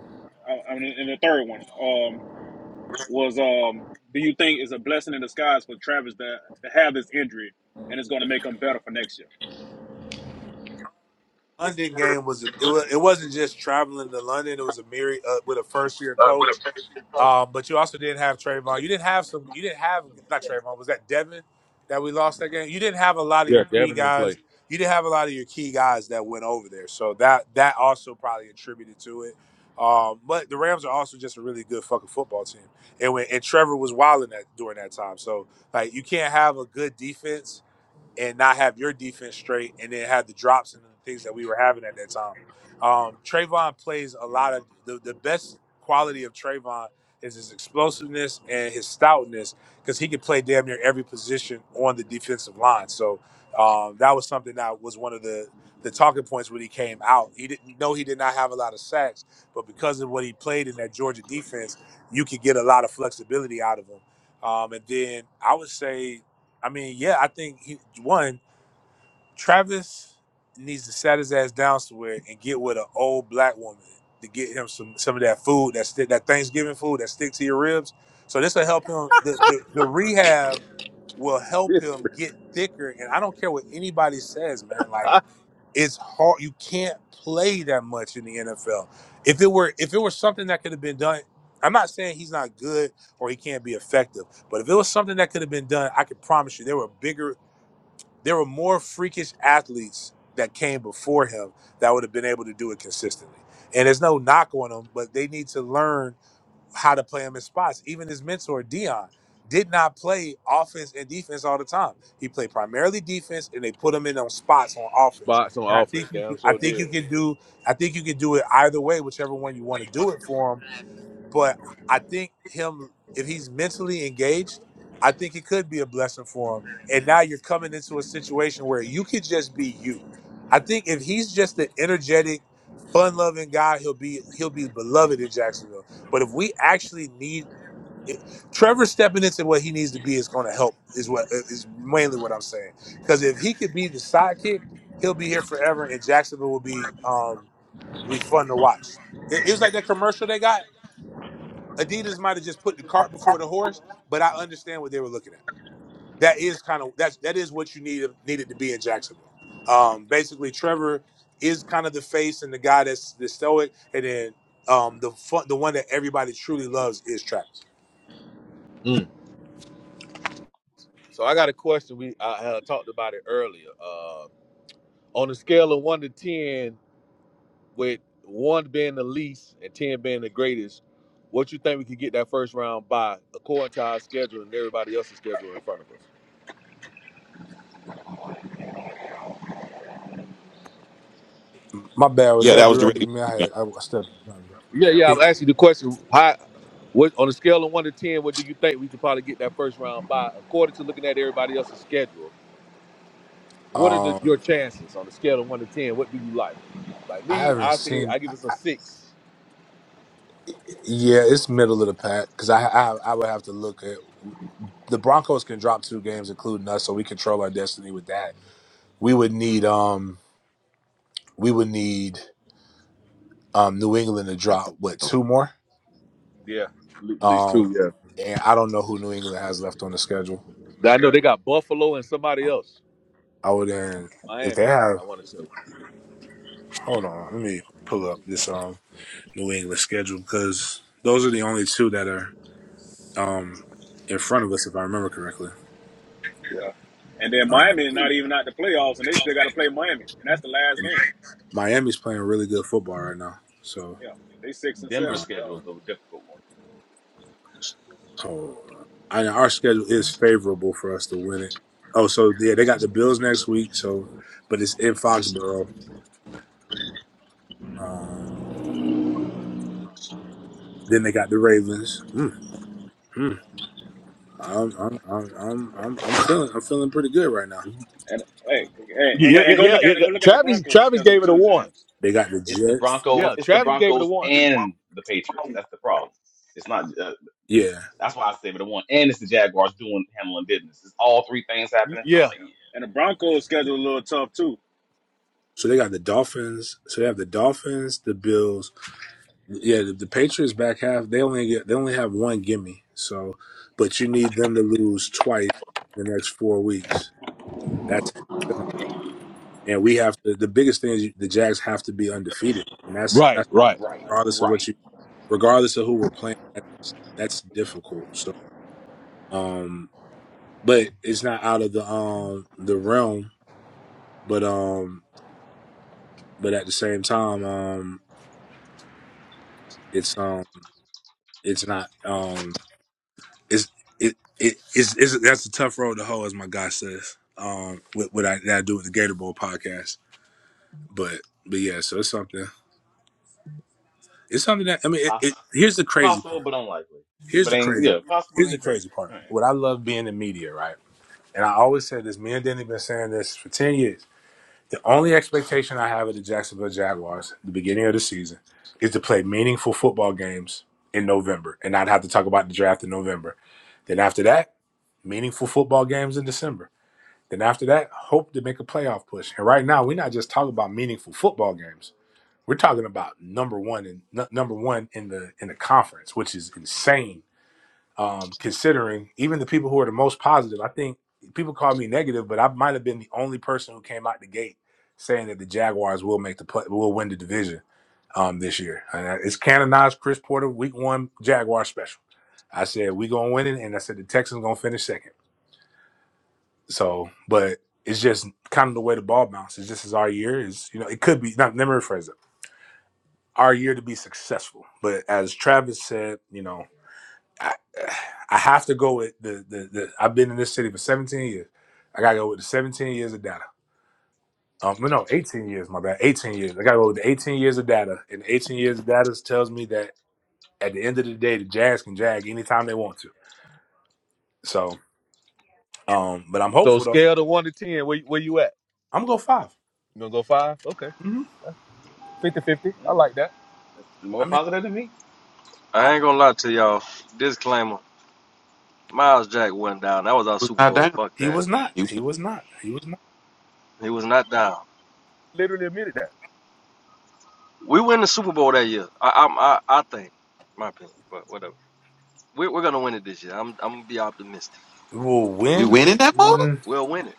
Speaker 4: uh, I mean, and the third one um, was, um, do you think it's a blessing in disguise for Travis to to have this injury, and it's going to make him better for next year?
Speaker 14: London game was a- it, was, it wasn't just traveling to London. It was a myriad uh, with a first year coach. Um, but you also didn't have Trayvon. You didn't have some. You didn't have not Trayvon. Was that Devin that we lost that game? You didn't have a lot of
Speaker 6: yeah,
Speaker 14: your key
Speaker 6: Devin ain't play.
Speaker 14: guys. You didn't have a lot of your key guys that went over there. So that that also probably attributed to it. Um, but the Rams are also just a really good fucking football team. And when and Trevor was wilding that during that time. So like you can't have a good defense and not have your defense straight, and then have the drops and the things that we were having at that time. Um, Trayvon plays a lot of the, the best quality of Trayvon is his explosiveness and his stoutness because he could play damn near every position on the defensive line. So um, that was something that was one of the the talking points when he came out. He didn't know he did not have a lot of sacks, but because of what he played in that Georgia defense, you could get a lot of flexibility out of him. Um, and then I would say I mean, yeah, I think he one. Travis needs to sat his ass down somewhere and get with an old black woman to get him some some of that food that stick that Thanksgiving food that sticks to your ribs. So this will help him. The, the the rehab will help him get thicker. And I don't care what anybody says, man. Like it's hard. You can't play that much in the NFL. If it were if it were something that could have been done, I'm not saying he's not good or he can't be effective, but if it was something that could have been done, I can promise you there were bigger there were more freakish athletes that came before him that would have been able to do it consistently. And there's no knock on them, but they need to learn how to play him in spots. Even his mentor, Dion, did not play offense and defense all the time. He played primarily defense and they put him in on spots on offense.
Speaker 6: Spots on
Speaker 14: And I
Speaker 6: offense,
Speaker 14: think you
Speaker 6: damn
Speaker 14: can I
Speaker 6: sure
Speaker 14: think you
Speaker 6: did.
Speaker 14: can do I think you can do it either way, whichever one you want to do it for him but I think him, if he's mentally engaged, I think it could be a blessing for him. And now you're coming into a situation where you could just be you. I think if he's just an energetic, fun-loving guy, he'll be he'll be beloved in Jacksonville. But if we actually need it, Trevor stepping into what he needs to be is going to help. Is what uh, is mainly what I'm saying. Because if he could be the sidekick, he'll be here forever, and Jacksonville will be um, be fun to watch. It, it was like that commercial they got Adidas might have just put the cart before the horse, but I understand what they were looking at. That is kind of that's that is what you needed needed to be in Jacksonville. Um, basically, Trevor is kind of the face and the guy that's the stoic, and then um, the fun, the one that everybody truly loves is Travis.
Speaker 6: Mm. So I got a question. We I had talked about it earlier. Uh, on a scale of one to ten, with one being the least and ten being the greatest, what you think we could get that first round by according to our schedule and everybody else's schedule in front of us?
Speaker 14: My bad. Was
Speaker 3: Yeah,
Speaker 14: that
Speaker 3: that was the
Speaker 14: directed at
Speaker 3: radio.
Speaker 14: me? I had I stepped in front of
Speaker 6: Yeah, yeah. I'm
Speaker 14: it.
Speaker 6: asking you the question. How, what on a scale of one to ten, what do you think we could probably get that first round by? According to looking at everybody else's schedule, what are the,
Speaker 14: Um,
Speaker 6: your chances on a scale of one to ten? What do you like? Like
Speaker 14: I
Speaker 6: me,
Speaker 14: haven't
Speaker 6: I say
Speaker 14: seen.
Speaker 6: I give
Speaker 14: I,
Speaker 6: us a six.
Speaker 14: yeah, it's middle of the pack because I, I I would have to look at the Broncos can drop two games, including us, so we control our destiny with that. we would need um we would need um New England to drop what two more
Speaker 6: Yeah, L- At least
Speaker 14: um
Speaker 6: two. Yeah.
Speaker 14: and I don't know who New England has left on the schedule.
Speaker 6: I know they got Buffalo and somebody else.
Speaker 14: I would then if
Speaker 6: Miami.
Speaker 14: they have
Speaker 6: I want to say.
Speaker 14: hold on let me pull up this um New England schedule because those are the only two that are um in front of us if I remember correctly.
Speaker 4: Yeah. And then
Speaker 14: Um,
Speaker 4: Miami not even out the playoffs, and they still got to play Miami, and that's the last
Speaker 14: and
Speaker 4: game.
Speaker 14: Miami's playing really good football right now, so
Speaker 4: Yeah, they six and seven.
Speaker 14: um,
Speaker 8: Denver's
Speaker 4: Dog.
Speaker 8: schedule is the difficult one.
Speaker 14: Oh, I know our schedule is favorable for us to win it. Oh, so yeah, they got the Bills next week. So, but it's in Foxborough. Um, then they got the Ravens. Mm, mm. I'm, I'm, I'm, I'm, I'm I'm feeling, I'm feeling pretty good right now.
Speaker 4: And hey, hey, and go,
Speaker 6: Yeah, yeah,
Speaker 4: and go
Speaker 6: yeah,
Speaker 4: look
Speaker 6: yeah.
Speaker 4: at
Speaker 6: yeah.
Speaker 4: go look at the
Speaker 6: Travis,
Speaker 4: Broncos
Speaker 6: Travis
Speaker 4: schedule
Speaker 6: gave it a
Speaker 4: too,
Speaker 6: one.
Speaker 4: James.
Speaker 14: They got the
Speaker 8: It's the
Speaker 14: Jets.
Speaker 8: Broncos.
Speaker 6: Yeah,
Speaker 8: It's the
Speaker 6: Travis gave it a
Speaker 8: Broncos
Speaker 6: one.
Speaker 8: and the Patriots. That's the problem. It's not. Uh,
Speaker 14: Yeah.
Speaker 8: that's why I say but the one, and it's the Jaguars doing handling business. It's all three things
Speaker 6: Y-
Speaker 8: happening. I'm
Speaker 6: Yeah.
Speaker 8: like,
Speaker 4: And the Broncos schedule a little tough too.
Speaker 14: So they got the Dolphins. So they have the Dolphins, the Bills. Yeah, the, the Patriots back half. They only get, they only have one gimme. So, but you need them to lose twice in the next four weeks. That's and we have to. The biggest thing is you- the Jags have to be undefeated, and that's
Speaker 6: Right,
Speaker 14: that's
Speaker 6: right.
Speaker 8: Right,
Speaker 14: regardless of what
Speaker 8: right.
Speaker 14: you, regardless of who we're playing. That's that's difficult. So, um, but it's not out of the um the realm. But um, but at the same time, um, it's um, it's not um, it's it it is it's, it's- that's a tough road to hoe, as my guy says. Um, what what I that I do with the Gator Bowl podcast, but but yeah, so it's something. It's something that I mean. It, it
Speaker 8: Poss-
Speaker 14: here's the crazy
Speaker 8: possible,
Speaker 14: part.
Speaker 8: but unlikely. Yeah,
Speaker 14: Here's
Speaker 8: but
Speaker 14: the
Speaker 8: ain't
Speaker 14: crazy.
Speaker 8: yeah, possible
Speaker 14: Here's
Speaker 8: but
Speaker 14: the
Speaker 8: ain't
Speaker 14: crazy
Speaker 8: crazy.
Speaker 14: part.
Speaker 8: All right,
Speaker 14: What I love being in media, right? And I always said this. Me and Denny been saying this for ten years. The only expectation I have of the Jacksonville Jaguars, at the beginning of the season, is to play meaningful football games in November and not have to talk about the draft in November. Then after that, meaningful football games in December. Then after that, hope to make a playoff push. And right now, we're not just talking about meaningful football games. We're talking about number one and number one in the in the conference, which is insane um, considering even the people who are the most positive. I think people call me negative, but I might have been the only person who came out the gate saying that the Jaguars will make the play, will win the division um, this year. And it's canonized Chris Porter Week One Jaguar special. I said we gonna win it, and I said the Texans gonna finish second. So, but it's just kind of the way the ball bounces. This is our year. Is you know it could be not. Let me rephrase it. Our year to be successful, but as Travis said, you know I, I have to go with the, the the I've been in this city for 17 years. I gotta go with the 17 years of data. Um, no, no, 18 years. My bad, 18 years. I gotta go with the 18 years of data, and the 18 years of data tells me that at the end of the day, the Jazz can jag anytime they want to. So, um, but I'm
Speaker 6: So
Speaker 14: hopeful though.
Speaker 6: scale to one to ten, where where you at?
Speaker 14: I'm gonna go 5
Speaker 6: You gonna go five? Okay.
Speaker 14: Mm-hmm.
Speaker 6: Fifty-fifty.
Speaker 8: Yeah,
Speaker 6: I like that.
Speaker 8: that's
Speaker 14: I
Speaker 8: more
Speaker 14: mean,
Speaker 8: positive than me.
Speaker 5: I
Speaker 14: I,
Speaker 5: ain't gonna lie to y'all. Disclaimer: Miles Jack wasn't down. That was our
Speaker 3: was
Speaker 5: Super
Speaker 3: not
Speaker 5: Bowl.
Speaker 3: down.
Speaker 5: Fuck
Speaker 14: he
Speaker 5: that.
Speaker 14: was not.
Speaker 3: He was-
Speaker 14: He was not. He was not.
Speaker 5: He was not down.
Speaker 6: Literally admitted that.
Speaker 5: We win the Super Bowl that year. I I I, I think, my opinion, but whatever. We, we're gonna win it this year. I'm I'm gonna be optimistic.
Speaker 14: Well,
Speaker 3: We
Speaker 14: when
Speaker 3: winning that ball.
Speaker 14: mm,
Speaker 5: We'll win it.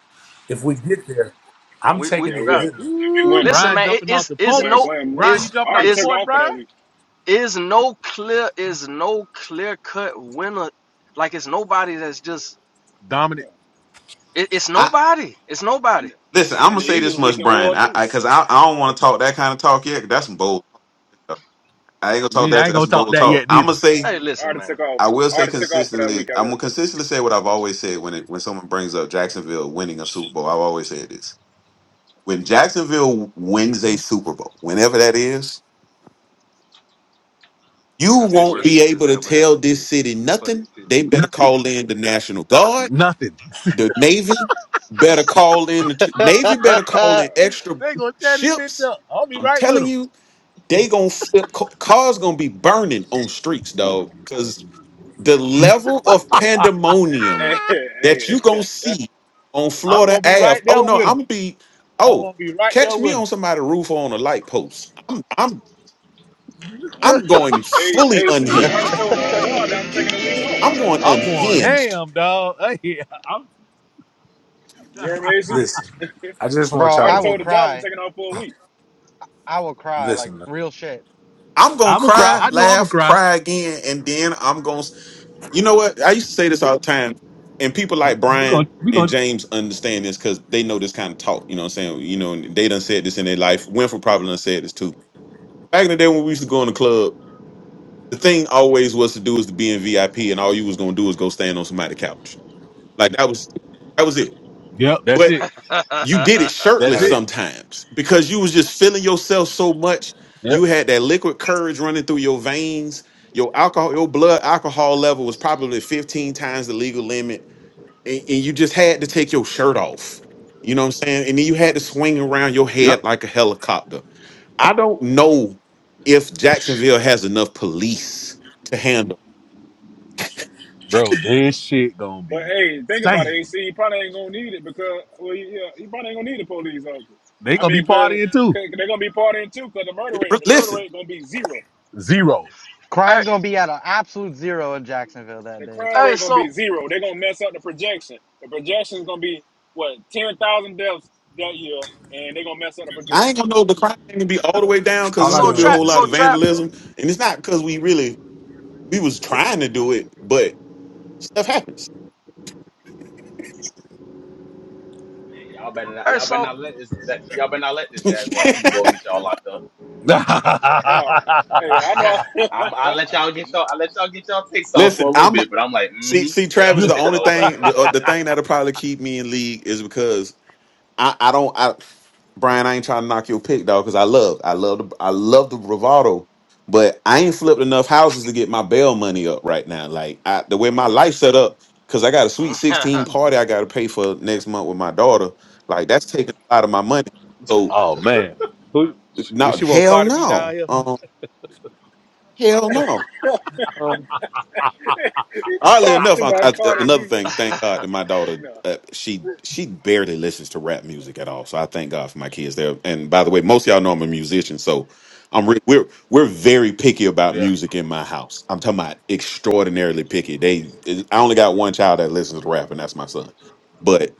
Speaker 14: if we get there, I'm
Speaker 5: We we
Speaker 14: taking
Speaker 4: Yeah,
Speaker 14: it
Speaker 4: we
Speaker 14: and
Speaker 4: are.
Speaker 5: bruh.
Speaker 4: Yeah,
Speaker 14: getting it.
Speaker 4: we
Speaker 6: Ooh,
Speaker 4: winning,
Speaker 5: Listen,
Speaker 4: bro.
Speaker 6: Brian
Speaker 5: man. It,
Speaker 6: jumping off
Speaker 5: it's
Speaker 6: the
Speaker 4: We
Speaker 5: it's
Speaker 4: going to
Speaker 5: no
Speaker 6: porch.
Speaker 4: claim none.
Speaker 6: Brian, you
Speaker 5: it's
Speaker 4: I
Speaker 6: jumping off
Speaker 4: already
Speaker 6: the
Speaker 5: it's
Speaker 4: took
Speaker 6: porch,
Speaker 4: off for
Speaker 6: Brian?
Speaker 4: that week.
Speaker 5: is no clear is no clear cut winner. Like it's nobody that's just
Speaker 6: Dominic,
Speaker 4: Yeah.
Speaker 5: it, it's
Speaker 3: I
Speaker 5: nobody. It's nobody.
Speaker 4: And
Speaker 3: listen. I'm
Speaker 4: and
Speaker 3: gonna
Speaker 4: the
Speaker 3: say this
Speaker 4: Eagles
Speaker 3: much,
Speaker 4: leaking
Speaker 3: Brian.
Speaker 4: oil
Speaker 3: I because
Speaker 4: too.
Speaker 3: I, 'cause I, I don't want to talk that kind of talk yet. 'cause That's some bold. Talk. I ain't gonna talk
Speaker 6: me,
Speaker 3: that.
Speaker 6: I ain't
Speaker 3: That's
Speaker 6: gonna
Speaker 3: some
Speaker 6: talk
Speaker 3: bold
Speaker 6: that
Speaker 3: talk.
Speaker 6: yet
Speaker 3: I'm gonna
Speaker 6: neither.
Speaker 4: Nah,
Speaker 3: say.
Speaker 5: Hey,
Speaker 4: man. I
Speaker 5: listen,
Speaker 4: already
Speaker 5: man.
Speaker 4: took off.
Speaker 3: I will
Speaker 4: I
Speaker 3: say
Speaker 4: already took off for that
Speaker 3: consistently.
Speaker 4: week at
Speaker 3: I'm gonna
Speaker 4: work
Speaker 3: consistently say what I've always said when it when someone brings up Jacksonville winning a Super Bowl. I've always said this when Jacksonville wins a Super Bowl, whenever that is, you
Speaker 5: That's the
Speaker 4: this
Speaker 3: won't
Speaker 4: year.
Speaker 5: worst
Speaker 3: be
Speaker 5: shit that's
Speaker 3: able to
Speaker 5: ever
Speaker 3: tell
Speaker 5: happened to
Speaker 3: this
Speaker 5: these
Speaker 3: city
Speaker 5: people. For
Speaker 3: nothing.
Speaker 5: these
Speaker 3: They better call in the National Guard,
Speaker 6: Nothing.
Speaker 3: the Navy better call in the t-
Speaker 11: bro.
Speaker 3: Navy better call
Speaker 4: Uh,
Speaker 3: in extra
Speaker 6: They gonna tear this bitch
Speaker 3: ships.
Speaker 6: up. I'll be
Speaker 3: I'm
Speaker 6: right with
Speaker 3: telling
Speaker 6: him.
Speaker 3: you, they gonna flip ca- cars gonna be burning on streets, dog. the level of
Speaker 4: bro.
Speaker 3: pandemonium
Speaker 4: Hey,
Speaker 3: that
Speaker 4: hey,
Speaker 3: you gonna see on
Speaker 6: I'm
Speaker 3: Florida
Speaker 6: gonna be
Speaker 3: Ave.
Speaker 6: right
Speaker 3: Oh
Speaker 6: there
Speaker 3: no,
Speaker 6: with him.
Speaker 3: I'm be
Speaker 6: I'm gonna
Speaker 3: oh
Speaker 6: be right there
Speaker 3: catch me
Speaker 6: with him.
Speaker 3: on somebody's roof or on a light post. I'm I'm I'm going
Speaker 4: hey,
Speaker 3: fully
Speaker 4: AC. I
Speaker 3: unhinged.
Speaker 4: already told my job that I'm taking a week off.
Speaker 3: I'm going
Speaker 6: I'm going
Speaker 3: unhinged.
Speaker 6: ham, dog. Hey, I'm,
Speaker 4: You're amazing.
Speaker 14: Listen, I just want
Speaker 4: I
Speaker 14: y'all
Speaker 4: already
Speaker 11: I
Speaker 14: to
Speaker 11: will
Speaker 4: told the
Speaker 14: know.
Speaker 4: job I'm
Speaker 11: cry.
Speaker 4: taking off for a week.
Speaker 11: I will cry like
Speaker 14: Listen, man.
Speaker 11: real shit.
Speaker 3: I'm gonna
Speaker 6: I'm gonna cry.
Speaker 14: y'all.
Speaker 3: cry,
Speaker 6: I know I'm gonna
Speaker 3: laugh,
Speaker 6: cry.
Speaker 3: cry again, and then I'm gonna. You know what? I used to say this all the time, and people like
Speaker 6: We gonna,
Speaker 3: Brian
Speaker 6: we
Speaker 3: and
Speaker 6: gonna.
Speaker 3: James understand this because they know this kind of talk. You know what I'm saying? You know, and they done said this in their life. Winfrey probably done said this too. Back in the day when we used to go in the club the thing always was to do is to be in VIP, and all you was gonna do is go stand on somebody's couch. Like that was that was it.
Speaker 6: Yep, that's
Speaker 3: But
Speaker 6: it.
Speaker 3: you
Speaker 5: people.
Speaker 3: did it
Speaker 6: That's
Speaker 3: shirtless
Speaker 6: it.
Speaker 14: Like
Speaker 3: sometimes because you was just feeling yourself so much. You
Speaker 6: Yep,
Speaker 3: had that liquid courage running through your veins. Your alcohol, your blood alcohol level was probably 15 times the legal limit. And, and you just had to take your shirt off. You know what I'm saying? And then you had to swing around your
Speaker 6: yep.
Speaker 3: head like a helicopter. I don't know if Jacksonville has enough police to handle.
Speaker 6: Bro, this shit gonna
Speaker 4: But
Speaker 6: be
Speaker 4: hey, think about it,
Speaker 6: insane.
Speaker 4: AC. He probably ain't gonna need it because well, he, yeah, he probably ain't gonna need a police officer.
Speaker 6: They
Speaker 4: I
Speaker 6: gonna be
Speaker 4: mean, cause,
Speaker 6: partying too.
Speaker 4: 'cause they're gonna be partying too. Cause the murder rate, the murder
Speaker 3: Listen,
Speaker 4: rate gonna be zero.
Speaker 6: Zero.
Speaker 5: Hey,
Speaker 11: Crime gonna be at an absolute zero in Jacksonville that
Speaker 4: The
Speaker 11: day.
Speaker 4: crime
Speaker 5: hey,
Speaker 4: rate gonna
Speaker 5: so
Speaker 4: be zero. They're gonna mess up the projection. The projection is gonna be what ten thousand deaths that year, and they're gonna mess up the
Speaker 3: I
Speaker 4: projection.
Speaker 3: ain't gonna know the crime ain't gonna be all the way down because
Speaker 14: all
Speaker 3: it's
Speaker 14: I
Speaker 5: so
Speaker 3: gonna be
Speaker 14: know
Speaker 3: a
Speaker 14: is
Speaker 5: trap,
Speaker 3: whole
Speaker 14: this,
Speaker 3: lot
Speaker 5: so
Speaker 3: of
Speaker 5: trap,
Speaker 3: vandalism, and it's not because we really we was trying to do it, but stuff happens.
Speaker 8: Man, y'all better not.
Speaker 5: hey,
Speaker 8: Y'all better
Speaker 5: so
Speaker 8: not let this. That, y'all better not let this Jaguar Super Bowl get y'all locked up.
Speaker 4: No man. Hey, I
Speaker 8: I'm, I let y'all get
Speaker 4: know.
Speaker 8: y'all. I let y'all get y'all takes off for
Speaker 3: Listen,
Speaker 8: a little
Speaker 3: I'm
Speaker 8: bit, but I'm like,
Speaker 3: see
Speaker 8: mm-hmm.
Speaker 3: see
Speaker 8: Yeah, I'm
Speaker 3: Travis.
Speaker 8: gonna
Speaker 3: The
Speaker 8: take my
Speaker 3: only
Speaker 8: little black
Speaker 3: thing
Speaker 8: ass
Speaker 3: the,
Speaker 8: to
Speaker 3: uh, the
Speaker 8: Orlando.
Speaker 3: thing that'll probably keep me in league is because I, I don't I Brian, I ain't trying to knock your pick, dog, because I love I love the I love the bravado, but I ain't flipped enough houses to get my bail money up right now. Like I, the way my life set up, because I got a sweet 16 party I gotta pay for next month with my daughter. Like that's taking a lot of my money. So
Speaker 6: oh man, who? She
Speaker 3: not
Speaker 6: she want
Speaker 3: hell
Speaker 6: Carter be down
Speaker 3: no.
Speaker 6: here?
Speaker 3: Um hell no.
Speaker 4: no. He
Speaker 3: Oddly enough,
Speaker 4: talking
Speaker 3: I,
Speaker 4: about
Speaker 3: I,
Speaker 4: Cardi
Speaker 3: another
Speaker 4: B.
Speaker 3: thing. Thank God that my daughter,
Speaker 4: No.
Speaker 3: uh, she she barely listens to rap music at all. So I thank God for my kids there. And by the way, most of y'all know I'm a musician, so I'm re- we're we're very picky about
Speaker 6: yeah.
Speaker 3: music in my house. I'm talking about extraordinarily picky. They, I only got one child that listens to rap, and that's my son. But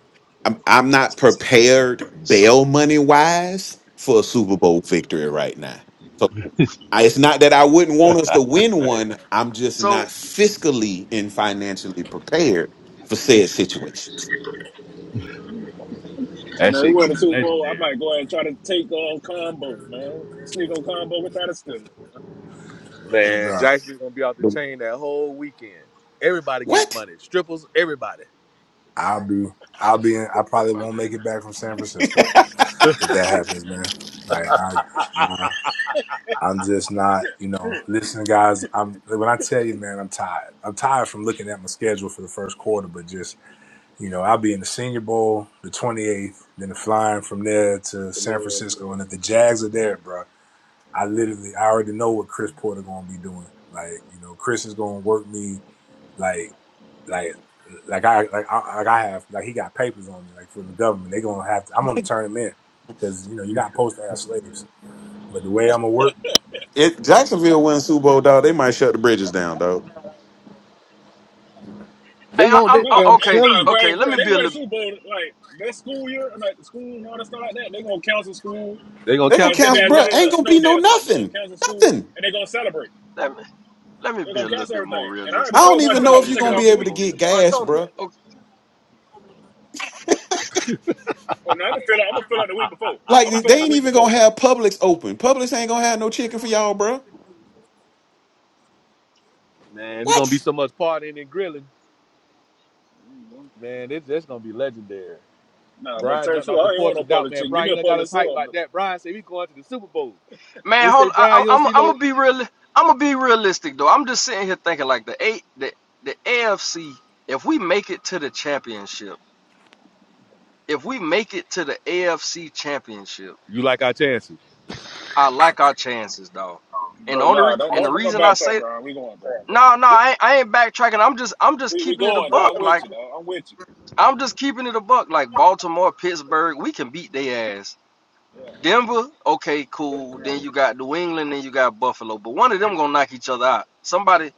Speaker 3: I'm I'm not prepared
Speaker 5: so
Speaker 3: bail money wise for a Super Bowl victory right now. So I- It's not that I wouldn't want us to win one. I'm just not
Speaker 5: so.
Speaker 3: fiscally and financially prepared for said situations.
Speaker 6: That
Speaker 4: Man, we
Speaker 6: shit
Speaker 4: win the
Speaker 6: gonna be
Speaker 4: Super Bowl. I
Speaker 6: legendary.
Speaker 4: might go ahead and try to take on combo, man. Sneak on combo and try to steal it. Man.
Speaker 6: Man,
Speaker 14: bro.
Speaker 6: Jackson's gonna be off the
Speaker 3: But
Speaker 6: chain that whole weekend. Everybody getting
Speaker 3: What?
Speaker 6: money. Strippers, everybody.
Speaker 14: I'll be, I'll be. In, I probably won't
Speaker 5: Hey,
Speaker 14: make it back from San Francisco if that happens, man. Like I, I I'm just not, you know. Listen, guys. I'm when I tell you, man, I'm tired. I'm tired from looking at my schedule for the first quarter, but just you know, I'll be in the Senior Bowl the 28th, then flying from there to
Speaker 8: The
Speaker 14: San
Speaker 8: Lord,
Speaker 14: Francisco,
Speaker 8: uh,
Speaker 14: and if the Jags are there, bro. I literally I already know what Chris Porter gonna be doing. Like you know, Chris is gonna work me like like like I like I, like I have like he got papers on me like for the government. They gonna have to. I'm gonna turn him in because you know you're not supposed to have slaves. But the way I'm gonna work.
Speaker 3: If Jacksonville wins Super Bowl, dog, they might shut the bridges down, dog.
Speaker 6: They
Speaker 5: I,
Speaker 6: gonna,
Speaker 5: I'm
Speaker 6: they,
Speaker 4: No, nah,
Speaker 5: I,
Speaker 6: man, I'm
Speaker 5: okay,
Speaker 6: telling
Speaker 4: eh, nah,
Speaker 6: you,
Speaker 4: bro, I
Speaker 5: okay.
Speaker 4: ain't for
Speaker 5: Let me
Speaker 4: real. They
Speaker 5: be a
Speaker 4: win the
Speaker 5: little,
Speaker 4: Super Bowl like that school year, like the school and all that stuff like that. They gonna cancel school
Speaker 6: they gonna
Speaker 3: They gonna
Speaker 6: cancel
Speaker 4: as if
Speaker 3: cancel,
Speaker 4: as
Speaker 6: school,
Speaker 4: if
Speaker 3: bruh.
Speaker 6: all
Speaker 4: it was
Speaker 3: Ain't
Speaker 4: a
Speaker 6: that.
Speaker 3: gonna
Speaker 4: snow
Speaker 3: be
Speaker 4: day
Speaker 3: no
Speaker 4: or something. They gonna
Speaker 3: nothing,
Speaker 4: cancel school
Speaker 3: nothing.
Speaker 4: and they gonna celebrate.
Speaker 5: let me let me
Speaker 4: They
Speaker 5: be a
Speaker 4: gonna
Speaker 5: little
Speaker 4: cancel
Speaker 5: bit more
Speaker 4: everything. And I already
Speaker 3: I
Speaker 5: realistic.
Speaker 3: don't
Speaker 4: told my
Speaker 3: even
Speaker 5: Let me
Speaker 3: know
Speaker 4: job
Speaker 3: if
Speaker 5: be
Speaker 4: I'm
Speaker 5: a
Speaker 3: you're
Speaker 4: taking
Speaker 3: gonna
Speaker 5: little
Speaker 4: off
Speaker 3: be
Speaker 4: a
Speaker 5: bit
Speaker 3: able to
Speaker 4: week.
Speaker 5: more
Speaker 3: get
Speaker 4: I
Speaker 5: realistic.
Speaker 4: already
Speaker 3: gas,
Speaker 4: told them that.
Speaker 3: bruh.
Speaker 5: Okay,
Speaker 4: Oh, no, I'm gonna fill out. I'm gonna fill out the week before.
Speaker 3: Like
Speaker 4: I'm gonna fill
Speaker 3: they
Speaker 4: out the
Speaker 3: ain't
Speaker 4: week
Speaker 3: even
Speaker 4: before.
Speaker 3: gonna have Publix open. Publix ain't gonna have no chicken for y'all, bruh.
Speaker 6: Man, there's gonna be
Speaker 3: What?
Speaker 6: so much partying and grilling. Man, this that's gonna be legendary.
Speaker 4: Nah, but
Speaker 6: Brian
Speaker 4: turn
Speaker 6: jumped
Speaker 4: true.
Speaker 6: off the
Speaker 4: I ain't
Speaker 6: porch
Speaker 4: want no
Speaker 6: without
Speaker 4: public
Speaker 6: man.
Speaker 4: chicken. Give
Speaker 6: Brian,
Speaker 4: me
Speaker 6: you
Speaker 4: a
Speaker 6: know, got
Speaker 4: public
Speaker 6: us hyped
Speaker 4: sub,
Speaker 6: like that. Brian said we going to the Super Bowl.
Speaker 5: man,
Speaker 6: We say,
Speaker 5: hold.
Speaker 6: Brian,
Speaker 5: I,
Speaker 6: you
Speaker 5: I,
Speaker 6: don't
Speaker 5: I'm
Speaker 6: see
Speaker 5: I'm
Speaker 6: no.
Speaker 5: gonna be real. I'm gonna be realistic though. I'm just sitting here thinking like the eight, the the AFC. If we make it to the championship, if we make it to the AFC championship,
Speaker 6: You like our chances
Speaker 5: I like our chances, dog. And the
Speaker 4: bro.
Speaker 5: only re-
Speaker 4: Nah, don't
Speaker 5: and the
Speaker 4: don't don't
Speaker 5: reason I
Speaker 4: backtrack,
Speaker 5: say
Speaker 4: bro. We going, bro.
Speaker 5: No, no, I, ain't- I ain't backtracking. I'm just I'm just
Speaker 4: We we
Speaker 5: keeping it a
Speaker 4: going, dog. I'm
Speaker 5: buck.
Speaker 4: with
Speaker 5: Like
Speaker 4: you, dog. I'm with you.
Speaker 5: I'm just keeping it a buck. Like Baltimore, Pittsburgh, we can beat their ass.
Speaker 4: Yeah.
Speaker 5: Denver, okay, cool. Then you got New England, then you got Buffalo. But one of them gonna knock each other out. Somebody,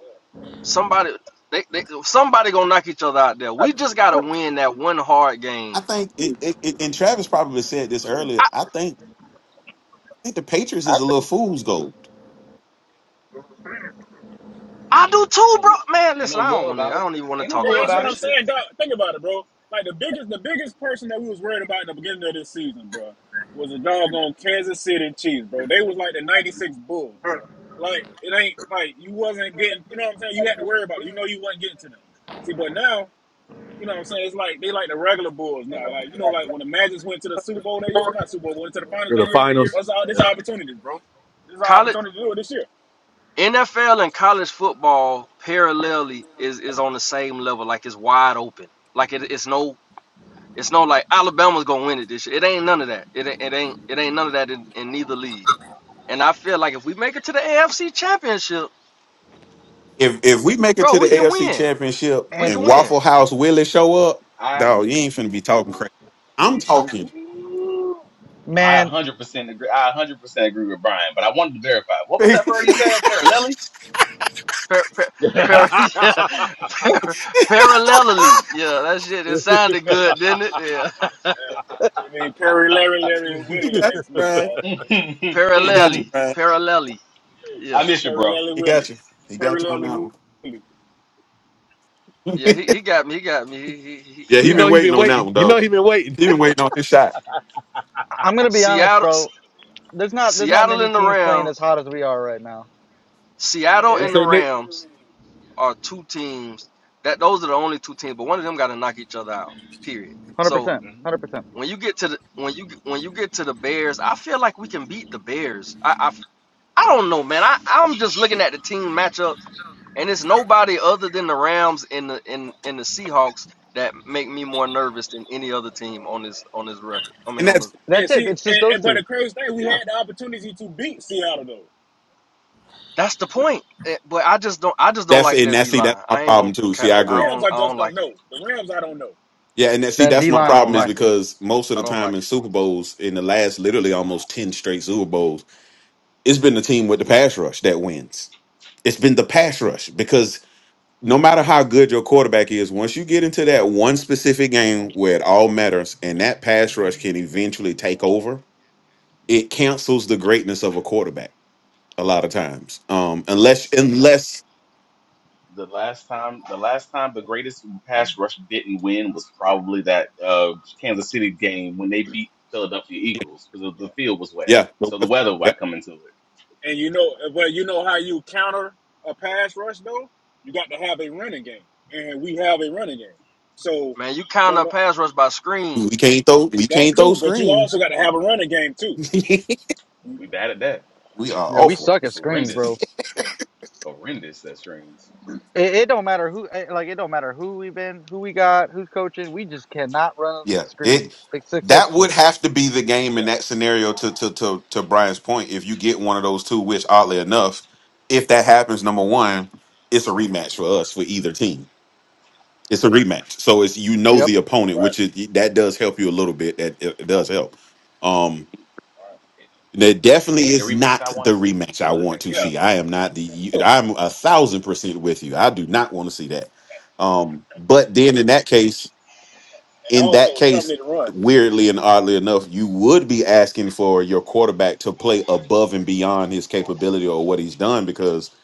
Speaker 5: somebody, they, they somebody gonna knock each other out there. We just gotta win that one hard
Speaker 3: I
Speaker 5: game.
Speaker 3: think, it, it, it- and Travis probably said this
Speaker 4: Shoot.
Speaker 3: earlier.
Speaker 5: I,
Speaker 3: I think, I think the Patriots is a little fool's gold.
Speaker 5: I do
Speaker 8: Ain't
Speaker 5: too,
Speaker 8: no,
Speaker 5: bro. Man,
Speaker 8: lu- ain't
Speaker 5: listen,
Speaker 8: no
Speaker 5: I don't
Speaker 8: lure
Speaker 5: want to.
Speaker 8: about
Speaker 5: I
Speaker 8: it.
Speaker 5: don't even want to
Speaker 8: Ain't no
Speaker 5: talk
Speaker 4: Bro,
Speaker 8: lure
Speaker 5: about
Speaker 4: that's
Speaker 8: about
Speaker 4: what
Speaker 5: that
Speaker 4: I'm
Speaker 8: it.
Speaker 5: shit.
Speaker 4: saying, dog. Think about it, bro. Like the biggest the biggest person that we was worried about in the beginning of this season, bro, was a doggone Kansas City Chiefs, bro. They was like the 96 Bulls, bro. Like, it ain't like you wasn't getting, you know what I'm saying? You had to worry about it. You know you wasn't getting to them. See, but now, you know what I'm saying? It's like they like the regular Bulls now. Like, you know, like when the Magic went to the Super Bowl that year, not Super Bowl, went to the finals
Speaker 6: for the
Speaker 4: that year,
Speaker 6: finals.
Speaker 4: that's all this our opportunities, bro. This is our
Speaker 5: College.
Speaker 4: opportunity to do it this year.
Speaker 5: NFL and college football parallelly is is on the same level. Like it's wide open. Like it, it's no it's no like Alabama's gonna win it this year. It ain't none of that. It it ain't it ain't none of that in, in neither league. And I feel like if we make it to the AFC Championship,
Speaker 3: If if we make it
Speaker 5: bro,
Speaker 3: to the
Speaker 5: we can
Speaker 3: AFC
Speaker 5: win.
Speaker 3: Championship
Speaker 5: We
Speaker 11: And
Speaker 5: can
Speaker 3: and
Speaker 5: win.
Speaker 3: Waffle House Willie show up,
Speaker 8: I,
Speaker 3: dog, you ain't finna be talking crazy. I'm talking.
Speaker 4: Ooh.
Speaker 8: I
Speaker 11: man,
Speaker 8: 100% agree. I 100% agree with Brian, but I wanted to verify. What was that word he
Speaker 3: he
Speaker 8: said? Parallel?
Speaker 5: Par, par, par, yeah, par, parallelly. Yeah, that shit. It sounded good, didn't it? Yeah.
Speaker 4: We need Perry, Larry, Larry, and Willie
Speaker 3: got you,
Speaker 4: next week,
Speaker 3: Brian.
Speaker 4: dog.
Speaker 3: He got you,
Speaker 5: parallelly.
Speaker 3: Brian.
Speaker 5: Parallelly.
Speaker 8: I
Speaker 5: Yeah.
Speaker 8: miss you,
Speaker 4: Perry,
Speaker 8: bro.
Speaker 4: Larry,
Speaker 3: He got
Speaker 4: Willie.
Speaker 3: you. He
Speaker 4: Perry,
Speaker 3: got you on
Speaker 4: Larry,
Speaker 3: that one.
Speaker 4: Willie.
Speaker 5: Yeah. He, he got me. He got me. He he he
Speaker 3: Yeah,
Speaker 5: he
Speaker 6: you
Speaker 3: he
Speaker 5: got
Speaker 6: know
Speaker 3: been
Speaker 5: it.
Speaker 6: he
Speaker 5: He
Speaker 6: been
Speaker 3: waiting on
Speaker 5: got it.
Speaker 3: that
Speaker 6: waiting.
Speaker 3: one,
Speaker 6: You know
Speaker 3: dog.
Speaker 6: he been waiting.
Speaker 3: He been waiting on his shot.
Speaker 11: I'm gonna be honest,
Speaker 5: Seattle,
Speaker 11: bro. There's not there's not
Speaker 5: Seattle
Speaker 11: many
Speaker 5: and the
Speaker 11: teams playing as
Speaker 5: Rams,
Speaker 11: hot as we are right now.
Speaker 5: Seattle
Speaker 6: What you
Speaker 8: Yeah.
Speaker 5: and the
Speaker 6: say, Nick?
Speaker 5: Rams are two teams that those are the only two teams, but one of them got to knock each other out. Period.
Speaker 11: one Hundred
Speaker 5: So
Speaker 11: percent,
Speaker 8: hmm
Speaker 11: one hundred percent.
Speaker 5: when you get to the when you when you get to the Bears, I feel like we can beat the Bears. I I, I don't know, man. I I'm just looking at the team matchup, and it's nobody other than the Rams and the and, and the Seahawks that make me more nervous than any other team on this on this record. I
Speaker 3: And
Speaker 5: mean on the
Speaker 3: that's
Speaker 4: And
Speaker 11: That's it.
Speaker 4: see,
Speaker 11: It's just
Speaker 4: and,
Speaker 11: those
Speaker 4: and but
Speaker 11: two.
Speaker 4: the crazy thing, we had
Speaker 8: Yeah.
Speaker 4: the opportunity to beat Seattle though.
Speaker 5: That's the point. Eh, But I just don't. I just don't
Speaker 3: that's
Speaker 5: like
Speaker 3: and
Speaker 5: their
Speaker 3: that's
Speaker 5: D
Speaker 3: see that's
Speaker 5: line.
Speaker 3: my
Speaker 5: I ain't gonna
Speaker 3: problem too. See,
Speaker 5: cap.
Speaker 3: I
Speaker 4: The
Speaker 5: I
Speaker 3: agree.
Speaker 4: Rams,
Speaker 5: don't.
Speaker 4: I
Speaker 5: I
Speaker 4: just
Speaker 5: don't
Speaker 4: don't
Speaker 5: like it.
Speaker 4: know. The Rams, I don't know.
Speaker 3: Yeah, and that see
Speaker 11: That
Speaker 3: that's
Speaker 11: D
Speaker 3: my
Speaker 11: line
Speaker 5: I
Speaker 11: is
Speaker 5: don't
Speaker 3: problem is
Speaker 5: like it.
Speaker 11: nasty.
Speaker 3: because most of
Speaker 5: I
Speaker 3: the
Speaker 5: don't
Speaker 3: time
Speaker 5: like
Speaker 3: in
Speaker 5: it.
Speaker 3: Super Bowls, in the last literally almost ten straight Super Bowls. It's been the team with the pass rush that wins. It's been the pass rush because no matter how good your quarterback is, once you get into that one specific game where it all matters and that pass rush can eventually take over, it cancels the greatness of a quarterback a lot of times. Um, unless, unless,
Speaker 8: The last time, the last time the greatest pass rush didn't win was
Speaker 4: Yeah,
Speaker 8: probably that uh, Kansas City game when they beat Philadelphia Eagles because the
Speaker 4: yeah.
Speaker 8: field was wet.
Speaker 3: yeah,
Speaker 8: So the weather
Speaker 3: yeah,
Speaker 8: might come into it.
Speaker 4: And you know, but you know how you counter a pass rush though? You got to have a running game, and we have a running game. So
Speaker 5: Man, you count
Speaker 4: don't
Speaker 5: a
Speaker 4: know
Speaker 5: pass rush by
Speaker 3: we
Speaker 5: screens.
Speaker 3: can't throw, we can't
Speaker 4: that
Speaker 3: throw
Speaker 4: too. But you
Speaker 3: screens.
Speaker 4: also got to
Speaker 8: We
Speaker 4: have a running game too.
Speaker 3: we
Speaker 8: we bad at that.
Speaker 3: are
Speaker 11: Yeah, we
Speaker 3: awful.
Speaker 11: suck at screens,
Speaker 8: Horrendous,
Speaker 11: bro.
Speaker 8: horrendous. That strings.
Speaker 11: It, it don't matter who eh, like it don't matter who we been, who we got, who's coaching. We just cannot run
Speaker 3: Yeah,
Speaker 11: screens
Speaker 3: it that would
Speaker 11: successfully.
Speaker 3: have to be the game
Speaker 4: Yeah,
Speaker 3: in that scenario. To to to to Brian's point, if you get one of those two, which oddly enough, if that happens, number one, it's a rematch for us for either team. It's a rematch, so it's you know
Speaker 11: Yep.
Speaker 3: the opponent,
Speaker 4: right.
Speaker 3: which is that does help you a little bit. That it, it does help. Um,
Speaker 4: Right.
Speaker 8: It,
Speaker 3: that
Speaker 8: it
Speaker 3: definitely
Speaker 8: ain't the
Speaker 3: is
Speaker 8: rematch
Speaker 3: not
Speaker 8: I
Speaker 3: the
Speaker 8: want to see.
Speaker 3: rematch I
Speaker 8: But
Speaker 3: want to
Speaker 8: I
Speaker 4: Yeah,
Speaker 3: see.
Speaker 8: mean,
Speaker 4: but,
Speaker 3: I am not the. I'm a thousand percent with you. I do not want to see that. Um, but then in that case
Speaker 4: and
Speaker 3: in that
Speaker 4: also Trump
Speaker 3: case,
Speaker 4: need to run.
Speaker 3: weirdly and oddly enough, you would be asking for your quarterback to play above and beyond his capability or what he's done because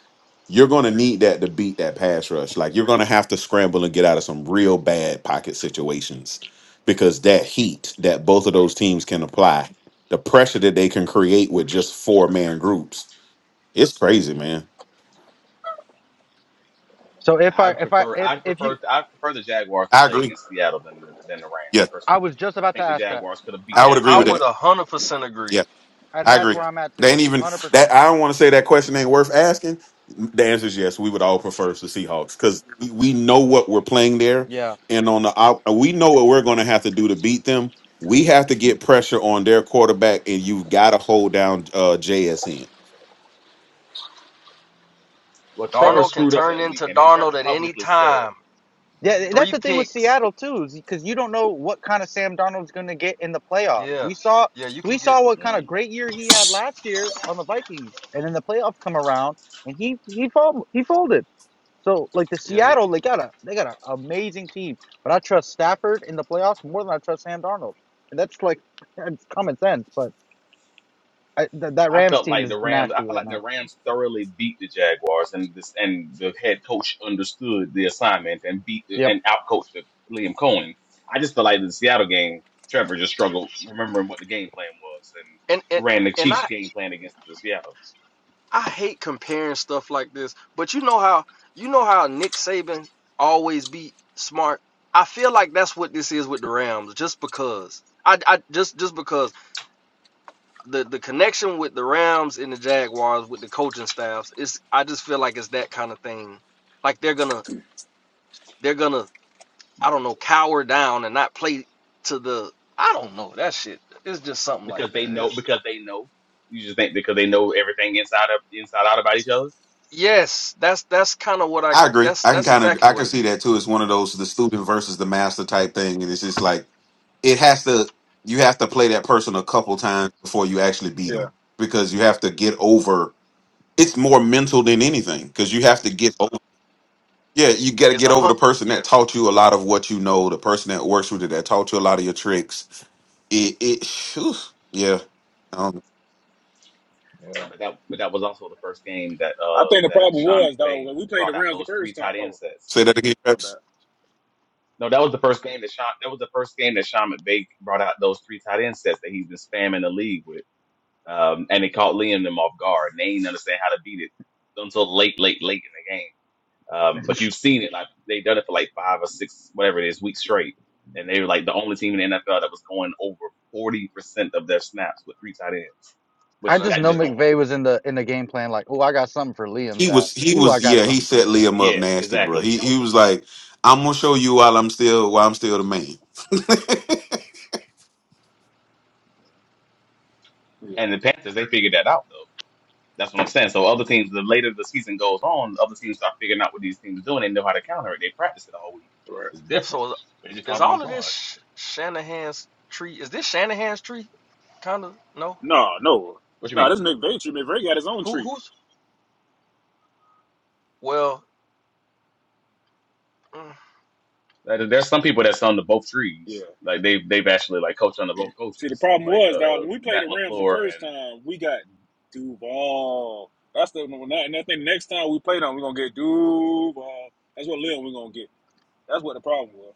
Speaker 3: you're going to need that to beat that pass rush. Like you're going to have to scramble and get out of some real bad pocket situations because that heat that both of those teams can apply, the pressure that they can create with just four man groups, it's crazy, man.
Speaker 11: So if I
Speaker 8: I'd
Speaker 11: if I
Speaker 8: prefer,
Speaker 11: if
Speaker 8: I'd
Speaker 11: if you
Speaker 8: prefer, I'd prefer the Jaguars to
Speaker 3: I
Speaker 8: play
Speaker 3: agree.
Speaker 8: against Seattle than the, than the Rams
Speaker 3: Yeah,
Speaker 11: I was
Speaker 8: personally.
Speaker 11: just
Speaker 8: I
Speaker 11: about to
Speaker 8: think the
Speaker 11: ask that.
Speaker 8: Jaguars could have beat
Speaker 11: I
Speaker 3: I would
Speaker 11: was
Speaker 8: that
Speaker 3: agree
Speaker 5: I
Speaker 3: with
Speaker 11: just
Speaker 8: team
Speaker 5: would
Speaker 3: that.
Speaker 5: a hundred percent
Speaker 3: Yeah.
Speaker 5: agree.
Speaker 11: and
Speaker 3: I
Speaker 11: that's
Speaker 3: agree.
Speaker 11: where I'm at
Speaker 3: They
Speaker 11: too.
Speaker 3: ain't even
Speaker 11: one Hundred
Speaker 3: that.
Speaker 11: percent.
Speaker 3: I don't want to say that question ain't worth asking. The answer is yes. We would all prefer the Seahawks because we we know what we're playing there,
Speaker 11: Yeah.
Speaker 3: and on the out- we know what we're going to have to do to beat them. We have to get pressure on their quarterback, and you've got to hold down uh, JSN.
Speaker 8: Well,
Speaker 11: Yeah.
Speaker 8: Trevor
Speaker 5: Darnold can
Speaker 8: screwed up
Speaker 5: turn
Speaker 8: that week,
Speaker 5: into
Speaker 8: and then
Speaker 5: Darnold
Speaker 8: Trevor
Speaker 5: at any
Speaker 8: publicly said,
Speaker 5: time.
Speaker 11: Yeah, that's
Speaker 5: Three
Speaker 11: the thing with
Speaker 5: picks.
Speaker 11: Seattle too, is because you don't know what kind of Sam Donald's going to get in the playoffs.
Speaker 5: Yeah.
Speaker 11: We saw
Speaker 5: Yeah. You can
Speaker 11: we
Speaker 5: get.
Speaker 11: saw what kind of
Speaker 8: mm,
Speaker 11: great year he had last year on the Vikings, and then the playoffs come around and he he fold, he folded. So like the
Speaker 5: Yeah. He
Speaker 11: Seattle,
Speaker 5: can.
Speaker 11: they got a they got an amazing team, but I trust Stafford in the playoffs more than I trust Sam Darnold, and that's like it's common sense. But I, th- that
Speaker 8: "I
Speaker 11: Rams
Speaker 8: felt
Speaker 11: team
Speaker 8: like the
Speaker 11: is
Speaker 8: Rams. I
Speaker 11: nasty
Speaker 8: felt
Speaker 11: right
Speaker 8: like
Speaker 11: now.
Speaker 8: the Rams thoroughly beat the Jaguars, and this and the head coach understood the assignment and beat the,
Speaker 11: Yep,
Speaker 8: and outcoached the- Liam Cohen. I just felt like the Seattle game, Trevor just struggled remembering what the game plan was and
Speaker 5: And and
Speaker 8: ran the
Speaker 5: and
Speaker 8: Chiefs
Speaker 5: I
Speaker 8: game plan against the Seattle
Speaker 5: I hate comparing stuff like this. But you know how you know how Nick Saban always be smart. I feel like that's what this is with the Rams. Just because. I, I just just because the the connection with the Rams and the Jaguars with the coaching staffs is I just feel like it's that kind of thing. Like they're gonna they're gonna I
Speaker 8: Mm.
Speaker 5: don't know cower down and not play to the I don't know that shit. It's just something like
Speaker 8: because they
Speaker 5: that.
Speaker 8: know
Speaker 5: It's
Speaker 8: because they know. You just think because they know everything inside of inside out about each other.
Speaker 5: yes, that's that's kind of what I
Speaker 3: I agree.
Speaker 5: that's
Speaker 3: I can
Speaker 5: that's
Speaker 3: kind of
Speaker 5: exactly
Speaker 3: I
Speaker 5: what
Speaker 3: can
Speaker 5: it
Speaker 3: see
Speaker 5: is.
Speaker 3: that too. It's one of those the student versus the master type thing, and it's just like it has to. You have to play that person a couple times before you actually beat
Speaker 4: Yeah.
Speaker 3: them because you have to get over it's more mental than anything because you have to get over yeah you got to
Speaker 5: It's
Speaker 3: get
Speaker 5: a
Speaker 3: over the
Speaker 5: hunt.
Speaker 3: person that
Speaker 5: Yes,
Speaker 3: taught you a lot of what you know the person that works with you that taught you a lot of your tricks it it whew, yeah um
Speaker 4: Yeah.
Speaker 8: But that but that was also the first game that
Speaker 4: I
Speaker 8: uh
Speaker 4: think the
Speaker 8: that
Speaker 4: problem
Speaker 8: Sean
Speaker 4: was dog,
Speaker 8: McVay
Speaker 4: when we played the
Speaker 8: brought out
Speaker 4: Rams the
Speaker 8: those three
Speaker 4: first time.
Speaker 8: tight end
Speaker 4: Oh,
Speaker 8: sets.
Speaker 3: say that again
Speaker 4: my
Speaker 3: Trax.
Speaker 4: bad.
Speaker 8: No, that was the first game that Sean that was the first game that Sean McVay brought out those three tight end sets that he's been spamming the league with. Um and it caught Liam them off guard. And they didn't understand how to beat it until late, late, late in the game. Um but you've seen it like they done it for like five or six, whatever it is, weeks straight. And they were like the only team in the NFL that was going over forty percent of their snaps with three tight ends,
Speaker 5: yeah,
Speaker 11: I
Speaker 8: which
Speaker 5: that's
Speaker 11: just
Speaker 8: that
Speaker 11: know
Speaker 8: just
Speaker 5: crazy.
Speaker 8: don't happen.
Speaker 11: McVay was in the in the game plan like, oh, I got something for Liam's
Speaker 3: he was
Speaker 11: ass.
Speaker 3: he
Speaker 11: Ooh, I
Speaker 3: was
Speaker 11: got
Speaker 3: yeah he
Speaker 11: something for
Speaker 3: set
Speaker 11: his
Speaker 3: liam up
Speaker 11: ass.
Speaker 8: Yeah,
Speaker 3: nasty bro
Speaker 8: exactly.
Speaker 3: he
Speaker 8: That was
Speaker 3: he was like i'm gonna show you while i'm still while i'm still the man and
Speaker 4: Yeah,
Speaker 8: And the Panthers, they figured that out though. That's what I'm saying. So other teams, the later the season goes on, other teams start figuring out what these teams are doing. They know how to counter it. They practice it all week.
Speaker 4: right.
Speaker 8: It's different.
Speaker 5: So is,
Speaker 8: But they just caught them
Speaker 5: all
Speaker 8: off
Speaker 5: of this
Speaker 8: guard.
Speaker 5: Shanahan's tree? Is this Shanahan's tree? Kind of no.
Speaker 4: No, no,
Speaker 8: What you
Speaker 4: no.
Speaker 8: mean?
Speaker 4: This McVay tree. McVay got his own
Speaker 5: Who
Speaker 4: tree.
Speaker 5: who's well? mm,
Speaker 8: Like, There's some people that's on the both
Speaker 4: Yeah.
Speaker 8: trees. Like they they've actually like coached under both
Speaker 4: See, the
Speaker 8: coaches,
Speaker 4: problem
Speaker 8: like
Speaker 4: was dog,
Speaker 8: uh
Speaker 4: when we played
Speaker 8: Matt
Speaker 4: the Rams the
Speaker 8: Lafleur
Speaker 4: first time, we got Duval. That's the one. And I think next time we play them, we're gonna get Duval. That's what Lil we're gonna get. That's what the problem was.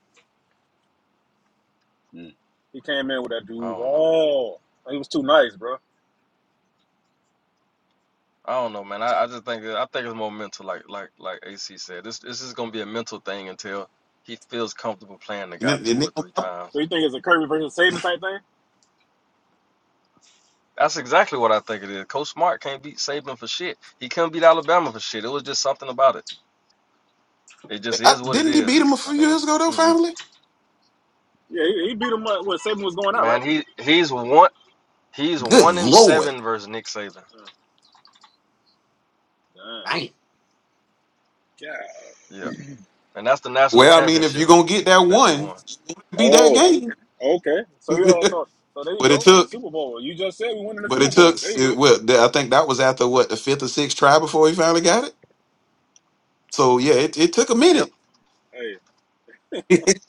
Speaker 4: He came in with that
Speaker 5: I don't know.
Speaker 4: Duval. He was too nice, bro.
Speaker 5: I don't know, man. I, I just think that- I think it's more mental, like like like AC said. This this is gonna be a mental thing until he feels comfortable playing the
Speaker 3: then,
Speaker 5: guy two
Speaker 3: and then
Speaker 5: or three
Speaker 4: So
Speaker 5: times.
Speaker 4: you think it's a Kirby versus Saban type thing?
Speaker 5: That's exactly what I think it is. Coach Smart can't beat Saban for shit. He couldn't beat Alabama for shit. It was just something about it. It just
Speaker 3: I,
Speaker 5: is what it
Speaker 3: didn't he
Speaker 5: is.
Speaker 3: beat him a
Speaker 5: It's, I
Speaker 3: few
Speaker 5: mean,
Speaker 3: years ago though
Speaker 5: mm
Speaker 3: finally
Speaker 4: Yeah, he, he beat him up when Saban was going out,
Speaker 5: man,
Speaker 4: right?
Speaker 5: he he's one he's
Speaker 3: good
Speaker 5: one in
Speaker 3: lord
Speaker 5: seven versus Nick Saban.
Speaker 4: Uh, Damn.
Speaker 3: Dang.
Speaker 4: God
Speaker 5: Yeah, and that's the national
Speaker 3: well i mean if
Speaker 5: championship
Speaker 3: you're gonna get that
Speaker 5: that they
Speaker 3: one
Speaker 5: won.
Speaker 3: be that
Speaker 4: Oh,
Speaker 3: game
Speaker 4: okay. So yeah, so so there you
Speaker 3: but it
Speaker 4: go.
Speaker 3: took
Speaker 4: Super Bowl. You just said we won in the
Speaker 3: But it
Speaker 4: Super
Speaker 3: took
Speaker 4: Bowl. There you
Speaker 3: it,
Speaker 4: go.
Speaker 3: well, th- I think that was after what the fifth or sixth try before he finally got it. So yeah, it, it took a
Speaker 5: Yep,
Speaker 3: minute.
Speaker 4: Hey,
Speaker 3: I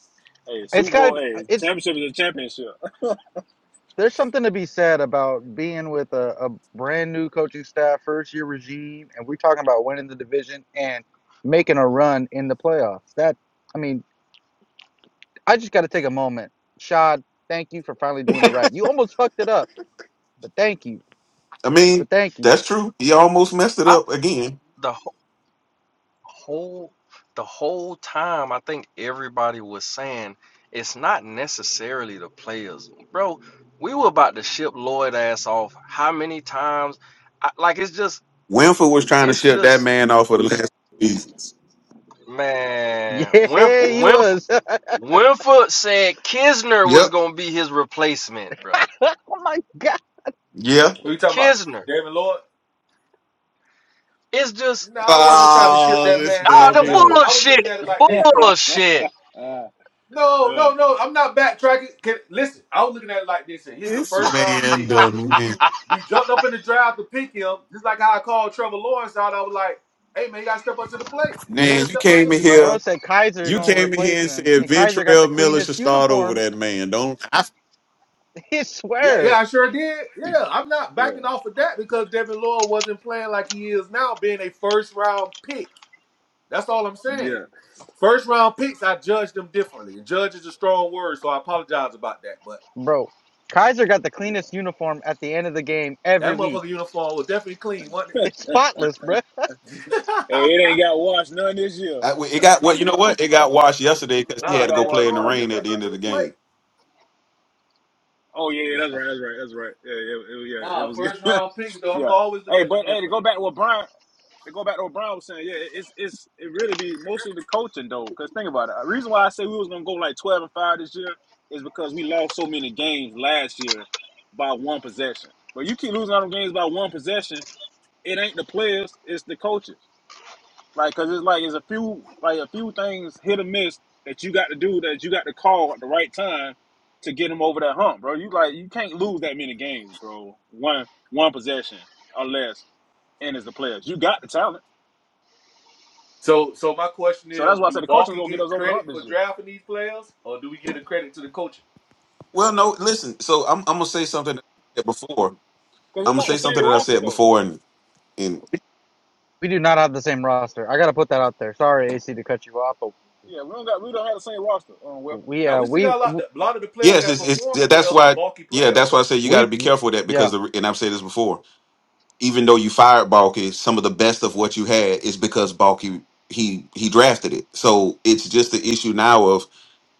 Speaker 4: hey,
Speaker 11: It's
Speaker 4: Super
Speaker 11: got
Speaker 4: Bowl.
Speaker 11: to
Speaker 4: Hey,
Speaker 11: it's
Speaker 4: championship is a championship.
Speaker 11: there's something to be said about being with a, a brand new coaching staff, first year regime, and we're talking about winning the division and making a run in the playoffs. That I mean, I just got to take a moment. Shad, thank you for finally doing it right. You almost fucked it up, but thank you.
Speaker 3: mean,
Speaker 11: But thank you.
Speaker 3: that's true. He almost messed it
Speaker 5: I
Speaker 3: up again.
Speaker 5: the whole the whole time I think everybody was saying it's not necessarily the players. Bro, we were about to ship Lloyd ass off how many times? I, like it's just
Speaker 3: Winford was trying to
Speaker 5: it's
Speaker 3: ship that
Speaker 5: just
Speaker 3: man off for the last two seasons.
Speaker 5: man, Winf,
Speaker 11: Yeah, he
Speaker 5: Winf,
Speaker 11: was.
Speaker 5: Winford said Kisner was
Speaker 3: Yep.
Speaker 5: going to be his replacement, bro.
Speaker 11: oh my god.
Speaker 3: Yeah.
Speaker 6: What you talking about?
Speaker 5: Kisner.
Speaker 6: David Lloyd?
Speaker 5: It's just
Speaker 6: No, I wasn't trying to ship
Speaker 3: Oh,
Speaker 6: that
Speaker 3: this
Speaker 6: man
Speaker 5: ah
Speaker 6: off.
Speaker 3: man
Speaker 5: the
Speaker 6: but I
Speaker 3: here.
Speaker 6: look, I was looking
Speaker 5: bullshit.
Speaker 6: at it like
Speaker 4: uh,
Speaker 6: this.
Speaker 5: Bullshit.
Speaker 4: yeah,
Speaker 6: No, no, no, I'm not backtracking. Can, listen, I was looking at it like this, and he's a
Speaker 3: This
Speaker 6: first round
Speaker 3: man
Speaker 6: pick.
Speaker 3: done went.
Speaker 6: We jumped up in the draft to pick him, just like how I called Trevor Lawrence out. I was like, hey man, you gotta step up to the plate. The man
Speaker 3: Man, you
Speaker 6: stepped up to
Speaker 3: came
Speaker 6: the
Speaker 3: in
Speaker 6: plate.
Speaker 3: here.
Speaker 11: Bro said Kaiser
Speaker 3: You
Speaker 4: yeah,
Speaker 11: gonna
Speaker 3: came in here
Speaker 11: replace
Speaker 3: and
Speaker 11: him,
Speaker 3: said
Speaker 11: and Kaiser got the
Speaker 3: Ventrell Miller
Speaker 11: cleanest
Speaker 3: should start over
Speaker 11: uniform.
Speaker 3: that man. Don't I,
Speaker 11: He
Speaker 6: Yeah, yeah,
Speaker 11: swear.
Speaker 6: I sure did. Yeah, I'm not
Speaker 4: yeah,
Speaker 6: backing off of that because Devin Lloyd wasn't playing like he is now, being a first round pick. That's all I'm saying.
Speaker 4: yeah,
Speaker 6: First round picks, I judge them differently. And judge is a strong word, so I apologize about that. But
Speaker 11: Bro, Kaiser got the cleanest
Speaker 4: yeah.
Speaker 11: uniform at the end of the game every
Speaker 6: that motherfucker
Speaker 11: week.
Speaker 6: uniform was definitely clean, wasn't
Speaker 11: It's spotless, bro.
Speaker 6: it?
Speaker 4: Hey, it ain't got washed none this year.
Speaker 3: I- it got what you know what? It got washed yesterday because
Speaker 4: It
Speaker 3: he
Speaker 4: ain't
Speaker 6: nah,
Speaker 3: had to
Speaker 4: got
Speaker 3: go
Speaker 6: Devin
Speaker 3: play
Speaker 4: washed
Speaker 3: in the
Speaker 4: none
Speaker 6: Lloyd,
Speaker 4: this
Speaker 6: he
Speaker 4: year.
Speaker 3: rain at
Speaker 6: stepped
Speaker 3: the
Speaker 6: up
Speaker 3: end
Speaker 6: to
Speaker 3: of
Speaker 6: the
Speaker 3: the game.
Speaker 6: plate.
Speaker 4: Oh yeah, yeah, that's right, that's right, that's right. Yeah, yeah, it, yeah. It
Speaker 6: nah, first
Speaker 4: was
Speaker 6: round picks though, I'm gonna
Speaker 4: yeah.
Speaker 6: always look
Speaker 4: Hey,
Speaker 6: at them
Speaker 4: but hey, to go
Speaker 6: differently.
Speaker 4: back with Brian. to go back to what Brown was saying, yeah, it's it's it really be mostly the coaching though. Because think about it. The reason why I say we was gonna go like twelve and five this year is because we lost so many games last year by one possession. But you keep losing all them games by one possession, it ain't the players, it's the coaches. Like, cause it's like it's a few like a few things hit or miss that you got to do that you got to call at the right time to get them over that hump, bro. You like you can't lose that many games, bro. One one possession unless and it's the players. You got the talent.
Speaker 6: So, so my question
Speaker 4: So that's
Speaker 6: is,
Speaker 4: why I
Speaker 6: do
Speaker 4: said the coaching
Speaker 6: Balky
Speaker 4: will get
Speaker 6: get
Speaker 4: us over the
Speaker 6: credit
Speaker 4: hump
Speaker 6: for
Speaker 4: this year.
Speaker 6: drafting these players, or do we get a credit to the coaching?
Speaker 3: Well, no, listen. So I'm, I'm gonna say something that I said before.
Speaker 4: Because
Speaker 3: I'm
Speaker 4: it's
Speaker 3: gonna
Speaker 4: not the
Speaker 3: say something
Speaker 4: same
Speaker 3: that I
Speaker 4: roster
Speaker 3: said
Speaker 4: though.
Speaker 3: before, and and
Speaker 11: We do not have the same roster. I gotta put that out there. Sorry, AC, to cut you off, but
Speaker 4: Yeah, we don't got we don't have the same roster on weapon.
Speaker 11: we
Speaker 6: Now
Speaker 11: uh
Speaker 6: we still
Speaker 11: we
Speaker 6: got a lot. A lot of the players
Speaker 3: yes,
Speaker 6: that
Speaker 3: it's, it's yeah,
Speaker 6: performing
Speaker 3: that's
Speaker 6: well are
Speaker 3: why.
Speaker 6: Balky
Speaker 3: Yeah,
Speaker 6: players
Speaker 3: that's why I
Speaker 6: though.
Speaker 3: say you got
Speaker 11: we
Speaker 3: to be careful with that
Speaker 11: yeah.
Speaker 3: because the and I've said this before. Even though you fired Balky, some of the best of what you had is because Balky he he drafted it. So it's just the issue now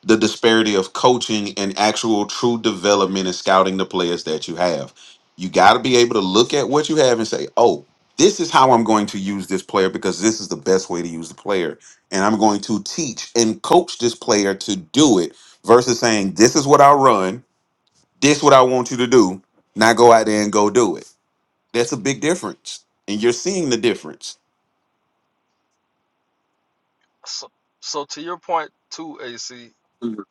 Speaker 3: the disparity of coaching and actual true development and scouting the players that you have. You got to be able to look at what you have and say, oh, this is how I'm going to use this player because this is the best way to use the player. And I'm going to teach and coach this player to do it versus saying, this is what I run, this what I want you to do. Now go out there and go do it. That's a big difference. And you're seeing the difference.
Speaker 5: so, so to your point too, AC,
Speaker 3: Mhm.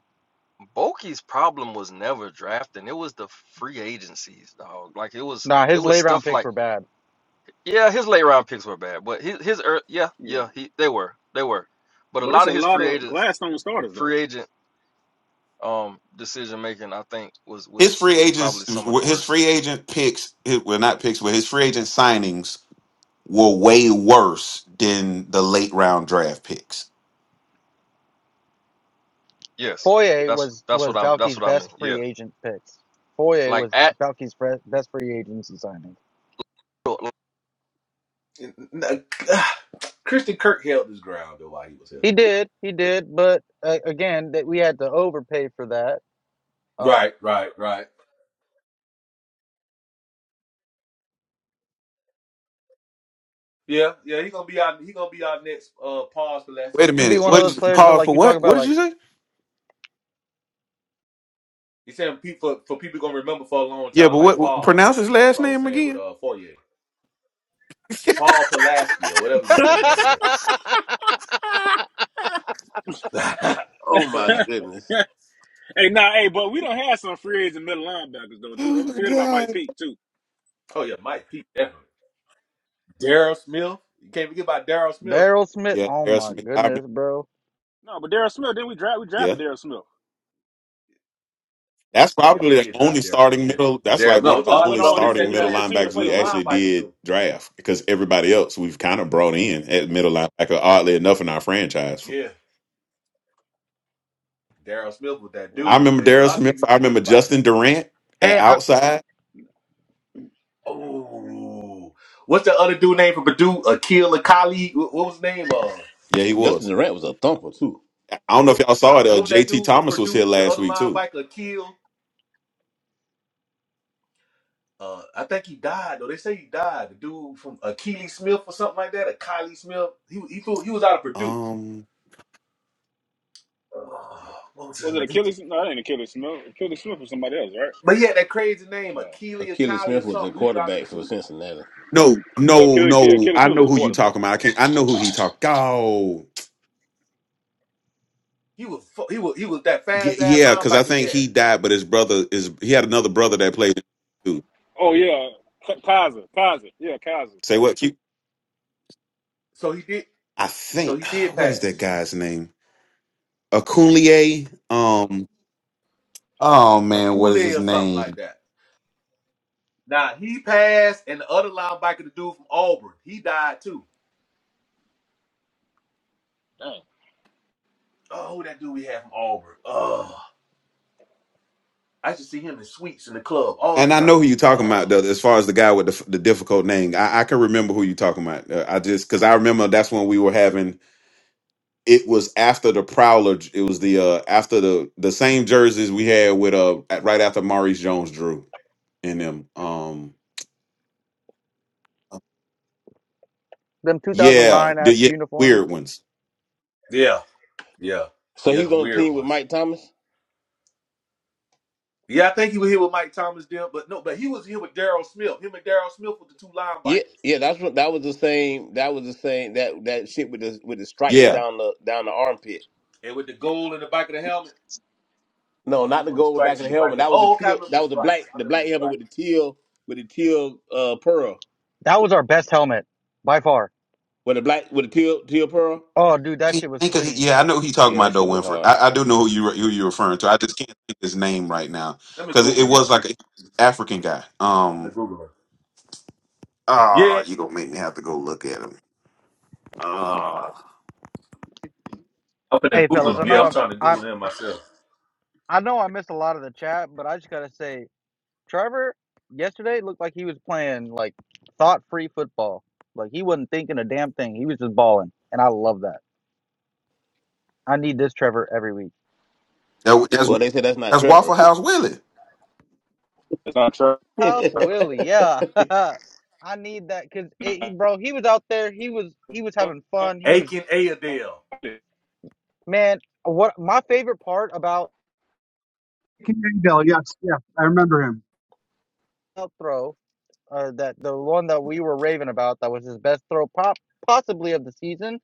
Speaker 5: Bulky's problem was never drafting. It was the free agencies, dog. Like it was,
Speaker 11: Nah,
Speaker 5: it
Speaker 11: his
Speaker 5: was
Speaker 11: late round
Speaker 5: stuff
Speaker 11: picks
Speaker 5: like
Speaker 11: were bad.
Speaker 5: yeah, his late round picks were bad, but his his ear yeah
Speaker 4: Yeah.
Speaker 5: yeah he they were they were, but a
Speaker 4: But it's
Speaker 5: lot
Speaker 4: a
Speaker 5: of his
Speaker 4: lot
Speaker 5: free
Speaker 4: of
Speaker 5: agents
Speaker 4: Gladstone starters though.
Speaker 5: free agent um decision making I think was
Speaker 3: His
Speaker 5: was
Speaker 3: free
Speaker 5: was
Speaker 3: agents,
Speaker 5: probably some of the
Speaker 3: his
Speaker 5: worst.
Speaker 3: free agent picks, his, well, not picks, but his free agent signings were way worse than the late round draft picks.
Speaker 5: Yes,
Speaker 11: Foye
Speaker 5: that's
Speaker 11: was
Speaker 5: that's
Speaker 11: was
Speaker 5: what I'm that's
Speaker 11: Balky's
Speaker 5: what I mean.
Speaker 11: best
Speaker 5: Yeah,
Speaker 11: free agent picks. Foye
Speaker 5: like
Speaker 11: was
Speaker 5: at
Speaker 11: Balky's best free agency signing.
Speaker 5: Bro.
Speaker 6: N- n- Christian Kirk held his ground though while he was here.
Speaker 11: He did, he did, but uh, again, that we had to overpay for that. Uh,
Speaker 6: Right, right, right. Yeah, yeah. He gonna be our he gonna be our next uh pause
Speaker 3: Wait
Speaker 6: Pulaski.
Speaker 3: a
Speaker 11: to be
Speaker 3: minute.
Speaker 11: one of
Speaker 3: What
Speaker 11: those
Speaker 3: is
Speaker 11: players that
Speaker 3: pause
Speaker 11: like
Speaker 3: for
Speaker 11: you talk
Speaker 3: what? What
Speaker 11: about,
Speaker 3: did
Speaker 11: like.
Speaker 3: you say?
Speaker 6: He's saying people for people gonna remember for a long
Speaker 3: Yeah,
Speaker 6: time
Speaker 3: but
Speaker 6: like
Speaker 3: what, what-
Speaker 6: pause.
Speaker 3: pronounce his
Speaker 6: That's
Speaker 3: last
Speaker 6: what I was
Speaker 3: name
Speaker 6: saying with
Speaker 3: again?
Speaker 6: uh Fourier. Paul Pulaski or whatever his motherfucking name is.
Speaker 13: oh my goodness.
Speaker 4: hey, nah, hey, but we don't have some free agents and middle linebackers though, too.
Speaker 3: Oh
Speaker 4: I'm
Speaker 3: my
Speaker 4: scared about Mike
Speaker 3: god.
Speaker 4: Peake too.
Speaker 6: oh yeah, Mike Pete definitely. Daryl Smith. You can't forget about Daryl Smith.
Speaker 11: Daryl Smith.
Speaker 3: Yeah,
Speaker 11: Oh
Speaker 3: Darius
Speaker 11: my
Speaker 3: Smith. I remember.
Speaker 11: goodness, bro.
Speaker 4: No, but Darryl Smith, then we draft we
Speaker 3: Yeah,
Speaker 4: drafted Darryl Smith.
Speaker 3: that's
Speaker 6: Oh yeah, we
Speaker 3: probably the
Speaker 6: did
Speaker 3: only
Speaker 6: drive Daryl Smith,
Speaker 3: starting
Speaker 6: didn't we?
Speaker 3: middle.
Speaker 6: But
Speaker 3: That's
Speaker 6: Daryl
Speaker 3: like
Speaker 4: And
Speaker 3: one
Speaker 4: he
Speaker 6: no,
Speaker 3: of the
Speaker 4: just
Speaker 6: uh,
Speaker 4: went
Speaker 3: only
Speaker 6: I'm
Speaker 4: on, he,
Speaker 6: just saying
Speaker 3: starting
Speaker 6: we
Speaker 4: he
Speaker 3: middle
Speaker 6: done
Speaker 4: just
Speaker 6: had some
Speaker 4: continued to
Speaker 6: good
Speaker 3: linebackers
Speaker 4: play
Speaker 6: good
Speaker 3: we
Speaker 4: good.
Speaker 6: line
Speaker 3: actually
Speaker 6: bikers
Speaker 3: did
Speaker 6: though.
Speaker 3: draft because everybody else we've kind of brought in at middle linebacker. Oddly enough, in our franchise,
Speaker 6: Yeah. Daryl Smith was that
Speaker 4: Right.
Speaker 3: I
Speaker 6: dude,
Speaker 3: remember
Speaker 6: man. A
Speaker 3: Darius
Speaker 6: lot of
Speaker 3: Smith.
Speaker 6: people be
Speaker 3: I
Speaker 6: forgetting
Speaker 3: remember
Speaker 6: about him.
Speaker 3: Justin Durant at
Speaker 11: Hey, I,
Speaker 3: outside.
Speaker 6: Oh, what's the other dude name from Purdue? Akil Akali. What, what was his name? Uh,
Speaker 3: Yeah, he
Speaker 13: Justin
Speaker 3: was.
Speaker 13: Durant was a thumper too.
Speaker 3: I don't know if
Speaker 6: what,
Speaker 3: y'all saw it. Uh,
Speaker 6: what was that
Speaker 3: J.T.
Speaker 6: dude from
Speaker 3: Thomas was
Speaker 6: Purdue?
Speaker 3: here
Speaker 6: The
Speaker 3: last
Speaker 6: other
Speaker 3: week too.
Speaker 6: linebacker, Akil. Uh, I think he died though. They say he died. The dude from Akili Smith or something like that. Akali Smith. He he flew, he was out of Purdue.
Speaker 3: Um,
Speaker 6: Oh, what was his
Speaker 4: Was it
Speaker 6: name?
Speaker 4: Achilles? No, that ain't Achilles Smith. Achilles Smith was somebody else, right?
Speaker 6: But he had that crazy name,
Speaker 4: No.
Speaker 6: Akili
Speaker 13: Achilles
Speaker 6: Akali or
Speaker 13: Smith was a
Speaker 6: something. We dropped him
Speaker 13: quarterback for
Speaker 6: too.
Speaker 13: Cincinnati.
Speaker 3: no,
Speaker 4: Yeah,
Speaker 3: no,
Speaker 4: Achilles, yeah,
Speaker 3: no.
Speaker 4: Achilles
Speaker 3: I
Speaker 4: Smith
Speaker 3: know
Speaker 4: was a
Speaker 3: who you
Speaker 4: quarterback.
Speaker 3: talking about. I can't. I know who he talk. Oh,
Speaker 6: He was fu- he was he was that
Speaker 3: y-
Speaker 6: fast ass
Speaker 3: yeah, because I
Speaker 6: linebacker we
Speaker 3: think
Speaker 6: had.
Speaker 3: he died, but his brother is. He had another brother that played too.
Speaker 4: Oh yeah. Kaiser. Kaiser. Yeah, Kaiser.
Speaker 3: Say what? Q?
Speaker 6: So he did
Speaker 3: I
Speaker 6: so he
Speaker 3: think.
Speaker 6: did
Speaker 3: What is that
Speaker 6: pass
Speaker 3: guy's name? Akunlie. Um. Oh
Speaker 6: a
Speaker 3: man, what
Speaker 6: Kool
Speaker 3: is his
Speaker 6: or something
Speaker 3: name?
Speaker 6: like that. Now he passed, and the other linebacker, the dude from Auburn, he died too.
Speaker 4: Dang.
Speaker 6: Oh, who that dude we had from Auburn. Oh, I should see him in suites in the club all the
Speaker 3: And I know
Speaker 6: time.
Speaker 3: who you talking about
Speaker 6: Oh,
Speaker 3: though. As far as the guy with the, the difficult name, I, I can remember who you talking about. Uh, I just because I remember that's when we were having it was after the Prowler. It was the uh after the the same jerseys we had with uh at- right after Maurice Jones drew in them. Um,
Speaker 11: them
Speaker 3: yeah,
Speaker 11: 2009
Speaker 3: the
Speaker 11: ass
Speaker 3: yeah
Speaker 11: uniforms.
Speaker 3: weird ones.
Speaker 6: yeah, yeah,
Speaker 13: So
Speaker 6: yeah,
Speaker 13: he's
Speaker 6: them
Speaker 13: on the
Speaker 6: weird
Speaker 13: team with
Speaker 6: ones.
Speaker 13: Mike Thomas.
Speaker 6: Yeah, I think he was here with Mike Thomas then, but no, but he was here with Daryl Smith. Him and Daryl Smith were the two
Speaker 13: Yeah,
Speaker 6: linebackers,
Speaker 13: yeah, that's what that was the same. That was the same. That that shit with the with the stripes
Speaker 3: Yeah,
Speaker 13: down the down the armpit.
Speaker 6: and with the goal in the back of the helmet.
Speaker 13: No,
Speaker 6: Oh no,
Speaker 13: not the
Speaker 6: no, the
Speaker 13: gold back
Speaker 6: stripes
Speaker 13: of
Speaker 6: in
Speaker 13: the
Speaker 6: the back.
Speaker 13: helmet.
Speaker 6: Of,
Speaker 13: That was the
Speaker 6: oh, okay, I
Speaker 13: teal.
Speaker 6: remember
Speaker 13: That
Speaker 6: the
Speaker 13: was the black
Speaker 6: stripes. I
Speaker 13: the
Speaker 6: remember
Speaker 13: black
Speaker 6: the
Speaker 13: helmet with the
Speaker 6: stripes.
Speaker 13: teal with the teal uh pearl
Speaker 11: That was our best helmet by far.
Speaker 13: with the black with the teal teal pearl.
Speaker 11: Oh, dude, that
Speaker 3: Can't
Speaker 11: shit was
Speaker 3: think of
Speaker 11: clean.
Speaker 3: yeah. I know who you talking
Speaker 13: Yeah,
Speaker 3: about
Speaker 13: that
Speaker 3: though,
Speaker 13: shit was
Speaker 3: Winfrey.
Speaker 13: hard.
Speaker 3: I, I do know who you who you're referring to. I just can't think his name right now
Speaker 6: Let me
Speaker 3: because it, it
Speaker 6: Google him.
Speaker 3: was like an African guy.
Speaker 6: I'm
Speaker 3: Um,
Speaker 6: gonna Google him.
Speaker 3: ah,
Speaker 6: Yeah,
Speaker 3: you gonna make me have to go look at him. Ah,
Speaker 6: I'm gonna
Speaker 11: Hey,
Speaker 6: Google
Speaker 11: fellas, I
Speaker 6: him. Yeah,
Speaker 11: know
Speaker 6: I'm
Speaker 11: I'm,
Speaker 6: trying to
Speaker 11: I,
Speaker 6: Google him
Speaker 11: I,
Speaker 6: myself.
Speaker 11: I know I missed a lot of the chat, but I just gotta say, Trevor yesterday looked like he was playing like thought-free football. Like he wasn't thinking a damn thing. He was just balling, and I love that. I need this Trevor every week.
Speaker 3: that, that's
Speaker 13: Well, they said that's not
Speaker 3: that's Waffle
Speaker 13: Trevor.
Speaker 3: House Willie.
Speaker 4: That's not true.
Speaker 11: House
Speaker 13: he
Speaker 11: Willie, yeah. I need that because, bro, he was out there. He was he was having fun. He was
Speaker 6: Aiken Ayadale.
Speaker 4: Yeah.
Speaker 11: Man, what my favorite part about
Speaker 12: King Engdahl, yes, yeah, I remember him.
Speaker 11: that throw, uh, that the one that we were raving about, that was his best throw pop possibly of the season.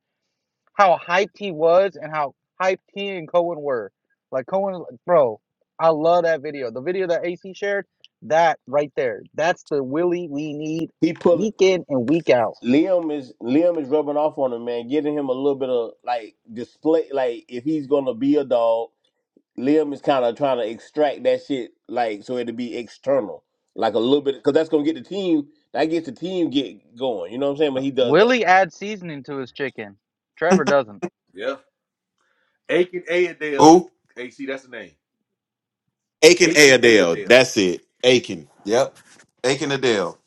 Speaker 11: How hyped he was, and how hyped he and Cohen were. Like Cohen, like, bro, I love that video. The video that AC shared, that right there, that's the Willie we need,
Speaker 13: pulling
Speaker 11: week in and week out.
Speaker 13: Liam is Liam is rubbing off on him, man, giving him a little bit of like display. Like if he's gonna be a dog, Liam is kind of trying to extract that shit, like so it'll be external, like a little bit, because that's gonna get the team. That gets the team get going. You know what I'm saying? When he does that,
Speaker 11: Willie
Speaker 6: Mhm.
Speaker 11: adds seasoning to his chicken. Trevor doesn't.
Speaker 6: Yeah. Aiken Ayadale.
Speaker 3: Who?
Speaker 6: AC, that's the name.
Speaker 3: Aiken A.
Speaker 6: Aiken
Speaker 3: Adele.
Speaker 6: Ayadale.
Speaker 3: That's it. Aiken. Yep. Aiken Adele.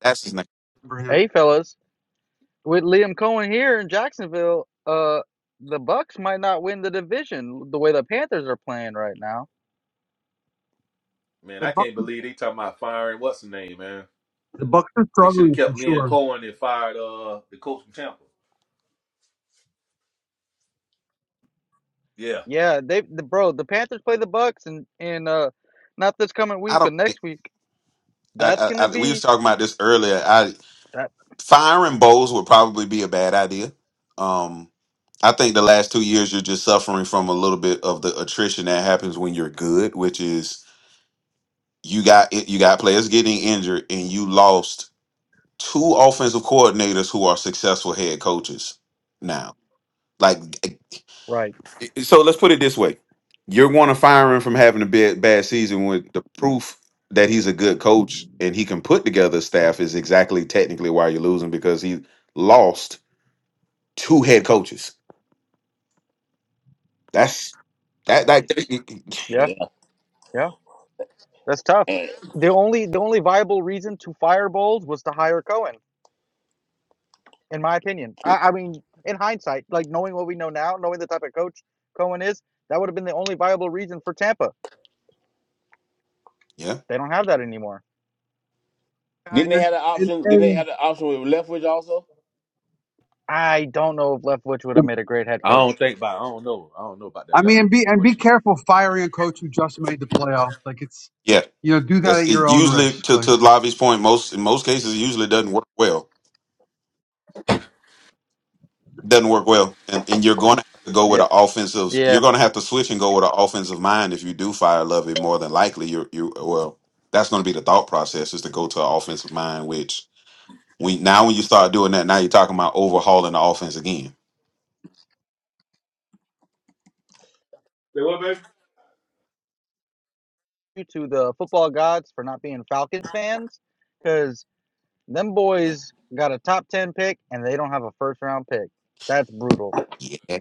Speaker 3: That's his name.
Speaker 12: Remember him.
Speaker 11: Hey, fellas. with Liam Cohen here in Jacksonville, uh, the Bucks might not win the division the way the Panthers are playing right now.
Speaker 6: Man,
Speaker 12: The
Speaker 6: I
Speaker 12: Bucks,
Speaker 6: can't believe they talking about firing what's the name, man.
Speaker 12: the Bucks are
Speaker 6: They should have
Speaker 12: struggling for
Speaker 6: kept Lynn
Speaker 12: sure.
Speaker 6: Cohen and fired uh the coach from Tampa. Yeah.
Speaker 11: Yeah, they the bro, the Panthers play the Bucks and and uh, not this coming
Speaker 3: I
Speaker 11: week,
Speaker 3: don't
Speaker 11: but
Speaker 3: think.
Speaker 11: next week.
Speaker 3: I,
Speaker 11: That's
Speaker 3: I,
Speaker 11: gonna
Speaker 3: I, we was
Speaker 11: be
Speaker 3: talking about this earlier. I
Speaker 11: that
Speaker 3: firing Bowles would probably be a bad idea. Um, I think the last two years you're just suffering from a little bit of the attrition that happens when you're good, which is you got you got players getting injured and you lost two offensive coordinators who are successful head coaches now. Like
Speaker 11: right.
Speaker 3: So let's put it this way: you're going to fire him from having a bad, bad season with the proof that he's a good coach and he can put together a staff is exactly technically why you're losing because he lost two head coaches. That's that that
Speaker 11: Yeah,
Speaker 13: yeah.
Speaker 11: yeah, that's tough.
Speaker 13: And
Speaker 11: The only the only viable reason to fire Bowles was to hire Cohen, in my opinion. I, I mean, in hindsight, like knowing what we know now, knowing the type of coach Cohen is, that would have been the only viable reason for Tampa.
Speaker 3: yeah
Speaker 11: They don't have that anymore.
Speaker 13: didn't
Speaker 12: And
Speaker 13: they have the
Speaker 12: and,
Speaker 13: option? Didn't they
Speaker 12: and
Speaker 13: have the option with Leftwich also?
Speaker 11: I don't know if Leftwich would have made a great head
Speaker 6: I don't
Speaker 11: coach.
Speaker 6: think about. I don't know. I don't know about that
Speaker 12: I mean,
Speaker 6: left
Speaker 12: and be and be
Speaker 6: situation.
Speaker 12: careful firing a coach who just made the playoffs. Like it's
Speaker 3: yeah.
Speaker 12: you know, do that at
Speaker 3: That's
Speaker 12: your
Speaker 3: it.
Speaker 12: own
Speaker 3: Usually
Speaker 12: risk.
Speaker 3: to to
Speaker 12: Like,
Speaker 3: Lavi's point, most in most cases, it usually doesn't work well. doesn't work well, and and you're going to have to go with
Speaker 11: Yep.
Speaker 3: an offensive. You're
Speaker 11: Yeah.
Speaker 3: going to have to switch and go with an offensive mind if you do fire Lovey. More than likely, you you well, that's going to be the thought process is to go to an offensive mind. Which we now when you start doing that, now you're talking about overhauling the offense again.
Speaker 6: Say what, baby?
Speaker 11: To the football gods for not being Falcons fans, because them boys got a top 10 pick and they don't have a first round pick. That's brutal.
Speaker 3: Yeah,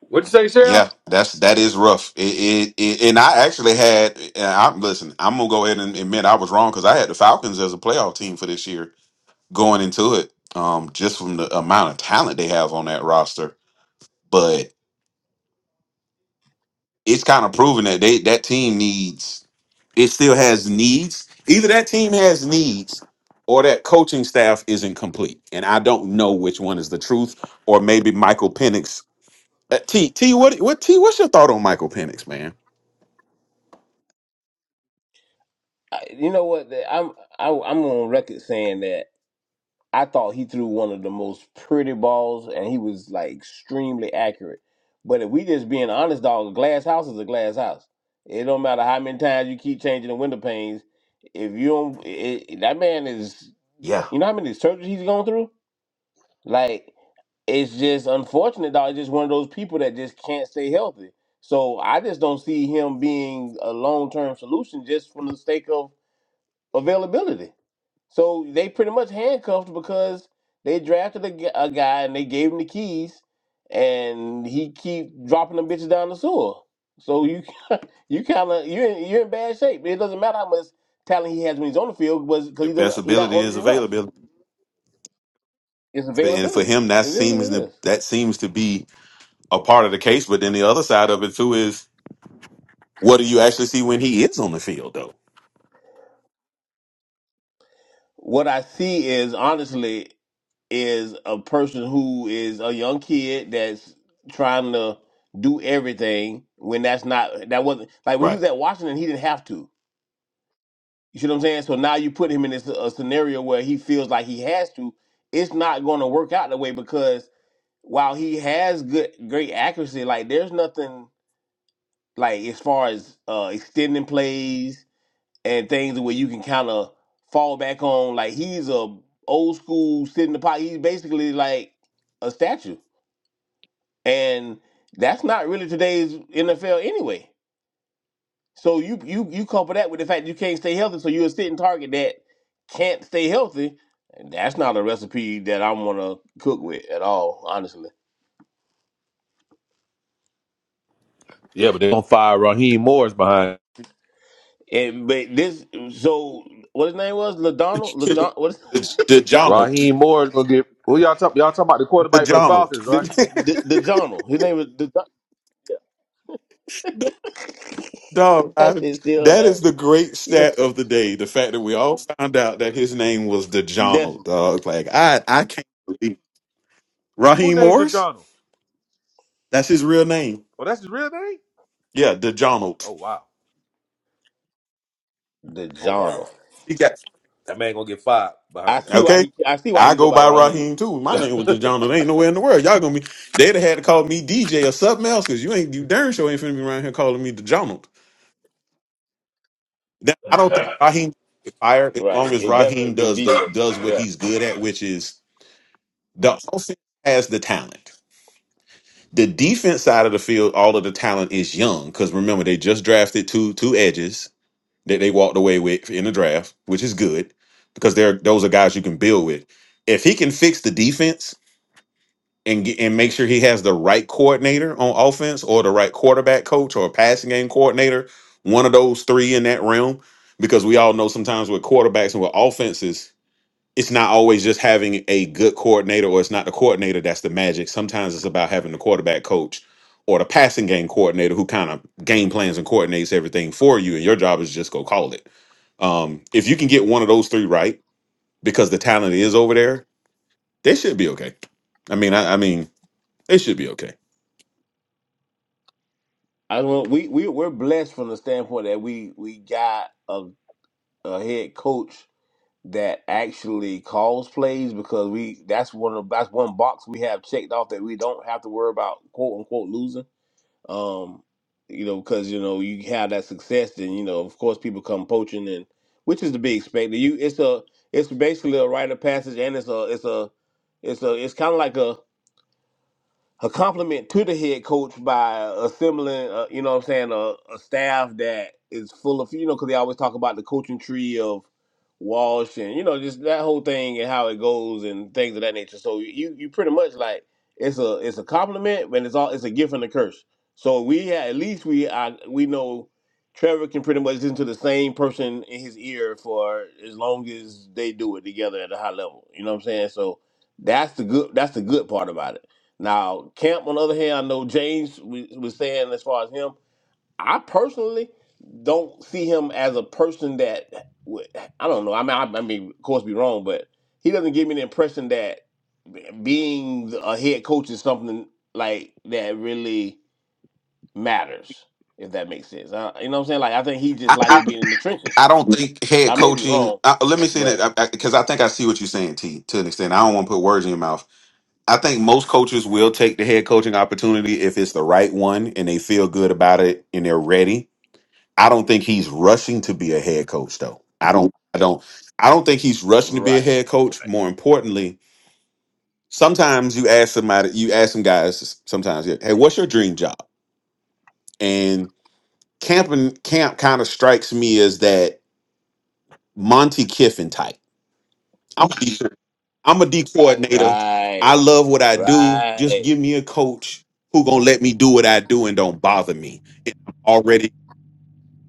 Speaker 6: what you say, Shell?
Speaker 3: yeah, that's that is rough. It, it, it and I actually had. And I'm listen. I'm gonna go ahead and admit I was wrong because I had the Falcons as a playoff team for this year going into it. Um, just from the amount of talent they have on that roster, but it's kind of proven that they that team needs it still has needs. Either that team has needs or that coaching staff isn't complete. And I don't know which one is the truth. Or maybe Michael Penix. Uh, T T what what T what's your thought on Michael Penix, man?
Speaker 13: I, you know what? the- I'm I, I'm on record saying that I thought he threw one of the most pretty balls, and he was like extremely accurate. But if we just being honest, dog, a glass house is a glass house. It don't matter how many times you keep changing the window panes. If you don't, it, it- that man is,
Speaker 3: Yeah.
Speaker 13: you know how many surgeries he's gone through. Like it's just unfortunate, dog. It's just one of those people that just can't stay healthy. So I just don't see him being a long term solution just from the sake of availability. So they pretty much handcuffed because they drafted a, gu- a guy and they gave him the keys, and he keep dropping them bitches down the sewer. So you you kind of you in, you're in bad shape. It doesn't matter how much talent he has when he's on the field, was because
Speaker 3: Your
Speaker 13: he
Speaker 3: best
Speaker 13: doesn't he's not
Speaker 3: ability
Speaker 13: on
Speaker 3: is
Speaker 13: it enough.
Speaker 3: availability.
Speaker 13: It's
Speaker 3: And for
Speaker 13: availability.
Speaker 3: him that
Speaker 13: It is what
Speaker 3: seems
Speaker 13: it
Speaker 3: to,
Speaker 13: is.
Speaker 3: that seems to be a part of the case. But then the other side of it too is what do you actually see when he is on the field though?
Speaker 13: What I see is honestly is a person who is a young kid that's trying to do everything when that's not that wasn't like when he
Speaker 3: Right.
Speaker 13: was at Washington he didn't have to You see what I'm saying? So now you put him in this a scenario where he feels like he has to. It's not going to work out the way because while he has good, great accuracy, like there's nothing like as far as uh, extending plays and things where you can kind of fall back on. Like he's a old school sit in the pocket. He's basically like a statue, and that's not really today's NFL anyway. So you you you couple that with the fact that you can't stay healthy, so you're a sitting target that can't stay healthy. And that's not a recipe that I'm gonna cook with at all, honestly.
Speaker 6: Yeah, but they gonna fire Raheem Morris behind.
Speaker 13: And but this so what his name was Ladonald Ladon what is
Speaker 3: The, the Donald.
Speaker 6: Raheem Morris gonna get. Who y'all talking? Y'all talking about the
Speaker 3: The
Speaker 6: quarterback for the
Speaker 3: Donald.
Speaker 6: Falcons, right?
Speaker 13: the the the Journal. His name was the yeah.
Speaker 3: Dog,
Speaker 13: That
Speaker 3: I,
Speaker 13: shit's still
Speaker 3: that is
Speaker 13: hilarious.
Speaker 3: the great stat
Speaker 13: Listen,
Speaker 3: of the day. The fact that we all found out that his name was DeJounal,
Speaker 13: definitely
Speaker 3: dog. Like, I, I can't believe
Speaker 6: Who
Speaker 3: Raheem
Speaker 6: named
Speaker 3: Morris?
Speaker 6: DeJohn?
Speaker 3: That's his real name.
Speaker 6: Oh, that's his real name.
Speaker 3: Yeah, DeJounal.
Speaker 6: Oh wow.
Speaker 13: the
Speaker 6: Oh wow.
Speaker 13: Journal.
Speaker 3: He got,
Speaker 6: That man gonna get fired
Speaker 13: I
Speaker 6: behind
Speaker 13: see why
Speaker 3: okay?
Speaker 13: he I see why
Speaker 3: I
Speaker 13: he go
Speaker 3: go
Speaker 13: by
Speaker 3: by
Speaker 13: Raheem.
Speaker 3: Raheem too. My name was
Speaker 6: that.
Speaker 3: DeJounal. There ain't nowhere in the world. Y'all gonna be, they'd have had to call me DJ or something else because you ain't, you darn sure ain't finna be around here calling me DeJounal. Now, I don't think Raheem get fired as long
Speaker 13: Right.
Speaker 3: as
Speaker 13: It
Speaker 3: Raheem
Speaker 13: definitely been
Speaker 3: does the,
Speaker 13: DJ.
Speaker 3: does what
Speaker 13: Yeah.
Speaker 3: he's good at, which is the offense has the talent. The defense side of the field, all of the talent is young because remember they just drafted two two edges that they walked away with in the draft, which is good because they're those are guys you can build with. If he can fix the defense and get, and make sure he has the right coordinator on offense or the right quarterback coach or passing game coordinator, one of those three in that realm, because we all know sometimes with quarterbacks and with offenses it's not always just having a good coordinator or it's not the coordinator that's the magic. Sometimes it's about having the quarterback coach or the passing game coordinator who kind of game plans and coordinates everything for you and your job is just go call it. Um if you can get one of those three right because the talent is over there, they should be okay. I mean I, I mean they should be okay.
Speaker 13: I don't know, we we we're blessed from the standpoint that we we got a. a head coach that actually calls plays because we that's one of that's one box we have checked off that we don't have to worry about quote unquote losing. Um, you know, because you know you have that success, then you know of course people come poaching and which is to be expected. You it's a it's basically a rite of passage and it's a it's a it's a it's kind of like a a compliment to the head coach by assembling, uh, you know what I'm saying, a, a staff that is full of, you know, because they always talk about the coaching tree of Walsh and, you know, just that whole thing and how it goes and things of that nature. So you you pretty much like it's a it's a compliment, but it's all it's a gift and a curse. So we ha at least we I, we know Trevor can pretty much listen to the same person in his ear for as long as they do it together at a high level. You know what I'm saying? So that's the good that's the good part about it. Now, Camp, on the other hand, I know James we- was saying as far as him, I personally don't see him as a person that would, I don't know. I mean, I, I mean, of course, be wrong, but he doesn't give me the impression that being a head coach is something like that really matters. If that makes sense, uh, you know what I'm saying? Like, I think he just
Speaker 3: I, I
Speaker 13: likes being in the trenches.
Speaker 3: I don't think head
Speaker 13: I may be
Speaker 3: coaching.
Speaker 13: wrong,
Speaker 3: Uh, let me say
Speaker 13: but
Speaker 3: that because I, I, 'cause I think I see what you're saying, T. To an extent, I don't want to put words in your mouth. I think most coaches will take the head coaching opportunity if it's the right one and they feel good about it and they're ready. I don't think he's rushing to be a head coach though. I don't I don't I don't think he's rushing to be a
Speaker 13: right,
Speaker 3: head coach. More importantly, sometimes you ask somebody you ask some guys sometimes, yeah, hey, what's your dream job? And camping camp kind of strikes me as that Monty Kiffin type. I'm gonna be, I'm a D coordinator.
Speaker 13: right,
Speaker 3: I love what I do. Just
Speaker 13: right.
Speaker 3: give me a coach who gonna let me do what I do and don't bother me. And I'm already,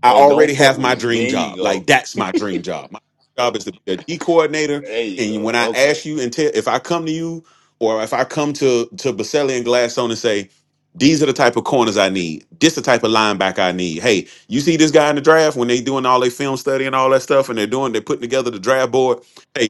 Speaker 3: I
Speaker 13: And don't
Speaker 3: already
Speaker 13: fuck
Speaker 3: have
Speaker 13: with
Speaker 3: my
Speaker 13: me.
Speaker 3: dream
Speaker 13: There you
Speaker 3: job.
Speaker 13: go.
Speaker 3: Like that's my dream job. My job is to be a D coordinator.
Speaker 13: There you
Speaker 3: And when
Speaker 13: go.
Speaker 3: I ask
Speaker 13: Okay.
Speaker 3: you and tell, if I come to you or if I come to to Baselli and Gladstone and say, these are the type of corners I need. This the type of linebacker I need. Hey, you see this guy in the draft when they doing all their film study and all that stuff, and they're doing, they're putting together the draft board Hey,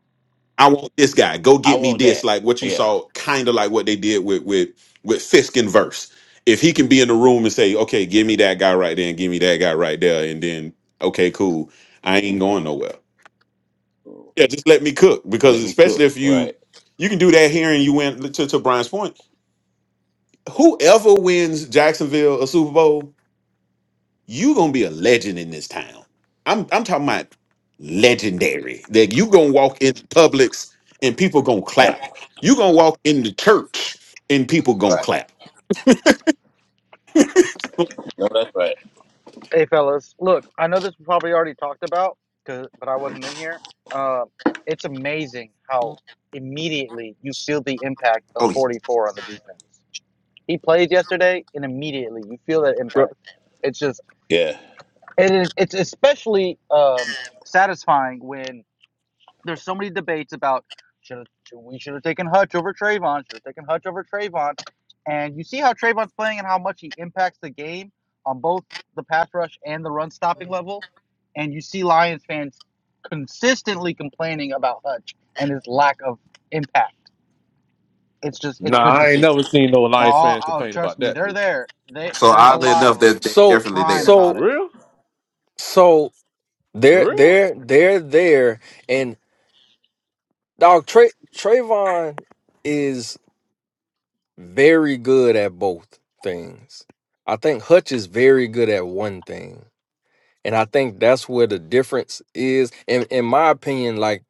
Speaker 3: I want this guy. Go
Speaker 13: I
Speaker 3: get me
Speaker 13: want
Speaker 3: this.
Speaker 13: that.
Speaker 3: Like what you
Speaker 13: Yeah.
Speaker 3: saw, kind of like what they did with with with Fisk and Verse. If he can be in the room and say, "Okay, give me that guy right there, and give me that guy right there," and then, "Okay, cool, I ain't going nowhere." Yeah, just let me cook because
Speaker 13: Let me
Speaker 3: especially
Speaker 13: cook.
Speaker 3: if you
Speaker 13: Right.
Speaker 3: you can do that here and you win to to Brian's point. Whoever wins Jacksonville a Super Bowl you gonna be a legend in this town. I'm I'm talking about legendary. That you gonna walk in Publix and people gonna
Speaker 13: Yeah.
Speaker 3: clap. You gonna walk in the church and people gonna
Speaker 13: Right.
Speaker 3: clap.
Speaker 13: No, that's right.
Speaker 11: Hey, fellas, look, I know this was probably already talked about, cause but I wasn't in here. Uh, it's amazing how immediately you feel the impact of
Speaker 3: Oh, yeah.
Speaker 11: 44 on the defense. He plays yesterday, and immediately you feel that impact. It's just
Speaker 13: Yeah.
Speaker 11: it is it's especially um, satisfying when there's so many debates about should we should have taken Hutch over Trayvon, should have taken Hutch over Trayvon, and you see how Trayvon's playing and how much he impacts the game on both the pass rush and the run stopping level, and you see Lions fans consistently complaining about Hutch and his lack of impact. It's just it's
Speaker 6: Nah,
Speaker 11: good to
Speaker 6: I ain't
Speaker 11: see.
Speaker 6: never seen no
Speaker 11: Now,
Speaker 6: Lions
Speaker 11: oh,
Speaker 6: fan
Speaker 11: oh,
Speaker 6: complain
Speaker 11: trust
Speaker 6: about
Speaker 11: me,
Speaker 6: that.
Speaker 11: they're
Speaker 6: Dude.
Speaker 11: there. They
Speaker 3: so
Speaker 11: there's a
Speaker 3: oddly
Speaker 11: lot
Speaker 3: enough,
Speaker 11: of
Speaker 3: they're,
Speaker 11: them
Speaker 3: they're
Speaker 5: So
Speaker 3: definitely
Speaker 11: crying
Speaker 3: there.
Speaker 6: For
Speaker 11: about
Speaker 5: so
Speaker 11: it
Speaker 6: real?
Speaker 5: so
Speaker 6: For
Speaker 5: they're
Speaker 6: real?
Speaker 5: they're they're there and dog Tra- Trayvon is Very good at both things. I think Hutch is very good at one thing. And I think that's where the difference is. And in my opinion, like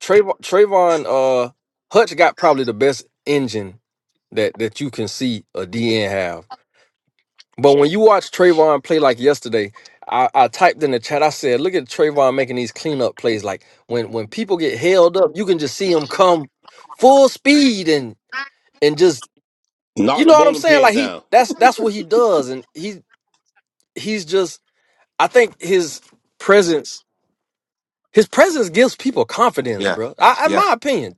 Speaker 5: Trayvon, Trayvon uh Hutch got probably the best engine that that you can see a DN have. But when you watch Trayvon play like yesterday, I, I typed in the chat. I said, "Look at Trayvon making these cleanup plays. Like when when people get held up, you can just see him come full speed and and just
Speaker 13: Knock
Speaker 5: you
Speaker 13: the
Speaker 5: know what I'm
Speaker 13: bowling
Speaker 5: saying?
Speaker 13: pins
Speaker 5: Like he
Speaker 13: down.
Speaker 5: that's that's what he does, and he he's just I think his presence his presence gives people confidence,
Speaker 3: Yeah,
Speaker 5: bro. I, in
Speaker 3: yeah.
Speaker 5: my opinion,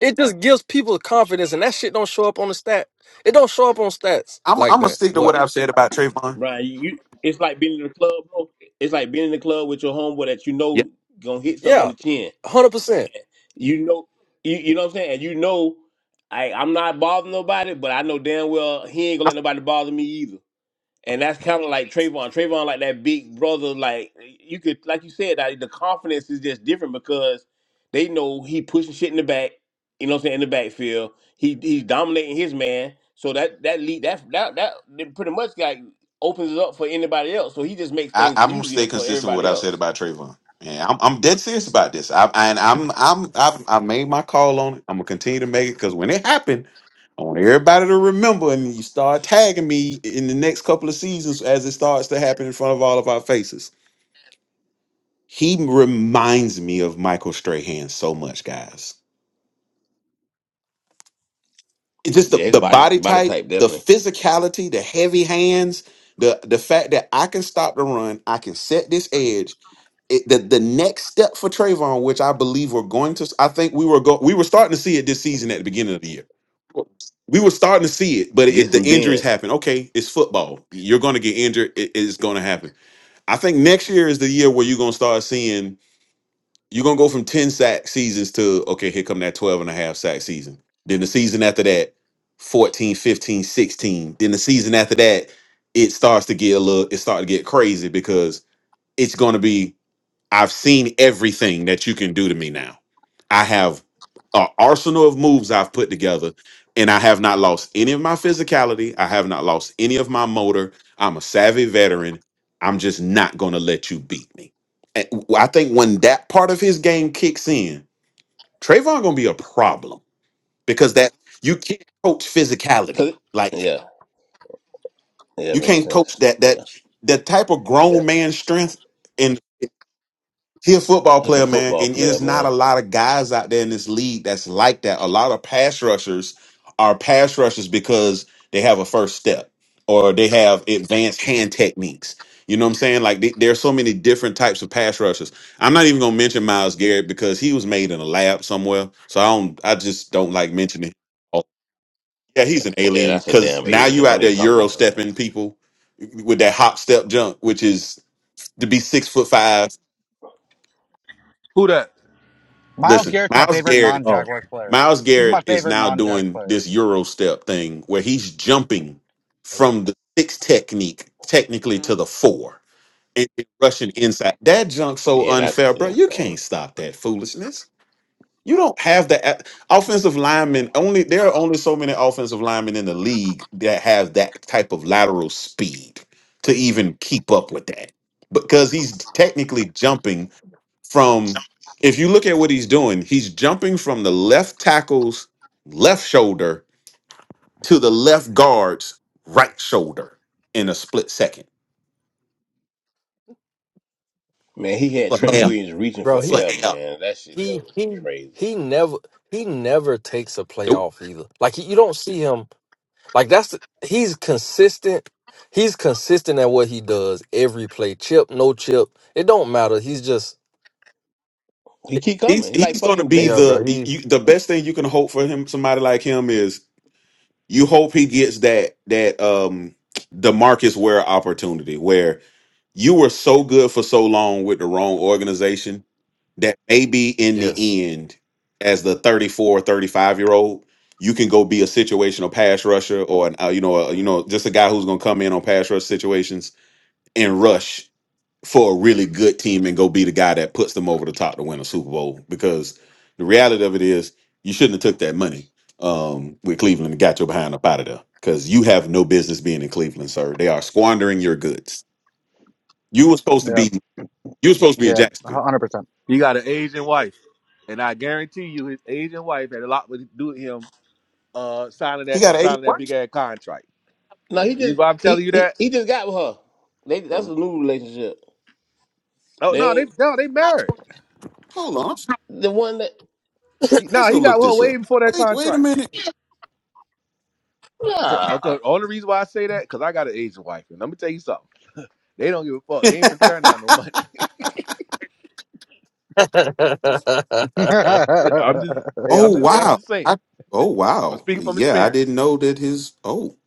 Speaker 5: it just gives people confidence, and that shit don't show up on the stat. It don't show up on stats
Speaker 3: I'm I'm
Speaker 5: like
Speaker 3: gonna
Speaker 5: that.
Speaker 3: stick to what
Speaker 5: But
Speaker 3: I've said about Trayvon.
Speaker 13: Brian, you, you it's like being in the club, bro. It's like being in the club with your homeboy that you
Speaker 3: Yeah,
Speaker 13: know gonna hit something on
Speaker 5: yeah,
Speaker 13: the chin.
Speaker 5: hundred percent.
Speaker 13: You know you, you know what I'm saying? And you know I I'm not bothering nobody, but I know damn well he ain't gonna
Speaker 3: I'm,
Speaker 13: let nobody bother me either. And that's kind of like Trayvon. Trayvon, like that big brother, like you could, like you said, like, the confidence is just different because they know he pushing shit in the back. You know what I'm saying in the backfield. He he's dominating his man, so that that lead that that that that pretty much got opens it up for anybody else. So he just makes
Speaker 3: I,
Speaker 13: things
Speaker 3: I'm gonna
Speaker 13: easier
Speaker 3: stay
Speaker 13: for
Speaker 3: consistent with what
Speaker 13: everybody
Speaker 3: I've said
Speaker 13: else.
Speaker 3: about Trayvon. Yeah, I'm I'm dead serious about this. I I and I'm I'm I've, I made my call on it. I'm gonna continue to make it because when it happened. I want everybody to remember, and you start tagging me in the next couple of seasons as it starts to happen in front of all of our faces. He reminds me of Michael Strahan so much, guys. It's just the,
Speaker 13: Yeah, his
Speaker 3: the
Speaker 13: body
Speaker 3: body
Speaker 13: body
Speaker 3: type,
Speaker 13: type
Speaker 3: the
Speaker 13: definitely
Speaker 3: physicality, the heavy hands, the the fact that I can stop the run, I can set this edge, it, the the next step for Trayvon, which I believe we're going to, I think we were go, we were starting to see it this season at the beginning of the year. We were starting to see it, but it,
Speaker 13: get
Speaker 3: the
Speaker 13: some
Speaker 3: injuries
Speaker 13: bend.
Speaker 3: happen. Okay, it's football. You're going to get injured. It- it's going to happen. I think next year is the year where you're going to start seeing. You're going to go from ten sack seasons to okay, here come that 12 and a half sack season. Then the season after that, 14, 15, 16. Then the season after that, it starts to get a little. It starts to get crazy because it's going to be I've seen everything that you can do to me now. I have an arsenal of moves I've put together, and I have not lost any of my physicality. I have not lost any of my motor. I'm a savvy veteran. I'm just not going to let you beat me. And I think when that part of his game kicks in, Trayvon going to be a problem because that you can't coach physicality.
Speaker 13: Cause
Speaker 3: Like
Speaker 13: yeah, yeah,
Speaker 3: you
Speaker 13: makes
Speaker 3: can't
Speaker 13: sense.
Speaker 3: coach that that
Speaker 13: Yeah,
Speaker 3: that type of
Speaker 13: yeah,
Speaker 3: grown man strength. He a football
Speaker 13: that's a
Speaker 3: player, man,
Speaker 13: football
Speaker 3: and
Speaker 13: player,
Speaker 3: there's not a
Speaker 13: man.
Speaker 3: lot of guys out there in this league that's like that. A lot of pass rushers are pass rushers because they have a first step or they have advanced hand techniques. You know what I'm saying? Like they, there are so many different types of pass rushers. I'm not even gonna mention Miles Garrett because he was made in a lab somewhere. So I don't. I just don't like mentioning. Oh, yeah, he's an
Speaker 13: Yeah,
Speaker 3: alien
Speaker 13: that's a
Speaker 3: because
Speaker 13: damn
Speaker 3: now you
Speaker 13: alien.
Speaker 3: out
Speaker 13: Don't
Speaker 3: there
Speaker 13: even talk
Speaker 3: euro
Speaker 13: about that, man.
Speaker 3: stepping people with that hop step jump, which is to be six foot five.
Speaker 6: Who that?
Speaker 11: Miles
Speaker 3: Listen,
Speaker 11: Garrett's my
Speaker 3: Miles
Speaker 11: favorite
Speaker 3: Garrett
Speaker 11: non
Speaker 6: Oh,
Speaker 11: Jaguars player.
Speaker 3: Miles
Speaker 11: He's my
Speaker 3: Garrett is
Speaker 11: favorite
Speaker 3: now
Speaker 11: non Jags
Speaker 3: doing
Speaker 11: player.
Speaker 3: this Euro step thing where he's jumping from the six technique technically to the four and then rushing inside. That junk so
Speaker 13: Yeah, that's
Speaker 3: unfair, bro. You
Speaker 13: insane.
Speaker 3: can't stop that foolishness. You don't have the a- offensive linemen. Only there are only so many offensive linemen in the league that have that type of lateral speed to even keep up with that. Because he's technically jumping from if you look at what he's doing, he's jumping from the left tackle's left shoulder to the left guard's right shoulder in a split second
Speaker 13: Man, he had
Speaker 3: for
Speaker 13: Trent
Speaker 3: air,
Speaker 13: Williams reaching
Speaker 5: Bro,
Speaker 13: for
Speaker 5: he
Speaker 3: for
Speaker 13: air,
Speaker 3: air.
Speaker 13: man. That shit that
Speaker 5: he
Speaker 13: was
Speaker 5: he
Speaker 13: crazy.
Speaker 5: he never he never takes a play
Speaker 3: Nope.
Speaker 5: off either. Like you don't see him like that's the- he's consistent. He's consistent at what he does every play. Chip, no chip, it don't matter. He's just
Speaker 13: He keep
Speaker 3: He's
Speaker 13: coming. He like
Speaker 3: he's going to
Speaker 13: fucking
Speaker 3: be
Speaker 5: yeah,
Speaker 13: Jason.
Speaker 5: bro.
Speaker 3: the
Speaker 5: He
Speaker 3: you, the best thing you can hope for him. Somebody like him is You hope he gets that that um Demarcus Ware opportunity where you were so good for so long with the wrong organization that maybe in
Speaker 5: yes.
Speaker 3: the end, as the 34, 35 year old, you can go be a situational pass rusher or an, uh, you know, a, you know, just a guy who's going to come in on pass rush situations and rush for a really good team and go be the guy that puts them over the top to win a Super Bowl. Because the reality of it is, you shouldn't have took that money um, with Cleveland and got your behind up out of there. Because you have no business being in Cleveland, sir. They are squandering your goods. You were supposed to
Speaker 11: Yep,
Speaker 3: be. You were supposed to be in
Speaker 11: yeah,
Speaker 3: Jacksonville.
Speaker 11: one hundred percent.
Speaker 6: He got an Asian wife, and I guarantee you, his Asian wife had a lot to do with him uh, signing
Speaker 3: He
Speaker 6: that
Speaker 3: got an eight.
Speaker 6: signing that big
Speaker 3: What?
Speaker 6: ass contract.
Speaker 13: No, he
Speaker 6: And the reason
Speaker 13: just
Speaker 6: why I'm telling
Speaker 13: he
Speaker 6: you
Speaker 13: he,
Speaker 6: that,
Speaker 13: he just got with her. They that's
Speaker 6: 'cause-
Speaker 13: a new relationship.
Speaker 6: oh
Speaker 13: They
Speaker 6: no, they
Speaker 13: ain't
Speaker 6: no they married.
Speaker 3: Hold on.
Speaker 13: the one that
Speaker 6: He,
Speaker 3: Let's
Speaker 6: no,
Speaker 3: go
Speaker 6: he got
Speaker 3: look
Speaker 6: well
Speaker 3: this
Speaker 6: way
Speaker 3: up.
Speaker 6: before that
Speaker 3: Wait. Wait a
Speaker 6: contract.
Speaker 3: minute.
Speaker 13: Nah.
Speaker 6: Okay, only reason why I say that, cause I got an Asian wife, and let me tell you something. They don't give a fuck. They ain't finna turn out no money.
Speaker 5: if,
Speaker 6: I'm just, hey, I'm
Speaker 3: oh
Speaker 6: just, hey, I'm
Speaker 3: wow.
Speaker 6: just saying.
Speaker 3: I. Oh
Speaker 6: I'm
Speaker 3: wow.
Speaker 6: speaking from
Speaker 3: Yeah, I didn't
Speaker 6: experience.
Speaker 3: know that his. Oh,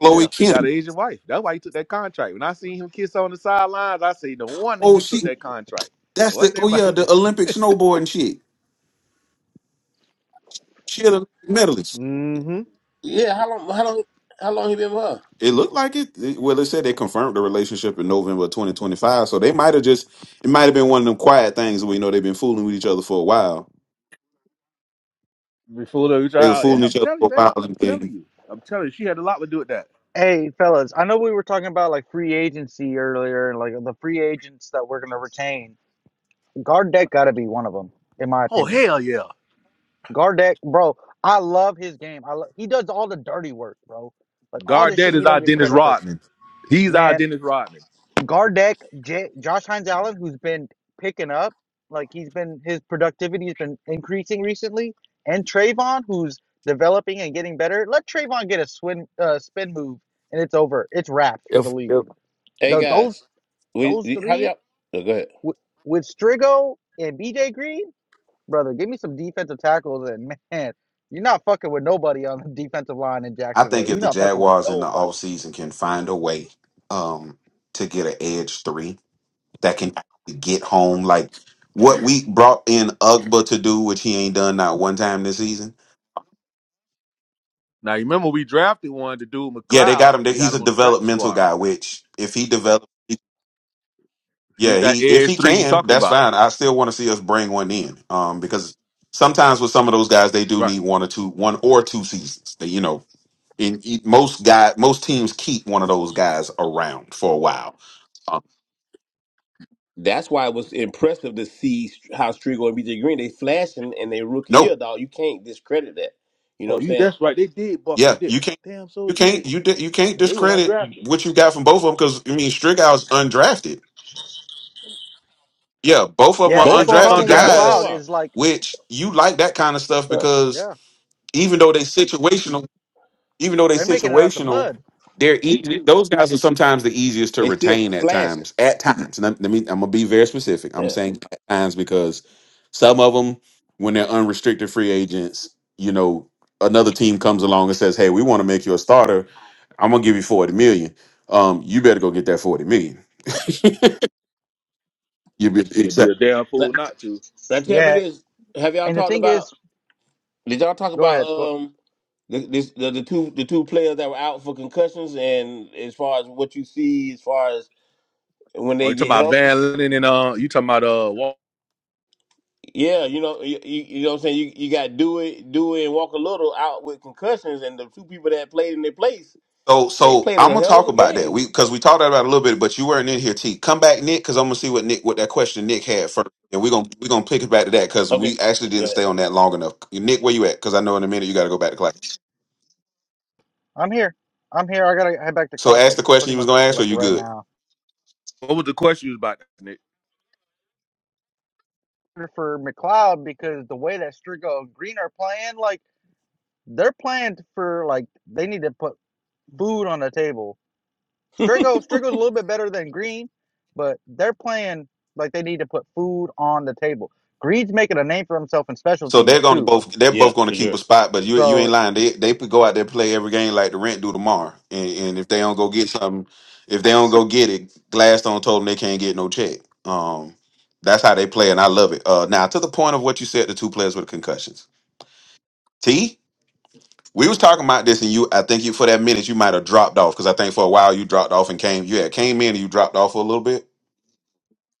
Speaker 3: Chloe
Speaker 6: Yeah, he got
Speaker 3: Kennedy.
Speaker 6: an Asian wife. That's why he took that contract. When I seen him kiss on the sidelines, I say no wonder
Speaker 3: Oh,
Speaker 6: he took
Speaker 3: she.
Speaker 6: that contract. 'Cause
Speaker 3: That's
Speaker 6: one
Speaker 3: the
Speaker 6: thing
Speaker 3: oh
Speaker 6: about
Speaker 3: yeah, the Olympic snowboarding shit. She an Olympic medalist.
Speaker 6: mm-hmm.
Speaker 13: Yeah, how long how long how long he been with her?
Speaker 3: It looked like it. it- Well, they said they confirmed the relationship in November of 2025, so they might have just it might have been one of them quiet things where you know they've been fooling with each other for a while.
Speaker 6: before the
Speaker 3: They were
Speaker 6: child,
Speaker 3: fooling
Speaker 6: yeah,
Speaker 3: each
Speaker 6: I'm
Speaker 3: other
Speaker 6: telling you,
Speaker 3: for a while,
Speaker 6: man. I'm
Speaker 3: and
Speaker 6: telling
Speaker 3: then
Speaker 6: you. I'm telling you, she had a lot to do with that.
Speaker 11: Hey, fellas, I know we were talking about like free agency earlier, and like the free agents that we're gonna retain. Gardek got to be one of them, in my
Speaker 6: Oh
Speaker 11: opinion.
Speaker 6: hell yeah.
Speaker 11: Gardek, bro, I love his game. I lo- he does all the dirty work, bro. Like all the shit
Speaker 6: Gardette
Speaker 11: he
Speaker 6: is our
Speaker 11: don't get
Speaker 6: Dennis
Speaker 11: credit for.
Speaker 6: Rodman. He's our
Speaker 11: Man,
Speaker 6: Dennis Rodman.
Speaker 11: Gardeck, J- Josh Hines Allen, who's been picking up, like he's been his productivity has been increasing recently, and Trayvon, who's developing and getting better. Let Trayvon get a swin, uh, spin move, and it's over. It's wraps for the league.
Speaker 5: if
Speaker 13: Hey
Speaker 11: Tho- those
Speaker 13: guys. We,
Speaker 11: those
Speaker 13: we how
Speaker 11: three
Speaker 13: y'all no, go ahead.
Speaker 11: with, with Strigo and BJ Green, brother, give me some defensive tackles, and man, you're not fucking with nobody on the defensive line in
Speaker 3: I
Speaker 11: Jacksonville.
Speaker 3: think
Speaker 11: You're
Speaker 3: if the
Speaker 11: not fucking with
Speaker 3: Jaguars in the
Speaker 11: nobody.
Speaker 3: offseason can find a way um to get an edge three, that can get home. Like what we brought in Ugba to do, which he ain't done not one time this season.
Speaker 6: Now you remember we drafted one to do
Speaker 3: Yeah, they got
Speaker 6: McLeod.
Speaker 3: him. There.
Speaker 6: They got
Speaker 3: He's a
Speaker 6: him on the practice
Speaker 3: developmental
Speaker 6: squad
Speaker 3: guy,
Speaker 6: right now.
Speaker 3: which if he develops, yeah,
Speaker 6: He's that
Speaker 3: he if
Speaker 6: Ayers
Speaker 3: he
Speaker 6: three you
Speaker 3: can,
Speaker 6: talking
Speaker 3: that's
Speaker 6: about.
Speaker 3: fine. I still want to see us bring one in, um, because sometimes with some of those guys, they do
Speaker 6: Right.
Speaker 3: need one or two, one or two seasons. They, you know, in most guy, most teams keep one of those guys around for a while. Um,
Speaker 13: That's why it was impressive to see how Strigo and BJ Green they flashing in their rookie
Speaker 3: no,
Speaker 13: year, dog. You can't discredit that. You know
Speaker 6: Oh,
Speaker 13: what I'm
Speaker 6: you
Speaker 13: saying?
Speaker 6: that's right. They did buck him,
Speaker 3: Yeah, you
Speaker 6: didn't
Speaker 3: can't,
Speaker 6: they? Damn so
Speaker 3: you can't,
Speaker 6: did.
Speaker 3: you di- you can't
Speaker 6: And they went
Speaker 3: discredit
Speaker 6: undrafted.
Speaker 3: what you got from both of them because I mean Strickhouse undrafted. Yeah, both of them are
Speaker 11: Yeah,
Speaker 6: Both
Speaker 13: Right.
Speaker 11: that's the
Speaker 6: of them
Speaker 3: undrafted
Speaker 11: problem with
Speaker 13: Both
Speaker 6: undrafted.
Speaker 13: of
Speaker 3: guys,
Speaker 11: McLeod is
Speaker 13: them
Speaker 11: like,
Speaker 3: which you like that kind of stuff
Speaker 13: are.
Speaker 3: because
Speaker 11: yeah,
Speaker 3: even though they situational even though they are
Speaker 11: they're making it out the
Speaker 3: situational,
Speaker 11: mud.
Speaker 3: they're easy. Those guys are sometimes the easiest to
Speaker 13: They still
Speaker 3: retain at
Speaker 13: flashing.
Speaker 3: times. At times, and I, let me. I'm gonna be very specific. I'm
Speaker 13: Yeah.
Speaker 3: saying at times because some of them, when they're unrestricted free agents, you know, another team comes along and says, "Hey, we want to make you a starter. I'm gonna give you forty million. Um, you better go get that forty million. You be,
Speaker 6: You'd be a damn
Speaker 13: Now,
Speaker 6: fool not to.
Speaker 13: now tell
Speaker 11: Yeah.
Speaker 13: me this: Have y'all
Speaker 11: And the
Speaker 13: talked
Speaker 11: thing
Speaker 13: about?
Speaker 11: is,
Speaker 13: Did y'all talk
Speaker 11: go
Speaker 13: about
Speaker 11: ahead. Go.
Speaker 13: um the, this, the the two the two players that were out for concussions and as far as what you see as far as when
Speaker 6: Oh,
Speaker 13: they
Speaker 6: you talking
Speaker 13: get
Speaker 6: about
Speaker 13: healthy?
Speaker 6: Van Lennon and uh, you talking about uh, what,
Speaker 13: Yeah, you know you, you you know what I'm saying. You you got do it do it and walk a little out with concussions and the two people that played in their place
Speaker 3: So,
Speaker 13: they
Speaker 3: so
Speaker 13: played
Speaker 3: I'm
Speaker 13: a
Speaker 3: gonna
Speaker 13: hell of
Speaker 3: talk
Speaker 13: a
Speaker 3: about that.
Speaker 13: game.
Speaker 3: We because we talked about it a little bit, but you weren't in here. T, come back, Nick, because I'm gonna see what Nick, what that question Nick had first, and we're gonna we're gonna pick it back to that because we
Speaker 13: Okay,
Speaker 3: actually
Speaker 13: go
Speaker 3: didn't
Speaker 13: ahead.
Speaker 3: stay on that long enough. Nick, where you at? Because I know in a minute you got to go back to class.
Speaker 11: I'm here. I'm here. I gotta head back to
Speaker 3: So,
Speaker 11: class
Speaker 3: ask
Speaker 11: like
Speaker 3: the question
Speaker 11: pretty
Speaker 3: you was
Speaker 11: much
Speaker 3: gonna ask, or
Speaker 11: like
Speaker 3: you
Speaker 11: right
Speaker 3: good?
Speaker 11: now.
Speaker 6: what was the question you was about, Nick?
Speaker 11: For McLeod, because the way that Strigo and Green are playing, like they're playing for like they need to put food on the table. Strigo, Strigo's a little bit better than Green, but they're playing like they need to put food on the table. Green's making a name for himself in special
Speaker 3: So they're
Speaker 11: teams
Speaker 3: gonna
Speaker 11: too.
Speaker 3: both they're
Speaker 13: yeah,
Speaker 3: both gonna
Speaker 13: for
Speaker 3: keep
Speaker 13: sure.
Speaker 3: a spot, but you you ain't
Speaker 11: So
Speaker 3: lying. They they could go out there and play every game like the rent do tomorrow. And and if they don't go get something, if they don't go get it, Gladstone told them they can't get no check. Um that's how they play, and I love it. Uh now to the point of what you said, the two players with concussions. T, we was talking about this and you I think you for that minute you might have dropped off because I think for a while you dropped off and came you had came in and you dropped off for a little bit.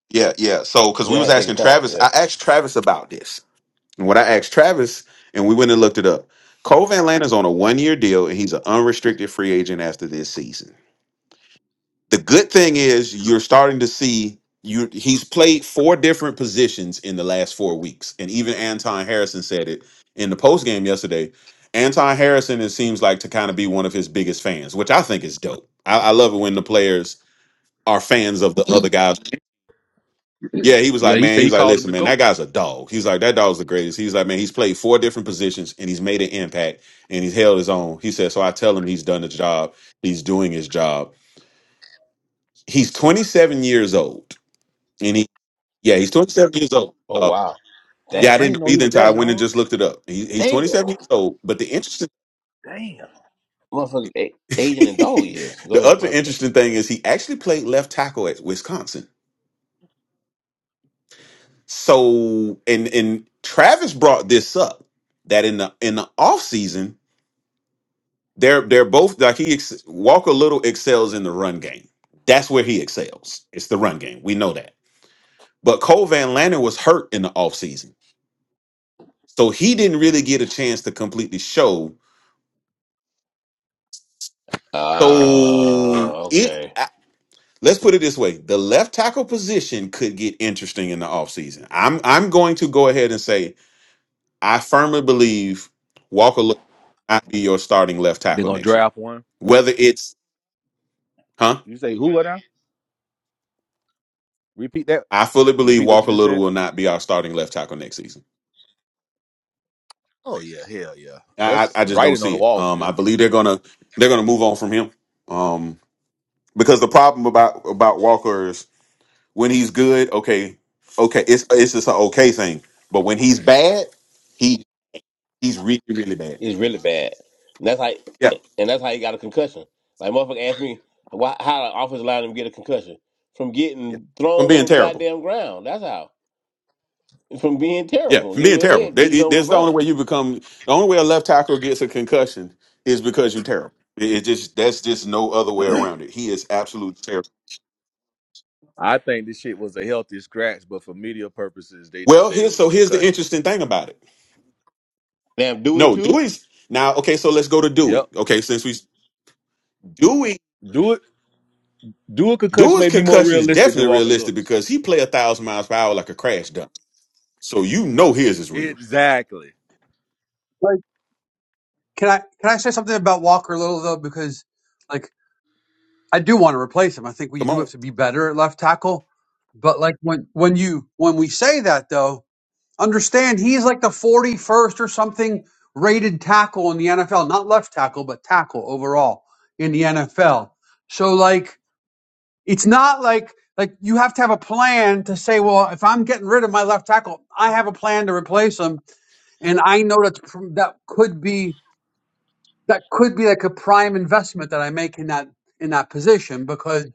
Speaker 3: Yeah, yeah. So cause we
Speaker 13: Yeah, I
Speaker 3: was
Speaker 13: had to take a
Speaker 3: asking
Speaker 13: call.
Speaker 3: Travis,
Speaker 13: Yeah.
Speaker 3: I asked Travis about this And what I asked Travis, and we went and looked it up. Cole Van Lanta's on a one year deal, and he's an unrestricted free agent after this season. The good thing is you're starting to see you he's played four different positions in the last four weeks. And even Anton Harrison said it in the post game yesterday. Anton Harrison, it seems like to kind of be one of his biggest fans, which I think is dope. I, I love it when the players are fans of the other guys yeah, he was
Speaker 6: Yeah,
Speaker 3: like,
Speaker 6: he
Speaker 3: man, he
Speaker 6: said he
Speaker 3: was like,
Speaker 6: called him
Speaker 3: listen,
Speaker 6: the
Speaker 3: man, that
Speaker 6: goat.
Speaker 3: guy's a dog. He's like, that dog's the greatest. He's like, man, he's played four different positions and he's made an impact and he's held his own. He said, so I tell him he's done the job. He's doing his job. He's 27 years old. And he, yeah, he's 27 years old.
Speaker 13: Oh
Speaker 3: Uh,
Speaker 13: wow. Dang.
Speaker 3: yeah, I
Speaker 6: Damn, I
Speaker 3: didn't
Speaker 6: didn't know
Speaker 3: know
Speaker 6: he
Speaker 3: either
Speaker 6: was
Speaker 3: until I
Speaker 6: that
Speaker 3: went and
Speaker 6: young.
Speaker 3: just looked it up. He, he's 27
Speaker 13: Damn.
Speaker 3: years old. But the interesting,
Speaker 6: Damn.
Speaker 13: motherfucking a- aging in dog years. Go
Speaker 3: the
Speaker 13: ahead,
Speaker 3: other
Speaker 13: my bad.
Speaker 3: interesting thing is he actually played left tackle at Wisconsin. So, and, and Travis brought this up that in the, in the offseason, They're they're both like he ex- Walker Little excels in the run game. That's where he excels. It's the run game. We know that. But Cole Van Lanner was hurt in the offseason. So he didn't really get a chance to completely show. So
Speaker 13: Ah,
Speaker 3: it
Speaker 13: okay.
Speaker 3: I- let's put it this way. The left tackle position could get interesting in the offseason. I'm I'm going to go ahead and say I firmly believe Walker Little might be your starting left
Speaker 6: They
Speaker 3: tackle
Speaker 6: gonna
Speaker 3: next year.
Speaker 6: draft one.
Speaker 3: Whether it's huh?
Speaker 6: You say who right now? Repeat that.
Speaker 3: I fully believe
Speaker 6: Repeat what you
Speaker 3: Walker
Speaker 6: just
Speaker 3: Little
Speaker 6: said.
Speaker 3: will not be our starting left tackle next season.
Speaker 6: Oh yeah, hell yeah.
Speaker 3: I,
Speaker 6: That's
Speaker 3: I I
Speaker 6: the
Speaker 3: just don't
Speaker 6: writing on the
Speaker 3: see it.
Speaker 6: wall for
Speaker 3: Um, I
Speaker 6: him.
Speaker 3: believe they're gonna they're gonna move on from him. Um, because the problem about about Walker is when he's good, okay, okay, it's it's just an okay thing. But when he's bad, he he's really really bad.
Speaker 13: He's really bad. And that's how
Speaker 3: Yeah,
Speaker 13: and that's how he got a concussion. Like motherfucker asked me why how the office allowed him to get a concussion. From
Speaker 3: yeah.
Speaker 13: getting
Speaker 3: from
Speaker 13: thrown on
Speaker 3: being
Speaker 13: the
Speaker 3: terrible.
Speaker 13: goddamn ground. That's how. From being
Speaker 3: Yeah,
Speaker 13: terrible.
Speaker 3: from
Speaker 13: Getting
Speaker 3: being
Speaker 13: your
Speaker 3: terrible.
Speaker 13: head
Speaker 3: That,
Speaker 13: beat
Speaker 3: it-
Speaker 13: on the
Speaker 3: that's the only
Speaker 13: ground.
Speaker 3: way you become. The only way a left tackle gets a concussion is because you're terrible. It, it just that's just no other way around it. He is absolute terrible.
Speaker 6: I think this shit was a healthy scratch, but for media purposes, they just
Speaker 3: Well,
Speaker 6: said it
Speaker 3: here's
Speaker 6: was
Speaker 3: so
Speaker 6: a
Speaker 3: here's the
Speaker 6: concussion.
Speaker 3: interesting thing about it.
Speaker 13: Damn Dewey
Speaker 3: No,
Speaker 13: too.
Speaker 3: Dewey's now okay. So let's go to
Speaker 6: Yep.
Speaker 3: Dewey. Okay, since we Dewey
Speaker 6: Do it. Do a concussion
Speaker 3: Dewey's
Speaker 6: may be more
Speaker 3: concussion is
Speaker 6: realistic than
Speaker 3: definitely
Speaker 6: Walker
Speaker 3: realistic
Speaker 6: Little's.
Speaker 3: because he play a thousand miles per hour like a crash dump. So you know his is real.
Speaker 6: Exactly.
Speaker 12: like can I can I say something about Walker Little though? Because like I do want to replace him. I think we
Speaker 3: Come
Speaker 12: do
Speaker 3: on.
Speaker 12: have to be better at left tackle. But like when when you when we say that though Understand, he's like the 41st or something rated tackle in the NFL, not left tackle, but tackle overall in the NFL. So like it's not like like you have to have a plan to say, well, if I'm getting rid of my left tackle, I have a plan to replace him and I know that's pr- that could be that could be like a prime investment that I make in that in that position because.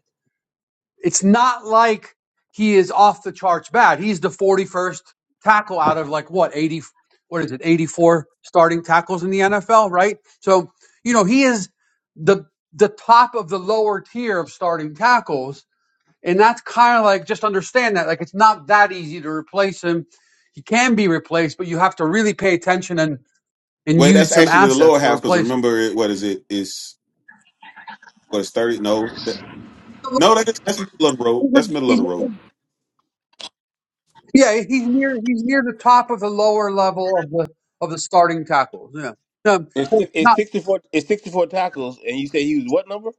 Speaker 12: It's not like he is off the charts bad. He's the 41st tackle out of like what 80 what is it 84 starting tackles in the NFL, right? So, you know, he is the the top of the lower tier of starting tackles, and that's kind of like just understand that like it's not that easy to replace him. He can be replaced, but you have to really pay attention and and
Speaker 3: Well,
Speaker 12: use
Speaker 3: that's
Speaker 12: some
Speaker 3: actually the
Speaker 12: assets
Speaker 3: lower
Speaker 12: to
Speaker 3: half because
Speaker 12: replace him
Speaker 3: remember it, what is it? Is what is thirty? No, that, no, that is, that's middle of the road. That's middle of the road.
Speaker 12: Yeah, he's near he's near the top of the lower level of the of the starting tackles. Yeah. Um,
Speaker 13: It's
Speaker 12: so
Speaker 13: it's
Speaker 12: not
Speaker 13: sixty four it's sixty four tackles and you say he was what number?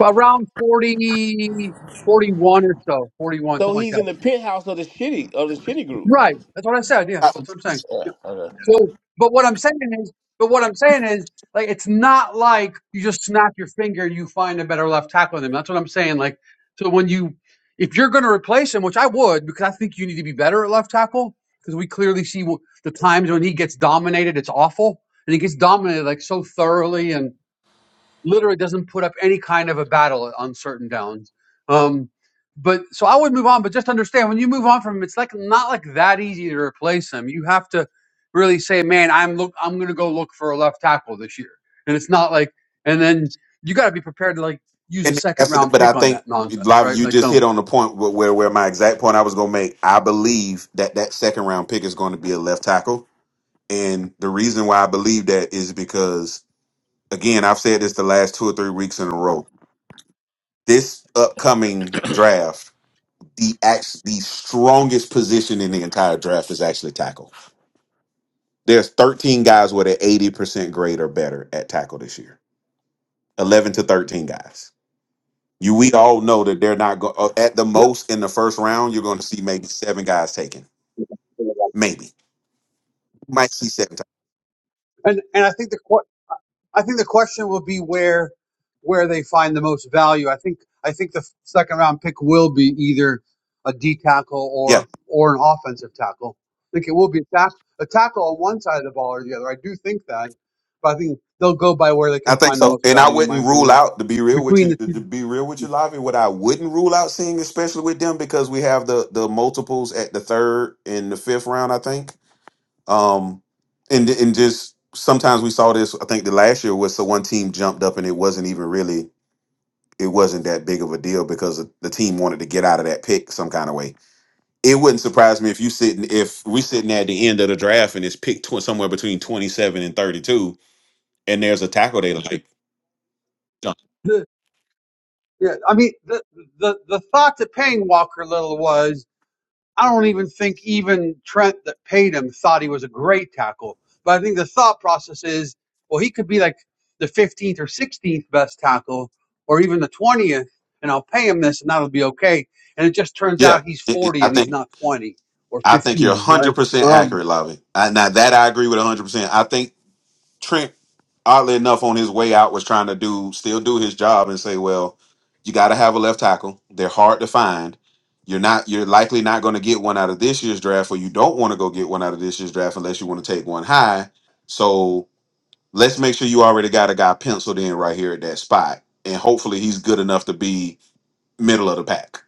Speaker 12: around 40 41 or so, 41,
Speaker 13: So
Speaker 12: something like that.
Speaker 13: he's in the penthouse of the shitty of the shitty group.
Speaker 12: Right. That's what I said. Yeah.
Speaker 3: I-
Speaker 12: That's what I'm saying. Yeah.
Speaker 13: Yeah, okay.
Speaker 12: So, but what I'm saying is, but what I'm saying is, like, it's not like you just snap your finger and you find a better left tackle than him. That's what I'm saying. Like, so when you, if you're going to replace him, which I would, because I think you need to be better at left tackle, because we clearly see wh- the times when he gets dominated, it's awful, and he gets dominated like so thoroughly, and literally doesn't put up any kind of a battle on certain downs. Um, but so I would move on, but just understand when you move on from him, it's like not like that easy to replace him. You have to really say, man, I'm look, I'm gonna go look for a left tackle this year, and it's not like, and then you got to be prepared to like use a
Speaker 3: And
Speaker 12: second
Speaker 3: that's the-
Speaker 12: round
Speaker 3: but I
Speaker 12: pick on that
Speaker 3: think
Speaker 12: nonsense,
Speaker 3: Lava,
Speaker 12: right?
Speaker 3: you
Speaker 12: Like
Speaker 3: just hit
Speaker 12: so.
Speaker 3: on the point where where where my exact point I was gonna make. I believe that that second round pick is going to be a left tackle And the reason why I believe that is because, again, I've said this the last two or three weeks in a row. This upcoming draft, the act, the strongest position in the entire draft is actually tackle. There's 13 guys with an 80% grade or better at tackle this year. 11 to 13 guys. You, we all know that they're not going at the
Speaker 12: Yep.
Speaker 3: most in the first round. You're going to see maybe seven guys taken, maybe might see seven
Speaker 12: And and I think the qu- I think the question will be where where they find the most value. I think I think the second round pick will be either a D tackle
Speaker 3: times.
Speaker 12: or or an offensive tackle. I think it will be a tackle a tackle on one side of the ball or the other. I do think that, but I think they'll go by where they
Speaker 3: I
Speaker 12: can
Speaker 3: think
Speaker 12: find the
Speaker 3: so,
Speaker 12: most
Speaker 3: and I
Speaker 12: value, in my
Speaker 3: wouldn't rule
Speaker 12: opinion.
Speaker 3: out to be real with
Speaker 12: Between
Speaker 3: you.
Speaker 12: the
Speaker 3: To to
Speaker 12: two,
Speaker 3: be real with you, Lavi, what I wouldn't rule out seeing, especially with them, because we have the the multiples at the third and the fifth round. I think, um, and and just sometimes we saw this. I think the last year was so one team jumped up and it wasn't even really it wasn't that big of a deal because the team wanted to get out of that pick some kind of way. It wouldn't surprise me if you sitting if we sitting at the end of the draft and it's picked tw- somewhere between twenty seven and thirty two, and there's a tackle they like.
Speaker 12: the, yeah, I mean the the the thought to paying Walker Little was. I don't even think even Trent that paid him thought he was a great tackle. But I think the thought process is, well, he could be like the 15th or 16th best tackle, or even the 20th, and I'll pay him this, and that'll be okay. And it just turns
Speaker 3: Yeah,
Speaker 12: out he's
Speaker 3: it, it-
Speaker 12: 40
Speaker 3: I
Speaker 12: and
Speaker 3: think.
Speaker 12: he's not 20 or
Speaker 3: I think you're
Speaker 12: 15, right?
Speaker 3: 100%
Speaker 12: Um,
Speaker 3: accurate, Lavi. I- Now, that I agree with 100%. I think Trent, oddly enough, on his way out, was trying to do still do his job and say, well, you got to have a left tackle. They're hard to find. You're not. You're likely not going to get one out of this year's draft, or you don't want to go get one out of this year's draft unless you want to take one high. So let's make sure you already got a guy penciled in right here at that spot, and hopefully he's good enough to be middle of the pack.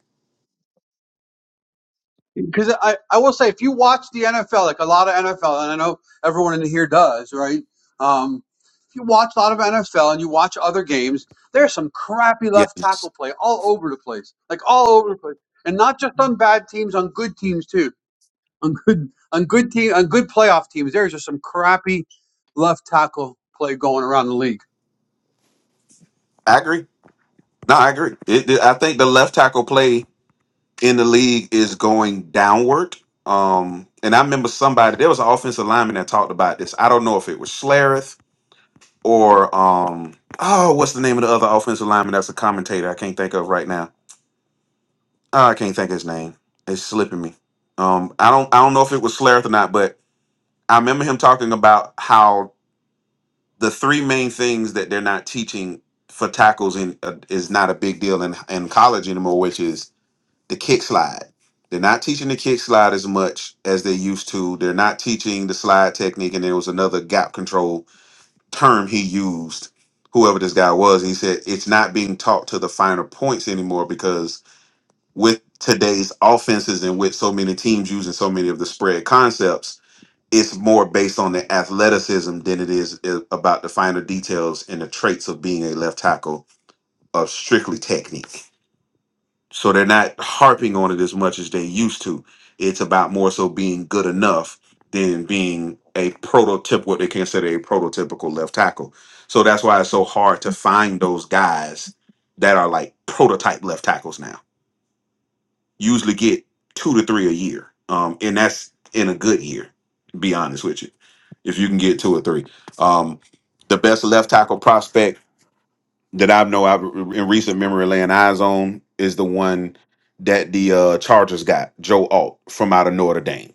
Speaker 12: because I, I will say if you watch the NFL, like a lot of NFL, and I know everyone in here does, right? Um, if you watch a lot of NFL and you watch other games, there's some crappy left
Speaker 3: Yes,
Speaker 12: tackle play all over the place, like all over the place, and not just on bad teams, on good teams too, on good on good team on good playoff teams. There's just some crappy left tackle play going around the league.
Speaker 3: I agree. No, I agree. It, it- I think the left tackle play in the league is going downward. Um, and I remember somebody there was an offensive lineman that talked about this. I don't know if it was Schlereth or um, oh, what's the name of the other offensive lineman that's a commentator? I can't think of right now. Oh, I can't think of his name. It's slipping me. Um, I don't I don't know if it was Schlereth or not, but I remember him talking about how the three main things that they're not teaching for tackles in uh, is not a big deal in in college anymore, which is the kick slide. They're not teaching the kick slide as much as they used to. They're not teaching the slide technique. And there was another gap control term he used, whoever this guy was. He said it's not being taught to the finer points anymore because with today's offenses and with so many teams using so many of the spread concepts, it's more based on the athleticism than it is uh, about the finer details and the traits of being a left tackle of strictly technique. So they're not harping on it as much as they used to. It's about more so being good enough than being a prototyp what they consider a prototypical left tackle. So that's why it's so hard to find those guys that are like prototype left tackles now. You usually get two to three a year. Um, and that's in a good year, to be honest with you. If you can get two or three. Um, the best left tackle prospect that I know I've in recent memory laying eyes on is the one that the uh, Chargers got, Joe Alt from out of Notre Dame.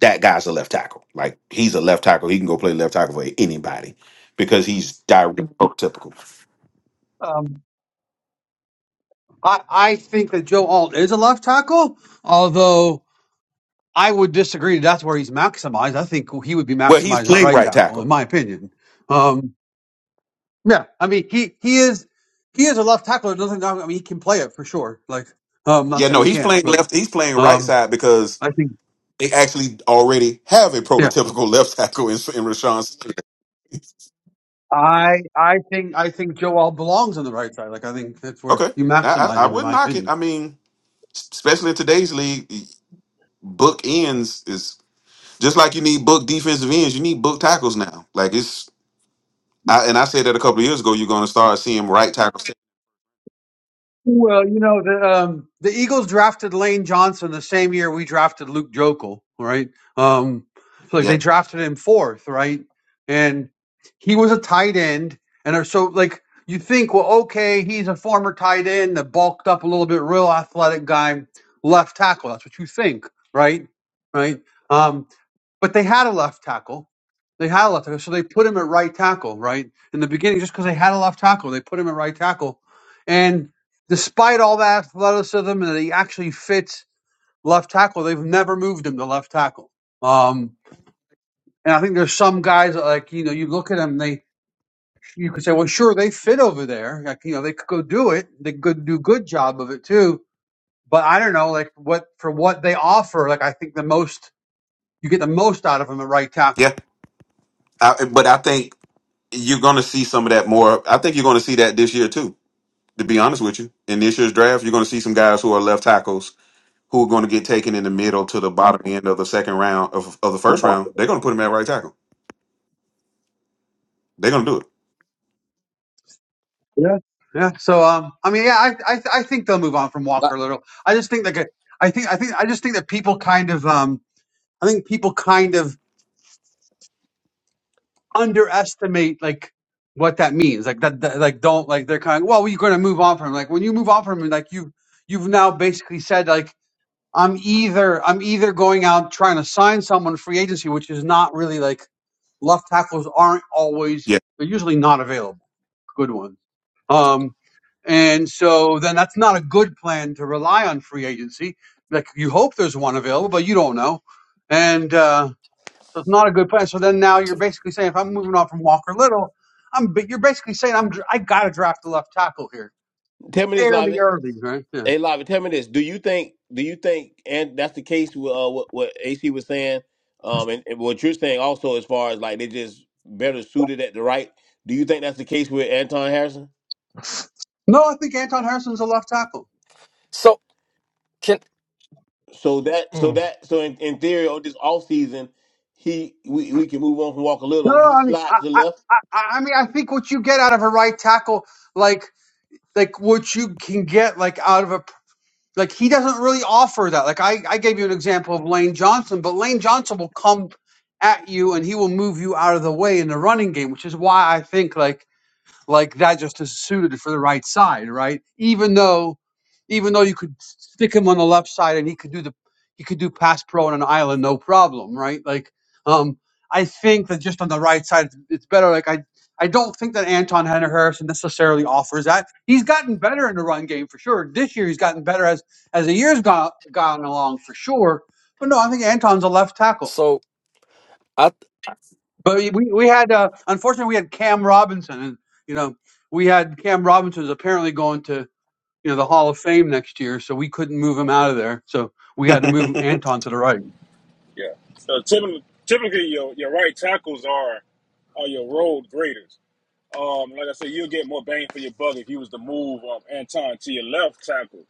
Speaker 3: That guy's a left tackle. Like he's a left tackle. He can go play left tackle for anybody because he's typical.
Speaker 12: Um, I I think that Joe Alt is a left tackle, although. I would disagree. That's where he's maximized. I think he would be
Speaker 3: Well, he's
Speaker 12: maximized at
Speaker 3: playing
Speaker 12: right
Speaker 3: right
Speaker 12: tackle, in
Speaker 3: tackle.
Speaker 12: my opinion. Um, yeah, I mean he he is he is a left tackler. Doesn't I mean he can play it for sure. Like I'm not
Speaker 3: Yeah, no,
Speaker 12: saying he
Speaker 3: he's
Speaker 12: can't,
Speaker 3: playing
Speaker 12: but
Speaker 3: left. He's playing right
Speaker 12: um,
Speaker 3: side because
Speaker 12: I think
Speaker 3: they actually already have a
Speaker 12: yeah.
Speaker 3: prototypical left tackle in, in Rashawn. Slater.
Speaker 12: I I think I think Joel belongs on the right side. Like I think that's where
Speaker 3: Okay,
Speaker 12: you
Speaker 3: I, I,
Speaker 12: maximize
Speaker 3: I
Speaker 12: him, in
Speaker 3: wouldn't
Speaker 12: my
Speaker 3: knock it.
Speaker 12: opinion.
Speaker 3: I mean, especially in today's league, book ends is. Just like you need book defensive ends, you need book tackles now. Like it's, I, and I said that a couple of years ago. You're going to start seeing right tackles.
Speaker 12: Well, you know the um, the Eagles drafted Lane Johnson the same year we drafted Luke Jokel, right? Um, so like they
Speaker 3: Yeah,
Speaker 12: drafted him fourth, right? And he was a tight end, and uh, so like you think, well, okay, he's a former tight end, a bulked up a little bit, real athletic guy, left tackle. That's what you think, right? Right? Um, but they had a left tackle. They had a left tackle, so they put him at right tackle, right? In the beginning, just because they had a left tackle, they put him at right tackle. And despite all that athleticism and that he actually fits left tackle, they've never moved him to left tackle. Um, and I think there's some guys that, like, you know, you look at them, they you could say, well, sure, they fit over there. Like, you know, they could go do it. They could do a good job of it too. But I don't know, like, what for what they offer, like, I think the most you get the most out of them at right tackle.
Speaker 3: yeah. I, but I think you're going to see some of that more. I think you're going to see that this year too. To be honest with you, in this year's draft, you're going to see some guys who are left tackles who are going to get taken in the middle to the bottom end of the second round of, of the first round. They're going to put him at right tackle. They're going to
Speaker 12: Yeah, yeah. So, um, I mean, yeah, I, I, I think they'll move on from
Speaker 13: La-
Speaker 12: Walker Little. I just think that I think, I think, I just think that people kind of, um, I think people kind of underestimate like what that means. Like that, that like don't like they're kind of well, you're going to move on from him. Like when you move on from him, like you, you've now basically said like I'm either I'm either going out trying to sign someone free agency, which is not really like left tackles aren't always
Speaker 3: do it.
Speaker 12: they're usually not available good ones. Um, and so then that's not a good plan to rely on free agency. Like you hope there's one available, but you don't know. And uh, so it's not a good plan. So then now you're
Speaker 5: so,
Speaker 12: basically saying if I'm moving on from Walker Little, I'm but you're basically saying I'm dr- I got to draft a left tackle here
Speaker 13: Tell me this,
Speaker 12: fairly
Speaker 13: Lavi.
Speaker 12: early, right? Yeah.
Speaker 13: Hey, Lavi, tell me this: Do you think? Do you think? And that's the case with uh, what, what AC was saying, um, and, and what you're saying also, as far as like they just better suited at the right. Do you think that's the case with Anton Harrison?
Speaker 12: No, I think Anton Harrison's a left tackle.
Speaker 5: so, can
Speaker 13: So that, so
Speaker 5: mm,
Speaker 13: that, so in, in theory, on this off season, he we, we can move on from Walker
Speaker 12: No,
Speaker 13: Little. He
Speaker 12: I mean I
Speaker 13: slides to the
Speaker 12: I
Speaker 13: left.
Speaker 12: I, I I mean I think what you get out of a right tackle like. Like what you can get like out of a Like he doesn't really offer that. Like I, I gave you an example of Lane Johnson, but Lane Johnson will come at you and he will move you out of the way in the running game, which is why I think like like that just is suited for the right side, right? Even though, even though you could stick him on the left side and he could do the he could do pass pro on an island, no problem, right? Like, um, I think that just on the right side, it's it's better. Like I. I don't think that Anton Henner Harrison necessarily offers that. He's gotten better in the run game for sure. This year he's gotten better as as the year's gone gone along for sure. But no, I think Anton's a left tackle.
Speaker 5: so I
Speaker 12: But we we we had uh, unfortunately we had Cam Robinson, and you know we had Cam Robinson's apparently going to you know the Hall of Fame next year, so we couldn't move him out of there. So we had to move
Speaker 3: Yeah.
Speaker 12: Anton to the right,
Speaker 4: Yeah. So typically, typically your, your right tackles are are your road graders. Um, like I said, you'll get more bang for your buck if you was to move um, Anton to your left tackle,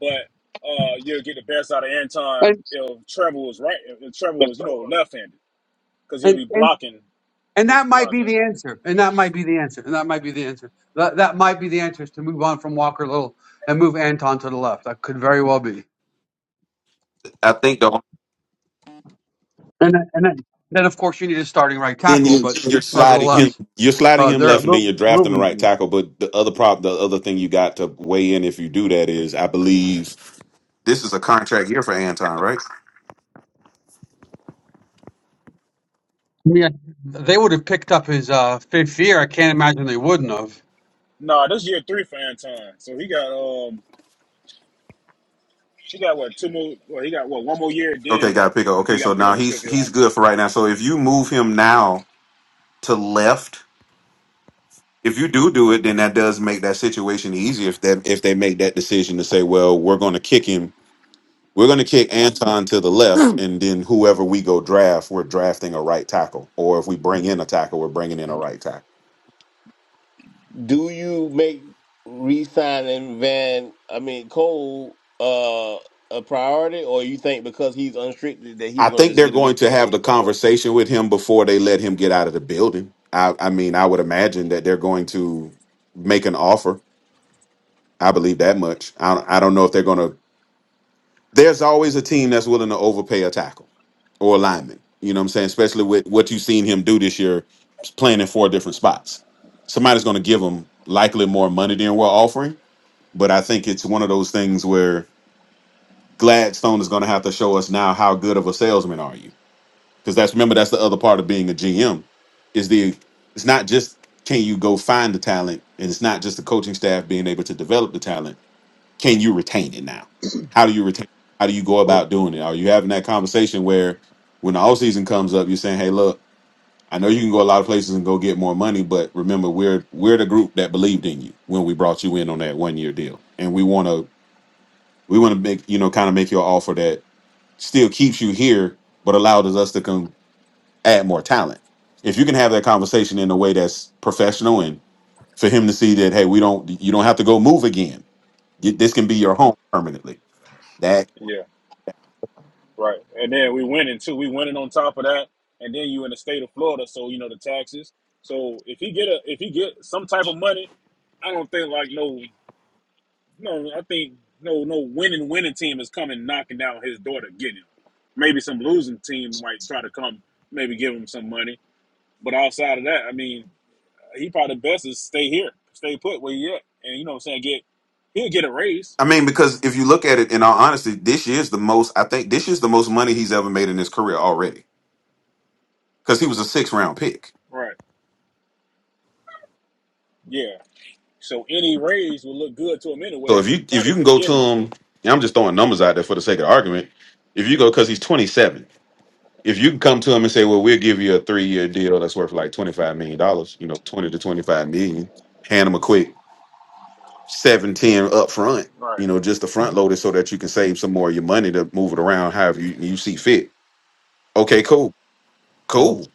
Speaker 4: but uh, you'll get the best out of Anton
Speaker 12: and
Speaker 4: if Trevor was right. If Trevor was you know left-handed because he'll
Speaker 12: and
Speaker 4: be
Speaker 12: and,
Speaker 4: blocking
Speaker 12: and that
Speaker 4: his
Speaker 12: might
Speaker 4: blase.
Speaker 12: be the answer, and that might be the answer, and that might be the answer. That that might be the answer is to move on from Walker Little and move Anton to the left. That could very well be.
Speaker 3: I think though.
Speaker 12: And then- and then, then of course you need a starting right
Speaker 3: then
Speaker 12: tackle,
Speaker 3: you
Speaker 12: but
Speaker 3: you're sliding him
Speaker 12: nevertheless,
Speaker 3: you're sliding
Speaker 12: uh,
Speaker 3: him
Speaker 12: they're a
Speaker 3: left and then
Speaker 12: little
Speaker 3: you're
Speaker 12: a
Speaker 3: drafting
Speaker 12: little
Speaker 3: the right
Speaker 12: easier.
Speaker 3: tackle but the other prop the other thing you got to weigh in if you do that is i believe this is a contract year for anton right
Speaker 12: Yeah, they would have picked up his uh, fifth year. I can't imagine they wouldn't have.
Speaker 4: Nah, this year three for Anton, so he got um he got what two more? Well, he got what one more year.
Speaker 3: okay
Speaker 4: Then
Speaker 3: got to pick up
Speaker 4: I think
Speaker 3: okay
Speaker 4: he got to
Speaker 3: so
Speaker 4: pick
Speaker 3: now
Speaker 4: up his fifth
Speaker 3: he's
Speaker 4: year
Speaker 3: he's
Speaker 4: option.
Speaker 3: good for right now so if you move him now to left if you do do it then that does make that situation easier if that if they make that decision to say well we're going to kick him we're going to kick Anton to the left, and then whoever we go draft, we're drafting a right tackle. Or if we bring in a tackle, we're bringing in a right tackle.
Speaker 13: Do you make re-signing Van? I mean Cole uh, a priority, or you think because he's unrestricted that he's
Speaker 3: I
Speaker 13: going to
Speaker 3: think
Speaker 13: just
Speaker 3: they're
Speaker 13: get a
Speaker 3: going
Speaker 13: big
Speaker 3: to have
Speaker 13: payday
Speaker 3: the
Speaker 13: somewhere?
Speaker 3: conversation with him before they let him get out of the building. I, I mean, I would imagine that they're going to make an offer. I believe that much. I, don't- I don't know if they're going to. There's always a team that's willing to overpay a tackle or a lineman. You know what I'm saying? Especially with what you've seen him do this year, playing in four different spots. Somebody's going to give him likely more money than we're offering. But I think it's one of those things where Gladstone is going to have to show us now how good of a salesman are you because that's remember that's the other part of being a GM is the it's not just can you go find the talent and it's not just the coaching staff being able to develop the talent. Can you retain it now? How do you retain? How do you go about doing it? Are you having that conversation where when the all season comes up, you're saying, "Hey, look, I know you can go a lot of places and go get more money, but remember, we're we're the group that believed in you when we brought you in on that one year deal, and we want to we want to make you know kind of make you an offer that still keeps you here, but allows us to come." add more talent. If you can have that conversation in a way that's professional and for him to see that, hey, we don't, you don't have to go move again. You- This can be your home permanently. That
Speaker 4: Right. And then we winning too. We winning on top of that. And then you in the state of Florida, so you know the taxes. So if he get a if he get some type of money, I don't think like no no I think no no winning winning team is coming knocking down his door to get him. Maybe some losing team might try to come maybe give him some money. But outside of that, I mean, he probably best is stay here, stay put where he at. And you know what I'm saying, get he'll get a raise.
Speaker 3: I mean, because if you look at it in all honesty, this year's the most. I think this year's the most money he's ever made in his career already because he was a six round pick.
Speaker 4: Right. Yeah. So any raise will look good to him
Speaker 3: So if
Speaker 4: anyways,
Speaker 3: you
Speaker 4: and
Speaker 3: if you
Speaker 4: probably
Speaker 3: can
Speaker 4: to
Speaker 3: go to
Speaker 4: get him to
Speaker 3: him,
Speaker 4: stay.
Speaker 3: and I'm just throwing numbers out there for the sake of argument. If you go because he's 27, if you can come to him and say, well, we'll give you a three year deal that's worth like 25 million dollars, you know, 20 to 25 million, hand him a quick. seven ten up front.
Speaker 4: Right,
Speaker 3: You know, just the front loaded so that you can save some more of your money to move it around however you, you see fit. Okay, cool, cool.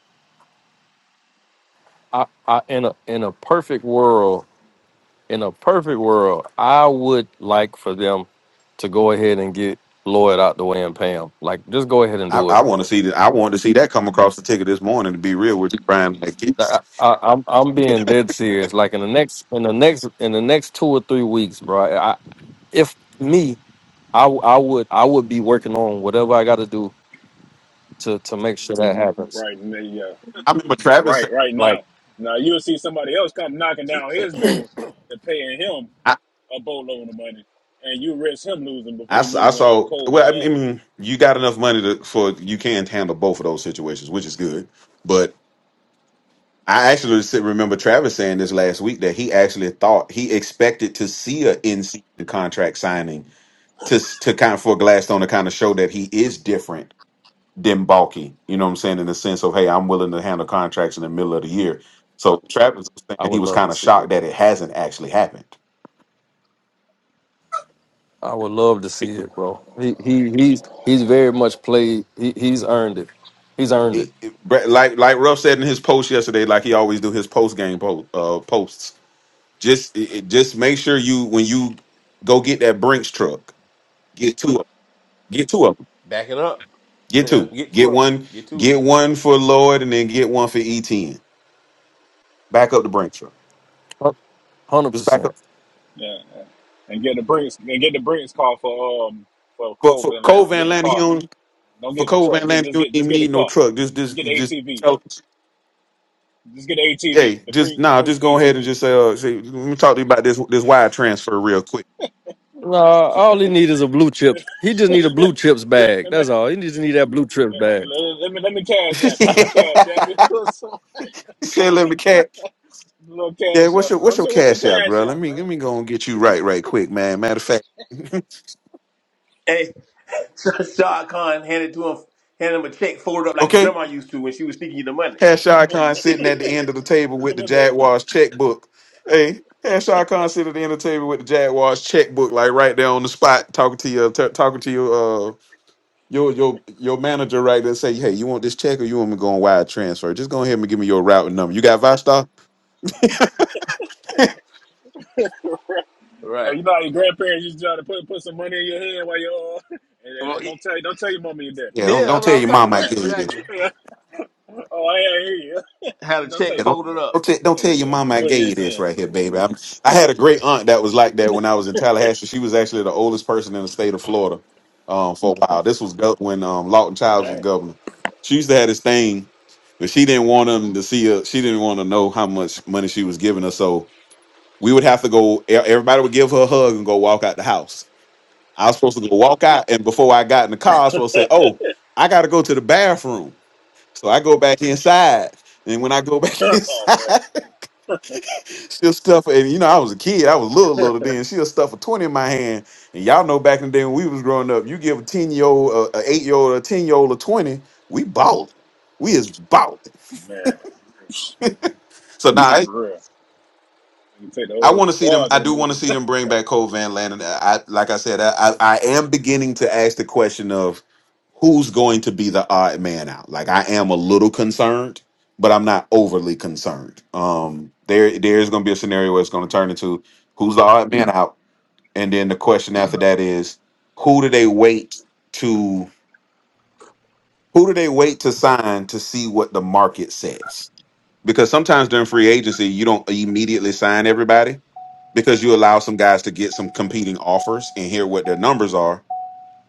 Speaker 5: I, I in a in a perfect world in a perfect world, I would like for them to go ahead and get Lloyd out the way and pay him. Like, just go ahead and
Speaker 3: I,
Speaker 5: do it.
Speaker 3: I want to see that. I wanted to see that come across the ticket this morning. To be real with you, Brian, like
Speaker 5: I,
Speaker 3: it's-
Speaker 5: I, I'm I'm being dead serious. Like in the next in the next in the next two or three weeks, bro. I, if me, I w- I would I would be working on whatever I got to do to to make sure that happens.
Speaker 4: right, and they, yeah,
Speaker 3: I remember Travis. said-
Speaker 4: right, right
Speaker 5: Like
Speaker 4: now. Now you'll see somebody else come knocking down his door and paying him
Speaker 3: I,
Speaker 4: a boatload of money, and you risk him losing
Speaker 3: I
Speaker 4: before we
Speaker 3: s- I
Speaker 4: losing um
Speaker 3: saw.
Speaker 4: Cole
Speaker 3: Well,
Speaker 4: Van
Speaker 3: I
Speaker 4: Landen.
Speaker 3: mean, you got enough money to for you can handle both of those situations, which is good. But I actually s- remember Travis saying this last week that he actually thought he expected to see a in season contract signing to s- to kind of for Gladstone to kind of show that he is different than Balky. You know what I'm saying? In the sense of, hey, I'm willing to handle contracts in the middle of the year. So Travis was
Speaker 5: I
Speaker 3: saying he
Speaker 5: would
Speaker 3: was
Speaker 5: love to
Speaker 3: kind of
Speaker 5: see
Speaker 3: shocked
Speaker 5: it.
Speaker 3: that it hasn't actually happened.
Speaker 5: I would love to see it, bro. He he he's he's very much played. He, he's earned it. He's earned it.
Speaker 3: It, it, Brett- like like Ruff said in his post yesterday, like he always do his post game po- uh, posts. Just it, it- just make sure you when you go get that Brinks truck, get two of 'em. get two of them,
Speaker 13: Back it up.
Speaker 3: get
Speaker 13: Yeah,
Speaker 3: two,
Speaker 13: get two
Speaker 3: get
Speaker 13: of
Speaker 3: one,
Speaker 13: 'em. Get two.
Speaker 3: get one for Lloyd, and then get one for Etn. Back up the Brinks truck.
Speaker 5: Hundred
Speaker 3: Just back up.
Speaker 5: percent.
Speaker 4: Yeah, yeah. and get the Brinks and get the Brinks car for um for
Speaker 3: But
Speaker 4: Cole
Speaker 3: for
Speaker 4: Van
Speaker 3: Cole
Speaker 4: Landen.
Speaker 3: Van
Speaker 4: Get the
Speaker 3: Landen, he
Speaker 4: car.
Speaker 3: don't
Speaker 4: Don't
Speaker 3: for
Speaker 4: get the
Speaker 3: Cole
Speaker 4: truck.
Speaker 3: Van
Speaker 4: Just
Speaker 3: Landen,
Speaker 4: just
Speaker 3: you don't
Speaker 4: get just
Speaker 3: even
Speaker 4: get the
Speaker 3: need no
Speaker 4: car.
Speaker 3: truck. Just
Speaker 4: Just
Speaker 3: just
Speaker 4: get the
Speaker 3: just
Speaker 4: ATV.
Speaker 3: tell
Speaker 4: Just get the
Speaker 3: hey,
Speaker 4: ATV. The
Speaker 3: just
Speaker 4: Brinks the
Speaker 3: nah,
Speaker 4: Brinks
Speaker 3: just go ahead and
Speaker 4: ATV.
Speaker 3: just say, uh say, let me talk to you about this this wire transfer real quick.
Speaker 5: No, all he need is a blue chips. He just need a blue chips bag.
Speaker 4: Let me
Speaker 5: That's all. He just need that blue chips bag.
Speaker 4: let me let me cash app it. Let me cash app it.
Speaker 3: Say, let me cash.
Speaker 4: Little
Speaker 3: Yeah,
Speaker 4: cash
Speaker 3: what's
Speaker 4: app
Speaker 3: your
Speaker 4: it.
Speaker 3: what's
Speaker 4: What's
Speaker 3: your
Speaker 4: your, what's your
Speaker 3: cash out,
Speaker 4: cash
Speaker 3: bro? Let
Speaker 4: app,
Speaker 3: me
Speaker 4: man?
Speaker 3: let me go and get you right right quick, man. Matter of fact,
Speaker 13: Hey, Shah Khan handed to him, handed him a check folded up like your
Speaker 3: okay.
Speaker 13: grandma used to when she was sneaking you the money.
Speaker 3: Hashai Khan sitting at the end of the table with
Speaker 4: Come
Speaker 3: the
Speaker 4: here, baby.
Speaker 3: Jaguars checkbook. Hey, Hashai Khan sitting at the end of the table with the Jaguars checkbook, like right there on the spot, talking to you, t- talking to you. your your your manager right there say, hey, you want this check or you want me going wide transfer? Just go ahead and give me your route and number. You got Vistar?
Speaker 4: Hey,
Speaker 13: Right.
Speaker 4: you know how your grandparents used to try to put put some money in your hand while you're uh, and, and
Speaker 13: Well,
Speaker 4: don't
Speaker 13: it-
Speaker 4: don't tell you don't tell your mommy and daddy.
Speaker 3: Yeah,
Speaker 13: Yeah,
Speaker 3: don't don't
Speaker 13: that's what
Speaker 3: tell
Speaker 13: I was
Speaker 3: your
Speaker 13: talking
Speaker 3: mom I
Speaker 13: about.
Speaker 3: gave you this.
Speaker 13: Exactly.
Speaker 4: oh, I, hear you.
Speaker 13: Had
Speaker 4: Don't,
Speaker 13: a
Speaker 4: don't
Speaker 13: check
Speaker 4: tell
Speaker 3: Yeah,
Speaker 4: your
Speaker 3: don't
Speaker 4: mommy and
Speaker 13: folded
Speaker 4: daddy.
Speaker 13: up.
Speaker 3: don't, te- don't
Speaker 4: Yeah,
Speaker 3: tell your
Speaker 4: yeah, yeah.
Speaker 3: mom
Speaker 4: Put,
Speaker 3: I
Speaker 4: put it in
Speaker 3: gave you
Speaker 4: his
Speaker 3: this
Speaker 4: hand. Yeah,
Speaker 3: right here, baby. I'm, I had a great aunt that was like that when I was in Tallahassee. She was actually the oldest person in the state of Florida um, for a while. This was gov- when um, Lawton Childs
Speaker 4: yeah.
Speaker 3: was
Speaker 4: Dang.
Speaker 3: governor. She used to have this thing, but she didn't want them to see her. She didn't want to know how much money she was giving her. So we would have to go e- everybody would give her a hug and go walk out the house i was supposed to go walk out and before i got in the car i was supposed to say oh i gotta go to the bathroom so i go back inside and when i go back
Speaker 4: oh
Speaker 3: inside
Speaker 4: man,
Speaker 3: she'll stuff and you know i was a kid i was little little then she'll stuff a 20 in my hand and y'all know back in the day when we was growing up you give a 10 year old a 8 year old a 10 year old a 20 we balled we is balled
Speaker 4: man,
Speaker 3: so now
Speaker 4: for real. You can take the
Speaker 3: I
Speaker 4: old
Speaker 3: want to see them.
Speaker 4: squads
Speaker 3: I
Speaker 4: to the
Speaker 3: do want to
Speaker 4: movies.
Speaker 3: see them bring back Cole Van Landen. Uh, I, like I said, I, I, I am beginning to ask the question of who's going to be the odd man out. Like I am a little concerned, but I'm not overly concerned. Um, there there is going to be a scenario where it's going to turn into who's the odd man out, and then the question after that is who do they wait to who do they wait to sign to see what the market says? Because sometimes during free agency, you don't immediately sign everybody because you allow some guys to get some competing offers and hear what their numbers are,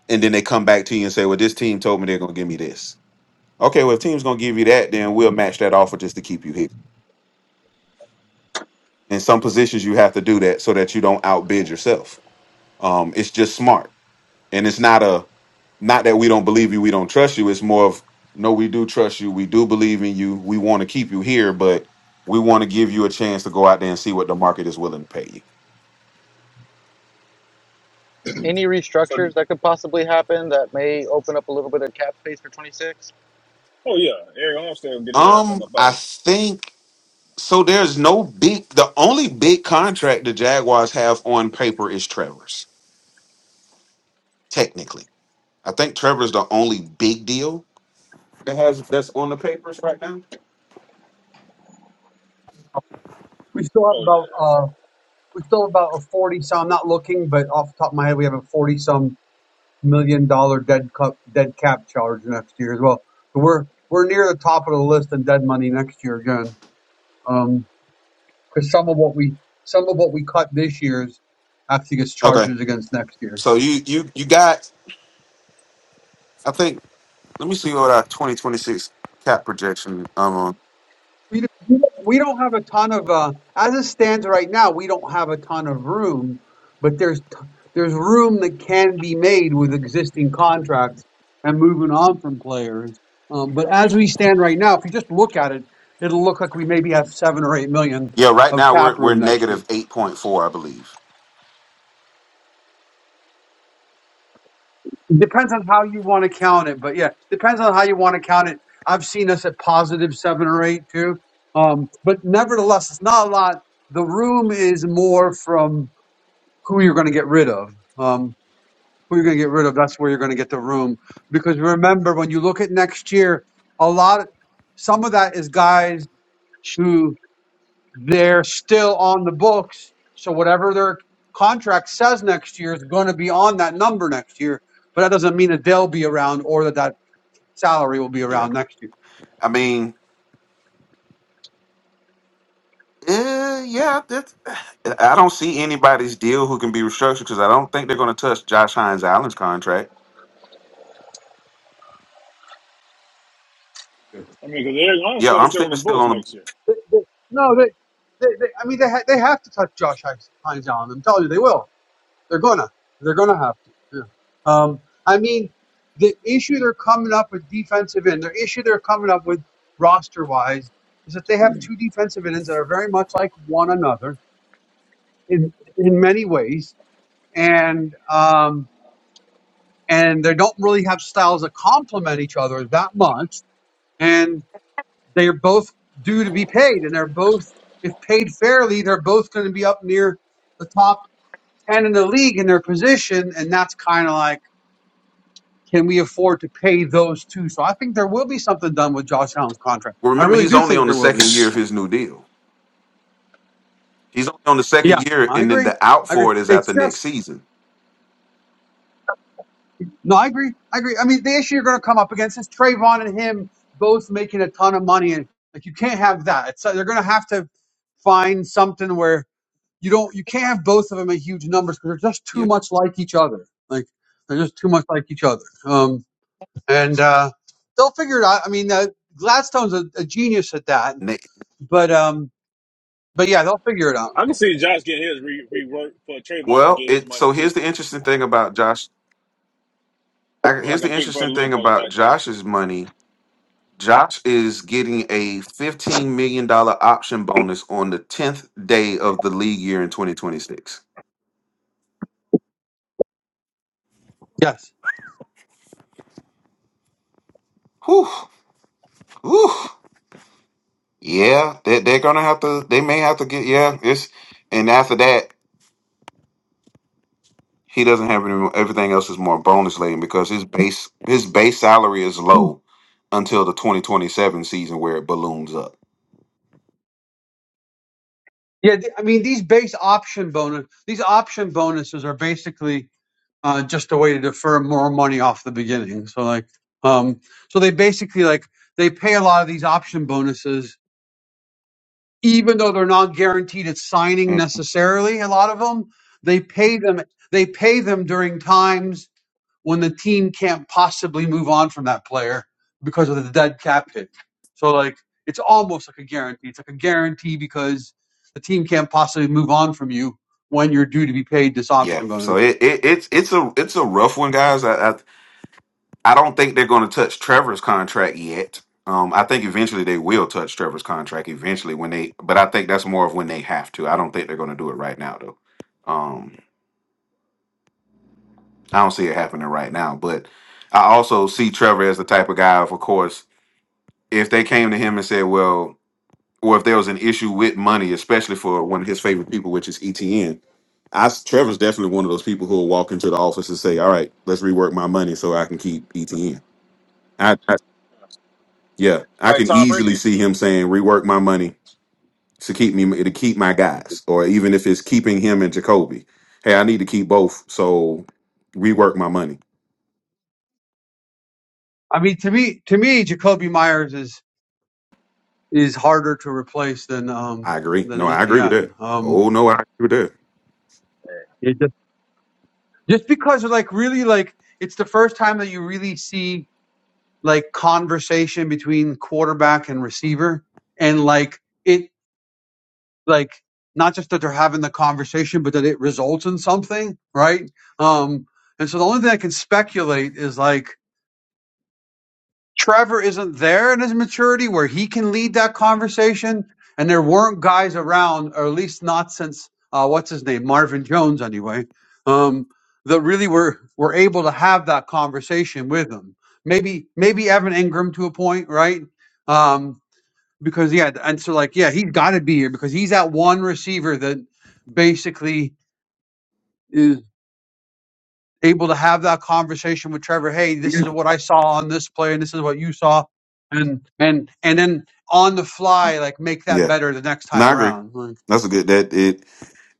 Speaker 3: and then they come back to you and say, "Well, this team told me they're going to give me this." Okay, well, if team's going to give you that, then we'll match that offer just to keep you here. In some positions, you have to do that so that you don't outbid yourself. Um, it's just smart, and it's not a not that we don't believe you, we don't trust you. It's more of no, we do trust you, we do believe in you, we want to keep you here, but we want to give you a chance to go out there and see what the market is willing to pay you.
Speaker 11: any
Speaker 4: so,
Speaker 11: restructures that could possibly happen that may open up a little bit of cap space for 26
Speaker 4: oh yeah, Eric Armstead will get his ass on
Speaker 3: Um,
Speaker 4: up out
Speaker 3: I
Speaker 4: of. it.
Speaker 3: think So there's no big. The only big contract the Jaguars have on paper is Trevor's. Technically, I think Trevor's the only big deal that has that's on the papers right now.
Speaker 12: We still have
Speaker 4: Oh yeah.
Speaker 12: about uh, we still have about a forty some. I'm not looking, but off the top of my head, we have a forty some million dollar dead cup dead cap charge next year as well. So we're we're near the top of the list in dead money next year again. Um, because some of what we some of what we cut this year's actually gets
Speaker 3: Okay,
Speaker 12: charges against next year.
Speaker 3: so you you you got. I think. Let me see what our 2026 cap projection. Um. on.
Speaker 12: We don't, we don't we don't have a ton of uh, as it stands right now. We don't have a ton of room, but there's t- there's room that can be made with existing contracts and moving on from players. Um, but as we stand right now, if you just look at it, it'll look like we maybe have seven or eight million
Speaker 3: Yeah. Right
Speaker 12: of
Speaker 3: now
Speaker 12: cap
Speaker 3: we're we're
Speaker 12: room next year.
Speaker 3: negative 8.4, I believe.
Speaker 12: Depends on how you want to count it, but yeah, depends on how you want to count it. I've seen us at positive seven or eight too. Um, but nevertheless, it's not a lot. The room is more from who you're going to get rid of. Um, who you're going to get rid of, that's where you're going to get the room. Because remember, when you look at next year, a lot, some of that is guys who they're still on the books. So whatever their contract says next year is going to be on that number next year. But that doesn't mean that they'll be around or that that salary will be
Speaker 3: Yeah.
Speaker 12: around next year.
Speaker 3: I mean. Uh, yeah, that's, I don't see anybody's deal who can be restructured because I don't think they're going to touch Josh Hines Allen's contract.
Speaker 4: I mean, because Eric
Speaker 3: Yeah,
Speaker 4: Armstead is still
Speaker 3: Armstead
Speaker 4: on the
Speaker 3: is still
Speaker 4: books
Speaker 3: on.
Speaker 4: next year.
Speaker 12: They- they- No, they, they, they I mean, they, ha- they have to touch Josh Hines Hines Allen. I'm telling you, they will They're gonna. They're gonna have to. Yeah. Um, I mean, the issue they're coming up with defensive end, the issue they're coming up with roster wise, is that they have two defensive ends that are very much like one another in in many ways, and um, and they don't really have styles that complement each other that much, and they're both due to be paid, and they're both if paid fairly, they're both going to be up near the top ten in the league in their position, and that's kind of like Can we afford to pay those two? So I think there will be something done with Josh Allen's contract.
Speaker 3: Well,
Speaker 12: I
Speaker 3: remember,
Speaker 12: really
Speaker 3: he's
Speaker 12: do
Speaker 3: only
Speaker 12: think
Speaker 3: on the
Speaker 12: there will be.
Speaker 3: second year of his new deal. He's only on the
Speaker 12: Yeah,
Speaker 3: second year,
Speaker 12: I
Speaker 3: and then
Speaker 12: agree.
Speaker 3: the out
Speaker 12: I agree.
Speaker 3: for it is
Speaker 12: It's
Speaker 3: after next
Speaker 12: just
Speaker 3: season.
Speaker 12: no, I agree. I agree. I mean, the issue you're going to come up against is Trayvon and him both making a ton of money, and like you can't have that. It's uh, they're going to have to find something where you don't you can't have both of them at huge numbers because they're just too
Speaker 3: Yeah.
Speaker 12: much like each other. Like they're just too much like each other. Um, and uh, they'll figure it out. I mean, uh, Gladstone's a, a genius at that,
Speaker 3: Next.
Speaker 12: but um, But yeah, they'll figure it out.
Speaker 4: I can see Josh getting his re- reworked, but Trayvon can
Speaker 3: Well,
Speaker 4: get his
Speaker 3: it.
Speaker 4: money
Speaker 3: So
Speaker 4: too.
Speaker 3: here's the interesting thing about Josh. I,
Speaker 4: I'm like
Speaker 3: here's
Speaker 4: a
Speaker 3: the
Speaker 4: big brother,
Speaker 3: interesting
Speaker 4: little
Speaker 3: thing
Speaker 4: brother
Speaker 3: about
Speaker 4: type thing,
Speaker 3: Josh's money. Josh is getting a fifteen million dollar option bonus on the tenth day of the league year in twenty twenty six.
Speaker 12: Yes.
Speaker 3: Whew. Whew. Yeah, they, they're gonna have to. They may have to get. Yeah, it's and after that. he doesn't have any, everything else is more bonus laden because his base his base salary is low until the 2027 season where it balloons up.
Speaker 12: Yeah, th- I mean these base option bonus, these option bonuses are basically uh, just a way to defer more money off the beginning. So like, um, so they basically like they pay a lot of these option bonuses even though they're not guaranteed at signing
Speaker 3: Mm.
Speaker 12: necessarily a lot of them they pay them they pay them during times when the team can't possibly move on from that player because of the dead cap hit so like it's almost like a guarantee it's like a guarantee because the team can't possibly move on from you when you're due to be paid this
Speaker 3: Yeah,
Speaker 12: option
Speaker 3: so
Speaker 12: bonus
Speaker 3: it, it it's it's a it's a rough one, guys. I I, I don't think they're going to touch Trevor's contract yet. Um, I think eventually they will touch Trevor's contract eventually when they, but I think that's more of when they have to. I don't think they're going to do it right now though. Um, I don't see it happening right now, but I also see Trevor as the type of guy, of course, if they came to him and said, "Well, or if there was an issue with money, especially for one of his favorite people, which is ETN. Trevor's definitely one of those people who will walk into the office and say, "All right, let's rework my money so I can keep ETN." I, I yeah, I
Speaker 4: like
Speaker 3: can
Speaker 4: Tom Brady
Speaker 3: easily
Speaker 4: used to
Speaker 3: see
Speaker 4: do.
Speaker 3: him saying, "Rework my money to keep me to keep my guys," or even if it's keeping him and Jacoby. Hey, I need to keep both, so rework my money.
Speaker 12: i mean to me to me jacoby myers is is harder to replace than um
Speaker 3: I agree.
Speaker 12: than
Speaker 3: No, I agree with
Speaker 12: etn
Speaker 3: that.
Speaker 12: um
Speaker 3: Oh no, I agree with that.
Speaker 12: just because like really like it's the first time that you really see like conversation between quarterback and receiver and like it like not just that they're having the conversation but that it results in something right um and so the only thing i can speculate is like Trevor isn't there in his maturity where he can lead that conversation, and there weren't guys around, or at least not since uh, what's his name, Marvin Jones, anyway, um, that really were were able to have that conversation with him. Maybe maybe Evan Ingram to a point, right? Um, because yeah, and so like yeah, he's got to be here because he's that one receiver that basically able to have that conversation with Trevor. Hey, this is what I saw on this play, and this is what you saw, and and and then on the fly, like make that
Speaker 3: Yeah,
Speaker 12: better the next
Speaker 3: no,
Speaker 12: time
Speaker 3: I agree.
Speaker 12: around. Like,
Speaker 3: That's a good that it.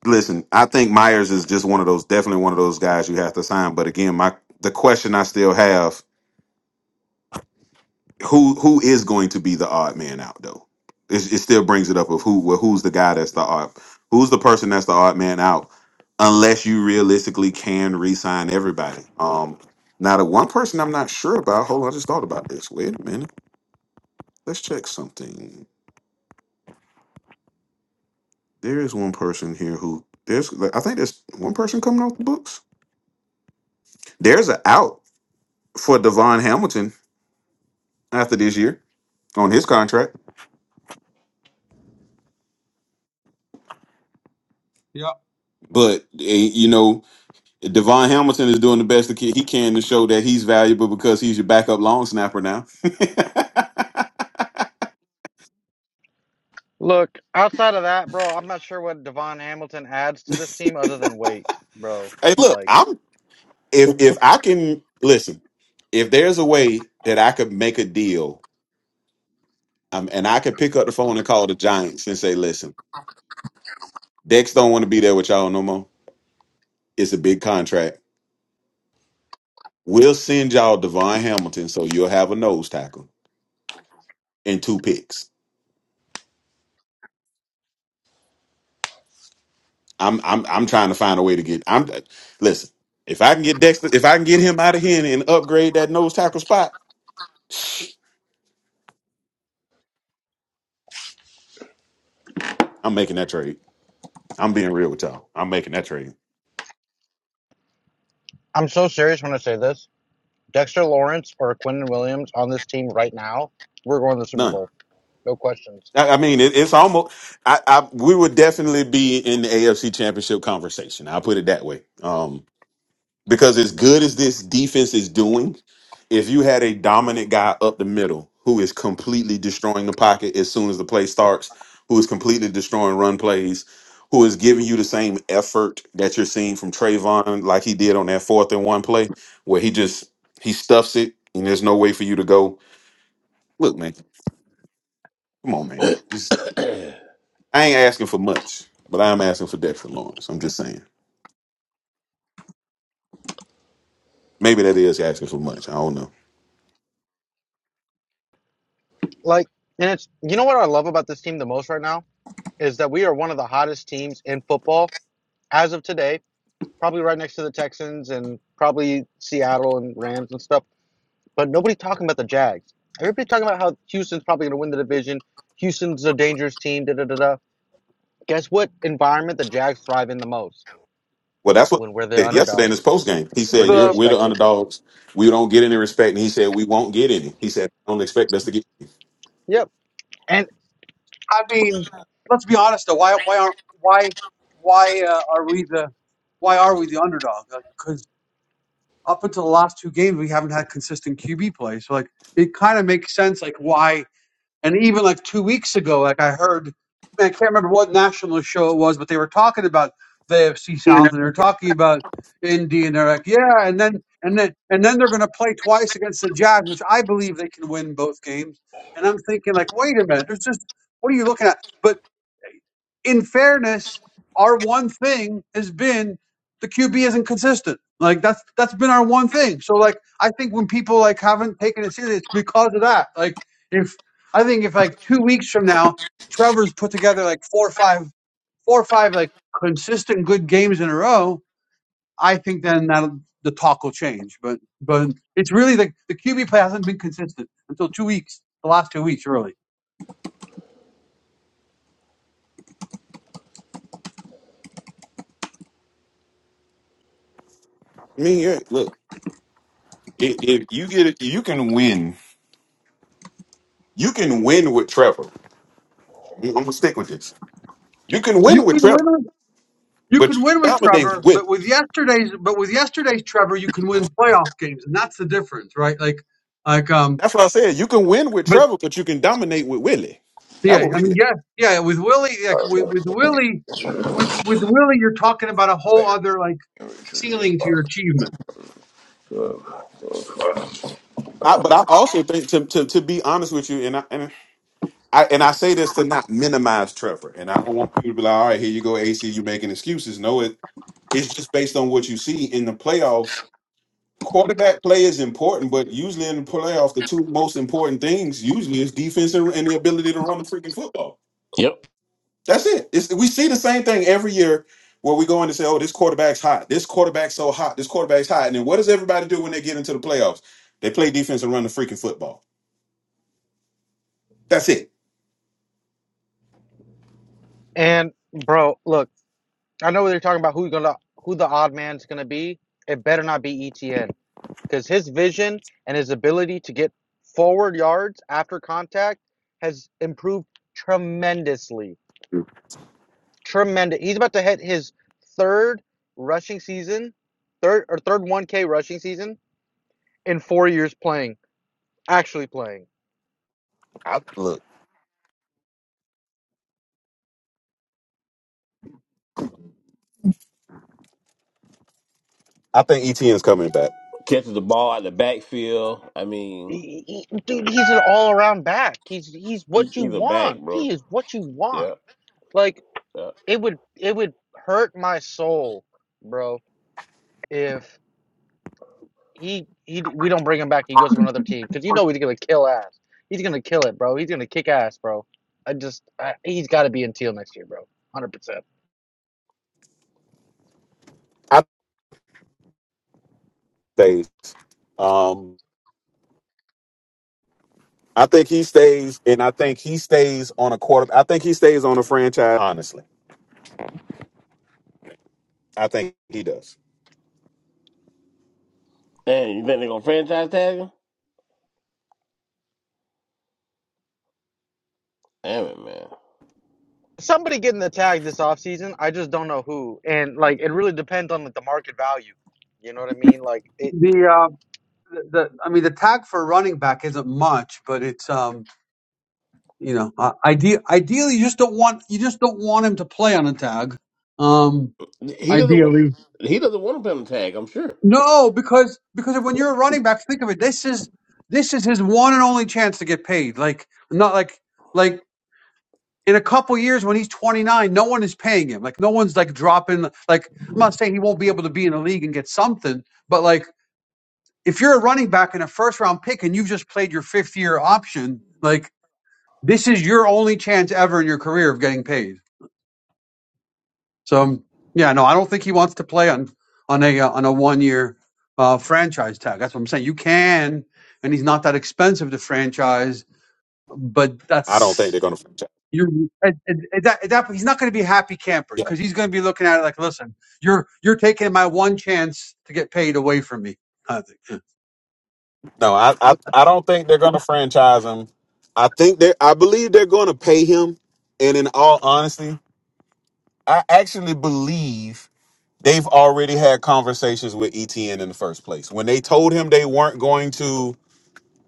Speaker 3: Listen, I think Myers is just one of those, definitely one of those guys you have to sign. But again, my the question I still have: who who is going to be the odd man out though? It, it still brings it up of who well, who's the guy that's the odd, who's the person that's the odd man out, unless you realistically can re-sign everybody. Um, now the one person I'm not sure about. Hold on, I just thought about this. Wait a minute, let's check something. There is one person here who there's I think there's one person coming off the books. There's an out for Devon Hamilton after this year on his contract.
Speaker 12: yeah,
Speaker 3: But eh, you know, Devon Hamilton is doing the best that he can to show that he's valuable because he's your backup long snapper now. hey,
Speaker 11: Look, outside of that, bro, I'm not sure what Devon Hamilton adds to this team other than weight, bro.
Speaker 3: look,
Speaker 11: Like,
Speaker 3: I'm if if I can listen, if there's a way that I could make a deal, um, and I could pick up the phone and call the Giants and say, "Listen, Dex don't want to be there with y'all no more. It's a big contract. We'll send y'all Devon Hamilton, so you'll have a nose tackle and two picks." I'm I'm I'm trying to find a way to get. I'm listen. If I can get Dexter, if I can get him out of here and, and upgrade that nose tackle spot, I'm making that trade. I'm being real with y'all. I'm making that trade.
Speaker 11: I'm so serious when I say this. Dexter Lawrence or Quentin Williams on this team right now, we're going to the Super
Speaker 3: None.
Speaker 11: Bowl. No questions.
Speaker 3: I, I mean, it, it's almost. I, I we would definitely be in the AFC Championship conversation. I'll put it that way. um. Because as good as this defense is doing, if you had a dominant guy up the middle who is completely destroying the pocket as soon as the play starts, who is completely destroying run plays, who is giving you the same effort that you're seeing from Trayvon, like he did on that fourth and one play, where he just he stuffs it and there's no way for you to go. Look, man, come on, man. Just I ain't asking for much, but I'm asking for Dexter Lawrence. I'm just saying. Maybe that is asking for much. I don't know.
Speaker 11: Like, and it's, you know what I love about this team the most right now? Is that we are one of the hottest teams in football as of today, probably right next to the Texans and probably Seattle and Rams and stuff. But nobody's talking about the Jags. Everybody's talking about how Houston's probably going to win the division. Houston's a dangerous team. Da da da da. Guess what environment the Jags thrive in the most?
Speaker 3: Well, that's what
Speaker 11: When we're
Speaker 3: he
Speaker 11: the
Speaker 3: said
Speaker 12: the
Speaker 3: yesterday in his post
Speaker 11: underdogs,
Speaker 3: game. He
Speaker 11: we're
Speaker 3: said, You're,
Speaker 12: the
Speaker 3: "We're the
Speaker 11: disrespected.
Speaker 3: underdogs. We don't get any respect." And he said, "We won't get any." He said, "I "Don't expect us to get."
Speaker 11: Yep. And
Speaker 12: I mean, let's be honest though. Why why aren't why why uh, are we the why are we the underdog? Because up until the last two games, we haven't had consistent QB play. So like, it kind of makes sense. Like why And even like two weeks ago, like I heard, I can't remember what national show it was, but they were talking about the AFC South and they're talking about Indy, and they're like, yeah, and then and then and then they're going to play twice against the Jazz, which I believe they can win both games. And I'm thinking, like, wait a minute, there's just what are you looking at? But in fairness, our one thing has been the QB isn't consistent. Like that's that's been our one thing. So like I think when people like haven't taken it seriously, it's because of that. Like if I think if like two weeks from now, Trevor's put together like four or five, four or five like consistent good games in a row, I think then that the talk will change. But but it's really the the QB play hasn't been consistent until two weeks, the last two weeks really.
Speaker 3: I mean, yeah, look, if, if you get it, you can win. You can win with Trevor. I'm gonna stick with this. You can
Speaker 12: You
Speaker 3: win with
Speaker 12: can win.
Speaker 3: Trevor,
Speaker 12: You
Speaker 3: but
Speaker 12: can
Speaker 3: you
Speaker 12: win
Speaker 3: can
Speaker 12: with
Speaker 3: dominate with
Speaker 12: Trevor, but
Speaker 3: Willie.
Speaker 12: with yesterday's but with yesterday's Trevor, you can win playoff games, and that's the difference, right? Like, like um,
Speaker 3: That's what I said. You can win with
Speaker 12: but
Speaker 3: Trevor, but you can dominate with Willie.
Speaker 12: yeah,
Speaker 3: That was
Speaker 12: I mean,
Speaker 3: Willie.
Speaker 12: yeah, yeah. With Willie, like with, with Willie, with with Willie, you're talking about a whole other like ceiling to your achievement.
Speaker 3: I, but I also think to, to to be honest with you, and I, and I and I say this to not minimize Trevor, and I don't want people to be like, all right, here you go, AC, you making excuses. No, it, It's just based on what you see in the playoffs. Quarterback play is important, but usually in the playoffs, the two most important things usually is defense and, and the ability to run the freaking football.
Speaker 13: Yep.
Speaker 3: That's it. It's, we see the same thing every year where we go in and say, "Oh, this quarterback's hot. This quarterback's so hot. This quarterback's hot." And then what does everybody do when they get into the playoffs? They play defense and run the freaking football. That's it.
Speaker 11: and bro, look, I know they're talking about who's gonna who the odd man's gonna be. It better not be ETN because his vision and his ability to get forward yards after contact has improved tremendously Tremendous. He's about to hit his third rushing season, third or third 1K rushing season in four years playing, actually playing.
Speaker 3: I, look, I think ETN's coming back.
Speaker 13: Catches the ball out the backfield. I mean,
Speaker 11: He- he- dude, he's an all-around back. He's he's what
Speaker 13: he's,
Speaker 11: you
Speaker 13: he's a back,
Speaker 11: want.
Speaker 13: bro.
Speaker 11: He is what you want.
Speaker 13: Yep.
Speaker 11: Like
Speaker 13: Yep.
Speaker 11: it would it would hurt my soul, bro, if he he we don't bring him back. He goes to another team because you know he's gonna kill ass. He's gonna kill it, bro. He's gonna kick ass, bro. I just I, he's got to be in teal next year, bro. 100%.
Speaker 3: I think stays. Um, I think he stays, and I think he stays on a quarter. I think he stays on a franchise. Honestly, I think he does.
Speaker 13: Man, you think they're gonna franchise tag him? Damn it, man.
Speaker 11: somebody getting the tag this offseason. I just don't know who. And like it really depends on like the market value. You know what I mean? Like it
Speaker 12: The uh, the, the I mean, the tag for running back isn't much, but it's um, you know, uh, ide- ideally, you just don't want you just don't want him to play on a tag. Um,
Speaker 13: He doesn't want.
Speaker 12: ideally.
Speaker 13: He doesn't want to put him tag. I'm sure.
Speaker 12: No, because because when you're a running back, think of it. This is this is his one and only chance to get paid. Like not like like in a couple years when he's 29, no one is paying him. Like no one's like dropping. Like I'm not saying he won't be able to be in the league and get something, but like if you're a running back and a first round pick and you've just played your fifth year option, like this is your only chance ever in your career of getting paid. So um, yeah, no, I don't think he wants to play on on a uh, on a one year uh, franchise tag. That's what I'm saying. You can, and he's not that expensive to franchise, but
Speaker 3: I don't think
Speaker 12: that's
Speaker 3: they're going to franchise.
Speaker 12: you're at, at, at that, at that point, he's not going to be a happy camper
Speaker 3: Yeah.
Speaker 12: because he's going to be looking at it like, listen, you're you're taking my one chance to get paid away from me. I think. Yeah.
Speaker 3: No, I, I, I don't think they're going to franchise him. I think they, are I believe they're going to pay him. And in all honesty, I actually believe they've already had conversations with ETN in the first place. When they told him they weren't going to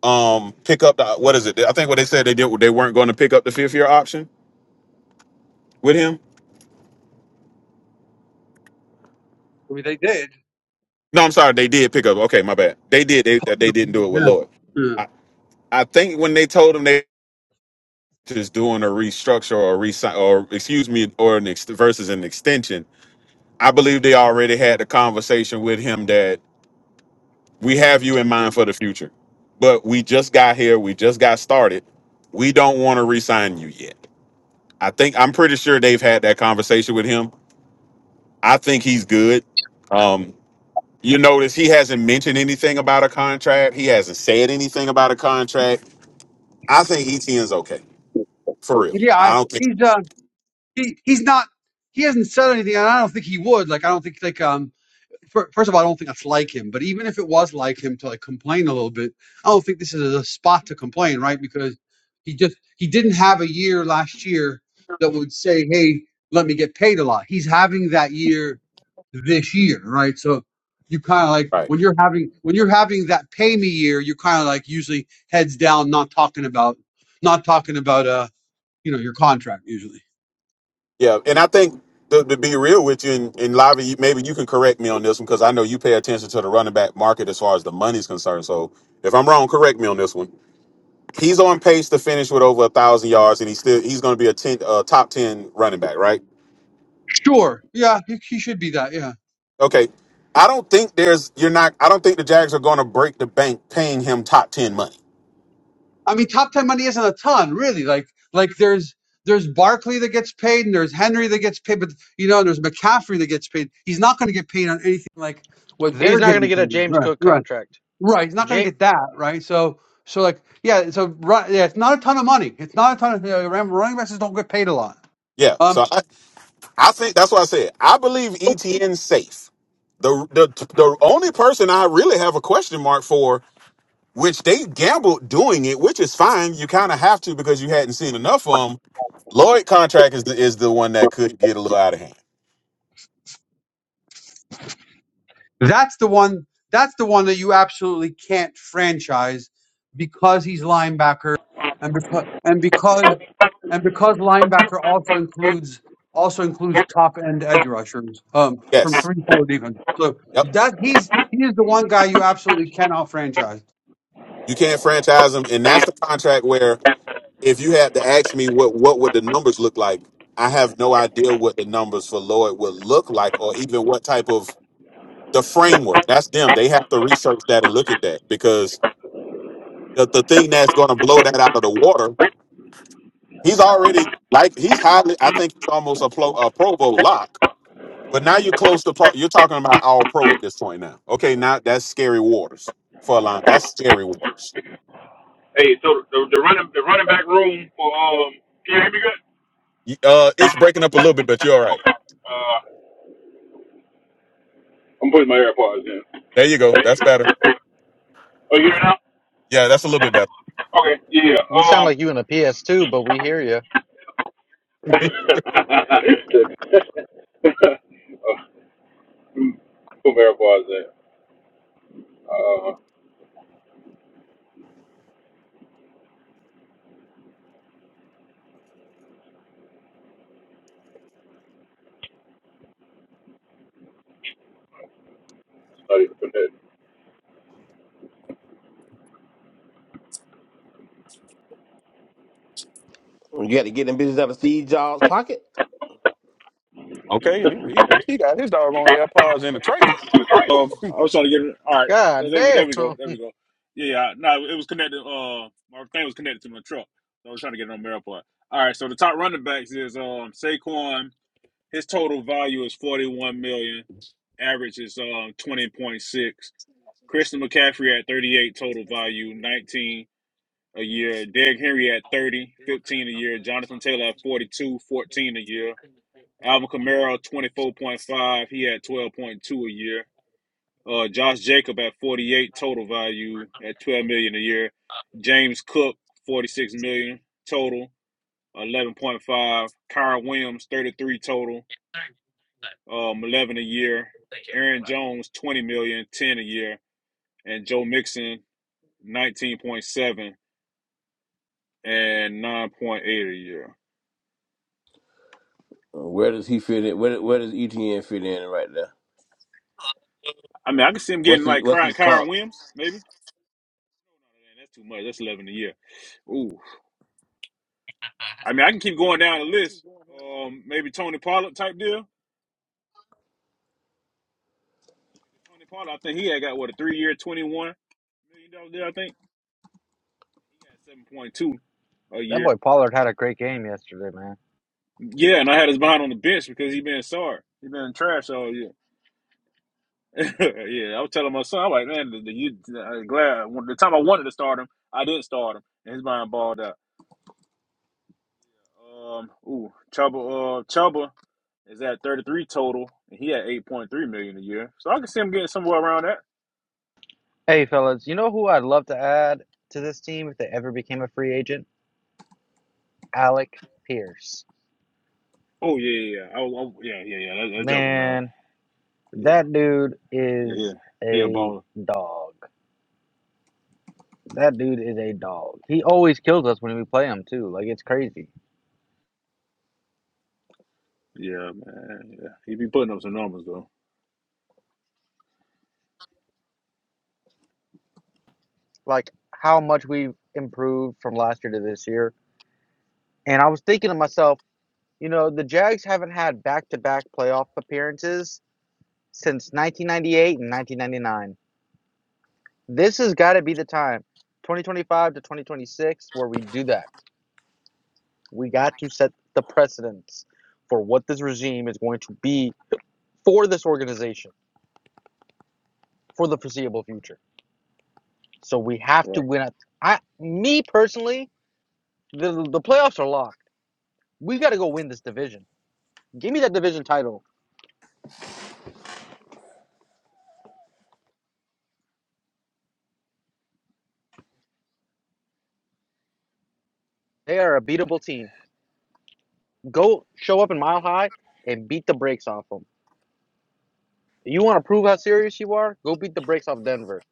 Speaker 3: um pick up the what is it? I think what they said they did they weren't going to pick up the fifth year option with him
Speaker 12: I mean, they did.
Speaker 3: No, I'm sorry. They did pick up. Okay, my bad. They did. They that they didn't do it
Speaker 12: Yeah.
Speaker 3: with Lloyd.
Speaker 12: Yeah,
Speaker 3: I, I think when they told them they just doing a restructure or a resign or excuse me or an ex- versus an extension, I believe they already had the conversation with him that we have you in mind for the future, but we just got here. We just got started. We don't want to resign you yet. I think I'm pretty sure they've had that conversation with him. I think he's good. Um, You notice he hasn't mentioned anything about a contract. He hasn't said anything about a contract. I think ETN's okay for real.
Speaker 12: Yeah,
Speaker 3: I
Speaker 12: I,
Speaker 3: don't think
Speaker 12: he's uh, he he's not. He hasn't said anything, and I don't think he would. Like, I don't think like um first of all, I don't think that's like him. But even if it was like him to like complain a little bit, I don't think this is a spot to complain, right? Because he just he didn't have a year last year that would say, "Hey, let me get paid a lot." He's having that year this year, right? So you kind of like
Speaker 3: right.
Speaker 12: when you're having when you're having that pay me year, you're kind of like usually heads down, not talking about not talking about uh you know your contract usually.
Speaker 3: Yeah, and I think to, to be real with you, and, and Lavi, you- maybe you can correct me on this one because I know you pay attention to the running back market as far as the money's concerned. So if I'm wrong, correct me on this one. He's on pace to finish with over a thousand yards, and he's still he's going to be a ten, uh, top ten running back, right?
Speaker 12: Sure, yeah, he, he should be that. Yeah.
Speaker 3: Okay. I don't think there's you're not. I don't think the Jags are going to break the bank paying him top ten money.
Speaker 12: I mean, top ten money isn't a ton, really. Like, like there's there's Barkley that gets paid, and there's Henry that gets paid, but you know, and there's McCaffrey that gets paid. He's not going to get paid on anything like what
Speaker 11: he's
Speaker 12: they're
Speaker 11: not gonna
Speaker 12: getting
Speaker 11: get
Speaker 12: paid.
Speaker 11: a James
Speaker 12: Right,
Speaker 11: Cook
Speaker 12: right,
Speaker 11: contract.
Speaker 12: right. He's not going to
Speaker 11: James
Speaker 12: get that, right? So, so like, yeah, so right, yeah, it's not a ton of money. It's not a ton of you know, running backs just don't get paid a lot.
Speaker 3: Yeah.
Speaker 12: Um,
Speaker 3: So I, I think that's what I said. I believe ETN's safe. The the the only person I really have a question mark for, which they gambled doing it, which is fine. You kind of have to because you hadn't seen enough of them. Lloyd contract is the, is the one that could get a little out of hand.
Speaker 12: That's the one. That's the one that you absolutely can't franchise because he's linebacker, and because and because and because linebacker also includes also includes top end edge rushers um, from
Speaker 3: Yes.
Speaker 12: three four defense. So
Speaker 3: Yep.
Speaker 12: that he's he is the one guy you absolutely cannot franchise.
Speaker 3: You can't franchise them, and that's the contract where if you had to ask me what what would the numbers look like, I have no idea what the numbers for Lloyd would look like, or even what type of the framework. That's them. They have to research that and look at that because the, the thing that's going to blow that out of the water. He's already like he's highly. I think he's almost a pro, a Pro Bowl lock. But now you're close to pro, you're talking about all pro at this point now. Okay, now that's scary waters for a line. That's scary waters.
Speaker 4: Hey, so the, the running the running back room for um can you hear me good?
Speaker 3: You- Uh, it's breaking up a little bit, but you're all right.
Speaker 4: Okay. Uh, I'm putting my AirPods in.
Speaker 3: There you go.
Speaker 4: There you
Speaker 3: That's better.
Speaker 4: go. Oh, you hear
Speaker 3: Yeah, that's a little
Speaker 4: it
Speaker 3: bit
Speaker 4: now?
Speaker 3: better.
Speaker 4: Okay. Yeah.
Speaker 11: you sound
Speaker 4: Um.
Speaker 11: like you in a PS2, but we hear you.
Speaker 4: Put my AirPods in. Uh, study for that.
Speaker 13: You got to get them bitches out of Steve Jobs' pocket.
Speaker 3: Okay, he, he he got his doggone AirPods in the trailer.
Speaker 4: Um, I was trying to get it. All right, there
Speaker 11: God
Speaker 4: there we, there
Speaker 11: damn.
Speaker 4: we go, there we go. Yeah, yeah. No, it was connected. Uh, my thing was connected to my truck, so I was trying to get it on mirror part. All right, so the top running backs is um Saquon. His total value is forty one million. Average is um twenty point six. Christian McCaffrey at thirty eight total value, nineteen a year. Derrick Henry at 30 15 a year. Jonathan Taylor at 42 14 a year. Alvin Kamara, 24.5. He had 12.2 a year. Uh, Josh Jacob at 48 total value at 12 million dollars a year. James Cook 46 million dollars total, 11.5. Kyron Williams 33 total, um, 11 a year. Aaron Jones 20 million, dollars, 10 a year, and Joe Mixon 19.7 and 9.8 a year.
Speaker 13: Uh, Where does he fit in? Where where does ETN fit in right there?
Speaker 4: I mean, I can see him getting
Speaker 13: What's his
Speaker 4: like
Speaker 13: what's
Speaker 4: Ky-
Speaker 13: his
Speaker 4: Kyron
Speaker 13: comp?
Speaker 4: Williams maybe. That's too much. That's 11 a year. Ooh, I mean, I can keep going down the list. Um, maybe Tony Pollard type deal. Tony Pollard, I think he had got what a three year, twenty one million dollar deal. I think he got seven point two a
Speaker 11: That
Speaker 4: year.
Speaker 11: boy Pollard had a great game yesterday, man.
Speaker 4: Yeah, and I had his behind on the bench because he been sorry. He been trash all year. yeah, I was telling my son, I'm like, man, the, the, you, I'm glad the time I wanted to start him, I didn't start him, and his mind balled out. Um, ooh, Chuba, uh, Chuba is at thirty three total, and he had eight point three million dollars a year. So I can see him getting somewhere around that.
Speaker 11: Hey fellas, you know who I'd love to add to this team if they ever became a free agent? Alec Pierce.
Speaker 4: Oh yeah, yeah, yeah, I, I, yeah, yeah, yeah. That, that joker, man.
Speaker 11: Man,
Speaker 4: Yeah,
Speaker 11: that dude
Speaker 4: yeah, yeah.
Speaker 11: is
Speaker 4: He a
Speaker 11: a
Speaker 4: baller.
Speaker 11: dog. That dude is a dog. He always kills us when we play him too. Like it's crazy.
Speaker 4: Yeah, man. Yeah. He be putting up some numbers though.
Speaker 11: Like how much we've improved from last year to this year. And I was thinking to myself, you know, the Jags haven't had back-to-back playoff appearances since 1998 and 1999. This has got to be the time, 2025 to 2026, where we do that. We got to set the precedence for what this regime is going to be for this organization for the foreseeable future. So we have
Speaker 4: Right.
Speaker 11: to win. At, I, me personally, the the playoffs are locked. We got to go win this division. Give me that division title. They are a beatable team. Go show up in Mile High and beat the brakes off them. You want to prove how serious you are? Go beat the brakes off Denver.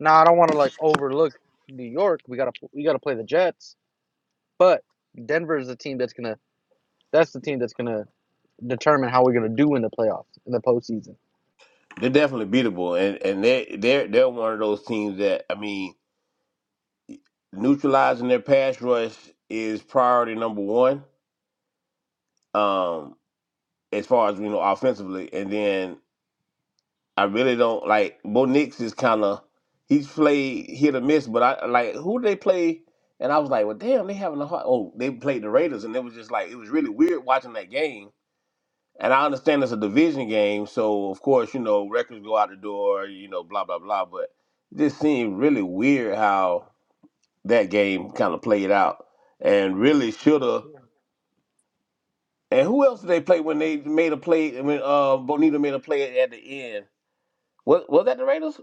Speaker 11: Now I don't want to like overlook New York. We gotta we gotta play the Jets, but Denver is the team that's gonna that's the team that's gonna determine how we're gonna do in the playoffs in the postseason.
Speaker 13: They're definitely beatable, and and they they're they're one of those teams that I mean neutralizing their pass rush is priority number one. Um, as far as we know offensively, and then I really don't like Bo Nix is kind of he's played hit or miss, but I like who they play. And I was like, well, damn, they having a hard. Oh, they played the Raiders, and it was just like it was really weird watching that game And I understand it's a division game, so of course, you know, records go out the door, you know, blah, blah, blah. But it just seemed really weird how that game kind of played out. And really should have. And who else did they play when they made a play? When uh, Bonita made a play at the end. Was, was that the Raiders?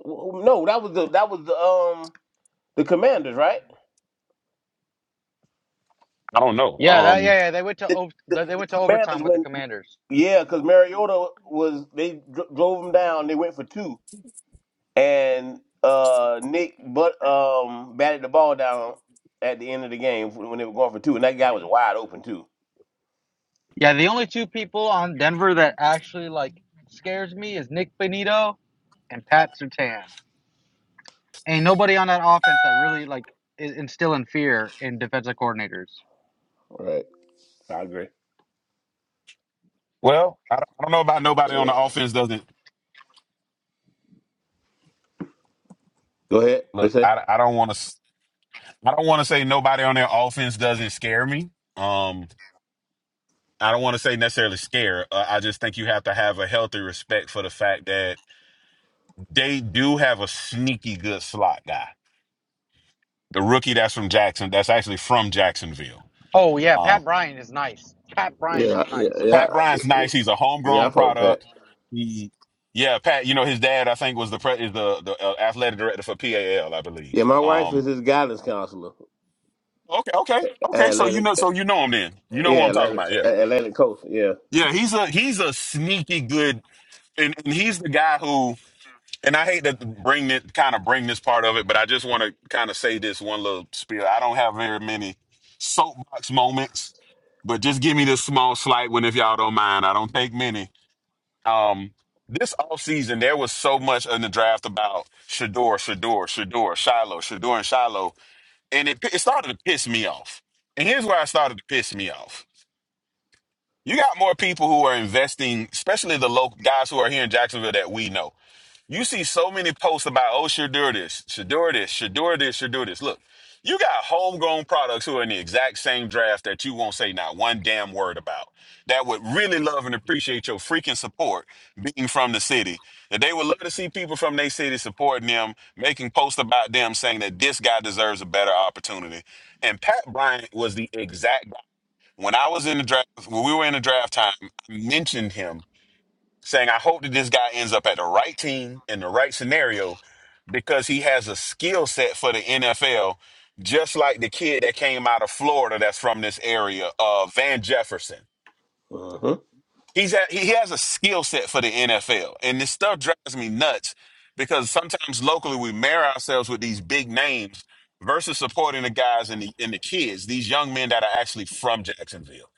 Speaker 13: No, that was the that was the um the Commanders, right?
Speaker 3: I don't know.
Speaker 11: Yeah, that yeah
Speaker 3: Um,
Speaker 11: yeah they went to
Speaker 13: The, the,
Speaker 11: they went to
Speaker 13: the Commanders
Speaker 11: overtime with the
Speaker 13: went,
Speaker 11: Commanders.
Speaker 13: yeah, because Mariota was they dro- drove them down. They went for two. and uh, Nick but um batted the ball down at the end of the game when they were going for two, and that guy was wide open too.
Speaker 11: Yeah, the only two people on Denver that actually like scares me is Nick Benito and Pat Surtain. Ain't nobody on that offense that really like is instilling fear in defensive coordinators.
Speaker 13: Right. I agree.
Speaker 3: well, I, don't- I don't know about nobody on
Speaker 13: Yeah.
Speaker 3: the offense. Doesn't
Speaker 13: Go ahead. What
Speaker 3: look.
Speaker 13: you say?
Speaker 3: I, I don't want to. I don't want to say nobody on their offense doesn't scare me. Um, I don't want to say necessarily scare. Uh, I just think you have to have a healthy respect for the fact that they do have a sneaky good slot guy. The rookie that's from Jackson, that's actually from Jacksonville.
Speaker 11: Oh yeah,
Speaker 3: Um,
Speaker 11: Pat Bryan is nice. Pat Bryan
Speaker 13: Yeah.
Speaker 11: is
Speaker 13: Yeah.
Speaker 11: nice.
Speaker 13: Yeah.
Speaker 3: Pat Bryant's nice. He's a
Speaker 13: Yeah.
Speaker 3: homegrown
Speaker 13: I fuck with Pat.
Speaker 3: product. He, yeah, Pat. You know his dad, I think, was the pre- is the the uh, athletic director for PAL, I
Speaker 13: Yeah,
Speaker 3: believe.
Speaker 13: my wife
Speaker 3: Um,
Speaker 13: is his guidance counselor
Speaker 3: okay, okay, okay.
Speaker 13: at
Speaker 3: So you
Speaker 13: Atlantic.
Speaker 3: know, so you know him then. You know who
Speaker 13: Yeah,
Speaker 3: I'm talking
Speaker 13: Atlantic,
Speaker 3: about. Yeah.
Speaker 13: at Atlantic Coast. Yeah.
Speaker 3: Yeah, he's a he's a sneaky good, and, and he's the guy who. And I hate to bring it, kind of bring this part of it, but I just want to kind of say this one little spiel. I don't have very many soapbox moments, but just give me this small slight one if y'all don't mind. I don't take many. Um, this offseason, there was so much in the draft about Shador, Shador, Shador, Shiloh, Shador, and Shiloh, and it it started to piss me off. And here's where I started to piss me off you got more people who are investing, especially the local guys who are here in Jacksonville that we know. You see so many posts about, oh, should do this, should do this, should do this, should do this. Look, you got homegrown products who are in the exact same draft that you won't say not one damn word about. That would really love and appreciate your freaking support being from the city. That they would love to see people from their city supporting them, making posts about them saying that this guy deserves a better opportunity. And Pat Bryant was the exact when I was in the draft, when we were in the draft time, I mentioned him saying, I hope that this guy ends up at the right team in the right scenario because he has a skill set for the NFL, just like the kid that came out of Florida that's from this area, uh, Van Jefferson.
Speaker 13: hmm
Speaker 3: He's at, he has a skill set for the NFL, and this stuff drives me nuts because sometimes locally we marry ourselves with these big names versus supporting the guys and the, and the kids, these young men that are actually from Jacksonville.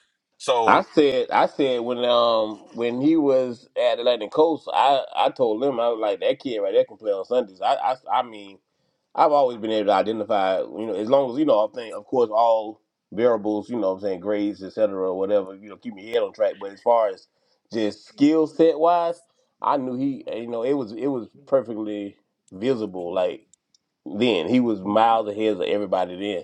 Speaker 13: I
Speaker 3: So
Speaker 13: said, I said when um when he was at Atlantic Coast, I I told him I was like that kid right there can play on Sundays. I I, I mean I've always been able to identify, you know, as long as, you know, I think, of course, all variables, you know what I'm saying, grades, et cetera, or whatever, you know, keep your head on track. But as far as just skill set wise, I knew he, eh, you know, it was it was perfectly visible. Like then, he was miles ahead of everybody. Then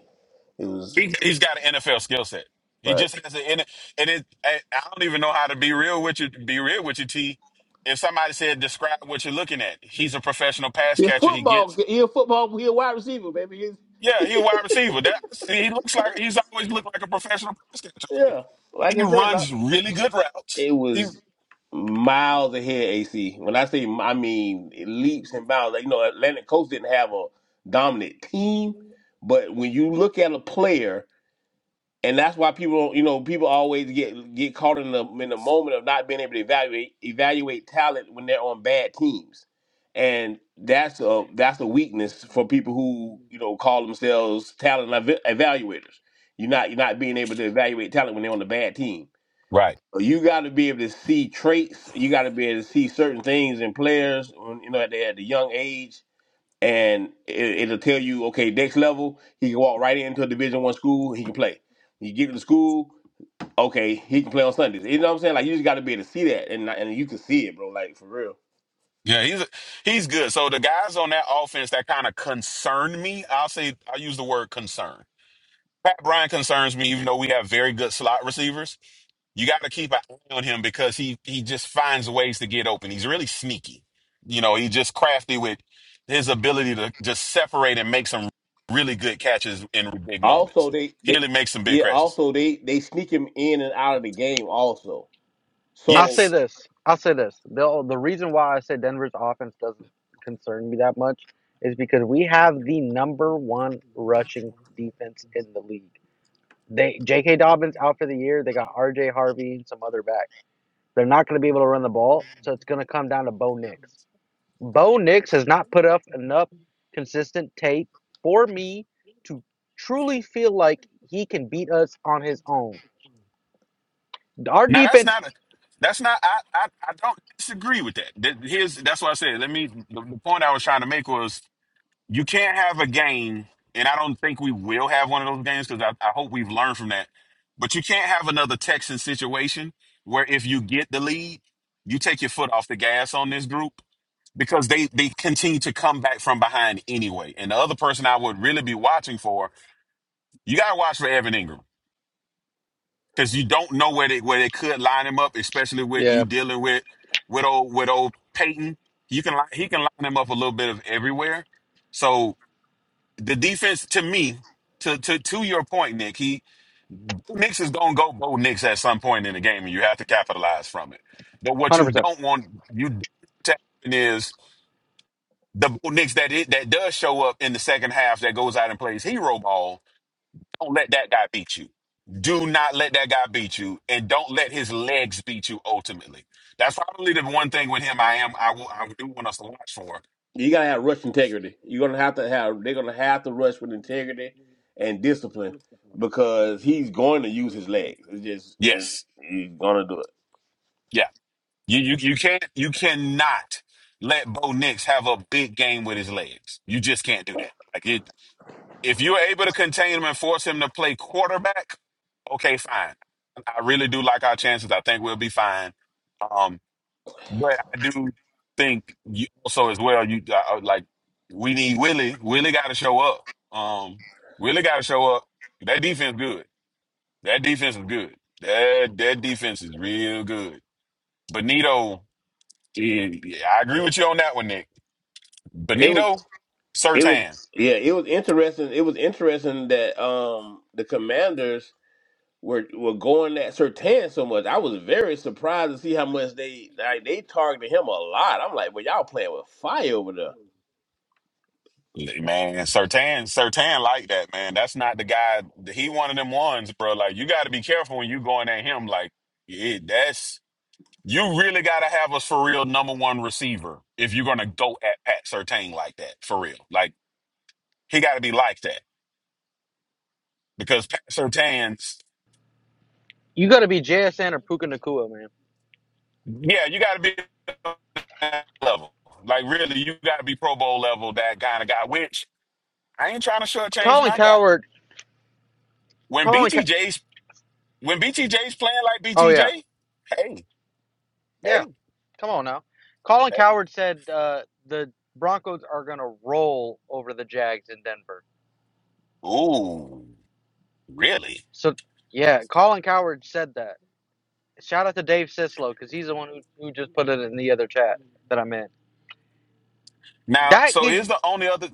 Speaker 13: it was
Speaker 3: He, he's got an NFL skill set. He
Speaker 13: right.
Speaker 3: just has an N- and it. I I don't even know how to be real with you. Be real with you, T. If somebody said describe what you're looking at, he's a professional pass
Speaker 13: He a
Speaker 3: catcher. He
Speaker 13: football.
Speaker 3: gets
Speaker 13: He a football. He a wide receiver, baby. He's,
Speaker 3: yeah, he's a wide receiver. That see, he looks like he's always looked like a professional pass catcher.
Speaker 13: Yeah, like
Speaker 3: He
Speaker 13: I said,
Speaker 3: runs really good routes.
Speaker 13: It
Speaker 3: He
Speaker 13: was miles ahead, AC. When I say, I mean leaps and bounds. Like, you know, Atlantic Coast didn't have a dominant team, but when you look at a player, and that's why people, you know, people always get get caught in the in the moment of not being able to evaluate evaluate talent when they're on bad teams, and that's a that's a weakness for people who you know call themselves talent ev- evaluators. You're not you're not being able to evaluate talent when they're on a bad team.
Speaker 3: right.
Speaker 13: So you got to be able to see traits. You got to be able to see certain things in players, when, you know, at the, at the young age, and it, it'll tell you, okay, next level, he can walk right into a Division One school, he can play. You get to the school, okay, he can play on Sundays. You know what I'm saying? Like you just got to be able to see that, and and you can see it, bro. Like for real.
Speaker 3: Yeah, he's a, he's good. So the guys on that offense that kind of concern me. I'll say I'll use the word concern. Pat Bryant concerns me, even though we have very good slot receivers. you got to keep an eye on him because he he just finds ways to get open. He's really sneaky. You know, he's just crafty with his ability to just separate and make some really good catches in big moments.
Speaker 13: Also, they
Speaker 3: He
Speaker 13: they
Speaker 3: really makes some big
Speaker 13: yeah.
Speaker 3: catches.
Speaker 13: Also, they they sneak him in and out of the game also.
Speaker 11: I'll
Speaker 13: So
Speaker 11: say
Speaker 3: Yes.
Speaker 11: this. I'll say this. The the reason why I say Denver's offense doesn't concern me that much is because we have the number one rushing defense in the league. They J.K. Dobbins out for the year. They got R.J. Harvey and some other backs. They're not going to be able to run the ball, so it's going to come down to Bo Nix. Bo Nix has not put up enough consistent tape for me to truly feel like he can beat us on his own. Our
Speaker 3: Now that's
Speaker 11: defense,
Speaker 3: not a that's not I I, I don't disagree with that. That- Here's that's what I said. Let me the, the point I was trying to make was you can't have a game, and I don't think we will have one of those games because I, I hope we've learned from that. But you can't have another Texan situation where if you get the lead, you take your foot off the gas on this group because they they continue to come back from behind anyway. And the other person I would really be watching for, you gotta watch for Evan Ingram because you don't know where they where they could line him up, especially with
Speaker 11: yeah,
Speaker 3: you
Speaker 11: one
Speaker 3: dealing with with old with old Peyton. You can li- he can line him up a little bit of everywhere. So the defense to me, to to to your point, Nick, he Knicks is gonna go Bo Knicks at some point in the game, and you have to capitalize from it. But what
Speaker 11: hundred
Speaker 3: you
Speaker 11: percent.
Speaker 3: don't want you don't want to happen is the Bo Knicks that it, that does show up in the second half that goes out and plays hero ball. Don't let that guy beat you. Do not let that guy beat you, and don't let his legs beat you. Ultimately, that's probably the one thing with him. I am I will I do want us to watch for.
Speaker 13: You gotta have rush integrity. You're gonna have to have. They're gonna have to rush with integrity and discipline because he's going to use his legs. It's just it,
Speaker 3: Yes,
Speaker 13: he's gonna do it.
Speaker 3: yes. You you you can't you cannot let Bo Nix have a big game with his legs. You just can't do that. Like it, if you're able to contain him and force him to play quarterback, okay, fine. I really do like our chances. I think we'll be fine. Um, but I do think you also as well. You uh, uh, like we need Willie. Willie got to show up. Um, Willie got to show up. That defense good. That defense is good. That that defense is real good. Benito. And I agree with you on that one, Nick.
Speaker 13: It was.
Speaker 3: Benito
Speaker 13: It was.
Speaker 3: Sertan.
Speaker 13: Yeah. It was interesting. It was interesting that um the commanders were were going at Sertan so much. I was very surprised to see how much they like they targeted him a lot. I'm like, well, y'all playing with fire over there.
Speaker 3: Man, Sertan, Sertan like that, man. That's not the guy. He one of them ones, bro. Like, you got to be careful when you going at him. Like, it, that's, you really got to have us for real number one receiver if you're going to go at Pat Sertan like that, for real. Like, he got to be like that because Pat Sertan's,
Speaker 11: You got to be JSN or Puka Nakua, man.
Speaker 3: yeah, you got to be that level. Like, really, you got to be Pro Bowl level, that kind of guy, which I ain't trying to shortchange
Speaker 11: Colin
Speaker 3: my guy.
Speaker 11: Coward,
Speaker 3: When
Speaker 11: Colin, Cow-
Speaker 3: BTJ's when BTJ's playing like
Speaker 11: oh
Speaker 3: BTJ,
Speaker 11: yeah,
Speaker 3: hey,
Speaker 11: yeah.
Speaker 3: hey,
Speaker 11: Come on now. Colin
Speaker 3: hey.
Speaker 11: Coward said uh, the Broncos are going to roll over the Jags in Denver.
Speaker 3: Ooh, really?
Speaker 11: So yeah, Colin Coward said that. Shout out to Dave Sislow because he's the one who, who just put it in the other chat that I'm in.
Speaker 3: Now,
Speaker 11: That
Speaker 3: so
Speaker 11: gives.
Speaker 3: here's the only other.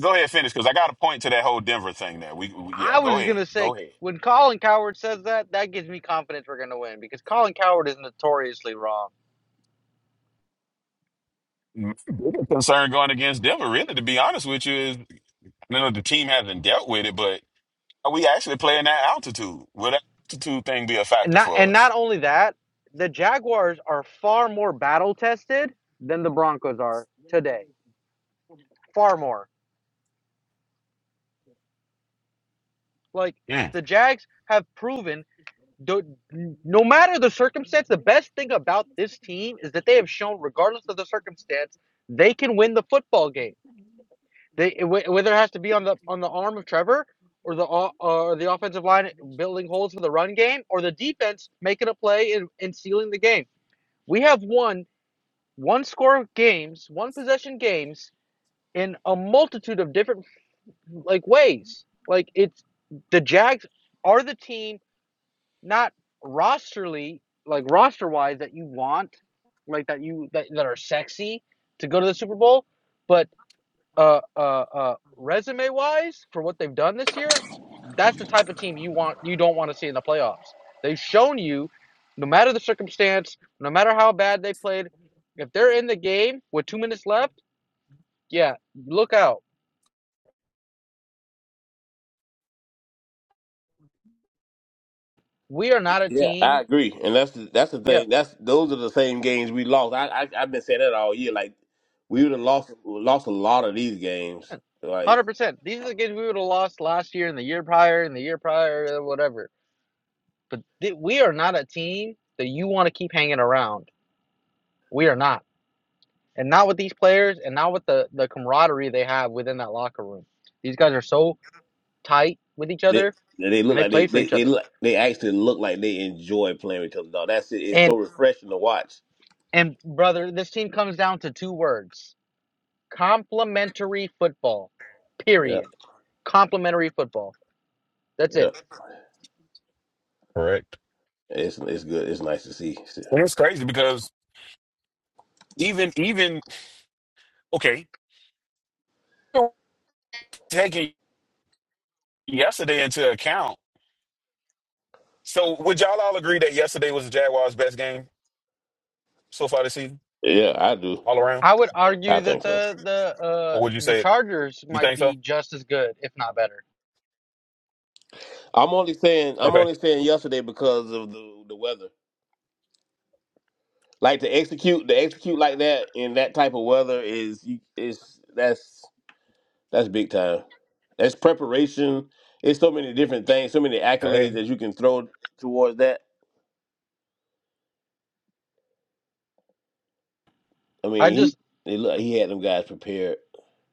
Speaker 3: Go ahead, finish because I got a point to that whole Denver thing. There, we, we yeah.
Speaker 11: I
Speaker 3: Go
Speaker 11: was
Speaker 3: ahead,
Speaker 11: gonna say
Speaker 3: go ahead.
Speaker 11: when Colin Coward says that, that gives me confidence we're gonna win because Colin Coward is notoriously wrong.
Speaker 3: My biggest concern going against Denver, really, to be honest with you, is you know the team hasn't dealt with it, but are we actually playing that altitude? Will that altitude thing be a
Speaker 11: And
Speaker 3: factor
Speaker 11: not
Speaker 3: for
Speaker 11: and
Speaker 3: us?
Speaker 11: not only that, the Jaguars are far more battle tested than the Broncos are today. Far more. Like
Speaker 3: Mm,
Speaker 11: the Jags have proven. do- No matter the circumstance, the best thing about this team is that they have shown, regardless of the circumstance, they can win the football game They whether it has to be on the on the arm of Trevor or the o- or the offensive line building holes for the run game or the defense making a play and, and sealing the game. We have won one score games, one possession games in a multitude of different like ways. Like it's the Jags are the team not rosterly like roster wise that you want, like that you that, that are sexy to go to the Super Bowl, but uh, uh, uh, resume wise for what they've done this year, that's the type of team you want you don't want to see in the playoffs. They've shown you, no matter the circumstance, no matter how bad they played, if they're in the game with two minutes left, yeah, look out. We are not a
Speaker 13: Yeah, I
Speaker 11: team.
Speaker 13: agree, and that's the, that's the
Speaker 11: Yeah,
Speaker 13: thing. That's those are the same games we lost. I, I I've been saying that all year. Like we would have lost lost a lot of these games.
Speaker 11: one
Speaker 13: Like
Speaker 11: hundred percent. These are the games we would have lost last year and the year prior and the year prior, whatever. But th- we are not a team that you want to keep hanging around. We are not. and not with these players and not with the the camaraderie they have within that locker room. These guys are so tight with each
Speaker 13: they
Speaker 11: other
Speaker 13: they
Speaker 11: and
Speaker 13: look
Speaker 11: they
Speaker 13: like
Speaker 11: play
Speaker 13: they
Speaker 11: for
Speaker 13: they
Speaker 11: each
Speaker 13: they
Speaker 11: other.
Speaker 13: look, they actually look like they enjoy playing with each other. Dog. That's it. It's
Speaker 11: And
Speaker 13: so refreshing to watch.
Speaker 11: and brother, this team comes down to two words. Complementary football.
Speaker 13: Yeah,
Speaker 11: Period. Complementary football. That's
Speaker 13: yeah.
Speaker 11: it.
Speaker 3: correct.
Speaker 13: It's it's good. It's nice to see.
Speaker 3: And it's crazy because even even okay, yesterday into account. So would y'all all agree that yesterday was the Jaguars' best game so far this season,
Speaker 13: Yeah, I do.
Speaker 3: all around?
Speaker 11: I would
Speaker 13: I
Speaker 11: argue that
Speaker 13: think so.
Speaker 11: the the uh
Speaker 3: Or would you
Speaker 11: the
Speaker 3: say it?
Speaker 11: Chargers
Speaker 3: You
Speaker 11: might
Speaker 3: think so?
Speaker 11: be just as good, if not better.
Speaker 13: I'm only saying I'm
Speaker 3: Okay.
Speaker 13: only saying yesterday because of the the weather. Like to execute to execute like that in that type of weather is is that's That's big time. That's preparation. It's so many different things, so many accolades that you can throw towards that. I
Speaker 11: I
Speaker 13: mean,
Speaker 11: just
Speaker 13: he it look, he had them guys prepared.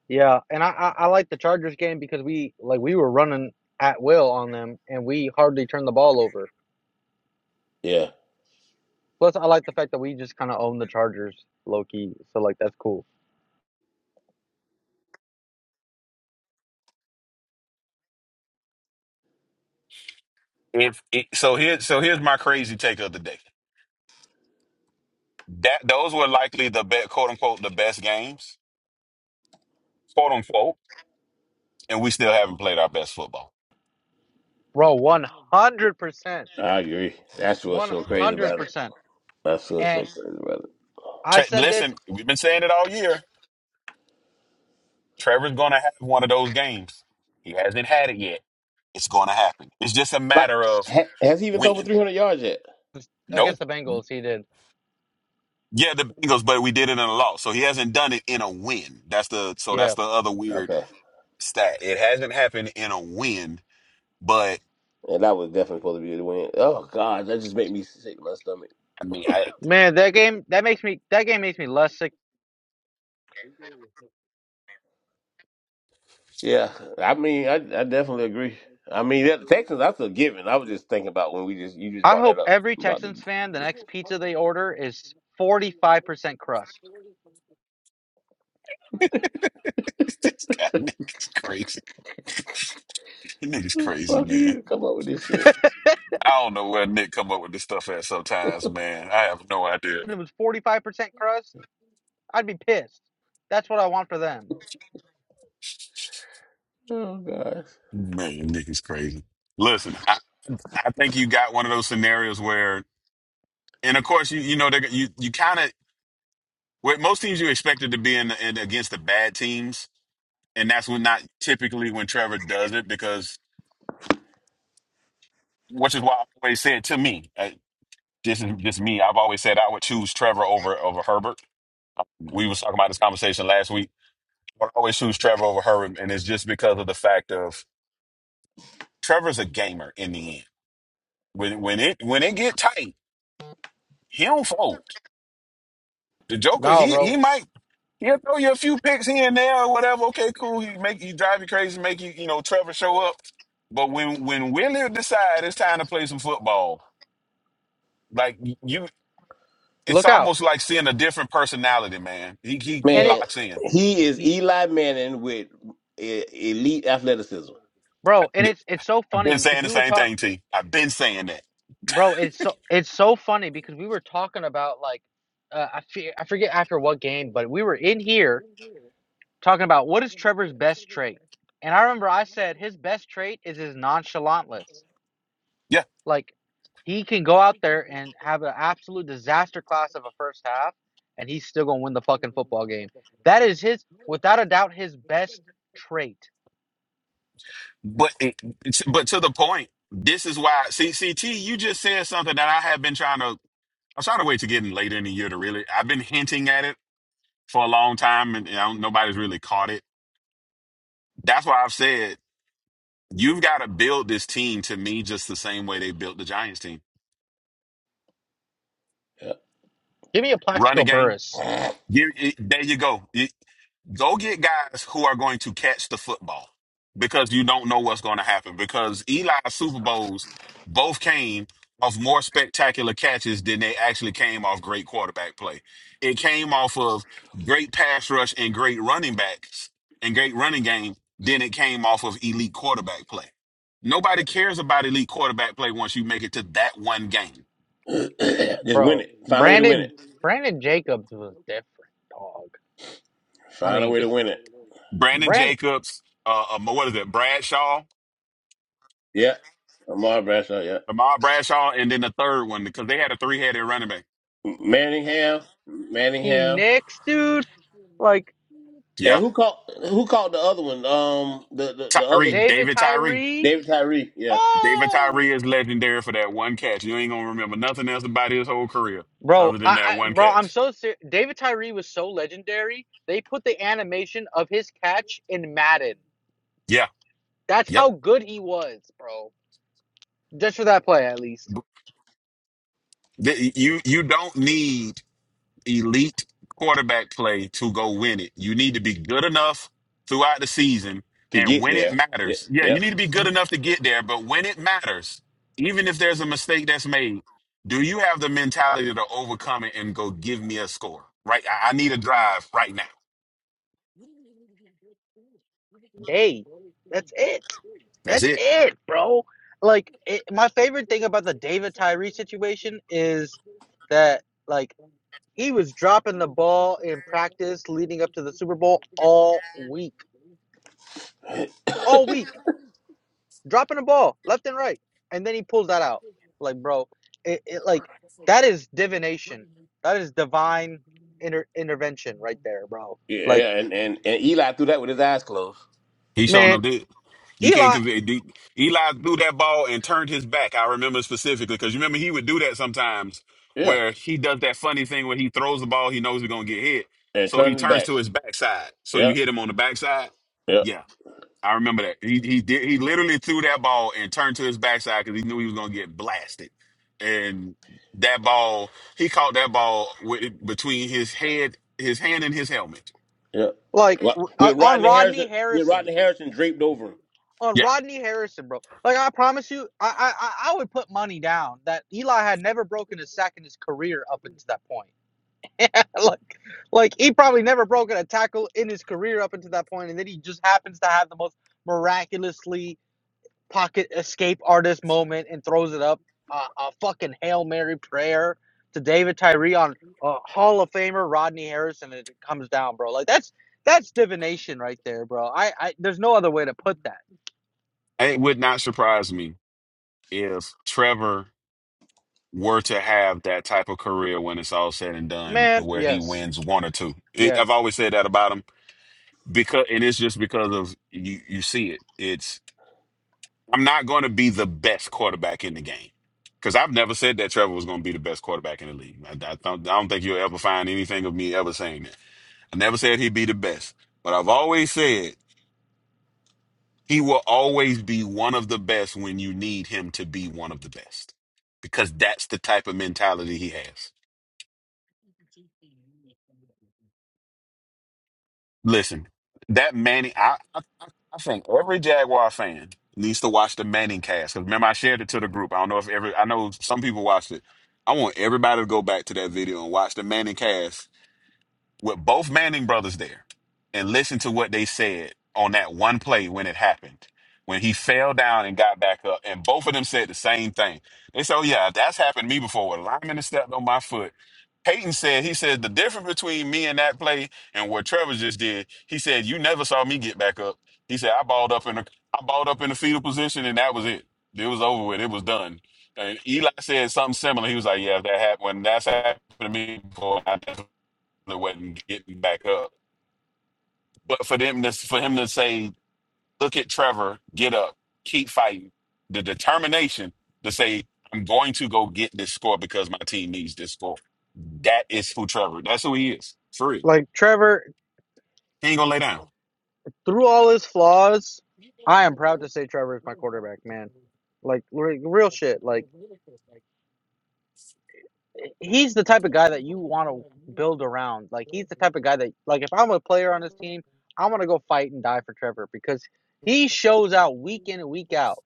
Speaker 11: yeah, and I I, I like the Chargers game because we like we were running at will on them and we hardly turned the ball over
Speaker 13: Yeah,
Speaker 11: Plus, I like the fact that we just kind of own the Chargers low key. So, like, that's cool.
Speaker 3: If it, so, here so here's my crazy take of the day. That those were likely the best, quote unquote, the best games, quote unquote, and we still haven't played our best football.
Speaker 11: Bro, 100%.
Speaker 13: I agree. That's what's so crazy about it.
Speaker 11: 100%.
Speaker 13: That's what's so
Speaker 11: And
Speaker 13: crazy about it.
Speaker 11: I
Speaker 3: Tra-
Speaker 11: said this
Speaker 3: listen, we've been saying it all year. Trevor's going to have one of those games. He hasn't had it yet. It's going to happen. It's just a
Speaker 13: Like,
Speaker 3: matter of
Speaker 13: ha- has he even thrown for
Speaker 3: when.
Speaker 13: three hundred yards yet?
Speaker 3: No.
Speaker 11: against the Bengals. He did.
Speaker 3: Yeah, the Bengals, but we did it in a loss. So he hasn't done it in a win. That's the so that's
Speaker 11: Yeah.
Speaker 3: the other weird
Speaker 13: Okay,
Speaker 3: stat. It hasn't happened in a win, but
Speaker 13: and that was definitely supposed to be the win. Oh God, that just made me sick to my stomach.
Speaker 3: I mean, I
Speaker 11: Man, that game that makes me that game makes me less sick.
Speaker 13: Yeah, I mean, I I definitely agree. I mean, that, Texans, that's a given. I was just thinking about when we just you just
Speaker 11: I
Speaker 13: brought that
Speaker 11: hope
Speaker 13: up
Speaker 11: every
Speaker 13: about the
Speaker 11: Texans fan the next pizza they order is 45% crust.
Speaker 3: this guy Nick is crazy. Nick is
Speaker 13: who the
Speaker 3: crazy,
Speaker 13: fuck
Speaker 3: man.
Speaker 13: you come up with this shit.
Speaker 3: I don't know where Nick come up with this stuff at sometimes, man. I have no idea.
Speaker 11: If it was 45% crust, I'd be pissed. That's what I want for them.
Speaker 13: Oh gosh,
Speaker 3: Man, Nick is crazy. Listen, I, I think you got one of those scenarios where, and of course, you you know, they're- you you kind of with most teams you expected to be in, in against the bad teams and that's when not typically when Trevor does it because which is why I always said to me, uh, this is just me. I've always said I would choose Trevor over over Herbert. Um, We was talking about this conversation last week. I would always choose Trevor over Herbert, and it's just because of the fact of Trevor's a gamer in the end. When when it when it get tight, he don't fold. The Joker,
Speaker 11: No,
Speaker 3: he
Speaker 11: bro.
Speaker 3: he might. He'll throw you a few picks here and there or whatever. Okay, cool. He make he drive you crazy, make you, you know, Trevor show up. But when when Willie decide it's time to play some football, Like you, it's
Speaker 11: Look out.
Speaker 3: almost like seeing a different personality, man. He he he
Speaker 11: And it
Speaker 13: man,
Speaker 3: locks in.
Speaker 13: he is Eli Manning with e- elite athleticism.
Speaker 11: bro, and it's it's so
Speaker 3: I've been
Speaker 11: funny because
Speaker 3: saying the
Speaker 11: we were
Speaker 3: same
Speaker 11: talking
Speaker 3: thing, T. I've been saying that.
Speaker 11: Bro, it's so it's so funny because we were talking about like uh, I fe- I forget after what game, but we were in here talking about what is Trevor's best trait. And I remember I said his best trait is his nonchalantness.
Speaker 3: Yeah,
Speaker 11: Like he can go out there and have an absolute disaster class of a first half and he's still going to win the fucking football game. That is his without a doubt his best trait.
Speaker 3: but it, it's, but to the point. This is why. See, see, T. You just said something that I have been trying to. I'm trying to wait to getting later in the year to really. I've been hinting at it for a long time, and you know, nobody's really caught it. That's why I've said you've got to build this team to me just the same way they built the Giants team.
Speaker 11: Give me a
Speaker 3: Run a
Speaker 11: Plaxico
Speaker 3: game.
Speaker 11: Burress,
Speaker 13: Yeah.
Speaker 3: Give, it, there you go. Go get guys who are going to catch the football because you don't know what's going to happen. Because Eli's Super Bowls both came off more spectacular catches than they actually came off great quarterback play. It came off of great pass rush and great running backs and great running game Then it came off of elite quarterback play. Nobody cares about elite quarterback play once you make it to that one game.
Speaker 13: Just win
Speaker 11: bro.
Speaker 13: it. Find a way to win
Speaker 11: Brandon
Speaker 13: it.
Speaker 11: Brandon Jacobs was different, dog. I
Speaker 13: Find a
Speaker 11: mean,
Speaker 13: way to win it.
Speaker 3: Brandon
Speaker 11: Brand
Speaker 3: Jacobs, uh, um, what is it, Bradshaw?
Speaker 13: Yeah, Amar Bradshaw. Yeah,
Speaker 3: Lamar Bradshaw, and then the third one because they had a three-headed running back.
Speaker 13: Manningham,
Speaker 11: Hakeem
Speaker 13: Manningham,
Speaker 11: Nicks, dude. Like
Speaker 13: and
Speaker 3: Yeah,
Speaker 13: who called who called the other one? Um, the the, the other
Speaker 3: Tyree,
Speaker 11: David
Speaker 3: David Tyree,
Speaker 11: Tyree.
Speaker 13: David Tyree. Yeah,
Speaker 3: David
Speaker 11: Oh,
Speaker 3: Tyree is legendary for that one catch. You ain't gonna remember nothing else about his whole career
Speaker 11: bro,
Speaker 3: other than
Speaker 11: I,
Speaker 3: that
Speaker 11: I
Speaker 3: one
Speaker 11: bro, I'm
Speaker 3: catch.
Speaker 11: so serious. David Tyree was so legendary. They put the animation of his catch in Madden.
Speaker 3: Yeah,
Speaker 11: That's
Speaker 3: yep.
Speaker 11: how good he was, bro. Just for that play, at least.
Speaker 3: Th- You you don't need elite quarterback play to go win it. You need to be good enough throughout the season
Speaker 13: to
Speaker 3: and
Speaker 13: get
Speaker 3: when it
Speaker 13: there. Yeah,
Speaker 3: matters. Yeah, you
Speaker 13: yep,
Speaker 3: need to be good enough to get there, but when it matters, even if there's a mistake that's made, do you have the mentality to overcome it and go give me a score? Right? I, I need a drive right now.
Speaker 11: Day. That's it.
Speaker 3: That's
Speaker 11: That's
Speaker 3: it.
Speaker 11: it, bro. Like it, my favorite thing about the David Tyree situation is that like he was dropping the ball in practice leading up to the Super Bowl all week all week, dropping the ball left and right, and then he pulls that out. Like, bro, it, it like that is divination. That is divine inter- intervention right there, bro.
Speaker 13: yeah,
Speaker 11: Like,
Speaker 13: yeah. And, and and Eli threw that with his eyes closed.
Speaker 3: He showed them
Speaker 11: man,
Speaker 3: did. You can't
Speaker 11: Eli,
Speaker 3: convict. D- Eli threw that ball and turned his back. I remember specifically because you remember he would do that sometimes
Speaker 13: Yeah,
Speaker 3: where he does that funny thing where he throws the ball, he knows he's going to get hit.
Speaker 13: and
Speaker 3: So he
Speaker 13: turned his
Speaker 3: turns
Speaker 13: back.
Speaker 3: to his backside. So you
Speaker 13: Yeah,
Speaker 3: hit him on the backside.
Speaker 13: yeah.
Speaker 3: Yeah, I remember that. He he did he literally threw that ball and turned to his backside because he knew he was going to get blasted. And that ball, he caught that ball with, between his head, his hand and his helmet.
Speaker 13: Yeah.
Speaker 11: like
Speaker 13: Well,
Speaker 11: uh,
Speaker 13: With
Speaker 11: on
Speaker 13: Rodney
Speaker 11: Rodney
Speaker 13: Harrison, with
Speaker 11: Harrison,
Speaker 13: Rodney Harrison draped over him.
Speaker 11: on
Speaker 3: Yeah,
Speaker 11: Rodney Harrison, bro. Like, I promise you, I I I I would put money down that Eli had never broken a sack in his career up until that point. like, like he probably never broken a tackle in his career up until that point, and then he just happens to have the most miraculously pocket escape artist moment and throws it up. Uh, a fucking Hail Mary prayer to David Tyree on uh, Hall of Famer Rodney Harrison, and it comes down, bro. Like that's that's divination right there, bro. I, I there's no other way to put that.
Speaker 3: it would not surprise me if Trevor were to have that type of career when it's all said and done, to
Speaker 11: Man,
Speaker 3: where he
Speaker 11: yes,
Speaker 3: wins one or two. It, I've
Speaker 11: yes.
Speaker 3: always said that about him because, and it's just because of you. You see it. It's I'm not going to be the best quarterback in the game because I've never said that Trevor was going to be the best quarterback in the league. I, I don't, I don't think you'll ever find anything of me ever saying that. I never said he'd be the best, but I've always said. He will always be one of the best when you need him to be one of the best because that's the type of mentality he has. Listen, that Manning, I, I I think every Jaguar fan needs to watch the Manning cast because remember, I shared it to the group. I don't know if every, I know some people watched it. I want everybody to go back to that video and watch the Manning cast with both Manning brothers there and listen to what they said on that one play when it happened, when he fell down and got back up. And both of them said the same thing. They said, Oh, yeah, that's happened to me before. Where a lineman has stepped on my foot. Peyton said, He said, the difference between me and that play and what Trevor just did, he said, You never saw me get back up. He said, I balled up in a, I balled up in the fetal position and that was it. It was over with. It was done. And Eli said something similar. He was like, Yeah, that happened. that's happened to me before brother wasn't getting back up. But for them to for him to say, look at Trevor, get up, keep fighting, the determination to say, I'm going to go get this score because my team needs this score. That is who Trevor. That's who he is. Free.
Speaker 11: Like Trevor,
Speaker 3: He ain't gonna lay down.
Speaker 11: through all his flaws, I am proud to say Trevor is my quarterback, man. Like re- real shit. Like. he's the type of guy that you want to build around. Like he's the type of guy that like if I'm a player on this team, I want to go fight and die for Trevor because he shows out week in and week out.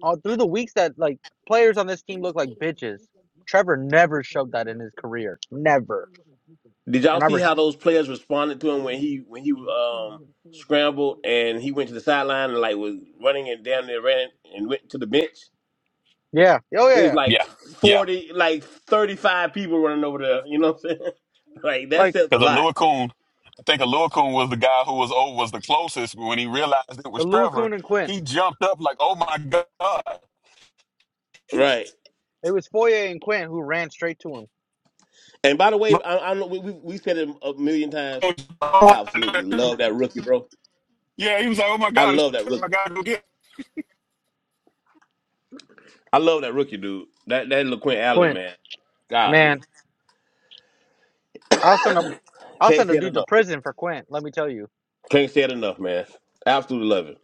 Speaker 11: All through the weeks that like players on this team look like bitches, Trevor never showed that in his career. Never.
Speaker 13: Did y'all
Speaker 11: And I
Speaker 13: see
Speaker 11: was
Speaker 13: how those players responded to him when he when he um scrambled and he went to the sideline and like was running and down there ran and went to the bench?
Speaker 11: yeah, oh yeah,
Speaker 13: There's
Speaker 11: yeah.
Speaker 13: like
Speaker 3: Yeah. Yeah.
Speaker 13: forty, like thirty five people running over there. You know what I'm saying? Like that
Speaker 11: Like
Speaker 13: says a
Speaker 3: Because
Speaker 13: lot,
Speaker 3: Alua Coon, I think Alua Coon was the guy who was over was the closest when he realized it was Trevor.
Speaker 11: Aluakun and Quint.
Speaker 3: He jumped up like, oh my God.
Speaker 13: right?
Speaker 11: It was Foye and Quint who ran straight to him.
Speaker 13: And by the way,
Speaker 3: Look,
Speaker 13: I, I know we, we we said it a million times. I
Speaker 3: oh,
Speaker 13: absolutely love that rookie, bro.
Speaker 3: yeah, he was like, oh my
Speaker 13: I
Speaker 3: God, it's
Speaker 13: love that
Speaker 3: Trevor.
Speaker 13: rookie.
Speaker 3: I gotta go get
Speaker 13: I love that rookie, dude. That that LaQuint Allen,
Speaker 11: Quint,
Speaker 13: man. Golly.
Speaker 11: man, I'll send a I'll
Speaker 13: Can't
Speaker 11: send a
Speaker 13: say it
Speaker 11: dude to
Speaker 13: enough.
Speaker 11: prison for Quint. Let me tell you.
Speaker 13: Can't say it enough, man. Absolutely love it.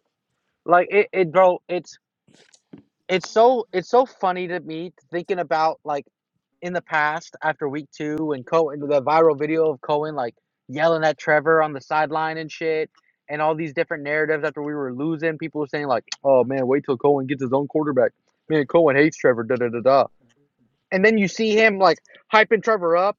Speaker 11: Like it, it bro. It's it's so it's so funny to me thinking about like in the past after week two when Cohen the viral video of Cohen like yelling at Trevor on the sideline and shit and all these different narratives after we were losing people were saying like oh man wait till Cohen gets his own quarterback man Cohen hates Trevor da da da da and then you see him like hyping Trevor up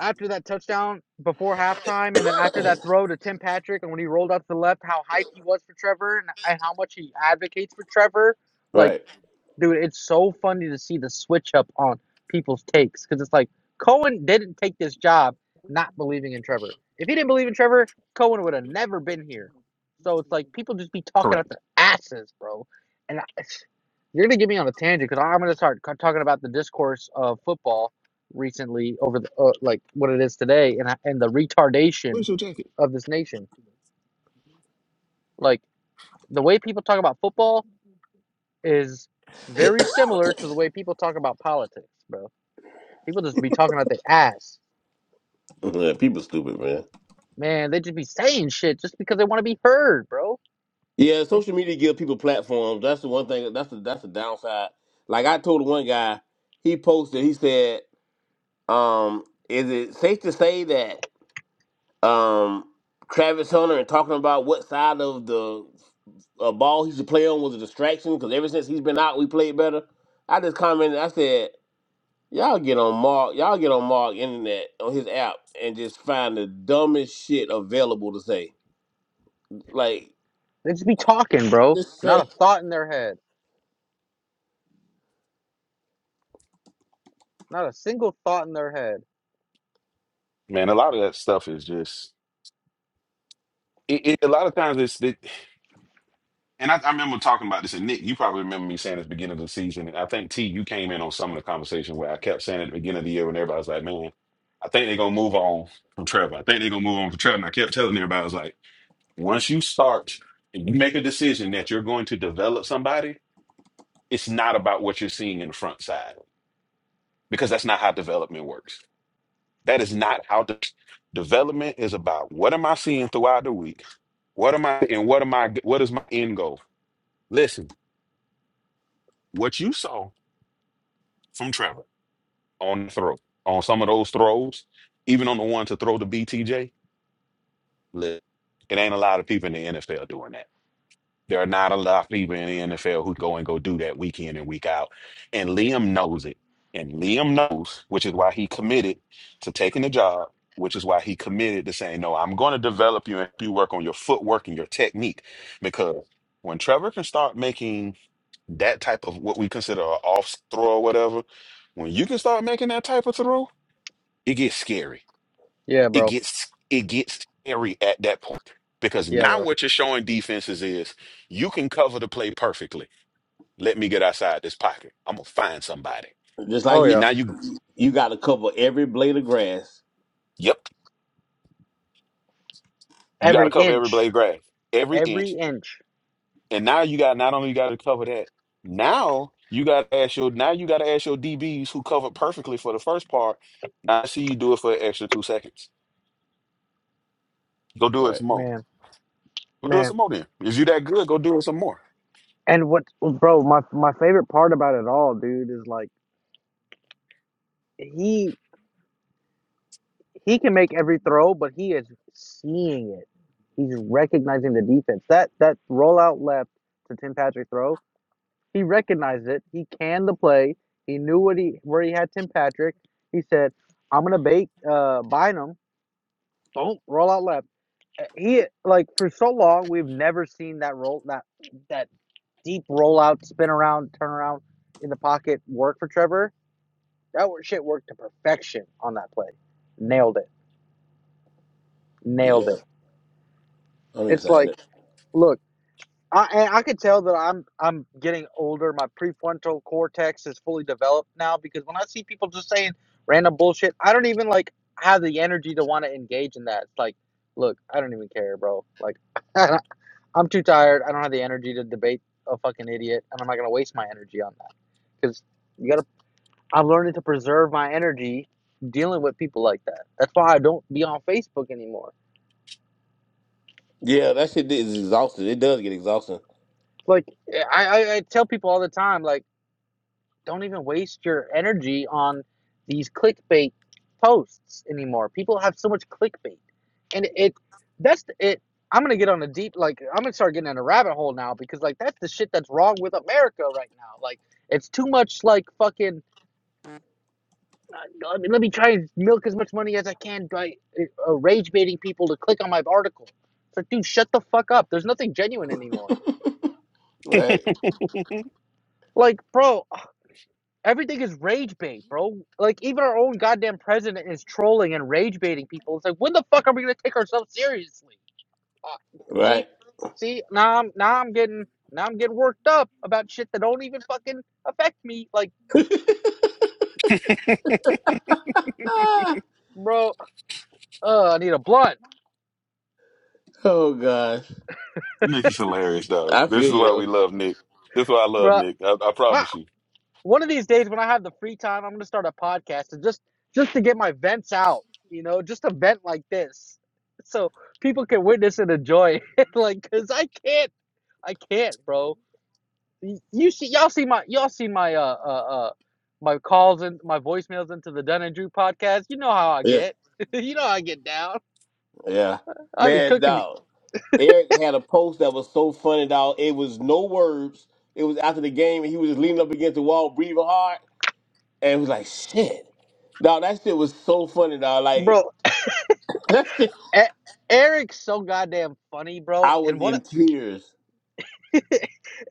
Speaker 11: after that touchdown before halftime and then after that throw to Tim Patrick and when he rolled out to the left how hyped he was for Trevor and, and how much he advocates for Trevor like
Speaker 13: Right.
Speaker 11: Dude, it's so funny to see the switch up on people's takes because it's like Cohen didn't take this job not believing in Trevor. If he didn't believe in Trevor, Cohen would have never been here. So it's like people just be talking out their asses, bro. And I, you're gonna get me on a tangent because I'm gonna start c- talking about the discourse of football recently over the uh, like what it is today and I- and the retardation of this nation. Like the way people talk about football is very similar to the way people talk about politics, bro. People just be talking out their ass.
Speaker 13: Yeah, people stupid, man.
Speaker 11: Man, they just be saying shit just because they want to be heard, bro.
Speaker 13: Yeah, social media give people platforms. That's the one thing. That's the that's the downside. Like I told one guy, he posted. He said, um, "Is it safe to say that um, Travis Hunter and talking about what side of the uh, ball he should play on was a distraction? Because ever since he's been out, we played better." I just commented. I said. Y'all get on Mark, y'all get on Mark internet on his app and just find the dumbest shit available to say. Like
Speaker 11: They just be talking, bro.
Speaker 13: just
Speaker 11: Not
Speaker 13: say
Speaker 11: a thought in their head. Not a single thought in their head.
Speaker 3: Man, a lot of that stuff is just it, it, a lot of times it's it, and I, I remember talking about this and Nick, you probably remember me saying at the beginning of the season, and I think T, you came in on some of the conversation where I kept saying at the beginning of the year when everybody was like, Man, I think they're gonna move on from Trevor. I think they're gonna move on from Trevor. And I kept telling everybody, I was like, once you start and you make a decision that you're going to develop somebody, it's not about what you're seeing in the front side because that's not how development works That is not how de- development is about. What am I seeing throughout the week? What am I and what am I what is my end goal? Listen, what you saw from Trevor on the throw, on some of those throws, even on the one to throw to BTJ, li- it ain't a lot of people in the NFL doing that. There are not a lot of people in the NFL who go and go do that week in and week out. And Liam knows it. And Liam knows, which is why he committed to taking the job, which is why he committed to saying, No, I'm going to develop you and help you work on your footwork and your technique. Because when Trevor can start making that type of what we consider an off throw or whatever, when you can start making that type of throw, it gets scary
Speaker 11: Yeah,
Speaker 3: it
Speaker 11: bro.
Speaker 3: gets it gets scary at that point because
Speaker 11: Yeah,
Speaker 3: now
Speaker 11: bro.
Speaker 3: what you're showing defenses is you can cover the play perfectly. Let me get outside this pocket. I'm gonna find somebody,
Speaker 13: just like
Speaker 11: Oh,
Speaker 13: you
Speaker 3: and
Speaker 11: yeah.
Speaker 3: now you,
Speaker 13: you gotta cover every blade of grass.
Speaker 3: yep, you got to
Speaker 11: Every
Speaker 3: cover every
Speaker 11: inch.
Speaker 3: blade grass, every
Speaker 11: Every
Speaker 3: inch,
Speaker 11: inch.
Speaker 3: and now you got not only you got to cover that. Now you got to ask your now you got to ask your DBs who covered perfectly for the first part. Now I see you do it for an extra two seconds. Go do it
Speaker 13: Right.
Speaker 3: some more.
Speaker 11: Man,
Speaker 3: Go do it
Speaker 11: man.
Speaker 3: some more then. If you that good, go do it some more.
Speaker 11: And what, bro, my, my favorite part about it all, dude, is like, he he can make every throw, but he is seeing it. He's recognizing the defense. That that rollout left to Tim Patrick throw, he recognized it. He canned the play. He knew what he where he had Tim Patrick. He said, "I'm gonna bait uh, Bynum. Don't roll out left." Uh, He like for so long we've never seen that roll that that deep rollout, spin around, turn around in the pocket work for Trevor. That shit worked to perfection on that play. Nailed it. Nailed
Speaker 13: Yeah.
Speaker 11: it.
Speaker 13: I'm
Speaker 11: It's like
Speaker 13: excited.
Speaker 11: Look, I and I could tell that I'm I'm getting older. My prefrontal cortex is fully developed now because when I see people just saying random bullshit, I don't even like have the energy to want to engage in that. It's like, look, I don't even care, bro. Like, I'm too tired. I don't have the energy to debate a fucking idiot, and I'm not gonna waste my energy on that because you gotta. I'm learning to preserve my energy dealing with people like that. That's why I don't be on Facebook anymore.
Speaker 13: Yeah, that shit is exhausting. It does get exhausting.
Speaker 11: Like, I I, I tell people all the time, like. don't even waste your energy on these clickbait posts anymore. People have so much clickbait, and it that's it. I'm gonna get on a deep like I'm gonna start getting in a rabbit hole now because like that's the shit that's wrong with America right now. Like it's too much like fucking. Uh, I mean, let me try and milk as much money as I can by uh, uh, rage baiting people to click on my article. It's like, dude, shut the fuck up. There's nothing genuine anymore.
Speaker 13: Right.
Speaker 11: Like, bro, Everything is rage bait, bro. Like even our own goddamn president is trolling and rage baiting people. It's like when the fuck are we gonna take ourselves seriously? Uh, see,
Speaker 13: Right.
Speaker 11: see, now I'm now I'm getting now I'm getting worked up about shit that don't even fucking affect me. Like,
Speaker 13: Ah,
Speaker 11: bro, uh, I need a blunt,
Speaker 13: oh god.
Speaker 3: Nick is hilarious, dog.
Speaker 13: I
Speaker 3: This
Speaker 13: feel
Speaker 3: is
Speaker 13: you
Speaker 3: why we
Speaker 13: though.
Speaker 3: love Nick. This is why I love
Speaker 11: bro.
Speaker 3: Nick. I, I
Speaker 11: Uh,
Speaker 3: promise you.
Speaker 11: one of these days when I have the free time, I'm gonna start a podcast and just just to get my vents out, you know, just a vent like this, so people can witness and enjoy. it. like, cause I can't, I can't, bro. Y- You see, y'all see my y'all see my uh uh uh my calls and my voicemails into the Dunn and Drew podcast. You know how I
Speaker 13: Yeah.
Speaker 11: get. you know how I get down.
Speaker 13: Yeah.
Speaker 11: I be
Speaker 13: Man,
Speaker 11: cooking,
Speaker 13: dog. Eric had a post that was so funny, dog. It was no words. It was after the game and he was just leaning up against the wall, breathing hard. and it was like shit. Dog, that shit was so funny, dog. Like
Speaker 11: bro.
Speaker 13: that shit,
Speaker 11: E- Eric's so goddamn funny, bro.
Speaker 13: I
Speaker 11: And
Speaker 13: was
Speaker 11: what?
Speaker 13: in tears.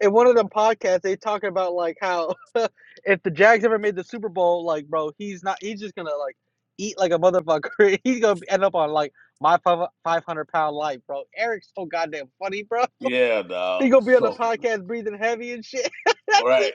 Speaker 11: in one of them podcasts, they talking about like how if the Jags ever made the Super Bowl, like bro, he's not. He's just gonna like eat like a motherfucker. he's gonna end up on like my five hundred pound life, bro. Eric's so goddamn funny, bro.
Speaker 13: Yeah,
Speaker 11: He
Speaker 13: dog,
Speaker 11: gonna be on the
Speaker 13: so funny.
Speaker 11: podcast breathing heavy and shit.
Speaker 13: All right,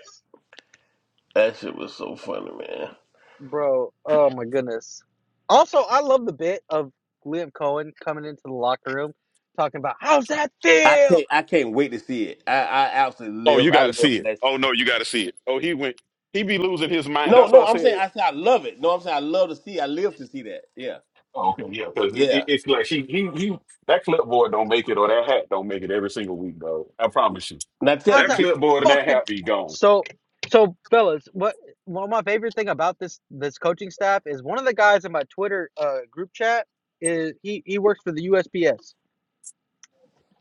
Speaker 13: that shit was so funny, man.
Speaker 11: bro, oh my goodness. Also, I love the bit of Liam Cohen coming into the locker room talking about how's that
Speaker 13: I
Speaker 11: feel.
Speaker 13: can't, I can't wait to see it. I, I absolutely
Speaker 3: Oh,
Speaker 13: live,
Speaker 3: you
Speaker 13: I
Speaker 3: got to
Speaker 13: live
Speaker 3: see
Speaker 13: for
Speaker 3: it.
Speaker 13: that shit.
Speaker 3: Oh no, you got to see it. Oh, he went. He be losing his mind.
Speaker 13: No,
Speaker 3: That's why I
Speaker 13: no, I'm saying
Speaker 3: said.
Speaker 13: I said I love it. No, I'm saying I love to see. I live to see that. Yeah,
Speaker 3: Oh, okay, yeah, because it, it-
Speaker 13: yeah.
Speaker 3: it's like he, he he that clipboard don't make it or that hat don't make it every single week, dog. I promise you.
Speaker 13: Now tell
Speaker 11: How's
Speaker 3: That
Speaker 11: that
Speaker 13: me,
Speaker 3: clipboard and that
Speaker 11: fucking
Speaker 3: hat be gone.
Speaker 11: so? So, fellas, what one of my favorite thing about this this coaching staff is one of the guys in my Twitter uh, group chat is he he works for the USPS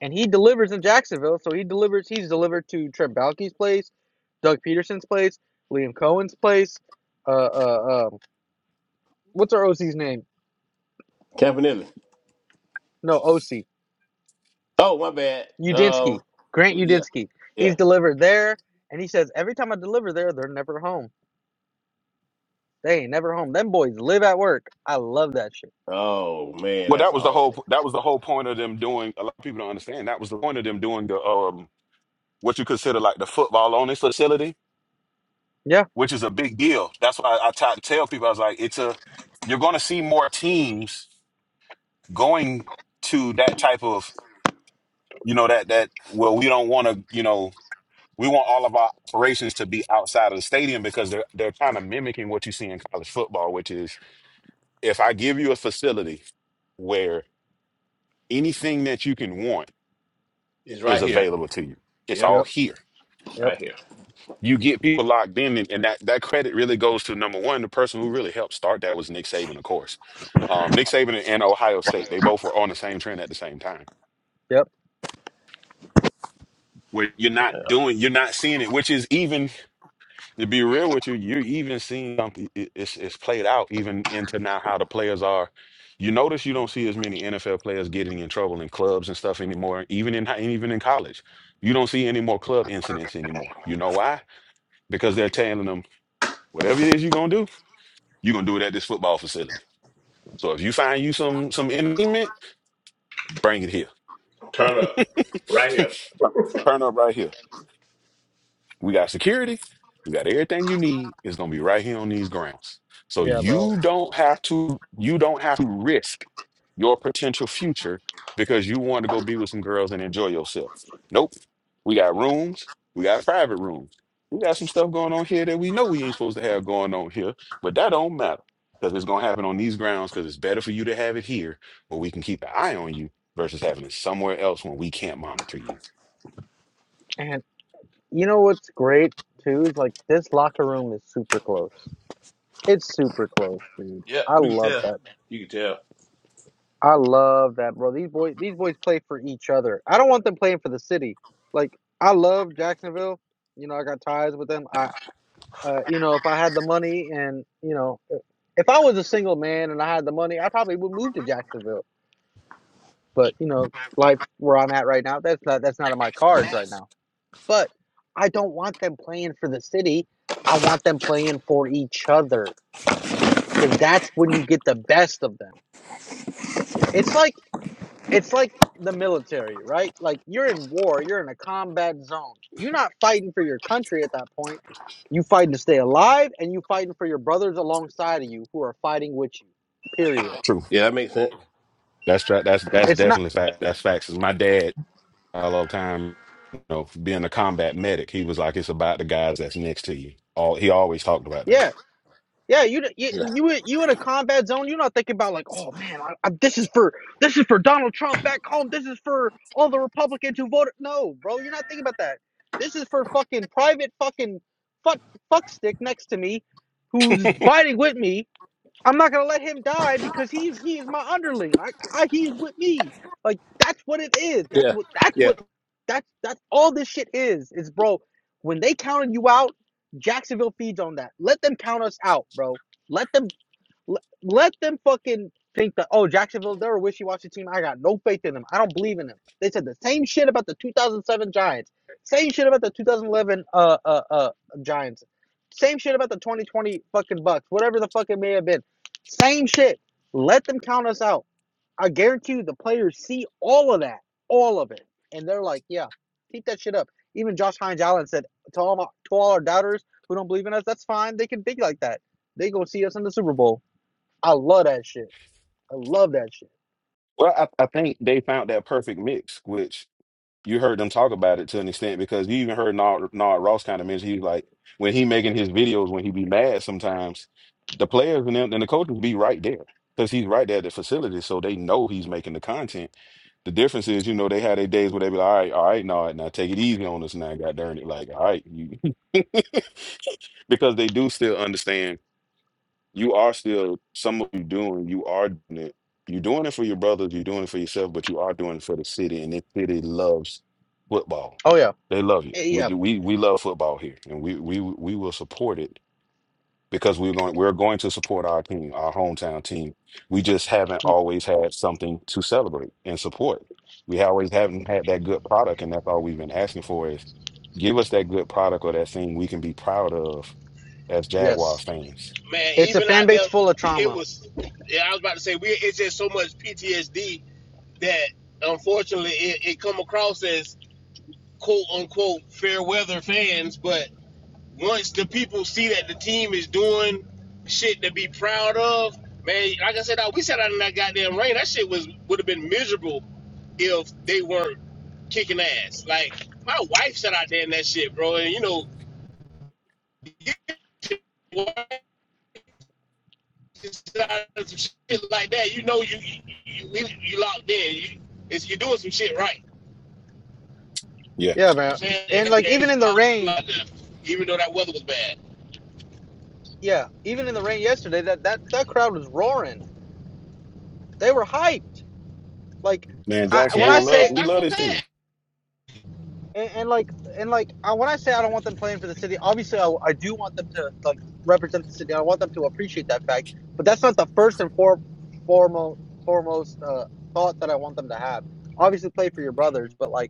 Speaker 11: and he delivers in Jacksonville. So he delivers. He's delivered to Trent Baalke's place, Doug Peterson's place, Liam Cohen's place. Uh, uh, um, what's our OC's name?
Speaker 13: Campanelli.
Speaker 11: No, OC
Speaker 13: Oh, my bad. Um,
Speaker 11: Udinski. Grant
Speaker 13: yeah,
Speaker 11: Udinski.
Speaker 13: yeah.
Speaker 11: He's delivered there, and he says every time I deliver there, they're never home. They ain't never home. Them boys live at work. I love that shit.
Speaker 13: Oh man,
Speaker 3: Well, that
Speaker 13: that's
Speaker 3: was the
Speaker 13: awesome.
Speaker 3: whole. That was the whole point of them doing. A lot of people don't understand. That was the point of them doing the um what you consider like the football only facility
Speaker 11: Yeah.
Speaker 3: which is a big deal. That's why I I try to tell people I was like, it's a you're going to see more teams going to that type of you know that that well we don't want to you know we want all of our operations to be outside of the stadium because they're they're kind of mimicking what you see in college football, which is if I give you a facility where anything that you can want
Speaker 13: It's
Speaker 3: is
Speaker 13: right here.
Speaker 3: available to you, it's all
Speaker 13: Yep.
Speaker 11: Yep.
Speaker 3: here
Speaker 11: Yep.
Speaker 3: you get people locked in, and, and that that credit really goes to number one, the person who really helped start that was Nick Saban, of course. Um, Nick Saban and Ohio State, they both were on the same trend at the same time.
Speaker 11: Yep.
Speaker 3: Where you're not doing, you're not seeing it, which is even to be real with you, you're even seeing something. it- It's it's played out even into now how the players are. You notice you don't see as many NFL players getting in trouble in clubs and stuff anymore, even in hi- even in college. You don't see any more club incidents anymore. You know why? Because they're telling them whatever it is you're gonna do. You're gonna do it at this football facility. So if you find you some some entertainment, bring it here.
Speaker 13: Turn up. Right here.
Speaker 3: Turn up right here. We got security. We got everything you need. It's gonna be right here on these grounds. So
Speaker 11: Yeah, bro.
Speaker 3: you don't have to you don't have to risk your potential future because you want to go be with some girls and enjoy yourself. Nope. We got rooms, we got private rooms. We got some stuff going on here that we know we ain't supposed to have going on here, but that don't matter. Because it's gonna happen on these grounds because it's better for you to have it here where we can keep an eye on you versus having it somewhere else when we can't monitor you.
Speaker 11: And you know what's great too is like this locker room is super close. It's super close, dude.
Speaker 13: Yeah,
Speaker 11: I
Speaker 13: you can
Speaker 11: love
Speaker 13: tell.
Speaker 11: that.
Speaker 13: You can tell.
Speaker 11: I love that, bro. These boys these boys play for each other. I don't want them playing for the city. Like I love Jacksonville. You know, I got ties with them. I uh, you know, if I had the money and, you know, if I was a single man and I had the money, I probably would move to Jacksonville But you know, life where I'm at right now, that's not that's not on my cards right now. But I don't want them playing for the city. I want them playing for each other because that's when you get the best of them. It's like it's like the military, right? Like you're in war, you're in a combat zone. You're not fighting for your country at that point. You fighting to stay alive, and you fighting for your brothers alongside of you who are fighting with you. Period.
Speaker 13: Yeah, that makes sense.
Speaker 3: That's right. That's that's
Speaker 11: It's not.
Speaker 3: definitely fact. That's facts. 'Cause my dad all the time, you know, being a combat medic, he was like, "It's about the guys that's next to you." All he always talked about
Speaker 11: Yeah,
Speaker 3: that.
Speaker 11: Yeah, you you
Speaker 13: Yeah,
Speaker 11: you in- you in a combat zone. You're not thinking about like, oh man, I, I, this is for this is for Donald Trump back home. This is for all the Republicans who voted. No, bro, you're not thinking about that. This is for fucking private fucking fuck fuckstick next to me, who's fighting with me. I'm not gonna let him die because he he is my underling. I, I he is with me. Like that's what it is. That's
Speaker 13: yeah,
Speaker 11: what that's
Speaker 13: yeah.
Speaker 11: what that's that's all this shit is. Is bro, when they counted you out, Jacksonville feeds on that. Let them count us out, bro. Let them let, let them fucking think that, oh, Jacksonville, they're a wishy washy team. I got no faith in them. I don't believe in them. They said the same shit about the 2007 Giants, same shit about the 2011 uh, uh, uh, Giants, same shit about the 2020 fucking Bucks, whatever the fuck it may have been. Same shit. Let them count us out. I guarantee you the players see all of that, all of it. And they're like, yeah, keep that shit up. Even Josh Hines Allen said to all, my, to all our doubters who don't believe in us, that's fine. They can think like that. They gonna see us in the Super Bowl. I love that shit. I love that shit.
Speaker 3: Well, I, I think they found that perfect mix, which you heard them talk about it to an extent because you even heard Nard, Nard Ross kind of mention he's like when he making his videos when he be mad sometimes the players and, them, and the coaches be right there because he's right there at the facility so they know he's making the content. The difference is you know they had their days where they be like all right all right Nard now take it easy on us now god darn it like all right you because they do still understand you are still some of you doing you are doing it you're doing it for your brothers you're doing it for yourself but you are doing it for the city and this city loves football
Speaker 11: Oh yeah,
Speaker 3: they love it
Speaker 11: Eh,
Speaker 3: we
Speaker 11: yeah,
Speaker 3: we, we love football here and we we we will support it because we're going we're going to support our team our hometown team we just haven't always had something to celebrate and support we always haven't had that good product and that's all we've been asking for is give us that good product or that thing we can be proud of as Jaguar
Speaker 11: yes.
Speaker 3: fans
Speaker 11: It's a fan
Speaker 13: Now,
Speaker 11: base full of
Speaker 13: it
Speaker 11: trauma.
Speaker 13: was. Yeah, I was about to say we. It's just so much PTSD that unfortunately it, it come across as quote unquote fair weather fans. But once the people see that the team is doing shit to be proud of, man. Like I said, we sat out in that goddamn rain. That shit was would have been miserable if they weren't kicking ass. Like my wife sat out there in that shit, bro. And you know, some shit like that, you know you you, you, you locked in. You, it's, you're doing some shit right.
Speaker 3: yeah,
Speaker 11: Yeah,
Speaker 13: You know what I'm
Speaker 11: man.
Speaker 13: saying?
Speaker 11: And
Speaker 13: And
Speaker 11: like even
Speaker 13: there's
Speaker 11: in
Speaker 13: a
Speaker 11: the
Speaker 13: lot of people
Speaker 11: rain,
Speaker 13: out there, even though that weather was bad.
Speaker 11: yeah, even in the rain yesterday, that that that crowd was roaring. They were hyped. Like
Speaker 3: man,
Speaker 11: I when I
Speaker 3: Jacksonville
Speaker 13: Yeah,
Speaker 3: love
Speaker 13: man,
Speaker 11: say
Speaker 3: we
Speaker 13: that's
Speaker 3: love
Speaker 13: what
Speaker 3: this
Speaker 13: I'm
Speaker 3: team.
Speaker 13: saying.
Speaker 11: and, and like and like I, when I say I don't want them playing for the city, obviously I, I do want them to like represent the city. I want them to appreciate that fact. But that's not the first and for, foremost foremost uh, thought that I want them to have. Obviously, play for your brothers, but like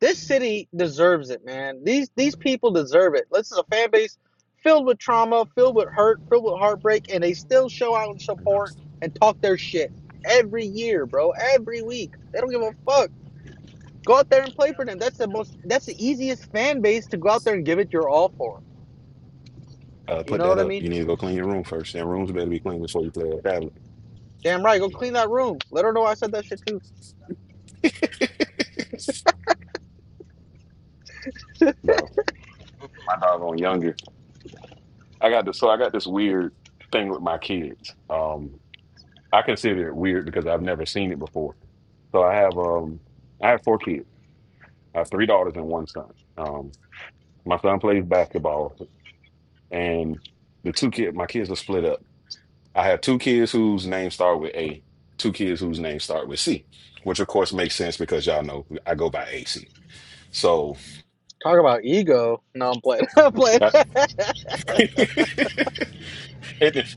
Speaker 11: This city deserves it, man. These these people deserve it. This is a fan base filled with trauma, filled with hurt, filled with heartbreak, and they still show out and support and talk their shit every year, bro. Every week, they don't give a fuck. Go out there and play for them. That's the most. That's the easiest fan base to go out there and give it your all for.
Speaker 3: Uh,
Speaker 11: You
Speaker 3: put
Speaker 11: know
Speaker 3: that
Speaker 11: what I
Speaker 3: up.
Speaker 11: mean?
Speaker 3: You need to go clean your room first. That rooms better be clean before you play a tablet.
Speaker 11: Damn right. Go clean that room. Let her know I said that shit too.
Speaker 3: no, my dog on younger. I got this. So I got this weird thing with my kids. Um, I consider it weird because I've never seen it before. So I have um I have four kids. I have three daughters and one son. Um my son plays basketball and the two kid my kids are split up. I have two kids whose names start with A, two kids whose names start with C, which of course makes sense because y'all know I go by AC. So
Speaker 11: Talk about ego. No, I'm playing. I'm playing.
Speaker 3: It,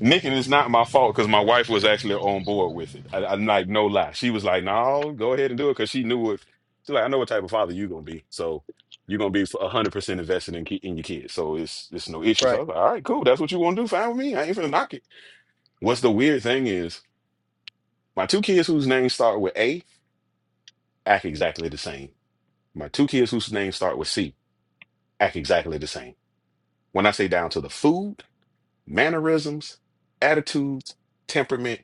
Speaker 3: Nick, and it's not my fault because my wife was actually on board with it. I, I'm like, no lie. She was like, no, go ahead and do it because she knew what. She's like, I know what type of father you're gonna be. So you're gonna be 100 percent invested in ki- in your kids. So it's it's no issue. So I
Speaker 11: Right.
Speaker 3: was like, all right, cool. That's what you want to do. Fine with me. I ain't finna knock it. What's the weird thing is my two kids whose names start with A act exactly the same. My two kids whose names start with C act exactly the same. When I say down to the food. mannerisms, attitudes, temperament.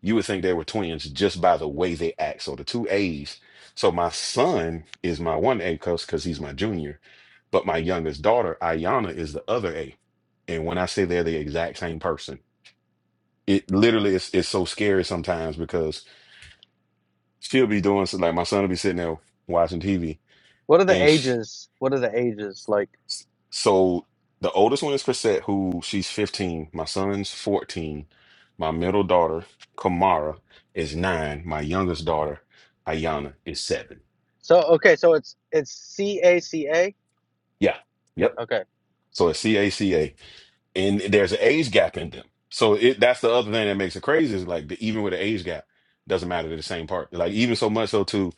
Speaker 3: You would think they were twins just by the way they act. So the two A's. So my son is my one A coach because he's my junior, but my youngest daughter, Ayana, is the other A. And when I say they're the exact same person, it literally is it's so scary sometimes because she'll be doing something like my son will be sitting there watching TV
Speaker 11: What are the
Speaker 3: and. sh
Speaker 11: ages? What are the ages like?
Speaker 3: S- So the oldest one is Chrisette, who she's 15. My son's 14. My middle daughter, Kamara, is nine. My youngest daughter, Ayana, is
Speaker 11: So okay, so it's it's C A C A.
Speaker 3: yeah. Yep.
Speaker 11: Okay,
Speaker 3: So it's CACA. And there's an age gap in them. So it that's the other thing that makes it crazy is like the, even with the age gap, doesn't matter to the same part. Like even so much so too,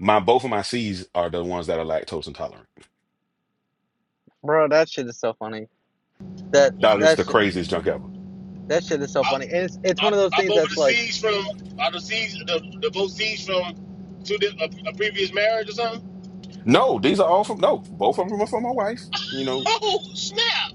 Speaker 3: my both of my C's are the ones that are lactose intolerant.
Speaker 11: bro, that shit is so funny. That
Speaker 3: Dog,
Speaker 13: Wow.
Speaker 3: it's
Speaker 11: that
Speaker 3: the
Speaker 11: shit
Speaker 3: craziest junk ever.
Speaker 11: that shit is so
Speaker 13: I,
Speaker 11: funny. And it's it's one of
Speaker 13: I'm,
Speaker 11: those
Speaker 13: I'm
Speaker 11: things
Speaker 13: over
Speaker 11: that's
Speaker 13: the
Speaker 11: like
Speaker 13: seas from, out the seas, the, the both seas from two a, a previous marriage or something.
Speaker 3: No, these are all from no, both of them are from my wife. You know,
Speaker 13: Oh, snap.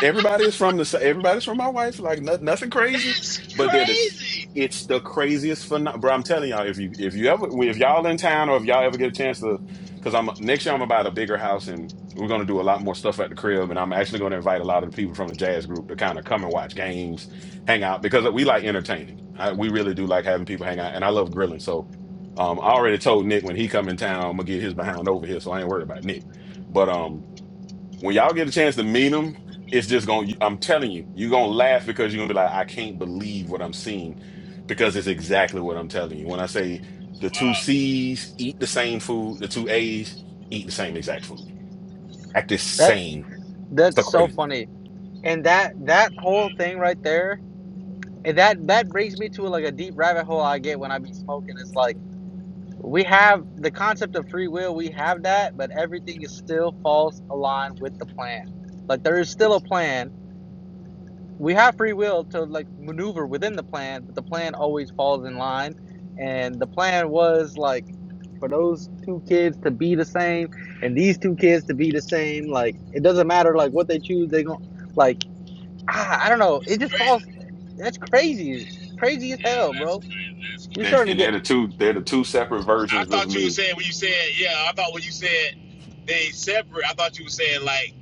Speaker 3: Everybody is from the sa- everybody's from my wife, like no, nothing crazy,
Speaker 13: That's
Speaker 3: but that is
Speaker 13: crazy.
Speaker 3: it's the craziest phenomenon. Bro, I'm telling y'all, if you if you ever if y'all in town or if y'all ever get a chance to, because I'm next year I'm about a bigger house and we're gonna do a lot more stuff at the crib, and I'm actually gonna invite a lot of the people from the jazz group to kind of come and watch games, hang out because we like entertaining. I, we really do like having people hang out, and I love grilling. So, um, I already told Nick when he come in town, I'm gonna get his behind over here, so I ain't worried about Nick. But um, when y'all get a chance to meet him, it's just going. to I'm telling you, you're gonna laugh because you're gonna be like, I can't believe what I'm seeing, because it's exactly what I'm telling you. When I say the two C's eat the same food, the two A's eat the same exact food, act the
Speaker 11: that
Speaker 3: same. It's so
Speaker 11: that's so
Speaker 3: crazy.
Speaker 11: funny. And that that whole thing right there, and that that brings me to like a deep rabbit hole I get when I be smoking. It's like we have the concept of free will, we have that, but everything is still false aligned with the plan. Like there is still a plan we have free will to like maneuver within the plan, but the plan always falls in line. And the plan was like for those two kids to be the same and these two kids to be the same. Like it doesn't matter like what they choose, they gon' like ah, I don't know.
Speaker 13: It's
Speaker 11: It just falls
Speaker 13: crazy.
Speaker 11: that's crazy. It's crazy as
Speaker 13: Yeah,
Speaker 11: hell,
Speaker 13: that's
Speaker 11: bro.
Speaker 13: crazy. That's
Speaker 11: We
Speaker 3: They're-
Speaker 11: starting
Speaker 3: and
Speaker 13: crazy.
Speaker 11: to
Speaker 3: they're
Speaker 11: get
Speaker 3: the two. They're the two separate
Speaker 13: I
Speaker 3: versions of
Speaker 13: thought you were
Speaker 3: me.
Speaker 13: saying when you said, yeah, I thought when you said they separate, I thought you were saying like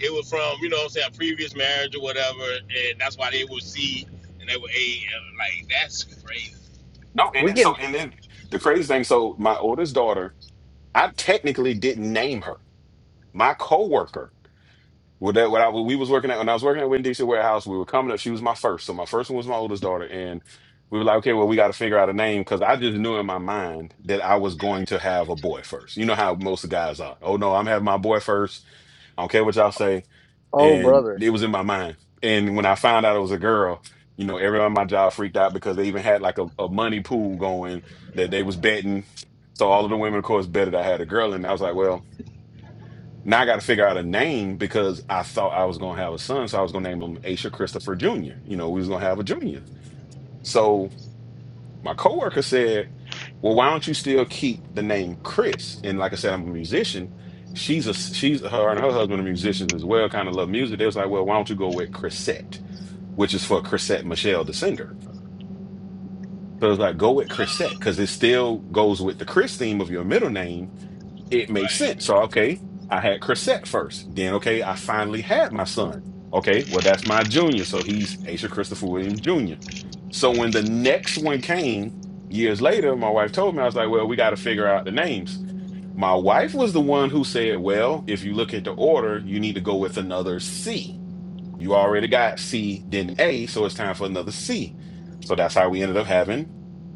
Speaker 13: it was from, you know what I'm saying, a previous marriage or whatever, and that's why they were Z and they were A. and, Like, that's crazy.
Speaker 3: No, and
Speaker 11: we
Speaker 3: it's so.
Speaker 11: getting
Speaker 3: And then the crazy thing. So my oldest daughter, I technically didn't name her. My coworker Well, that what I when we was working at when I was working at Winn Dixie warehouse, we were coming up. She was my first, so my first one was my oldest daughter, and we were like, okay, well, we got to figure out a name because I just knew in my mind that I was going to have a boy first. You know how most of the guys are. Oh no, I'm having my boy first. I don't care what y'all say,
Speaker 11: oh
Speaker 3: and
Speaker 11: brother.
Speaker 3: it was in my mind. And when I found out it was a girl, you know, everyone at my job freaked out because they even had like a, a money pool going that they was betting. So all of the women, of course, betted I had a girl, and I was like, well. Now I got to figure out a name because I thought I was gonna have a son, so I was gonna name him Aisha Christopher Jr. You know, we was gonna have a junior. So my coworker said, "Well, why don't you still keep the name Chris?" And like I said, I'm a musician. She's a she's her and her husband are musicians as well. Kind of love music. They was like, "Well, why don't you go with Chrisette, which is for Chrisette Michelle, the singer." So it was like, "Go with Chrisette because it still goes with the Chris theme of your middle name." it makes
Speaker 13: Like,
Speaker 3: sense. So, okay, I had Chrisette first. Then, okay, I finally had my son. Okay, well, that's my junior. So he's Asia Christopher Williams Jr. So when the next one came years later, my wife told me, I was like, well, we got to figure out the names. My wife was the one who said, well, if you look at the order, you need to go with another C. You already got C, then A, so it's time for another C. So that's how we ended up having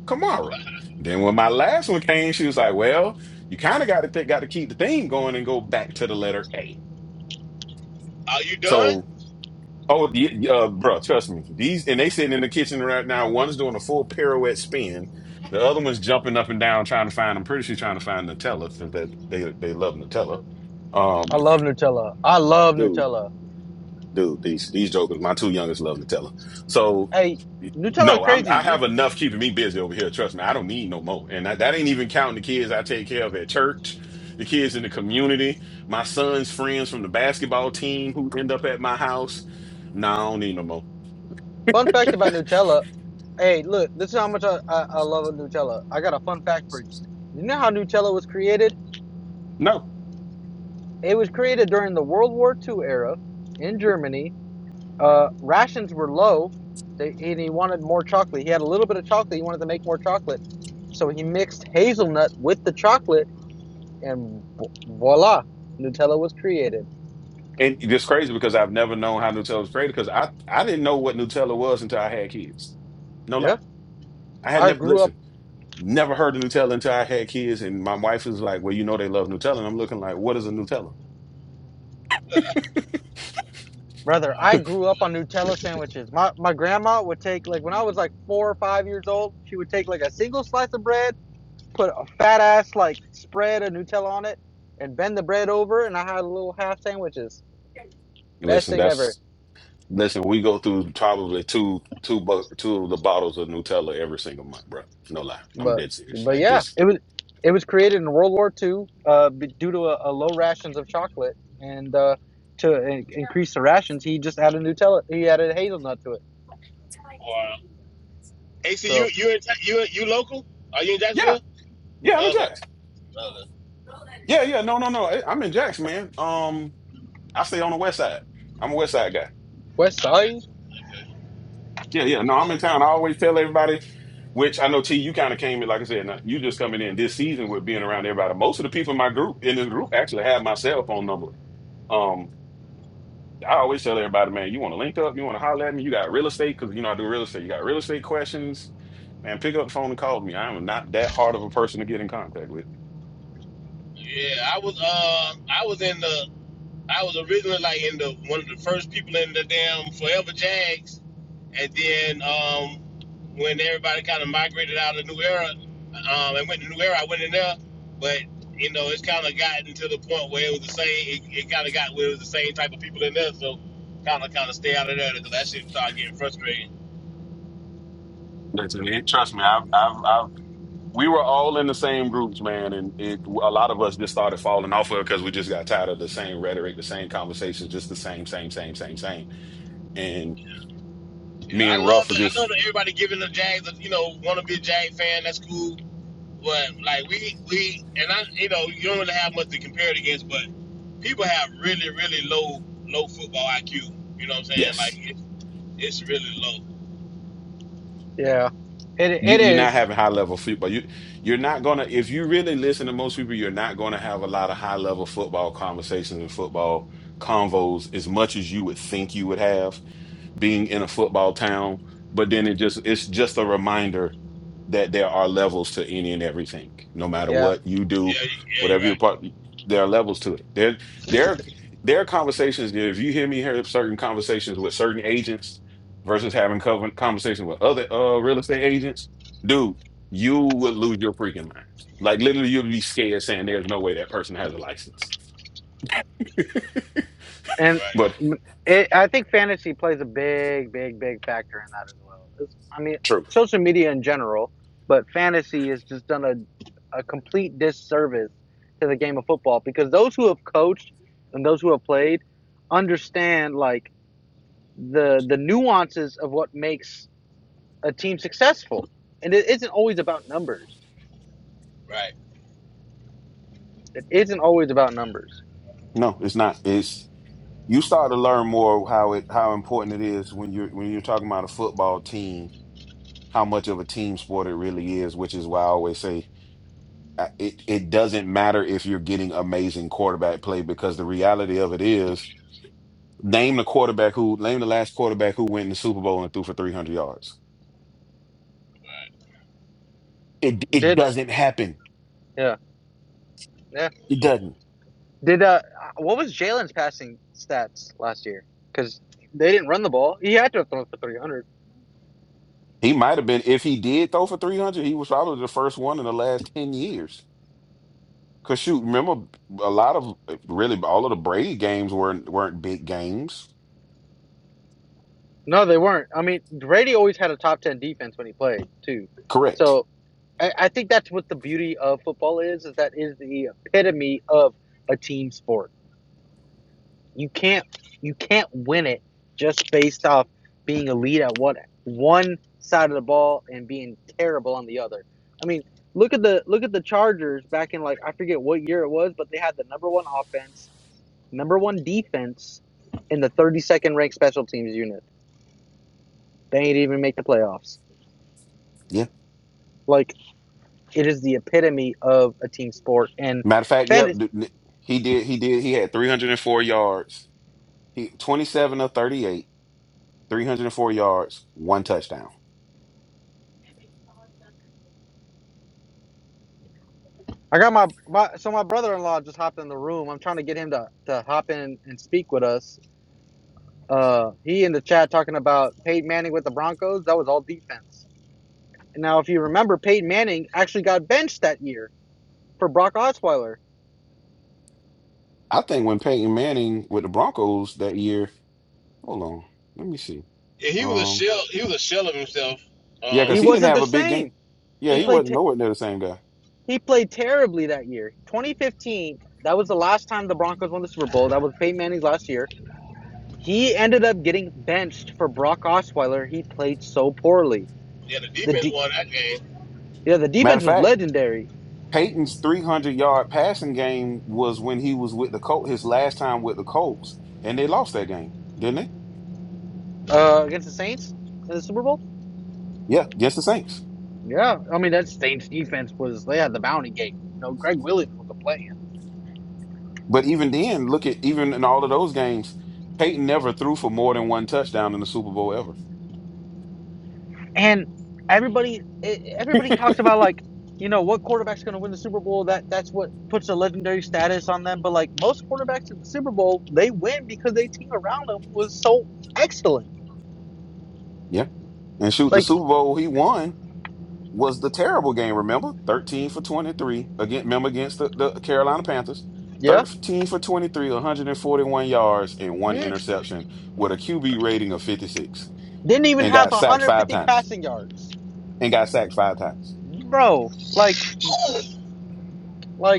Speaker 3: Kamara. Then when my last one came, she was like, "Well, you kind of got to got to keep the theme going and go back to the letter A."
Speaker 13: are you done?
Speaker 3: So, oh, y- y- uh, bro, trust me. These and they sitting in the kitchen right now. One's doing a full pirouette spin. The other one's jumping up and down trying to find. I'm pretty sure she's trying to find Nutella because that they they love Nutella. Um,
Speaker 11: I love Nutella. I love Nutella.
Speaker 3: dude, these these jokers, my two youngest love Nutella. So
Speaker 11: Hey, Nutella is
Speaker 3: no, I'm
Speaker 11: crazy.
Speaker 3: I
Speaker 11: You
Speaker 3: have enough keeping me busy over here. Trust me, I don't need no more. And that, that ain't even counting the kids I take care of at church, the kids in the community, my son's friends from the basketball team who end up at my house. No, I don't need no more.
Speaker 11: Fun fact about Nutella. Hey, look, this is how much I, I, I love Nutella. I got a fun fact for you. You know how Nutella was created?
Speaker 3: No.
Speaker 11: It was created during the World War II era in Germany. Uh, rations were low, they, and he wanted more chocolate. He had a little bit of chocolate. He wanted to make more chocolate. So he mixed hazelnut with the chocolate, and voila, Nutella was created.
Speaker 3: And it's crazy because I've never known how Nutella was created because I, I didn't know what Nutella was until I had kids. No
Speaker 11: Yeah,
Speaker 3: lie. I had
Speaker 11: I
Speaker 3: never
Speaker 11: grew up
Speaker 3: listened. Never heard of Nutella until I had kids, and my wife is like, "Well, you know they love Nutella." And I'm looking like, "What is a Nutella?"
Speaker 11: Brother, I grew up on Nutella sandwiches. My my grandma would take like when I was like four or five years old, she would take like a single slice of bread, put a fat ass like spread of Nutella on it, and bend the bread over, and I had little half sandwiches. Best
Speaker 3: Listen,
Speaker 11: thing ever.
Speaker 3: that's listen. We go through probably two two bu- two of the bottles of Nutella every single month, bro. No lie, I'm
Speaker 11: But
Speaker 3: dead serious.
Speaker 11: but
Speaker 3: Like
Speaker 11: yeah,
Speaker 3: this,
Speaker 11: it was it was created in World War Two, uh, b- due to a, a low rations of chocolate, and uh, to in- increase the rations, he just added Nutella. He added hazelnut to it.
Speaker 13: Or, AC, you,
Speaker 11: So
Speaker 13: you, in, Ta- you, you local? Are you in
Speaker 3: yeah,
Speaker 13: Jacksonville?
Speaker 3: yeah. I'm in
Speaker 13: Okay.
Speaker 3: Jax.
Speaker 13: Okay.
Speaker 3: Yeah, yeah. No, no, no. I- I'm in Jax, man. Um, I stay on the West Side. I'm a West Side guy.
Speaker 11: West
Speaker 13: I got
Speaker 11: Side,
Speaker 13: you. Okay.
Speaker 3: Yeah, yeah. No, I'm in town. I always tell everybody. Which I know, T, you kind of came in, like I said, now, you just coming in this season with being around everybody. Most of the people in my group, in this group, actually have my cell phone number. Um, I always tell everybody, man, you want to link up, you want to holler at me, you got real estate, because you know I do real estate. You got real estate questions, man, pick up the phone and call me. I am not that hard of a person to get in contact with.
Speaker 13: Yeah, I was, um, I was in the, I was originally like in the one of the first people in the damn Forever Jags, and then um, when everybody kind of migrated out of the New Era um, and went to New Era, I went in there, but you know it's kind of gotten to the point where it was the same. It, it kind of got where it was the same type of people in there, so kind of kind of stay out of there because that shit started getting frustrating.
Speaker 3: Listen, it, trust me, I've, I've, I've, we were all in the same groups, man, and it, a lot of us just started falling off of it because we just got tired of the same rhetoric, the same conversations, just the same, same, same, same, same. And
Speaker 13: Yeah,
Speaker 3: me
Speaker 13: I
Speaker 3: and
Speaker 13: love
Speaker 3: Ruff were
Speaker 13: that. I
Speaker 3: just,
Speaker 13: love that everybody giving the Jags. a- You know, want to be a Jag fan? That's cool But like we we and I you know you don't really have much to compare it against, but people have really really low low football IQ. You know what I'm saying?
Speaker 3: yes.
Speaker 13: Like it's it's really low.
Speaker 11: yeah, it
Speaker 3: You
Speaker 11: it
Speaker 3: you're not
Speaker 11: is.
Speaker 3: having high level football. You you're not gonna if you really listen to most people, you're not gonna have a lot of high level football conversations and football convos as much as you would think you would have being in a football town but then it just it's just a reminder that there are levels to any and everything no matter
Speaker 11: Yeah,
Speaker 3: what you do
Speaker 13: Yeah, you- yeah, you're
Speaker 3: whatever your
Speaker 13: right.
Speaker 3: part there are levels to it there there there are conversations that if you hear me hear certain conversations with certain agents versus having cover- conversations with other uh real estate agents dude you would lose your freaking mind like literally you'd be scared saying there's no way that person has a license
Speaker 11: and
Speaker 13: Right,
Speaker 3: but
Speaker 11: it, I think fantasy plays a big, big, big factor in that as well. It's, I mean,
Speaker 3: true
Speaker 11: social media in general, but fantasy has just done a, a complete disservice to the game of football because those who have coached and those who have played understand like the the nuances of what makes a team successful, and it isn't always about numbers.
Speaker 13: right.
Speaker 11: It isn't always about numbers.
Speaker 3: no it's not It's. you start to learn more how it how important it is when you're when you're talking about a football team how much of a team sport it really is which is why i always say uh, it, it doesn't matter if you're getting amazing quarterback play because the reality of it is name the quarterback who name the last quarterback who went in the super bowl and threw for 300 yards it it
Speaker 11: Did
Speaker 3: doesn't happen
Speaker 11: yeah
Speaker 3: it doesn't
Speaker 11: Did uh, what was Jalen's passing stats last year? Because they didn't run the ball. He had to have thrown for three hundred.
Speaker 3: he might have been if he did throw for 300 he was probably the first one in the last 10 years Cause shoot, remember a lot of uh, really all of the Brady games weren't weren't big games.
Speaker 11: No, they weren't. I mean, Brady always had a top ten defense when he played too.
Speaker 3: Correct.
Speaker 11: So I, I think that's what the beauty of football is. Is that is the epitome of a team sport. you can't you can't win it just based off being elite at one one side of the ball and being terrible on the other. I mean, look at the look at the Chargers back in like I forget what year it was, but they had the number one offense, number one defense, and the thirty second ranked special teams unit. They ain't even make the playoffs.
Speaker 3: Yeah.
Speaker 11: Like it is the epitome of a team sport and
Speaker 3: Matter of fact, yep.
Speaker 11: fantasy.
Speaker 3: th- th- He did. He did. He had 304 yards. He 27 of 38, 304 yards, one touchdown.
Speaker 11: I got my, my so my brother in law just hopped in the room. I'm trying to get him to, to hop in and speak with us Uh, he in the chat talking about Peyton Manning with the Broncos. That was all defense. And now, if you remember, Peyton Manning actually got benched that year for Brock Osweiler.
Speaker 3: I think when Peyton Manning with the Broncos that year, hold on, let me see.
Speaker 13: Yeah, he was a
Speaker 3: Um,
Speaker 13: shell. He was a shell of himself.
Speaker 3: yeah, cause
Speaker 11: He
Speaker 13: Um,
Speaker 3: he didn't
Speaker 11: wasn't
Speaker 3: have
Speaker 11: the
Speaker 3: a big game.
Speaker 11: same.
Speaker 3: Yeah,
Speaker 11: He
Speaker 3: he
Speaker 13: yeah,
Speaker 11: played.
Speaker 3: wasn't
Speaker 11: Te-
Speaker 3: nowhere near the same guy.
Speaker 11: he played terribly that year. 2015. That was the last time the Broncos won the Super Bowl. That was Peyton Manning's last year. He ended up getting benched for Brock Osweiler. He played so poorly.
Speaker 13: yeah. The
Speaker 11: The
Speaker 13: defense
Speaker 11: de-
Speaker 13: won that game.
Speaker 11: yeah, the
Speaker 3: Matter
Speaker 11: defense
Speaker 3: of
Speaker 11: was
Speaker 3: fact.
Speaker 11: legendary
Speaker 3: Peyton's 300 yard passing game was when he was with the Colts, his last time with the Colts, and they lost that game, didn't they?
Speaker 11: uh, against the Saints in the Super Bowl.
Speaker 3: Yeah, against the Saints.
Speaker 11: Yeah, I mean that Saints defense was they had the bounty gate. You know, Greg Williams was a play
Speaker 3: But even then, look at even in all of those games, Peyton never threw for more than one touchdown in the Super Bowl ever.
Speaker 11: and everybody e- everybody talks about like you know what quarterback's going to win the Super Bowl. That that's what puts a legendary status on them. But like most quarterbacks in the Super Bowl, they win because they team around them was so excellent.
Speaker 3: Yeah. And shoot, the
Speaker 11: Like
Speaker 3: Super Bowl he won was the terrible game, remember? 13 for 23 against, remember, against the, the Carolina Panthers.
Speaker 11: yeah,
Speaker 3: 13 for 23, 141 yards, and one
Speaker 11: mm,
Speaker 3: interception with a QB rating of 56
Speaker 11: didn't even
Speaker 3: and
Speaker 11: have
Speaker 3: got sacked five
Speaker 11: 150
Speaker 3: times.
Speaker 11: passing yards,
Speaker 3: and got sacked five times.
Speaker 11: bro. Like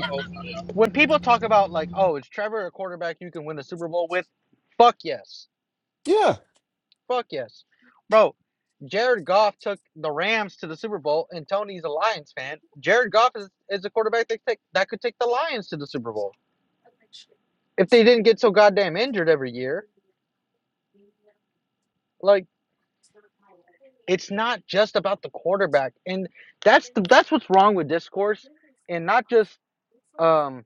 Speaker 13: Uh oh.
Speaker 11: when people talk about like oh is Trevor a quarterback you can win the Super Bowl with? Fuck yes
Speaker 3: Yeah.
Speaker 11: Fuck yes. Bro, Jared Goff took the Rams to the Super Bowl, and Tony's a Lions fan. Jared Goff is, is a quarterback that, take, that could take the Lions to the Super Bowl if they didn't get so goddamn injured every year. Like, it's not just about the quarterback, and that's the, that's what's wrong with discourse, and not just um.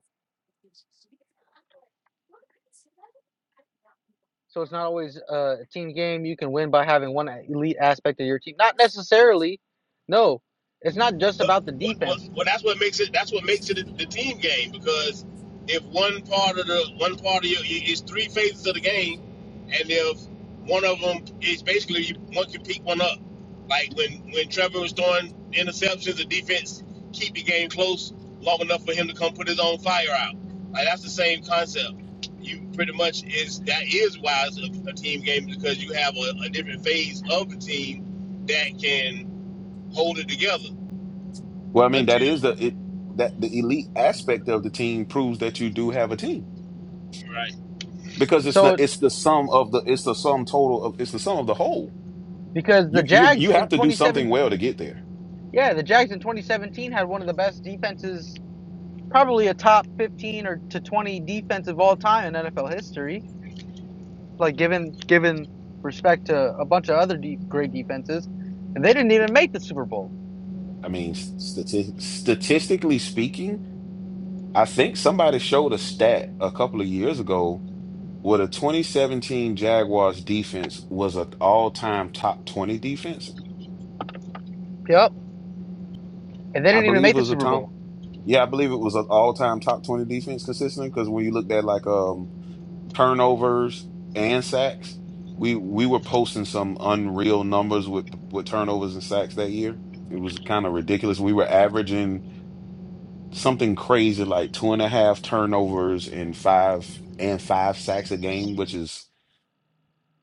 Speaker 11: So it's not always uh, a team game. You can win by having one elite aspect of your team. Not necessarily. No, it's not just
Speaker 13: Well,
Speaker 11: about the
Speaker 13: well,
Speaker 11: defense.
Speaker 13: well, that's what makes it. That's what makes it the the team game because if one part of the one part of your it's three phases of the game, and if one of them is basically you, one can pick one up. Like when when Trevor was throwing interceptions, the defense keep the game close long enough for him to come put his own fire out. Like that's the same concept. You pretty much is that is why it's a, a team game because you have a, a different phase of the team that can hold it together
Speaker 3: Well, I mean, that is
Speaker 13: until
Speaker 3: the it that the elite aspect of the team proves that you do have a team
Speaker 13: Right.
Speaker 3: because it's not
Speaker 11: So
Speaker 3: it's the sum of the it's the sum total of it's the sum of the whole.
Speaker 11: because the
Speaker 3: You you
Speaker 11: Jags
Speaker 3: you have
Speaker 11: in
Speaker 3: to do
Speaker 11: 2017
Speaker 3: something well to get there.
Speaker 11: Yeah, the Jags in 2017 had one of the best defenses, probably a top 15 or to 20 defense of all time in NFL history. Like given given respect to a bunch of other deep, great defenses, and they didn't even make the Super Bowl.
Speaker 3: I mean, stati- statistically speaking, I think somebody showed a stat a couple of years ago where the 2017 Jaguars defense was an all-time top 20 defense.
Speaker 11: Yep, and they
Speaker 3: I
Speaker 11: didn't even
Speaker 3: believe
Speaker 11: make
Speaker 3: it
Speaker 11: the
Speaker 3: was a
Speaker 11: Super
Speaker 3: Tom.
Speaker 11: Bowl.
Speaker 3: Yeah, I believe it was an all-time top 20 defense consistently because when you looked at like um turnovers and sacks, we we were posting some unreal numbers with with turnovers and sacks that year. It was kind of ridiculous. We were averaging something crazy like two and a half turnovers and five and five sacks a game, which is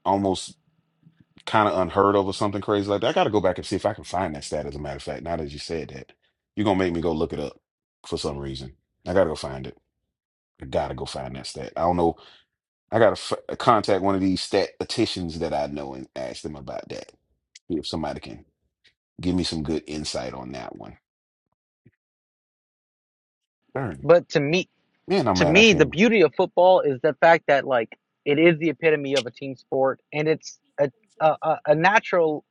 Speaker 3: almost kind of unheard of or something crazy like that. I got to go back and see if I can find that stat. As a matter of fact, now that you said that, you're gonna make me go look it up for some reason. I gotta go find it. I gotta go find that stat. I don't know. I gotta f- uh, contact one of these statisticians that I know and ask them about that. See if somebody can give me some good insight on that one. Darn,
Speaker 11: But to me,
Speaker 3: man, I'm
Speaker 11: to
Speaker 3: mad I
Speaker 11: me, the
Speaker 3: came.
Speaker 11: beauty of football is the fact that like it is the epitome of a team sport, and it's a a, a a natural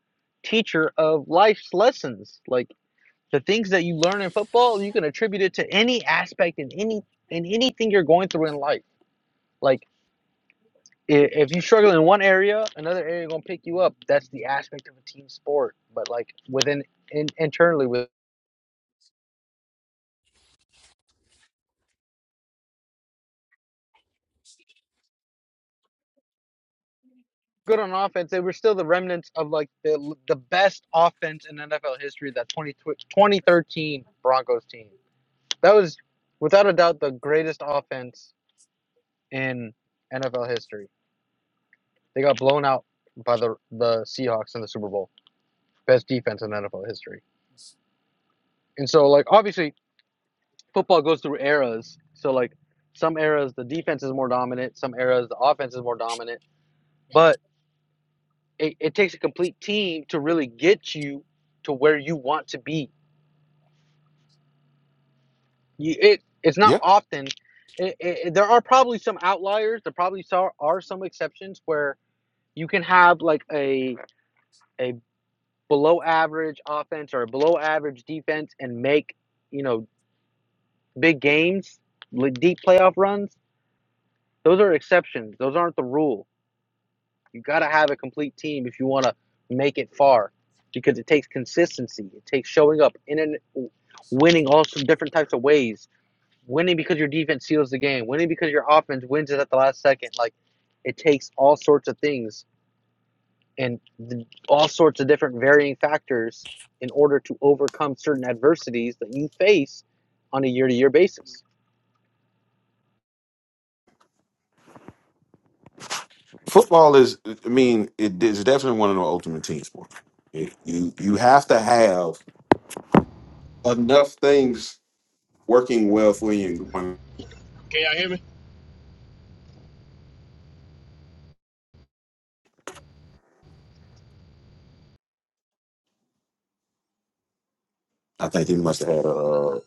Speaker 11: teacher of life's lessons. Like The things that you learn in football, you can attribute it to any aspect in any in anything you're going through in life. Like i- if you struggle in one area, another area gonna pick you up. That's the aspect of a team sport. But like within in, internally with good on offense, they were still the remnants of like the the best offense in NFL history. That 20 2013 Broncos team. That was without a doubt the greatest offense in NFL history. They got blown out by the the Seahawks in the Super Bowl. best defense in NFL history. And so, like, obviously, football goes through eras. So, like, some eras the defense is more dominant, some eras the offense is more dominant. But it, it takes a complete team to really get you to where you want to be. You, it It's not
Speaker 3: Yep,
Speaker 11: often. It, it, there are probably some outliers. There probably so- are some exceptions where you can have like a a below average offense or a below average defense and make you know big games, like deep playoff runs Those are exceptions. Those aren't the rule. You got to have a complete team if you want to make it far because it takes consistency. It takes showing up in and winning all some different types of ways. Winning because your defense seals the game. Winning because your offense wins it at the last second. Like it takes all sorts of things and the, all sorts of different varying factors in order to overcome certain adversities that you face on a year to year basis.
Speaker 3: Football is, I mean, it is definitely one of the ultimate team sports. It- you you have to have enough things working well for you and going.
Speaker 13: Can y'all hear me?
Speaker 3: I think he must have had a. Uh,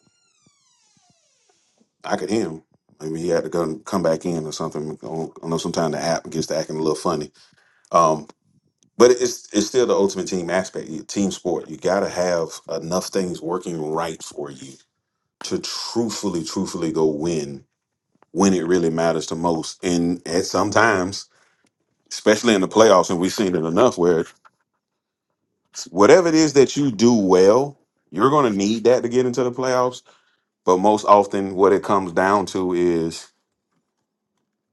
Speaker 3: I could hear him. Maybe he had to go and come back in or something. I I know sometimes the app gets to acting a little funny. Um, but it's it's still the ultimate team aspect, you- team sport. You got to have enough things working right for you to truthfully, truthfully go win when it really matters the most. And at sometimes, especially in the playoffs, and we've seen it enough where whatever it is that you do well, you're going to need that to get into the playoffs But most often, what it comes down to is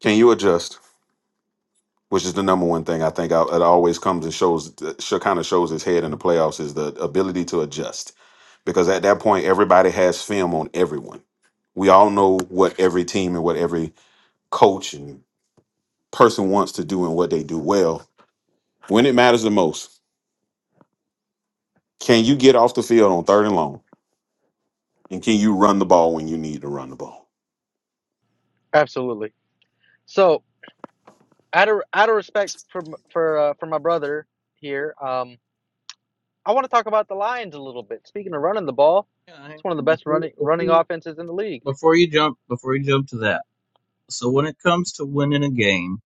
Speaker 3: can you adjust, which is the number one thing I think I, it always comes and shows, kind of shows its head in the playoffs is the ability to adjust. Because at that point, everybody has film on everyone. We all know what every team and what every coach and person wants to do and what they do well. When it matters the most, can you get off the field on third and long? And can you run the ball when you need to run the ball?
Speaker 11: Absolutely. So, out of out of respect for m- for uh, for my brother here, um, I want to talk about the Lions a little bit. Speaking of running the ball,
Speaker 15: Yeah, I-
Speaker 11: it's one of the best
Speaker 15: before,
Speaker 11: running running
Speaker 15: before
Speaker 11: offenses in the league.
Speaker 15: before you jump before you jump to that. So when it comes to winning a game,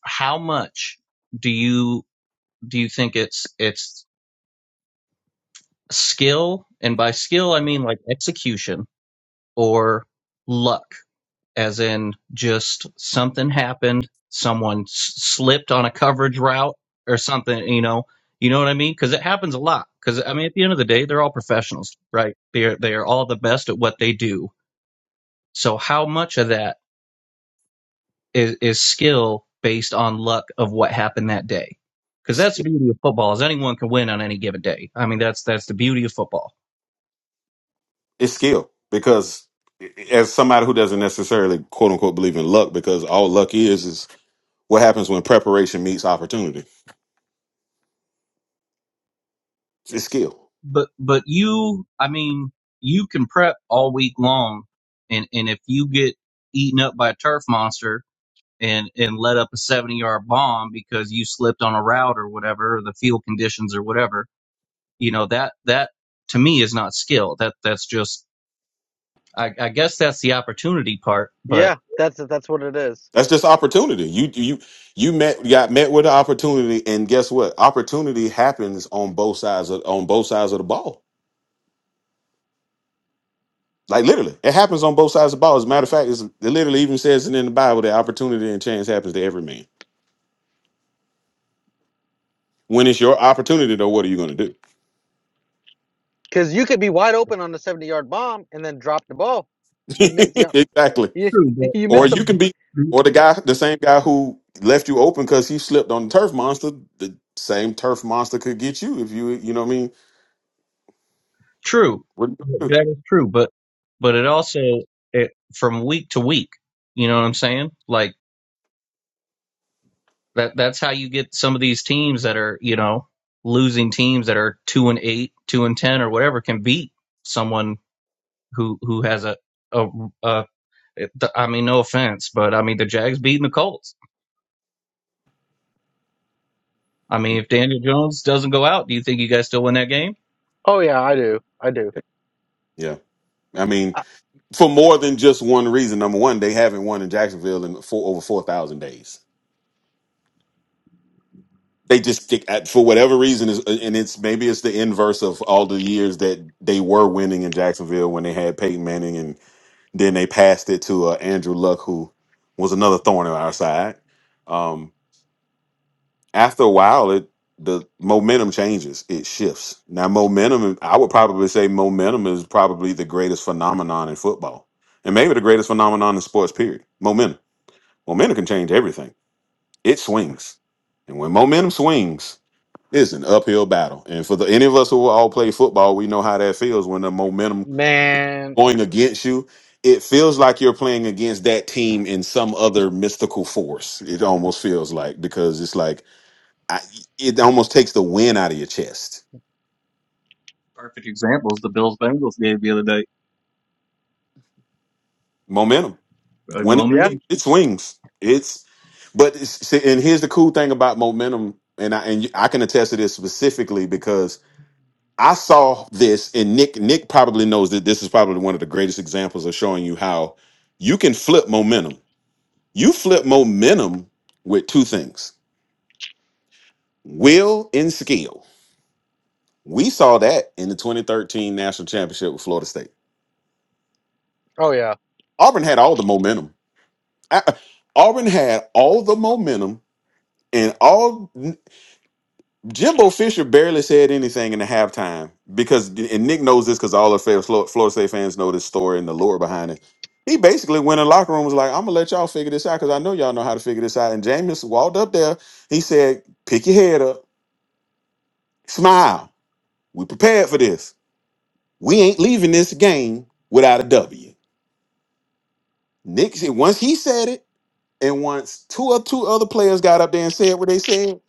Speaker 15: how much do you do you think it's it's skill and by skill I mean like execution or luck as in just something happened, someone s- slipped on a coverage route or something, you know. You know what I mean? Cuz it happens a lot. Cuz I mean at the end of the day, they're all professionals, right? They're they're all the best at what they do. So how much of that is, is skill based on luck of what happened that day. Because that's the beauty of football is anyone can win on any given day. I mean, that's that's the beauty of football.
Speaker 3: It's skill because as somebody who doesn't necessarily quote unquote believe in luck, because all luck is is what happens when preparation meets opportunity.
Speaker 15: Yeah.
Speaker 3: It's skill.
Speaker 15: But but you, I mean, you can prep all week long, and and if you get eaten up by a turf monster and and let up a seventy yard bomb because you slipped on a route or whatever, or the field conditions or whatever, you know that that to me is not skill. That that's just I, I guess that's the opportunity part, but
Speaker 11: Yeah, that's that's what it is.
Speaker 3: That's just opportunity. You you you met got met with an opportunity, and guess what? Opportunity happens on both sides of on both sides of the ball. Like literally, it happens on both sides of the ball. As a matter of fact, it's, it literally even says it in the Bible that opportunity and chance happens to every man. When it's your opportunity, though, what are you going to
Speaker 11: Because you could be wide open on the seventy yard bomb and then drop the ball.
Speaker 3: do?
Speaker 11: You missed the op-
Speaker 3: exactly.
Speaker 11: you
Speaker 15: True,
Speaker 11: you
Speaker 3: Or
Speaker 11: missed the.
Speaker 3: you can be,
Speaker 15: but
Speaker 3: or the guy, the same guy who left you open because he slipped on the turf monster. The same turf monster could get you if you, you know what I mean.
Speaker 15: true.
Speaker 3: What are you gonna
Speaker 15: That is true, but but it also it from week to week. You know what I'm saying? Like that. That's how you get some of these teams that are you know losing teams that are two and eight, two and ten, or whatever can beat someone who who has a a. a I mean, no offense, but I mean the Jags beating the Colts. I mean,
Speaker 3: do?
Speaker 15: if Daniel Jones doesn't go out, do you think you guys still win that game?
Speaker 11: Oh yeah, I do. I do.
Speaker 3: Yeah, yeah. I mean,
Speaker 11: I,
Speaker 3: for more than just one reason. Number one, they haven't won in Jacksonville in four, over four thousand days. They just stick at, for whatever reason is, uh, and it's maybe it's the inverse of all the years that they were winning in Jacksonville when they had Peyton Manning, and then they passed it to uh, Andrew Luck, who was another thorn in our side. Um, after a while it the momentum changes it shifts now momentum i would probably say momentum is probably the greatest phenomenon in football and maybe the greatest phenomenon in sports period momentum momentum can change everything it swings and when momentum swings it's an uphill battle and for the any of us who all play football we know how that feels when the momentum
Speaker 11: man,
Speaker 3: going against you it feels like you're playing against that team in some other mystical force it almost feels like because it's like I, it almost takes the wind out of your chest.
Speaker 15: Example, Bengals game the other day.
Speaker 3: Momentum.
Speaker 15: Like,
Speaker 3: When it
Speaker 11: yeah.
Speaker 3: swings,
Speaker 15: momentum.
Speaker 3: it swings. It's but it's, see, and here's the cool thing about momentum, and I and you- I can attest to this specifically because I saw this, and Nick Nick probably knows that this is probably one of the greatest examples of showing you how you can flip momentum. You flip momentum with two things: will and skill. We saw that in the 2013 national championship with Florida State.
Speaker 11: Oh yeah.
Speaker 3: Auburn had all the momentum I, Auburn had all the momentum, and all Jimbo Fisher barely said anything in the halftime because, and Nick knows this because all the Fl- Flo- Florida State fans know this story and the lore behind it. He basically went in the locker room and was like, "I'm gonna let y'all figure this out because I know y'all know how to figure this out." And Jameis walked up there. He said, "Pick your head up, smile. We prepared for this. We ain't leaving this game without a W." Nick, said- once he said it. And once two or two other players got up there and said what they said,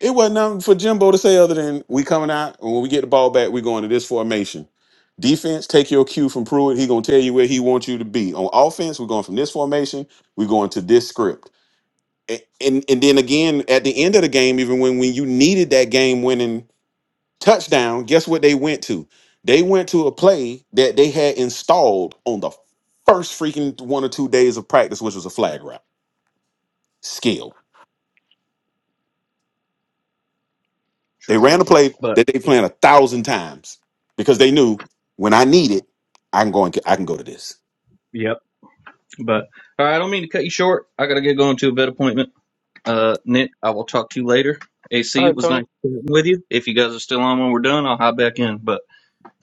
Speaker 3: it wasn't nothing for Jimbo to say other than we coming out and when we get the ball back, we going to this formation. Defense, take your cue from Pruitt. He gonna tell you where he wants you to be. On offense, we're going from this formation. We're going to this script. And, and and then again at the end of the game, even when when you needed that game winning touchdown, guess what they went to? They went to a play that they had installed on the first freaking one or two days of practice, which was a flag route. They
Speaker 15: True,
Speaker 11: It's,
Speaker 3: ran a play
Speaker 15: but
Speaker 3: that they planned a thousand times because they knew when I need it, I can go and I can go to this.
Speaker 15: yeah. But all right, I don't mean to cut you short. I gotta get going to a vet appointment. Uh, Nick, I will talk to you later.
Speaker 11: all
Speaker 15: AC, it
Speaker 11: right,
Speaker 15: was nice
Speaker 11: Tony.
Speaker 15: chatting with you. If you guys are still on when we're done, I'll hop back in. But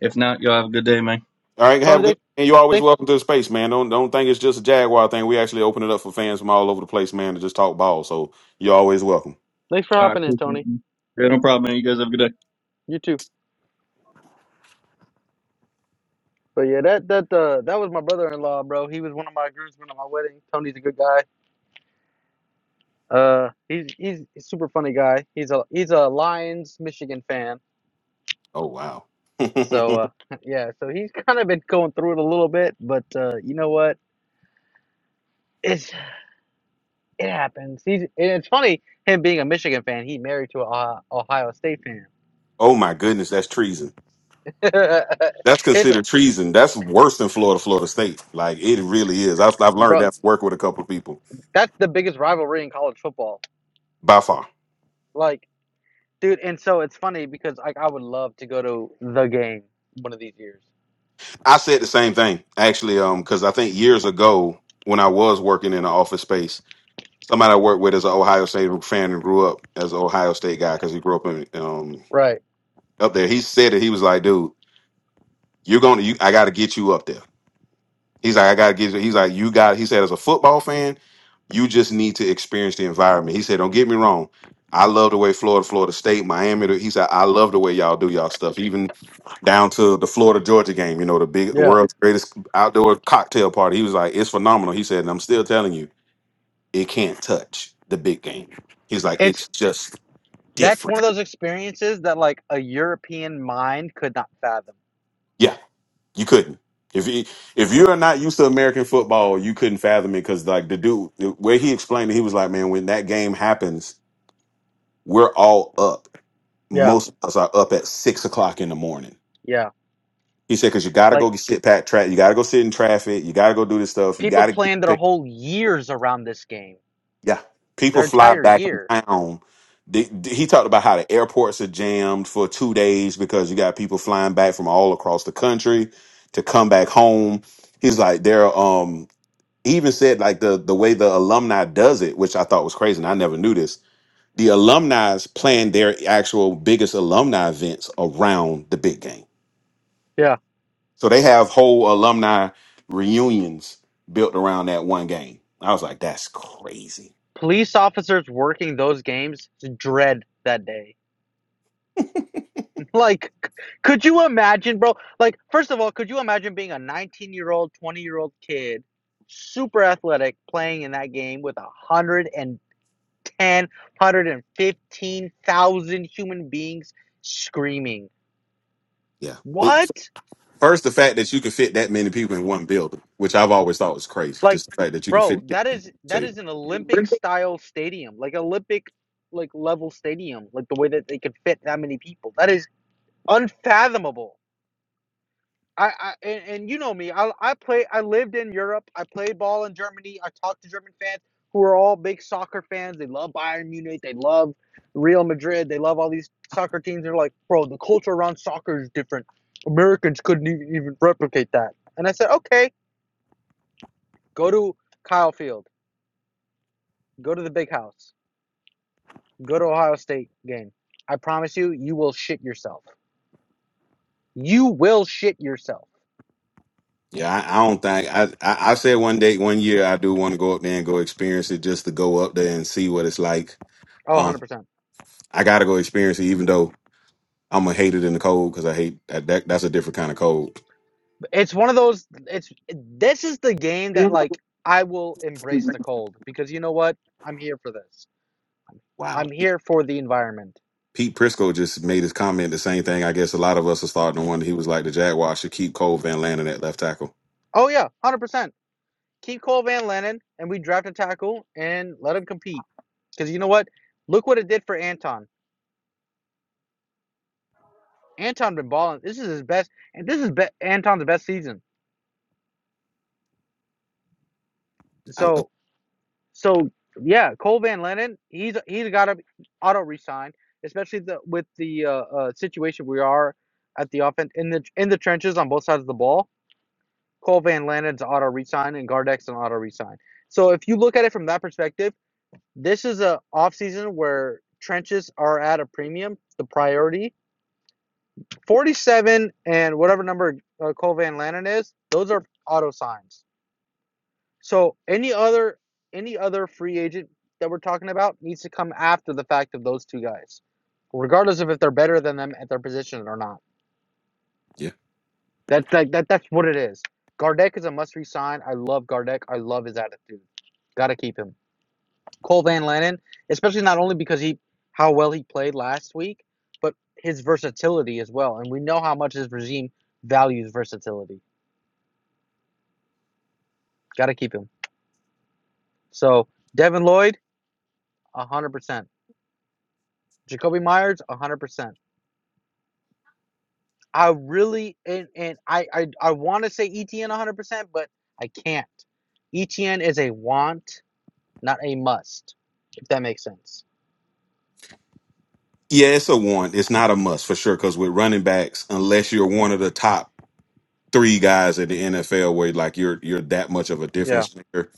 Speaker 15: if not, y'all have a good day, man.
Speaker 3: All right, have
Speaker 11: Tony,
Speaker 3: a good.
Speaker 11: thanks,
Speaker 3: And you're always
Speaker 11: thanks
Speaker 3: welcome to the space, man. Don't don't think it's just a Jaguar thing. We actually open it up for fans from all over the place, man, to just talk ball. So you're always welcome.
Speaker 11: thanks for
Speaker 15: All right,
Speaker 11: hopping in,
Speaker 15: appreciate
Speaker 11: Tony.
Speaker 15: you. Yeah, no problem, man. You guys have a good day.
Speaker 11: You too. But yeah, that that uh that was my brother-in-law, bro. He was one of my groomsmen at my wedding. Tony's a good guy. Uh, he's he's a super funny guy. He's a he's a Lions Michigan fan.
Speaker 3: Oh wow.
Speaker 11: So uh, yeah, so he's kind of been going through it a little bit, but uh, you know what? It's it happens. He's and it's funny him being a Michigan fan. He married to a Ohio Ohio State fan.
Speaker 3: oh my goodness, that's treason. That's
Speaker 11: it's
Speaker 3: considered treason. That's worse than Florida, Florida State. Like it really is. I've I've learned
Speaker 11: bro.
Speaker 3: that from working with a couple of people
Speaker 11: That's the biggest rivalry in college football.
Speaker 3: by far.
Speaker 11: Like, dude, and so it's funny because like I would love to go to the game one of these years.
Speaker 3: I said the same thing actually, um, because I think years ago when I was working in an office space. Somebody I work with is an Ohio State fan and grew up as an Ohio State guy because he grew up in um
Speaker 11: Right.
Speaker 3: up there. He said it. He was like, "Dude, you're gonna, you, I got to get you up there." He's like, "I got to get you." He's like, "You got." He said, "As a football fan, you just need to experience the environment." He said, "Don't get me wrong. I love the way Florida, Florida State, Miami." He said, "I love the way y'all do y'all stuff, even down to the Florida Georgia game. You know, the big, the
Speaker 11: Yeah.
Speaker 3: world's greatest outdoor cocktail party." He was like, "It's phenomenal." He said, and "I'm still telling you." It can't touch the big game. He's like,
Speaker 11: It's
Speaker 3: it's just
Speaker 11: that's one
Speaker 3: different.
Speaker 11: of those experiences that like a European mind could not fathom.
Speaker 3: Yeah, you couldn't. If he, if you're not used to American football, you couldn't fathom it because like the dude, the way he explained it, he was like, man, when that game happens, we're all up.
Speaker 11: Yeah.
Speaker 3: Most of us are up at six o'clock in the morning.
Speaker 11: Yeah.
Speaker 3: He said, because you got to
Speaker 11: Like
Speaker 3: go sit pack track. You got to go sit in traffic. You got to go do this stuff. You got
Speaker 11: people
Speaker 3: to get
Speaker 11: plan
Speaker 3: paid.
Speaker 11: their whole years around this game,
Speaker 3: Yeah, people
Speaker 11: their
Speaker 3: fly
Speaker 11: entire
Speaker 3: back in
Speaker 11: year.
Speaker 3: town. The- the- He talked about how the airports are jammed for two days because you got people flying back from all across the country to come back home. He's like, there. Um, he even said like the the way the alumni does it, which I thought was crazy, and I never knew this. The alumni's plan their actual biggest alumni events around the big game,
Speaker 11: Yeah.
Speaker 3: so they have whole alumni reunions built around that one game. I was like, that's crazy.
Speaker 11: Police officers working those games dread that day. Like, c- could you imagine, bro? Like, first of all, could you imagine being a 19 year old, 20 year old kid, super athletic, playing in that game with a hundred and 10, one hundred fifteen thousand human beings screaming.
Speaker 3: Yeah,
Speaker 11: What?
Speaker 3: First, the fact that you can fit that many people in one building, which I've always thought was crazy.
Speaker 11: Like,
Speaker 3: Just the fact that you can
Speaker 11: bro,
Speaker 3: fit. That
Speaker 11: that
Speaker 3: many
Speaker 11: is
Speaker 3: people.
Speaker 11: that
Speaker 3: Say,
Speaker 11: is an Olympic style stadium, like Olympic like level stadium, like the way that they could fit that many people. That is unfathomable. I, I and, and you know me. I I play. I lived in Europe. I played ball in Germany. I talked to German fans who are all big soccer fans. They love Bayern Munich. They love Real Madrid. They love all these soccer teams. They're like, bro, the culture around soccer is different. Americans couldn't even, even replicate that. And I said, okay, go to Kyle Field. Go to the Big House. Go to Ohio State game. I promise you, you will shit yourself. You will shit yourself.
Speaker 3: yeah, I, I don't think I, I. I said one day, one year, I do want to go up there and go experience it, just to go up there and see what it's like.
Speaker 11: Oh,
Speaker 3: Um,
Speaker 11: 100%.
Speaker 3: I gotta go experience it, even though I'm gonna hate it in the cold because I hate that, that. That's a different kind of cold.
Speaker 11: It's one of those. It's this is the game that like I will embrace the cold because you know what? I'm here for this.
Speaker 3: Wow.
Speaker 11: I'm here for the environment.
Speaker 3: Pete Prisco just made his comment the same thing. I guess a lot of us are starting to wonder. He was like, the Jaguars should keep Cole Van Landen at left tackle.
Speaker 11: Oh yeah, one hundred percent. Keep Cole Van Lennon and we draft a tackle and let him compete. Because you know what? Look what it did for Anton. Anton been balling. This is his best, and this is be- Anton's best season.
Speaker 3: I love.
Speaker 11: So So yeah, Cole Van Lennon, he's he's got to auto resign, especially the with the uh, uh, situation we are at the offense in the in the trenches on both sides of the ball. Cole Van Lennon's auto resign and Gardeck's an auto resign. So if you look at it from that perspective, this is a off season where trenches are at a premium, the priority. 47 and whatever number uh, Cole Van Lennon is, those are auto signs. So any other any other free agent that we're talking about needs to come after the fact of those two guys, regardless of if they're better than them at their position or not. That's like that. That's what it is. Gardeck is a must resign. I love Gardeck. I love his attitude. Got to keep him. Cole Van Lannon, especially not only because he how well he played last week, but his versatility as well. And we know how much his regime values versatility. Got to keep him. So Devin Lloyd, one hundred percent. Jacoby Myers, 100%. I really and, and I I, I want to say ETN 100%, but I can't. ETN is a want, not a must. If that makes sense.
Speaker 3: Yeah, it's a want. It's not a must for sure. Because with running backs, unless you're one of the top three guys at the NFL, where like you're you're that much of a
Speaker 11: Yeah,
Speaker 3: difference maker,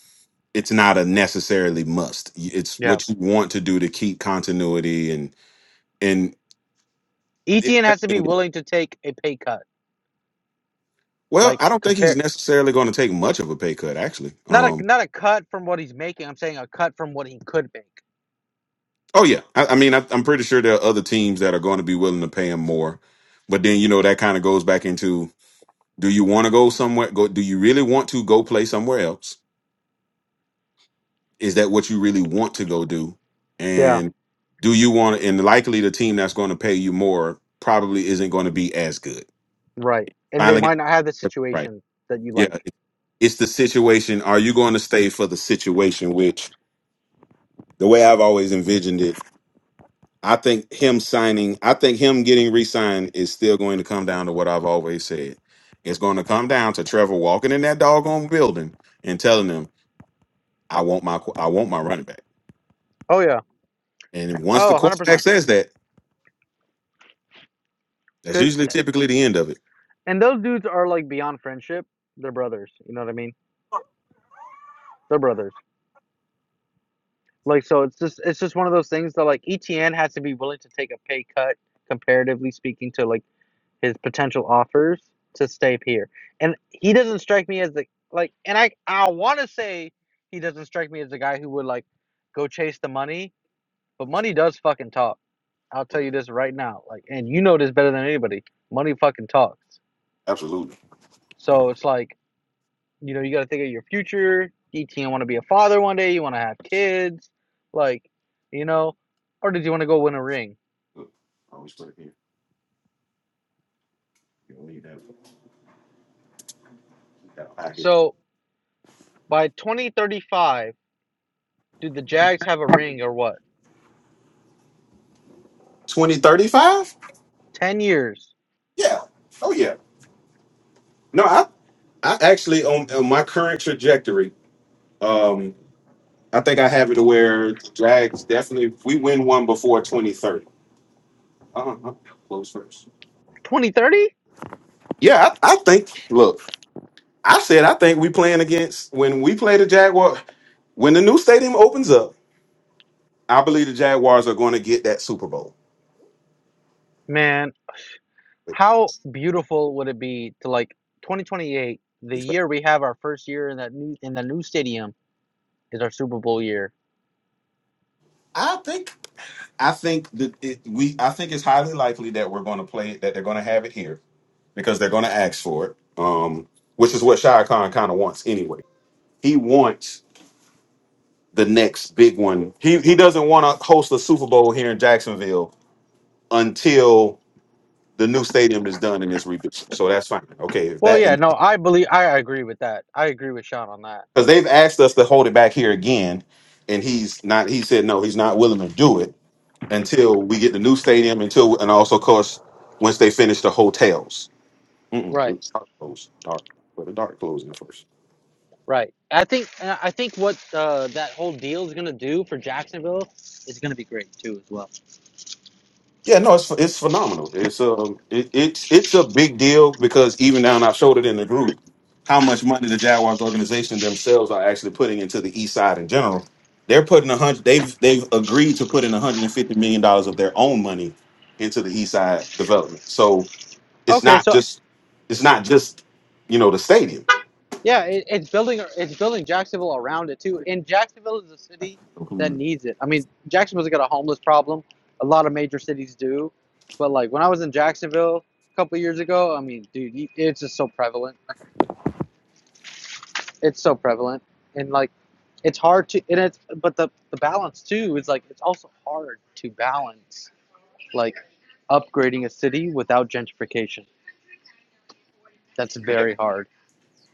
Speaker 3: it's not a necessarily must. It's
Speaker 11: yeah.
Speaker 3: what you want to do to keep continuity and and it
Speaker 11: ETN has to be
Speaker 3: definitely a want.
Speaker 11: willing to take a pay cut.
Speaker 3: well,
Speaker 11: Like
Speaker 3: I don't think he's
Speaker 11: compare
Speaker 3: necessarily going to take much of a pay cut. Actually,
Speaker 11: not a
Speaker 3: um,
Speaker 11: not a cut from what he's making. I'm saying a cut from what he could make.
Speaker 3: oh yeah, I, I mean, I, I'm pretty sure there are other teams that are going to be willing to pay him more. But then you know that kind of goes back into do you want to go somewhere? Go. Do you really want to go play somewhere else? is that what you really want to go do
Speaker 11: Yeah,
Speaker 3: and do you want and likely the team that's going to pay you more probably isn't going to be as good
Speaker 11: right. And they
Speaker 3: finally got
Speaker 11: might not have the
Speaker 3: it right
Speaker 11: situation that you
Speaker 3: yeah
Speaker 11: like.
Speaker 3: it- it's the situation are you going to stay for the situation which the way i've always envisioned it i think him signing i think him getting re-signed is still going to come down to what i've always said it's going to come down to trevor walking in that doggone building and telling them i want my qu- i want my running back
Speaker 11: Oh yeah.
Speaker 3: and once the
Speaker 11: Oh,
Speaker 3: quarterback
Speaker 11: 100%.
Speaker 3: says that That's
Speaker 11: Cuz
Speaker 3: usually typically the end of it.
Speaker 11: and those dudes are like beyond friendship. They're brothers, you know what I mean? They're brothers. Like so it's just it's just one of those things that like ETN has to be willing to take a pay cut comparatively speaking to like his potential offers to stay here. And he doesn't strike me as the like and I I want to say he doesn't strike me as the guy who would like go chase the money, but money does fucking talk. I'll tell you this right now. Like and you know this better than anybody. Money fucking talks.
Speaker 3: Absolutely.
Speaker 11: So it's like you know, you got to think of your future. DT, you want to be a father one day. You want to have kids. Like, you know, or did you want to go win a ring?
Speaker 3: Look, I always put it here. You don't need that. that high
Speaker 11: So by 2035, do the Jags have a ring or what?
Speaker 3: 2035?
Speaker 11: 10 years.
Speaker 3: Yeah. Oh yeah. No, I I actually on, on my current trajectory, um, I think I have it to where drags definitely if we win one before 2030. Uh-huh. Close first.
Speaker 11: 2030?
Speaker 3: Yeah, I, I think look, I said I think we playing against when we play the Jaguar when the new stadium opens up, I believe the Jaguars are going to get that Super Bowl.
Speaker 11: Man, how beautiful would it be to like 2028, the year we have our first year in that new in the new stadium is our Super Bowl year.
Speaker 3: I think I think that it, we I think it's highly likely that we're going to play that they're going to have it here because they're going to ask for it, um, which is what Shia Khan kind of wants anyway. He wants the next big one. He he doesn't want to host the Super Bowl here in Jacksonville until the new stadium is done and it's rebuilt. So that's fine. Okay, if
Speaker 11: Well,
Speaker 3: that
Speaker 11: yeah,
Speaker 3: and
Speaker 11: no, I believe I agree with that. I agree with Sean on that.
Speaker 3: because they've asked us to hold it back here again, and he's not. He said no, he's not willing to do it until we get the new stadium. Until and also, of course, once they finish the hotels. Mm-mm,
Speaker 11: Right.
Speaker 3: it's dark close, dark, but the dark closing first.
Speaker 11: Right. I think and I think what uh, that whole deal is going to do for Jacksonville is going to be great too as well.
Speaker 3: Yeah, no, it's it's phenomenal. It's um, it, it's it's a big deal because even now, and I showed it in the group how much money the Jaguars organization themselves are actually putting into the East Side in general. They're putting a hundred. They've they've agreed to put in 150 million dollars of their own money into the East Side development. So it's
Speaker 11: Okay,
Speaker 3: not
Speaker 11: so
Speaker 3: just it's not just you know the stadium.
Speaker 11: yeah, it, it's building it's building Jacksonville around it too. And Jacksonville is a city that needs it. I mean, Jacksonville's got a homeless problem. A lot of major cities do. But like when I was in Jacksonville a couple of years ago, I mean, dude, you- it's just so prevalent. It's so prevalent. And like it's hard to and it's but the the balance too is like it's also hard to balance like upgrading a city without gentrification. That's very hard.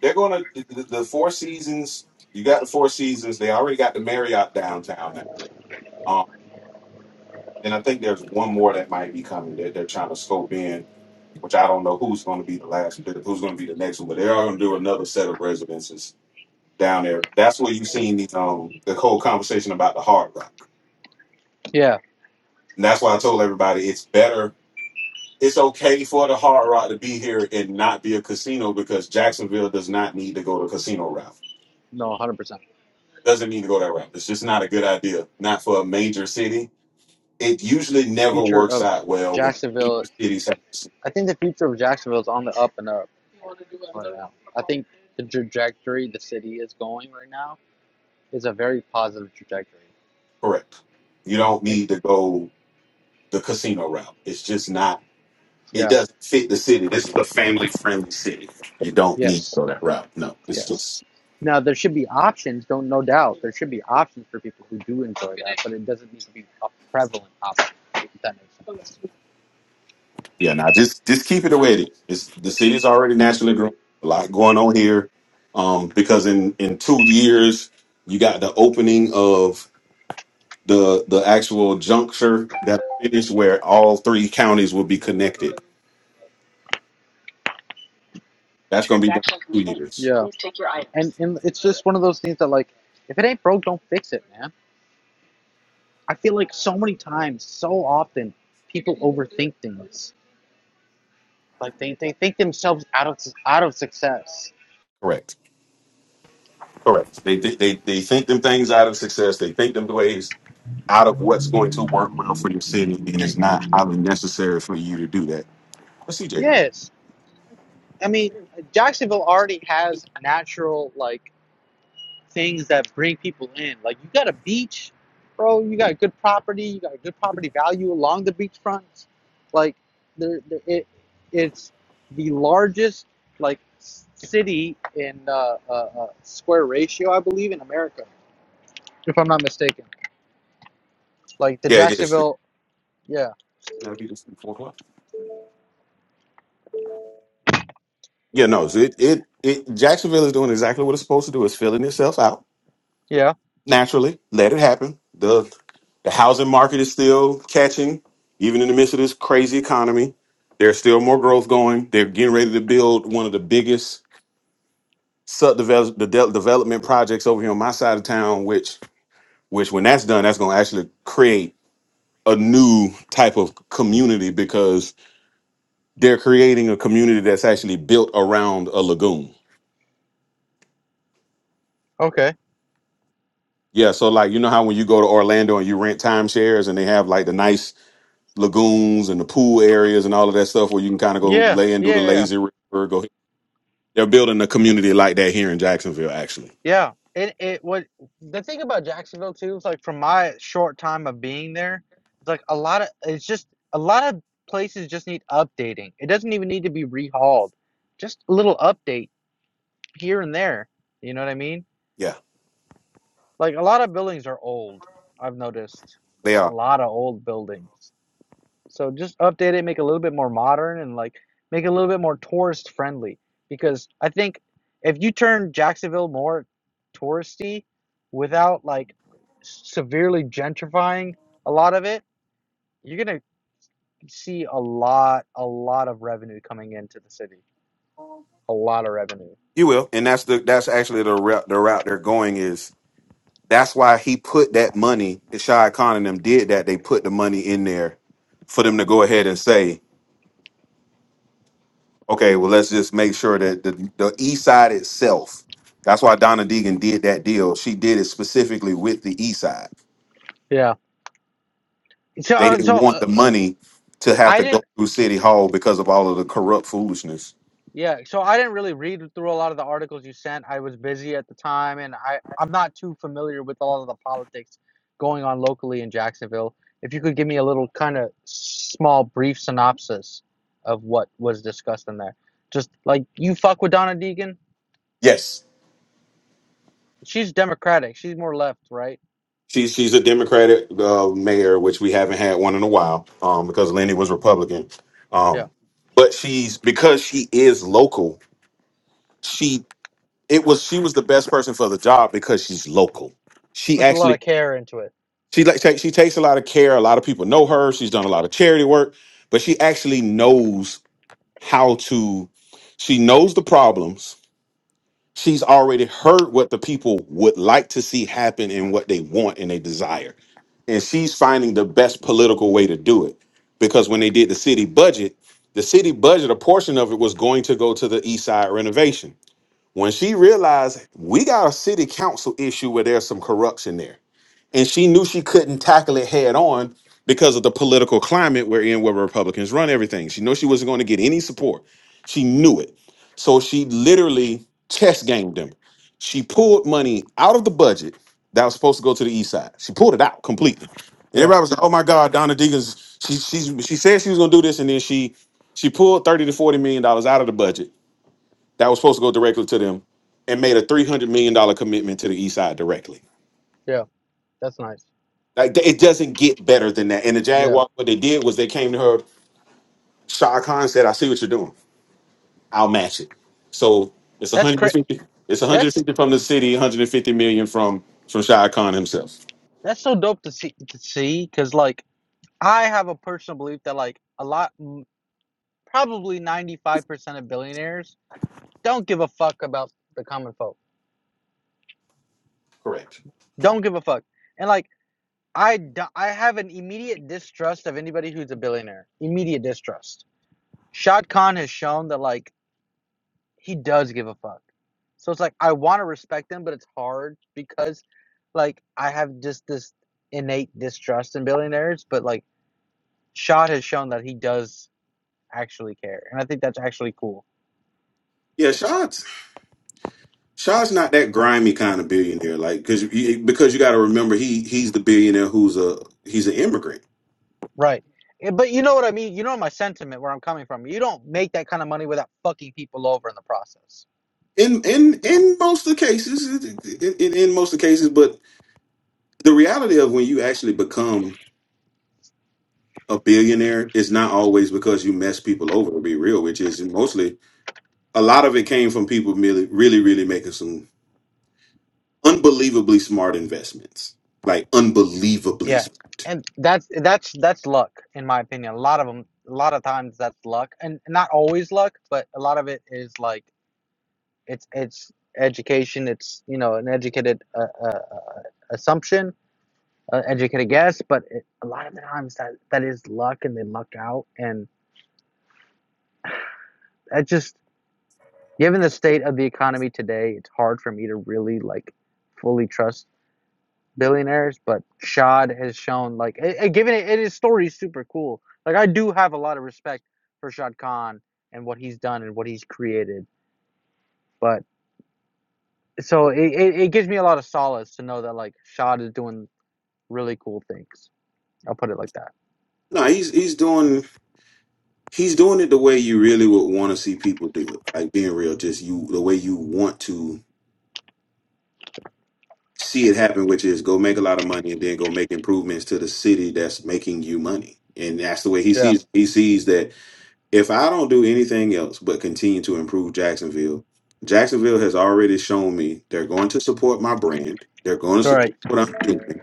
Speaker 3: They're going to the, the Four Seasons. You got the Four Seasons. They already got the Marriott downtown now, um, and I think there's one more that might be coming. That they're trying to scope in, which I don't know who's going to be the last, who's going to be the next one, but they are going to do another set of residences down there. That's where you've seen the um the whole conversation about the Hard Rock,
Speaker 11: Yeah,
Speaker 3: and that's why I told everybody it's better. It's okay for the Hard Rock to be here and not be a casino because Jacksonville does not need to go to casino route
Speaker 11: no, 100%.
Speaker 3: doesn't need to go that route. It's just not a good idea. Not for a major city. It usually never
Speaker 11: Future
Speaker 3: works
Speaker 11: of
Speaker 3: out well when major
Speaker 11: Jacksonville,
Speaker 3: cities have this.
Speaker 11: I think the future of Jacksonville is on the up and up right now. I think the trajectory the city is going right now is a very positive trajectory.
Speaker 3: correct. You don't need to go the casino route. It's just not. It
Speaker 11: Yeah,
Speaker 3: doesn't fit the city. This is a family friendly city. You don't need to
Speaker 11: yes,
Speaker 3: go that route. No, it's
Speaker 11: yes.
Speaker 3: just
Speaker 11: Now, there should be options, don't no doubt. There should be options for people who do enjoy that, but it doesn't need to be a prevalent option, if that makes
Speaker 3: yeah. Now just just keep it the way it is. It's, the city's already naturally growing. A lot going on here. Um, because in in two years you got the opening of the the actual juncture that finished where all three counties will be
Speaker 11: sense.
Speaker 3: connected. That's going to be done
Speaker 11: Transaction
Speaker 3: in two
Speaker 11: complete.
Speaker 3: years.
Speaker 11: Yeah. Please take your items. And and it's just one of those things that like if it ain't broke, don't fix it, man. I feel like so many times, so often, people overthink things. Like they, they think themselves out of out of success.
Speaker 3: Correct. Correct. They they they they think them things out of success. They think them ways out of what's going to work well for your city, and
Speaker 11: Like,
Speaker 3: it's not highly necessary for you to do that. But CJ,
Speaker 11: Yes. I mean Jacksonville already has natural like things that bring people in. Like you got a beach, bro. You got good property. You got a good property value along the beachfront. Like there, there it, it's the largest like city in uh, uh, uh, square ratio, I believe, in America, if I'm not mistaken. Like the
Speaker 3: yeah, it is. It's
Speaker 11: Jacksonville, yeah,
Speaker 3: gonna be this four o'clock. Yeah, no, so it, it it Jacksonville is doing exactly what it's supposed to do. It's filling itself out.
Speaker 11: yeah,
Speaker 3: naturally. Let it happen. The the housing market is still catching, even in the midst of this crazy economy. There's still more growth going. They're getting ready to build one of the biggest subdevelop the de- development projects over here on my side of town. Which which when that's done, that's going to actually create a new type of community because they're creating a community that's actually built around a lagoon.
Speaker 11: okay,
Speaker 3: Yeah, so like you know how when you go to Orlando and you rent timeshares and they have like the nice lagoons and the pool areas and all of that stuff where you can kind of go
Speaker 11: yeah,
Speaker 3: lay and do the
Speaker 11: yeah, yeah.
Speaker 3: lazy river. Go. They're building a community like that here in Jacksonville, actually.
Speaker 11: Yeah, it it what the thing about Jacksonville too is like from my short time of being there, it's like a lot of it's just a lot of places just need updating. It doesn't even need to be rehauled, just a little update here and there. You know what I mean?
Speaker 3: Yeah,
Speaker 11: Like a lot of buildings are old. I've noticed
Speaker 3: they
Speaker 11: it's a
Speaker 3: are.
Speaker 11: lot of old buildings. So just update it, make it a little bit more modern and like make it a little bit more tourist friendly. Because I think if you turn Jacksonville more touristy without like severely gentrifying a lot of it, you're gonna see a lot, a lot of revenue coming into the city. A lot of revenue.
Speaker 3: You will, and that's the that's actually the route the route they're going is. That's why he put that money. Shia Khan and them did that. They put the money in there for them to go ahead and say, okay, well, let's just make sure that the, the East Side itself. That's why Donna Deegan did that deal. She did it specifically with the East Side
Speaker 11: Yeah. So,
Speaker 3: They
Speaker 11: uh, so
Speaker 3: didn't want
Speaker 11: uh,
Speaker 3: the money to have
Speaker 11: I
Speaker 3: to
Speaker 11: didn't
Speaker 3: go through City Hall because of all of the corrupt foolishness.
Speaker 11: Yeah, so I didn't really read through a lot of the articles you sent. I was busy at the time, and I I'm not too familiar with all of the politics going on locally in Jacksonville. If you could give me a little kind of small brief synopsis of what was discussed in there. Just like you fuck with Donna Deegan,
Speaker 3: Yes,
Speaker 11: she's Democratic. She's more left, right?
Speaker 3: she's she's a Democratic uh, mayor, which we haven't had one in a while um, because Lenny was Republican.
Speaker 11: Yeah.
Speaker 3: Um, but she's because she is local. She it was she was the best person for the job because she's local.
Speaker 11: She
Speaker 3: She
Speaker 11: puts a lot
Speaker 3: actually
Speaker 11: of care into it.
Speaker 3: she like take, she takes a lot of care. A lot of people know her. She's done a lot of charity work, but she actually knows how to. She knows the problems she's already heard what the people would like to see happen and what they want and they desire. And she's finding the best political way to do it. Because when they did the city budget, the city budget, a portion of it was going to go to the east side renovation. When she realized we got a city council issue where there's some corruption there and she knew she couldn't tackle it head on because of the political climate we're in where republicans run everything she knew she wasn't going to get any support she knew it so she literally chess gamed them she pulled money out of the budget that was supposed to go to the east side she pulled it out completely and
Speaker 11: Yeah,
Speaker 3: everybody was like oh my god donna deegan's she she, she said she was going to do this and then she she pulled 30 to 40 million dollars out of the budget that was supposed to go directly to them and made a 300 million dollar commitment to the east side directly
Speaker 11: yeah. That's nice.
Speaker 3: like th- it doesn't get better than that. And the
Speaker 11: Yeah.
Speaker 3: Jaguar, what they did was they came to her. Shah Khan said, "I see what you're doing. I'll match it." So it's
Speaker 11: That's cra-
Speaker 3: 150. It's
Speaker 11: that's
Speaker 3: 150 from the city, 150 million from from Shah Khan himself.
Speaker 11: that's so dope to see to see cuz like I have a personal belief that like a lot. probably 95% of billionaires don't give a fuck about the common folk.
Speaker 3: Correct.
Speaker 11: Don't give a fuck. And like I do, I have an immediate distrust of anybody who's a billionaire. Immediate distrust. Shad Khan has shown that like he does give a fuck. So it's like I want to respect him, but it's hard because like I have just this innate distrust in billionaires, but like Shad has shown that he does actually care. And I think that's actually cool.
Speaker 3: Yeah, Shah's Shah's not that grimy kind of billionaire. Like because you, because you got to remember he he's the billionaire who's a he's an immigrant.
Speaker 11: Right. Eh, But you know what I mean? You know my sentiment where I'm coming from. You don't make that kind of money without fucking people over in the process.
Speaker 3: In in in most of the cases, in, in in most of the cases, but the reality of when you actually become a billionaire is not always because you mess people over to be real which is mostly a lot of it came from people really really really making some unbelievably smart investments like unbelievably
Speaker 11: Yeah.
Speaker 3: smart
Speaker 11: And that's that's that's luck in my opinion. A lot of them a lot of times that's luck and not always luck, but a lot of it is like it's it's education, it's you know an educated uh, uh, uh, assumption, uh, educated guess, but it, a lot of the times that that is luck and they luck out and that just given the state of the economy today, it's hard for me to really like fully trust billionaires, but Shad has shown like a- a- given it, it his story is super cool. Like I do have a lot of respect for Shad Khan and what he's done and what he's created. But so it, it, it gives me a lot of solace to know that like Shad is doing really cool things. I'll put it like that.
Speaker 3: no he's he's doing he's doing it the way you really would want to see people do it like being real just you the way you want to see it happen which is go make a lot of money and then go make improvements to the city that's making you money and that's the way he
Speaker 11: Yeah,
Speaker 3: sees he sees that if I don't do anything else but continue to improve Jacksonville, Jacksonville has already shown me they're going to support my brand. They're going to
Speaker 11: All
Speaker 3: support
Speaker 11: right.
Speaker 3: what I'm doing.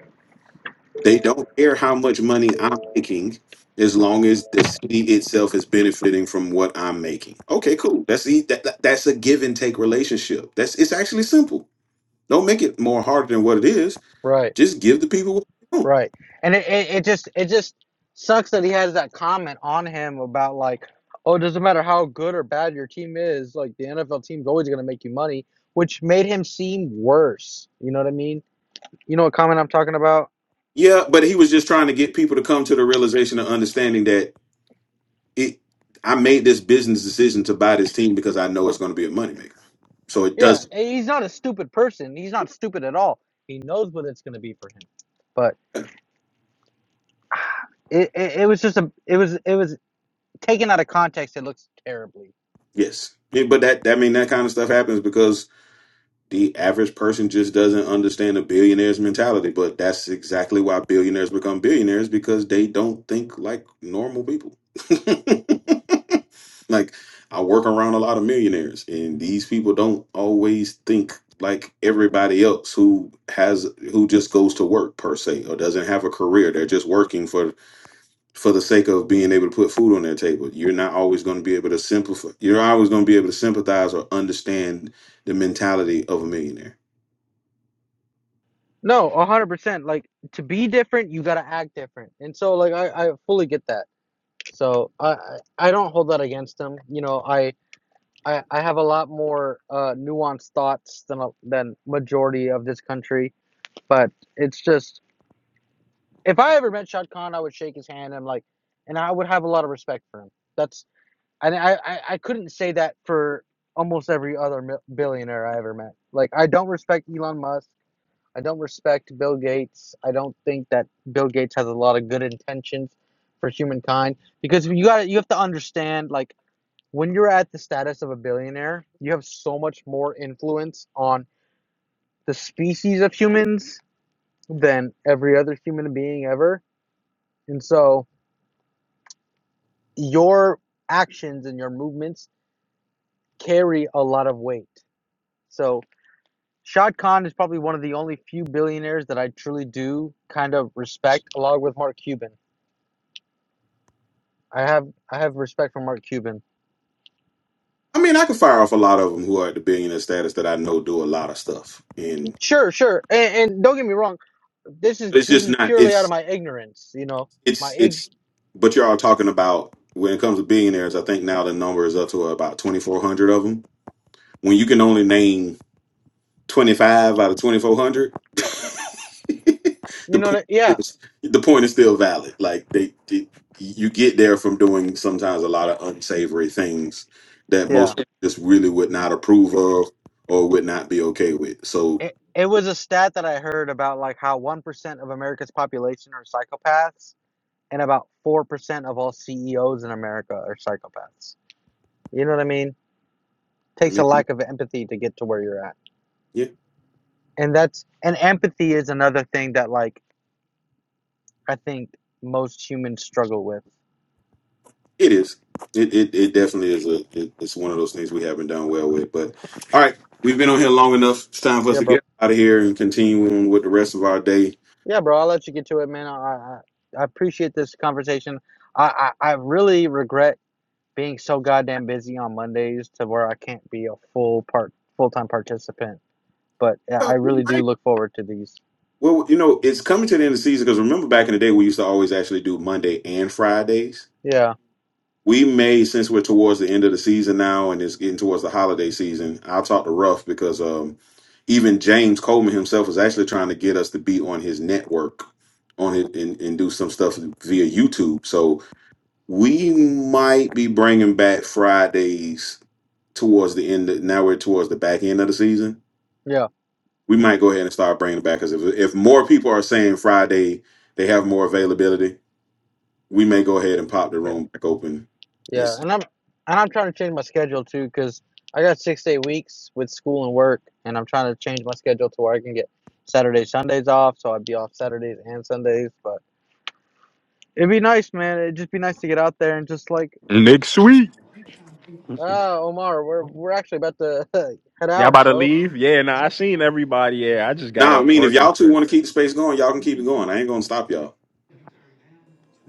Speaker 3: They don't care how much money I'm making as long as the city itself is benefiting from what I'm making. Okay, cool. That's the, that, that- that's a give and take relationship. That's it's actually simple. Don't make it more harder than what it is.
Speaker 11: right.
Speaker 3: Just give the people what they want.
Speaker 11: Right. And it, it, it just it just sucks that he has that comment on him about like, oh, it doesn't matter how good or bad your team is, like the NFL team's always gonna make you money, which made him seem worse. You know what I mean? You know what comment I'm talking about?
Speaker 3: Yeah, but he was just trying to get people to come to the realization and understanding that it I made this business decision to buy this team because I know it's going to be a moneymaker. So it
Speaker 11: Yeah.
Speaker 3: does,
Speaker 11: eh, He's not a stupid person. He's not stupid at all. He knows what it's gonna be for him. But
Speaker 3: yeah,
Speaker 11: it, it, it was just a it was it was taken out of context, it looks terribly.
Speaker 3: yes. Yeah, But that I mean that kind of stuff happens because the average person just doesn't understand a billionaire's mentality. But that's exactly why billionaires become billionaires because they don't think like normal people. like I work around a lot of millionaires, and these people don't always think like everybody else who has who just goes to work per se or doesn't have a career. They're just working for for the sake of being able to put food on their table. You're not always going to be able to simplify. You're always going to be able to sympathize or understand the mentality of a millionaire.
Speaker 11: No, a hundred percent. Like to be different, you gotta act different. And so like I, I fully get that So I I don't hold that against him. You know, I I, I have a lot more uh, nuanced thoughts than a- than majority of this country. But it's just if I ever met Shad Khan, I would shake his hand and like, and I would have a lot of respect for him. That's and I I, I couldn't say that for almost every other mil- billionaire I ever met. Like I don't respect Elon Musk. I don't respect Bill Gates. I don't think that Bill Gates has a lot of good intentions for humankind because you got to you have to understand like when you're at the status of a billionaire, you have so much more influence on the species of humans than every other human being ever. And so your actions and your movements carry a lot of weight. So Shad Khan is probably one of the only few billionaires that I truly do kind of respect, along with Mark Cuban. I have I have respect for Mark Cuban.
Speaker 3: I mean, I could fire off a lot of them who are at the billionaire status that I know do a lot of stuff, and
Speaker 11: Sure, sure. And, and don't get me wrong, this is
Speaker 3: but it's
Speaker 11: this
Speaker 3: just
Speaker 11: is
Speaker 3: not.
Speaker 11: purely out
Speaker 3: it's.
Speaker 11: of my ignorance, you know. My
Speaker 3: it's
Speaker 11: ig
Speaker 3: it's but you're all talking about when it comes to billionaires i think now the number is up to uh, about 2400 of them when you can only name 25 out of 2400
Speaker 11: you
Speaker 3: the point
Speaker 11: know yeah,
Speaker 3: is, the point is still valid like they, they you get there from doing sometimes a lot of unsavory things that
Speaker 11: Yeah.
Speaker 3: most people just really would not approve of or would not be okay with so
Speaker 11: It, it was a stat that I heard about like how 1% of America's population are psychopaths and about 4% of all CEOs in America are psychopaths. You know what I mean?
Speaker 3: i
Speaker 11: Takes a
Speaker 3: mean
Speaker 11: lack of empathy to get to where you're at.
Speaker 3: yeah
Speaker 11: And that's and empathy is another thing that like I think most humans struggle with.
Speaker 3: It is. It it, it definitely is a. It, it's one of those things we haven't done well with. But all right, we've been on here long enough. It's time for us
Speaker 11: Yeah,
Speaker 3: to
Speaker 11: bro.
Speaker 3: get out of here and continue on with the rest of our day.
Speaker 11: Yeah, bro. I'll let you get to it, man. I I, I appreciate this conversation. I, I I really regret being so goddamn busy on Mondays to where I can't be a full part full-time participant but yeah, I really do look forward to these.
Speaker 3: Well, you know, it's coming to the end of the season because remember back in the day we used to always actually do Monday and Fridays.
Speaker 11: Yeah,
Speaker 3: We may, since we're towards the end of the season now and it's getting towards the holiday season, I'll talk to Ruff because um, even James Coleman himself is actually trying to get us to be on his network on it and, and do some stuff via YouTube. So We might be bringing back Fridays towards the end. Of, now we're towards the back end of the season.
Speaker 11: yeah,
Speaker 3: We might go ahead and start bringing it back because if if more people are saying Friday they have more availability, we may go ahead and pop the
Speaker 11: yeah,
Speaker 3: room back open.
Speaker 11: yeah.
Speaker 3: It's,
Speaker 11: And I'm and I'm trying to change my schedule too because I got six to eight weeks with school and work, and I'm trying to change my schedule to where I can get Saturdays, Sundays off, so I'd be off Saturdays and Sundays. But it'd be nice, man. It'd just be nice to get out there and just like,
Speaker 2: Next week.
Speaker 11: ah, Omar, we're we're actually about to head
Speaker 2: Y'all about
Speaker 11: out,
Speaker 2: to
Speaker 11: bro.
Speaker 2: leave? Yeah, nah, I seen everybody. Yeah, I just got
Speaker 3: nah, I
Speaker 2: off
Speaker 3: mean if
Speaker 2: work
Speaker 3: y'all
Speaker 2: and
Speaker 3: two want
Speaker 2: shit.
Speaker 3: to keep the space going, y'all can keep it going. I ain't gonna stop y'all.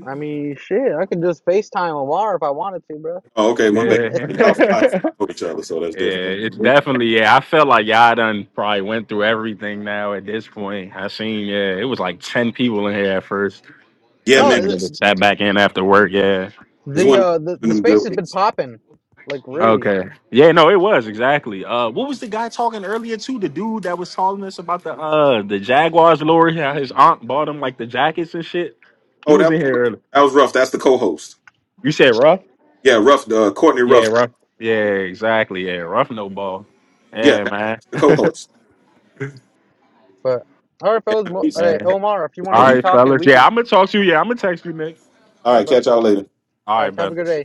Speaker 11: I mean, shit, I could just FaceTime Omar if I wanted to, bro.
Speaker 3: Oh, okay, one day y'all, y'all
Speaker 2: Yeah.
Speaker 3: know each other, so that's
Speaker 2: Yeah,
Speaker 3: different.
Speaker 2: it's definitely yeah. I felt like y'all done probably went through everything now at this point. I seen yeah, it was like ten people in here at first. I
Speaker 3: Yeah,
Speaker 2: just
Speaker 3: man,
Speaker 11: No,
Speaker 2: wanted to
Speaker 3: it's,
Speaker 2: sat back in after work. Yeah.
Speaker 3: it's
Speaker 11: the
Speaker 3: one of
Speaker 11: uh, the the
Speaker 3: them
Speaker 11: space
Speaker 3: good
Speaker 11: has been
Speaker 3: ones.
Speaker 11: popping, like really.
Speaker 2: Okay. Yeah. No, it was exactly. Uh, what was the guy talking earlier to? The dude that was telling us about the uh the Jaguars lorry. How his aunt bought him like the jackets and shit. He
Speaker 3: Oh,
Speaker 2: was
Speaker 3: that
Speaker 2: in
Speaker 3: was,
Speaker 2: here earlier.
Speaker 3: that was rough. That's the co-host.
Speaker 2: You said rough?
Speaker 3: Yeah, rough. Uh, Courtney
Speaker 2: Yeah,
Speaker 3: Ruff.
Speaker 2: rough. Yeah, exactly. Yeah, rough no ball.
Speaker 3: Yeah,
Speaker 2: Yeah,
Speaker 3: that's
Speaker 2: man.
Speaker 3: the co-host.
Speaker 11: But all right,
Speaker 3: Yeah,
Speaker 11: fellas.
Speaker 2: Yeah,
Speaker 11: Mo- All
Speaker 3: he's.
Speaker 11: right,
Speaker 2: man.
Speaker 11: Omar, if you want to
Speaker 3: so
Speaker 2: All
Speaker 11: keep
Speaker 3: he,
Speaker 2: right,
Speaker 11: talking,
Speaker 2: fellas.
Speaker 11: we
Speaker 2: Yeah,
Speaker 11: can.
Speaker 2: I'm gonna talk to you. Yeah, I'm gonna text you, Nick.
Speaker 11: All
Speaker 3: All
Speaker 11: right,
Speaker 3: right,
Speaker 11: bro.
Speaker 3: catch y'all later.
Speaker 2: All
Speaker 11: All
Speaker 2: right,
Speaker 11: right, have a
Speaker 2: man.
Speaker 11: good day.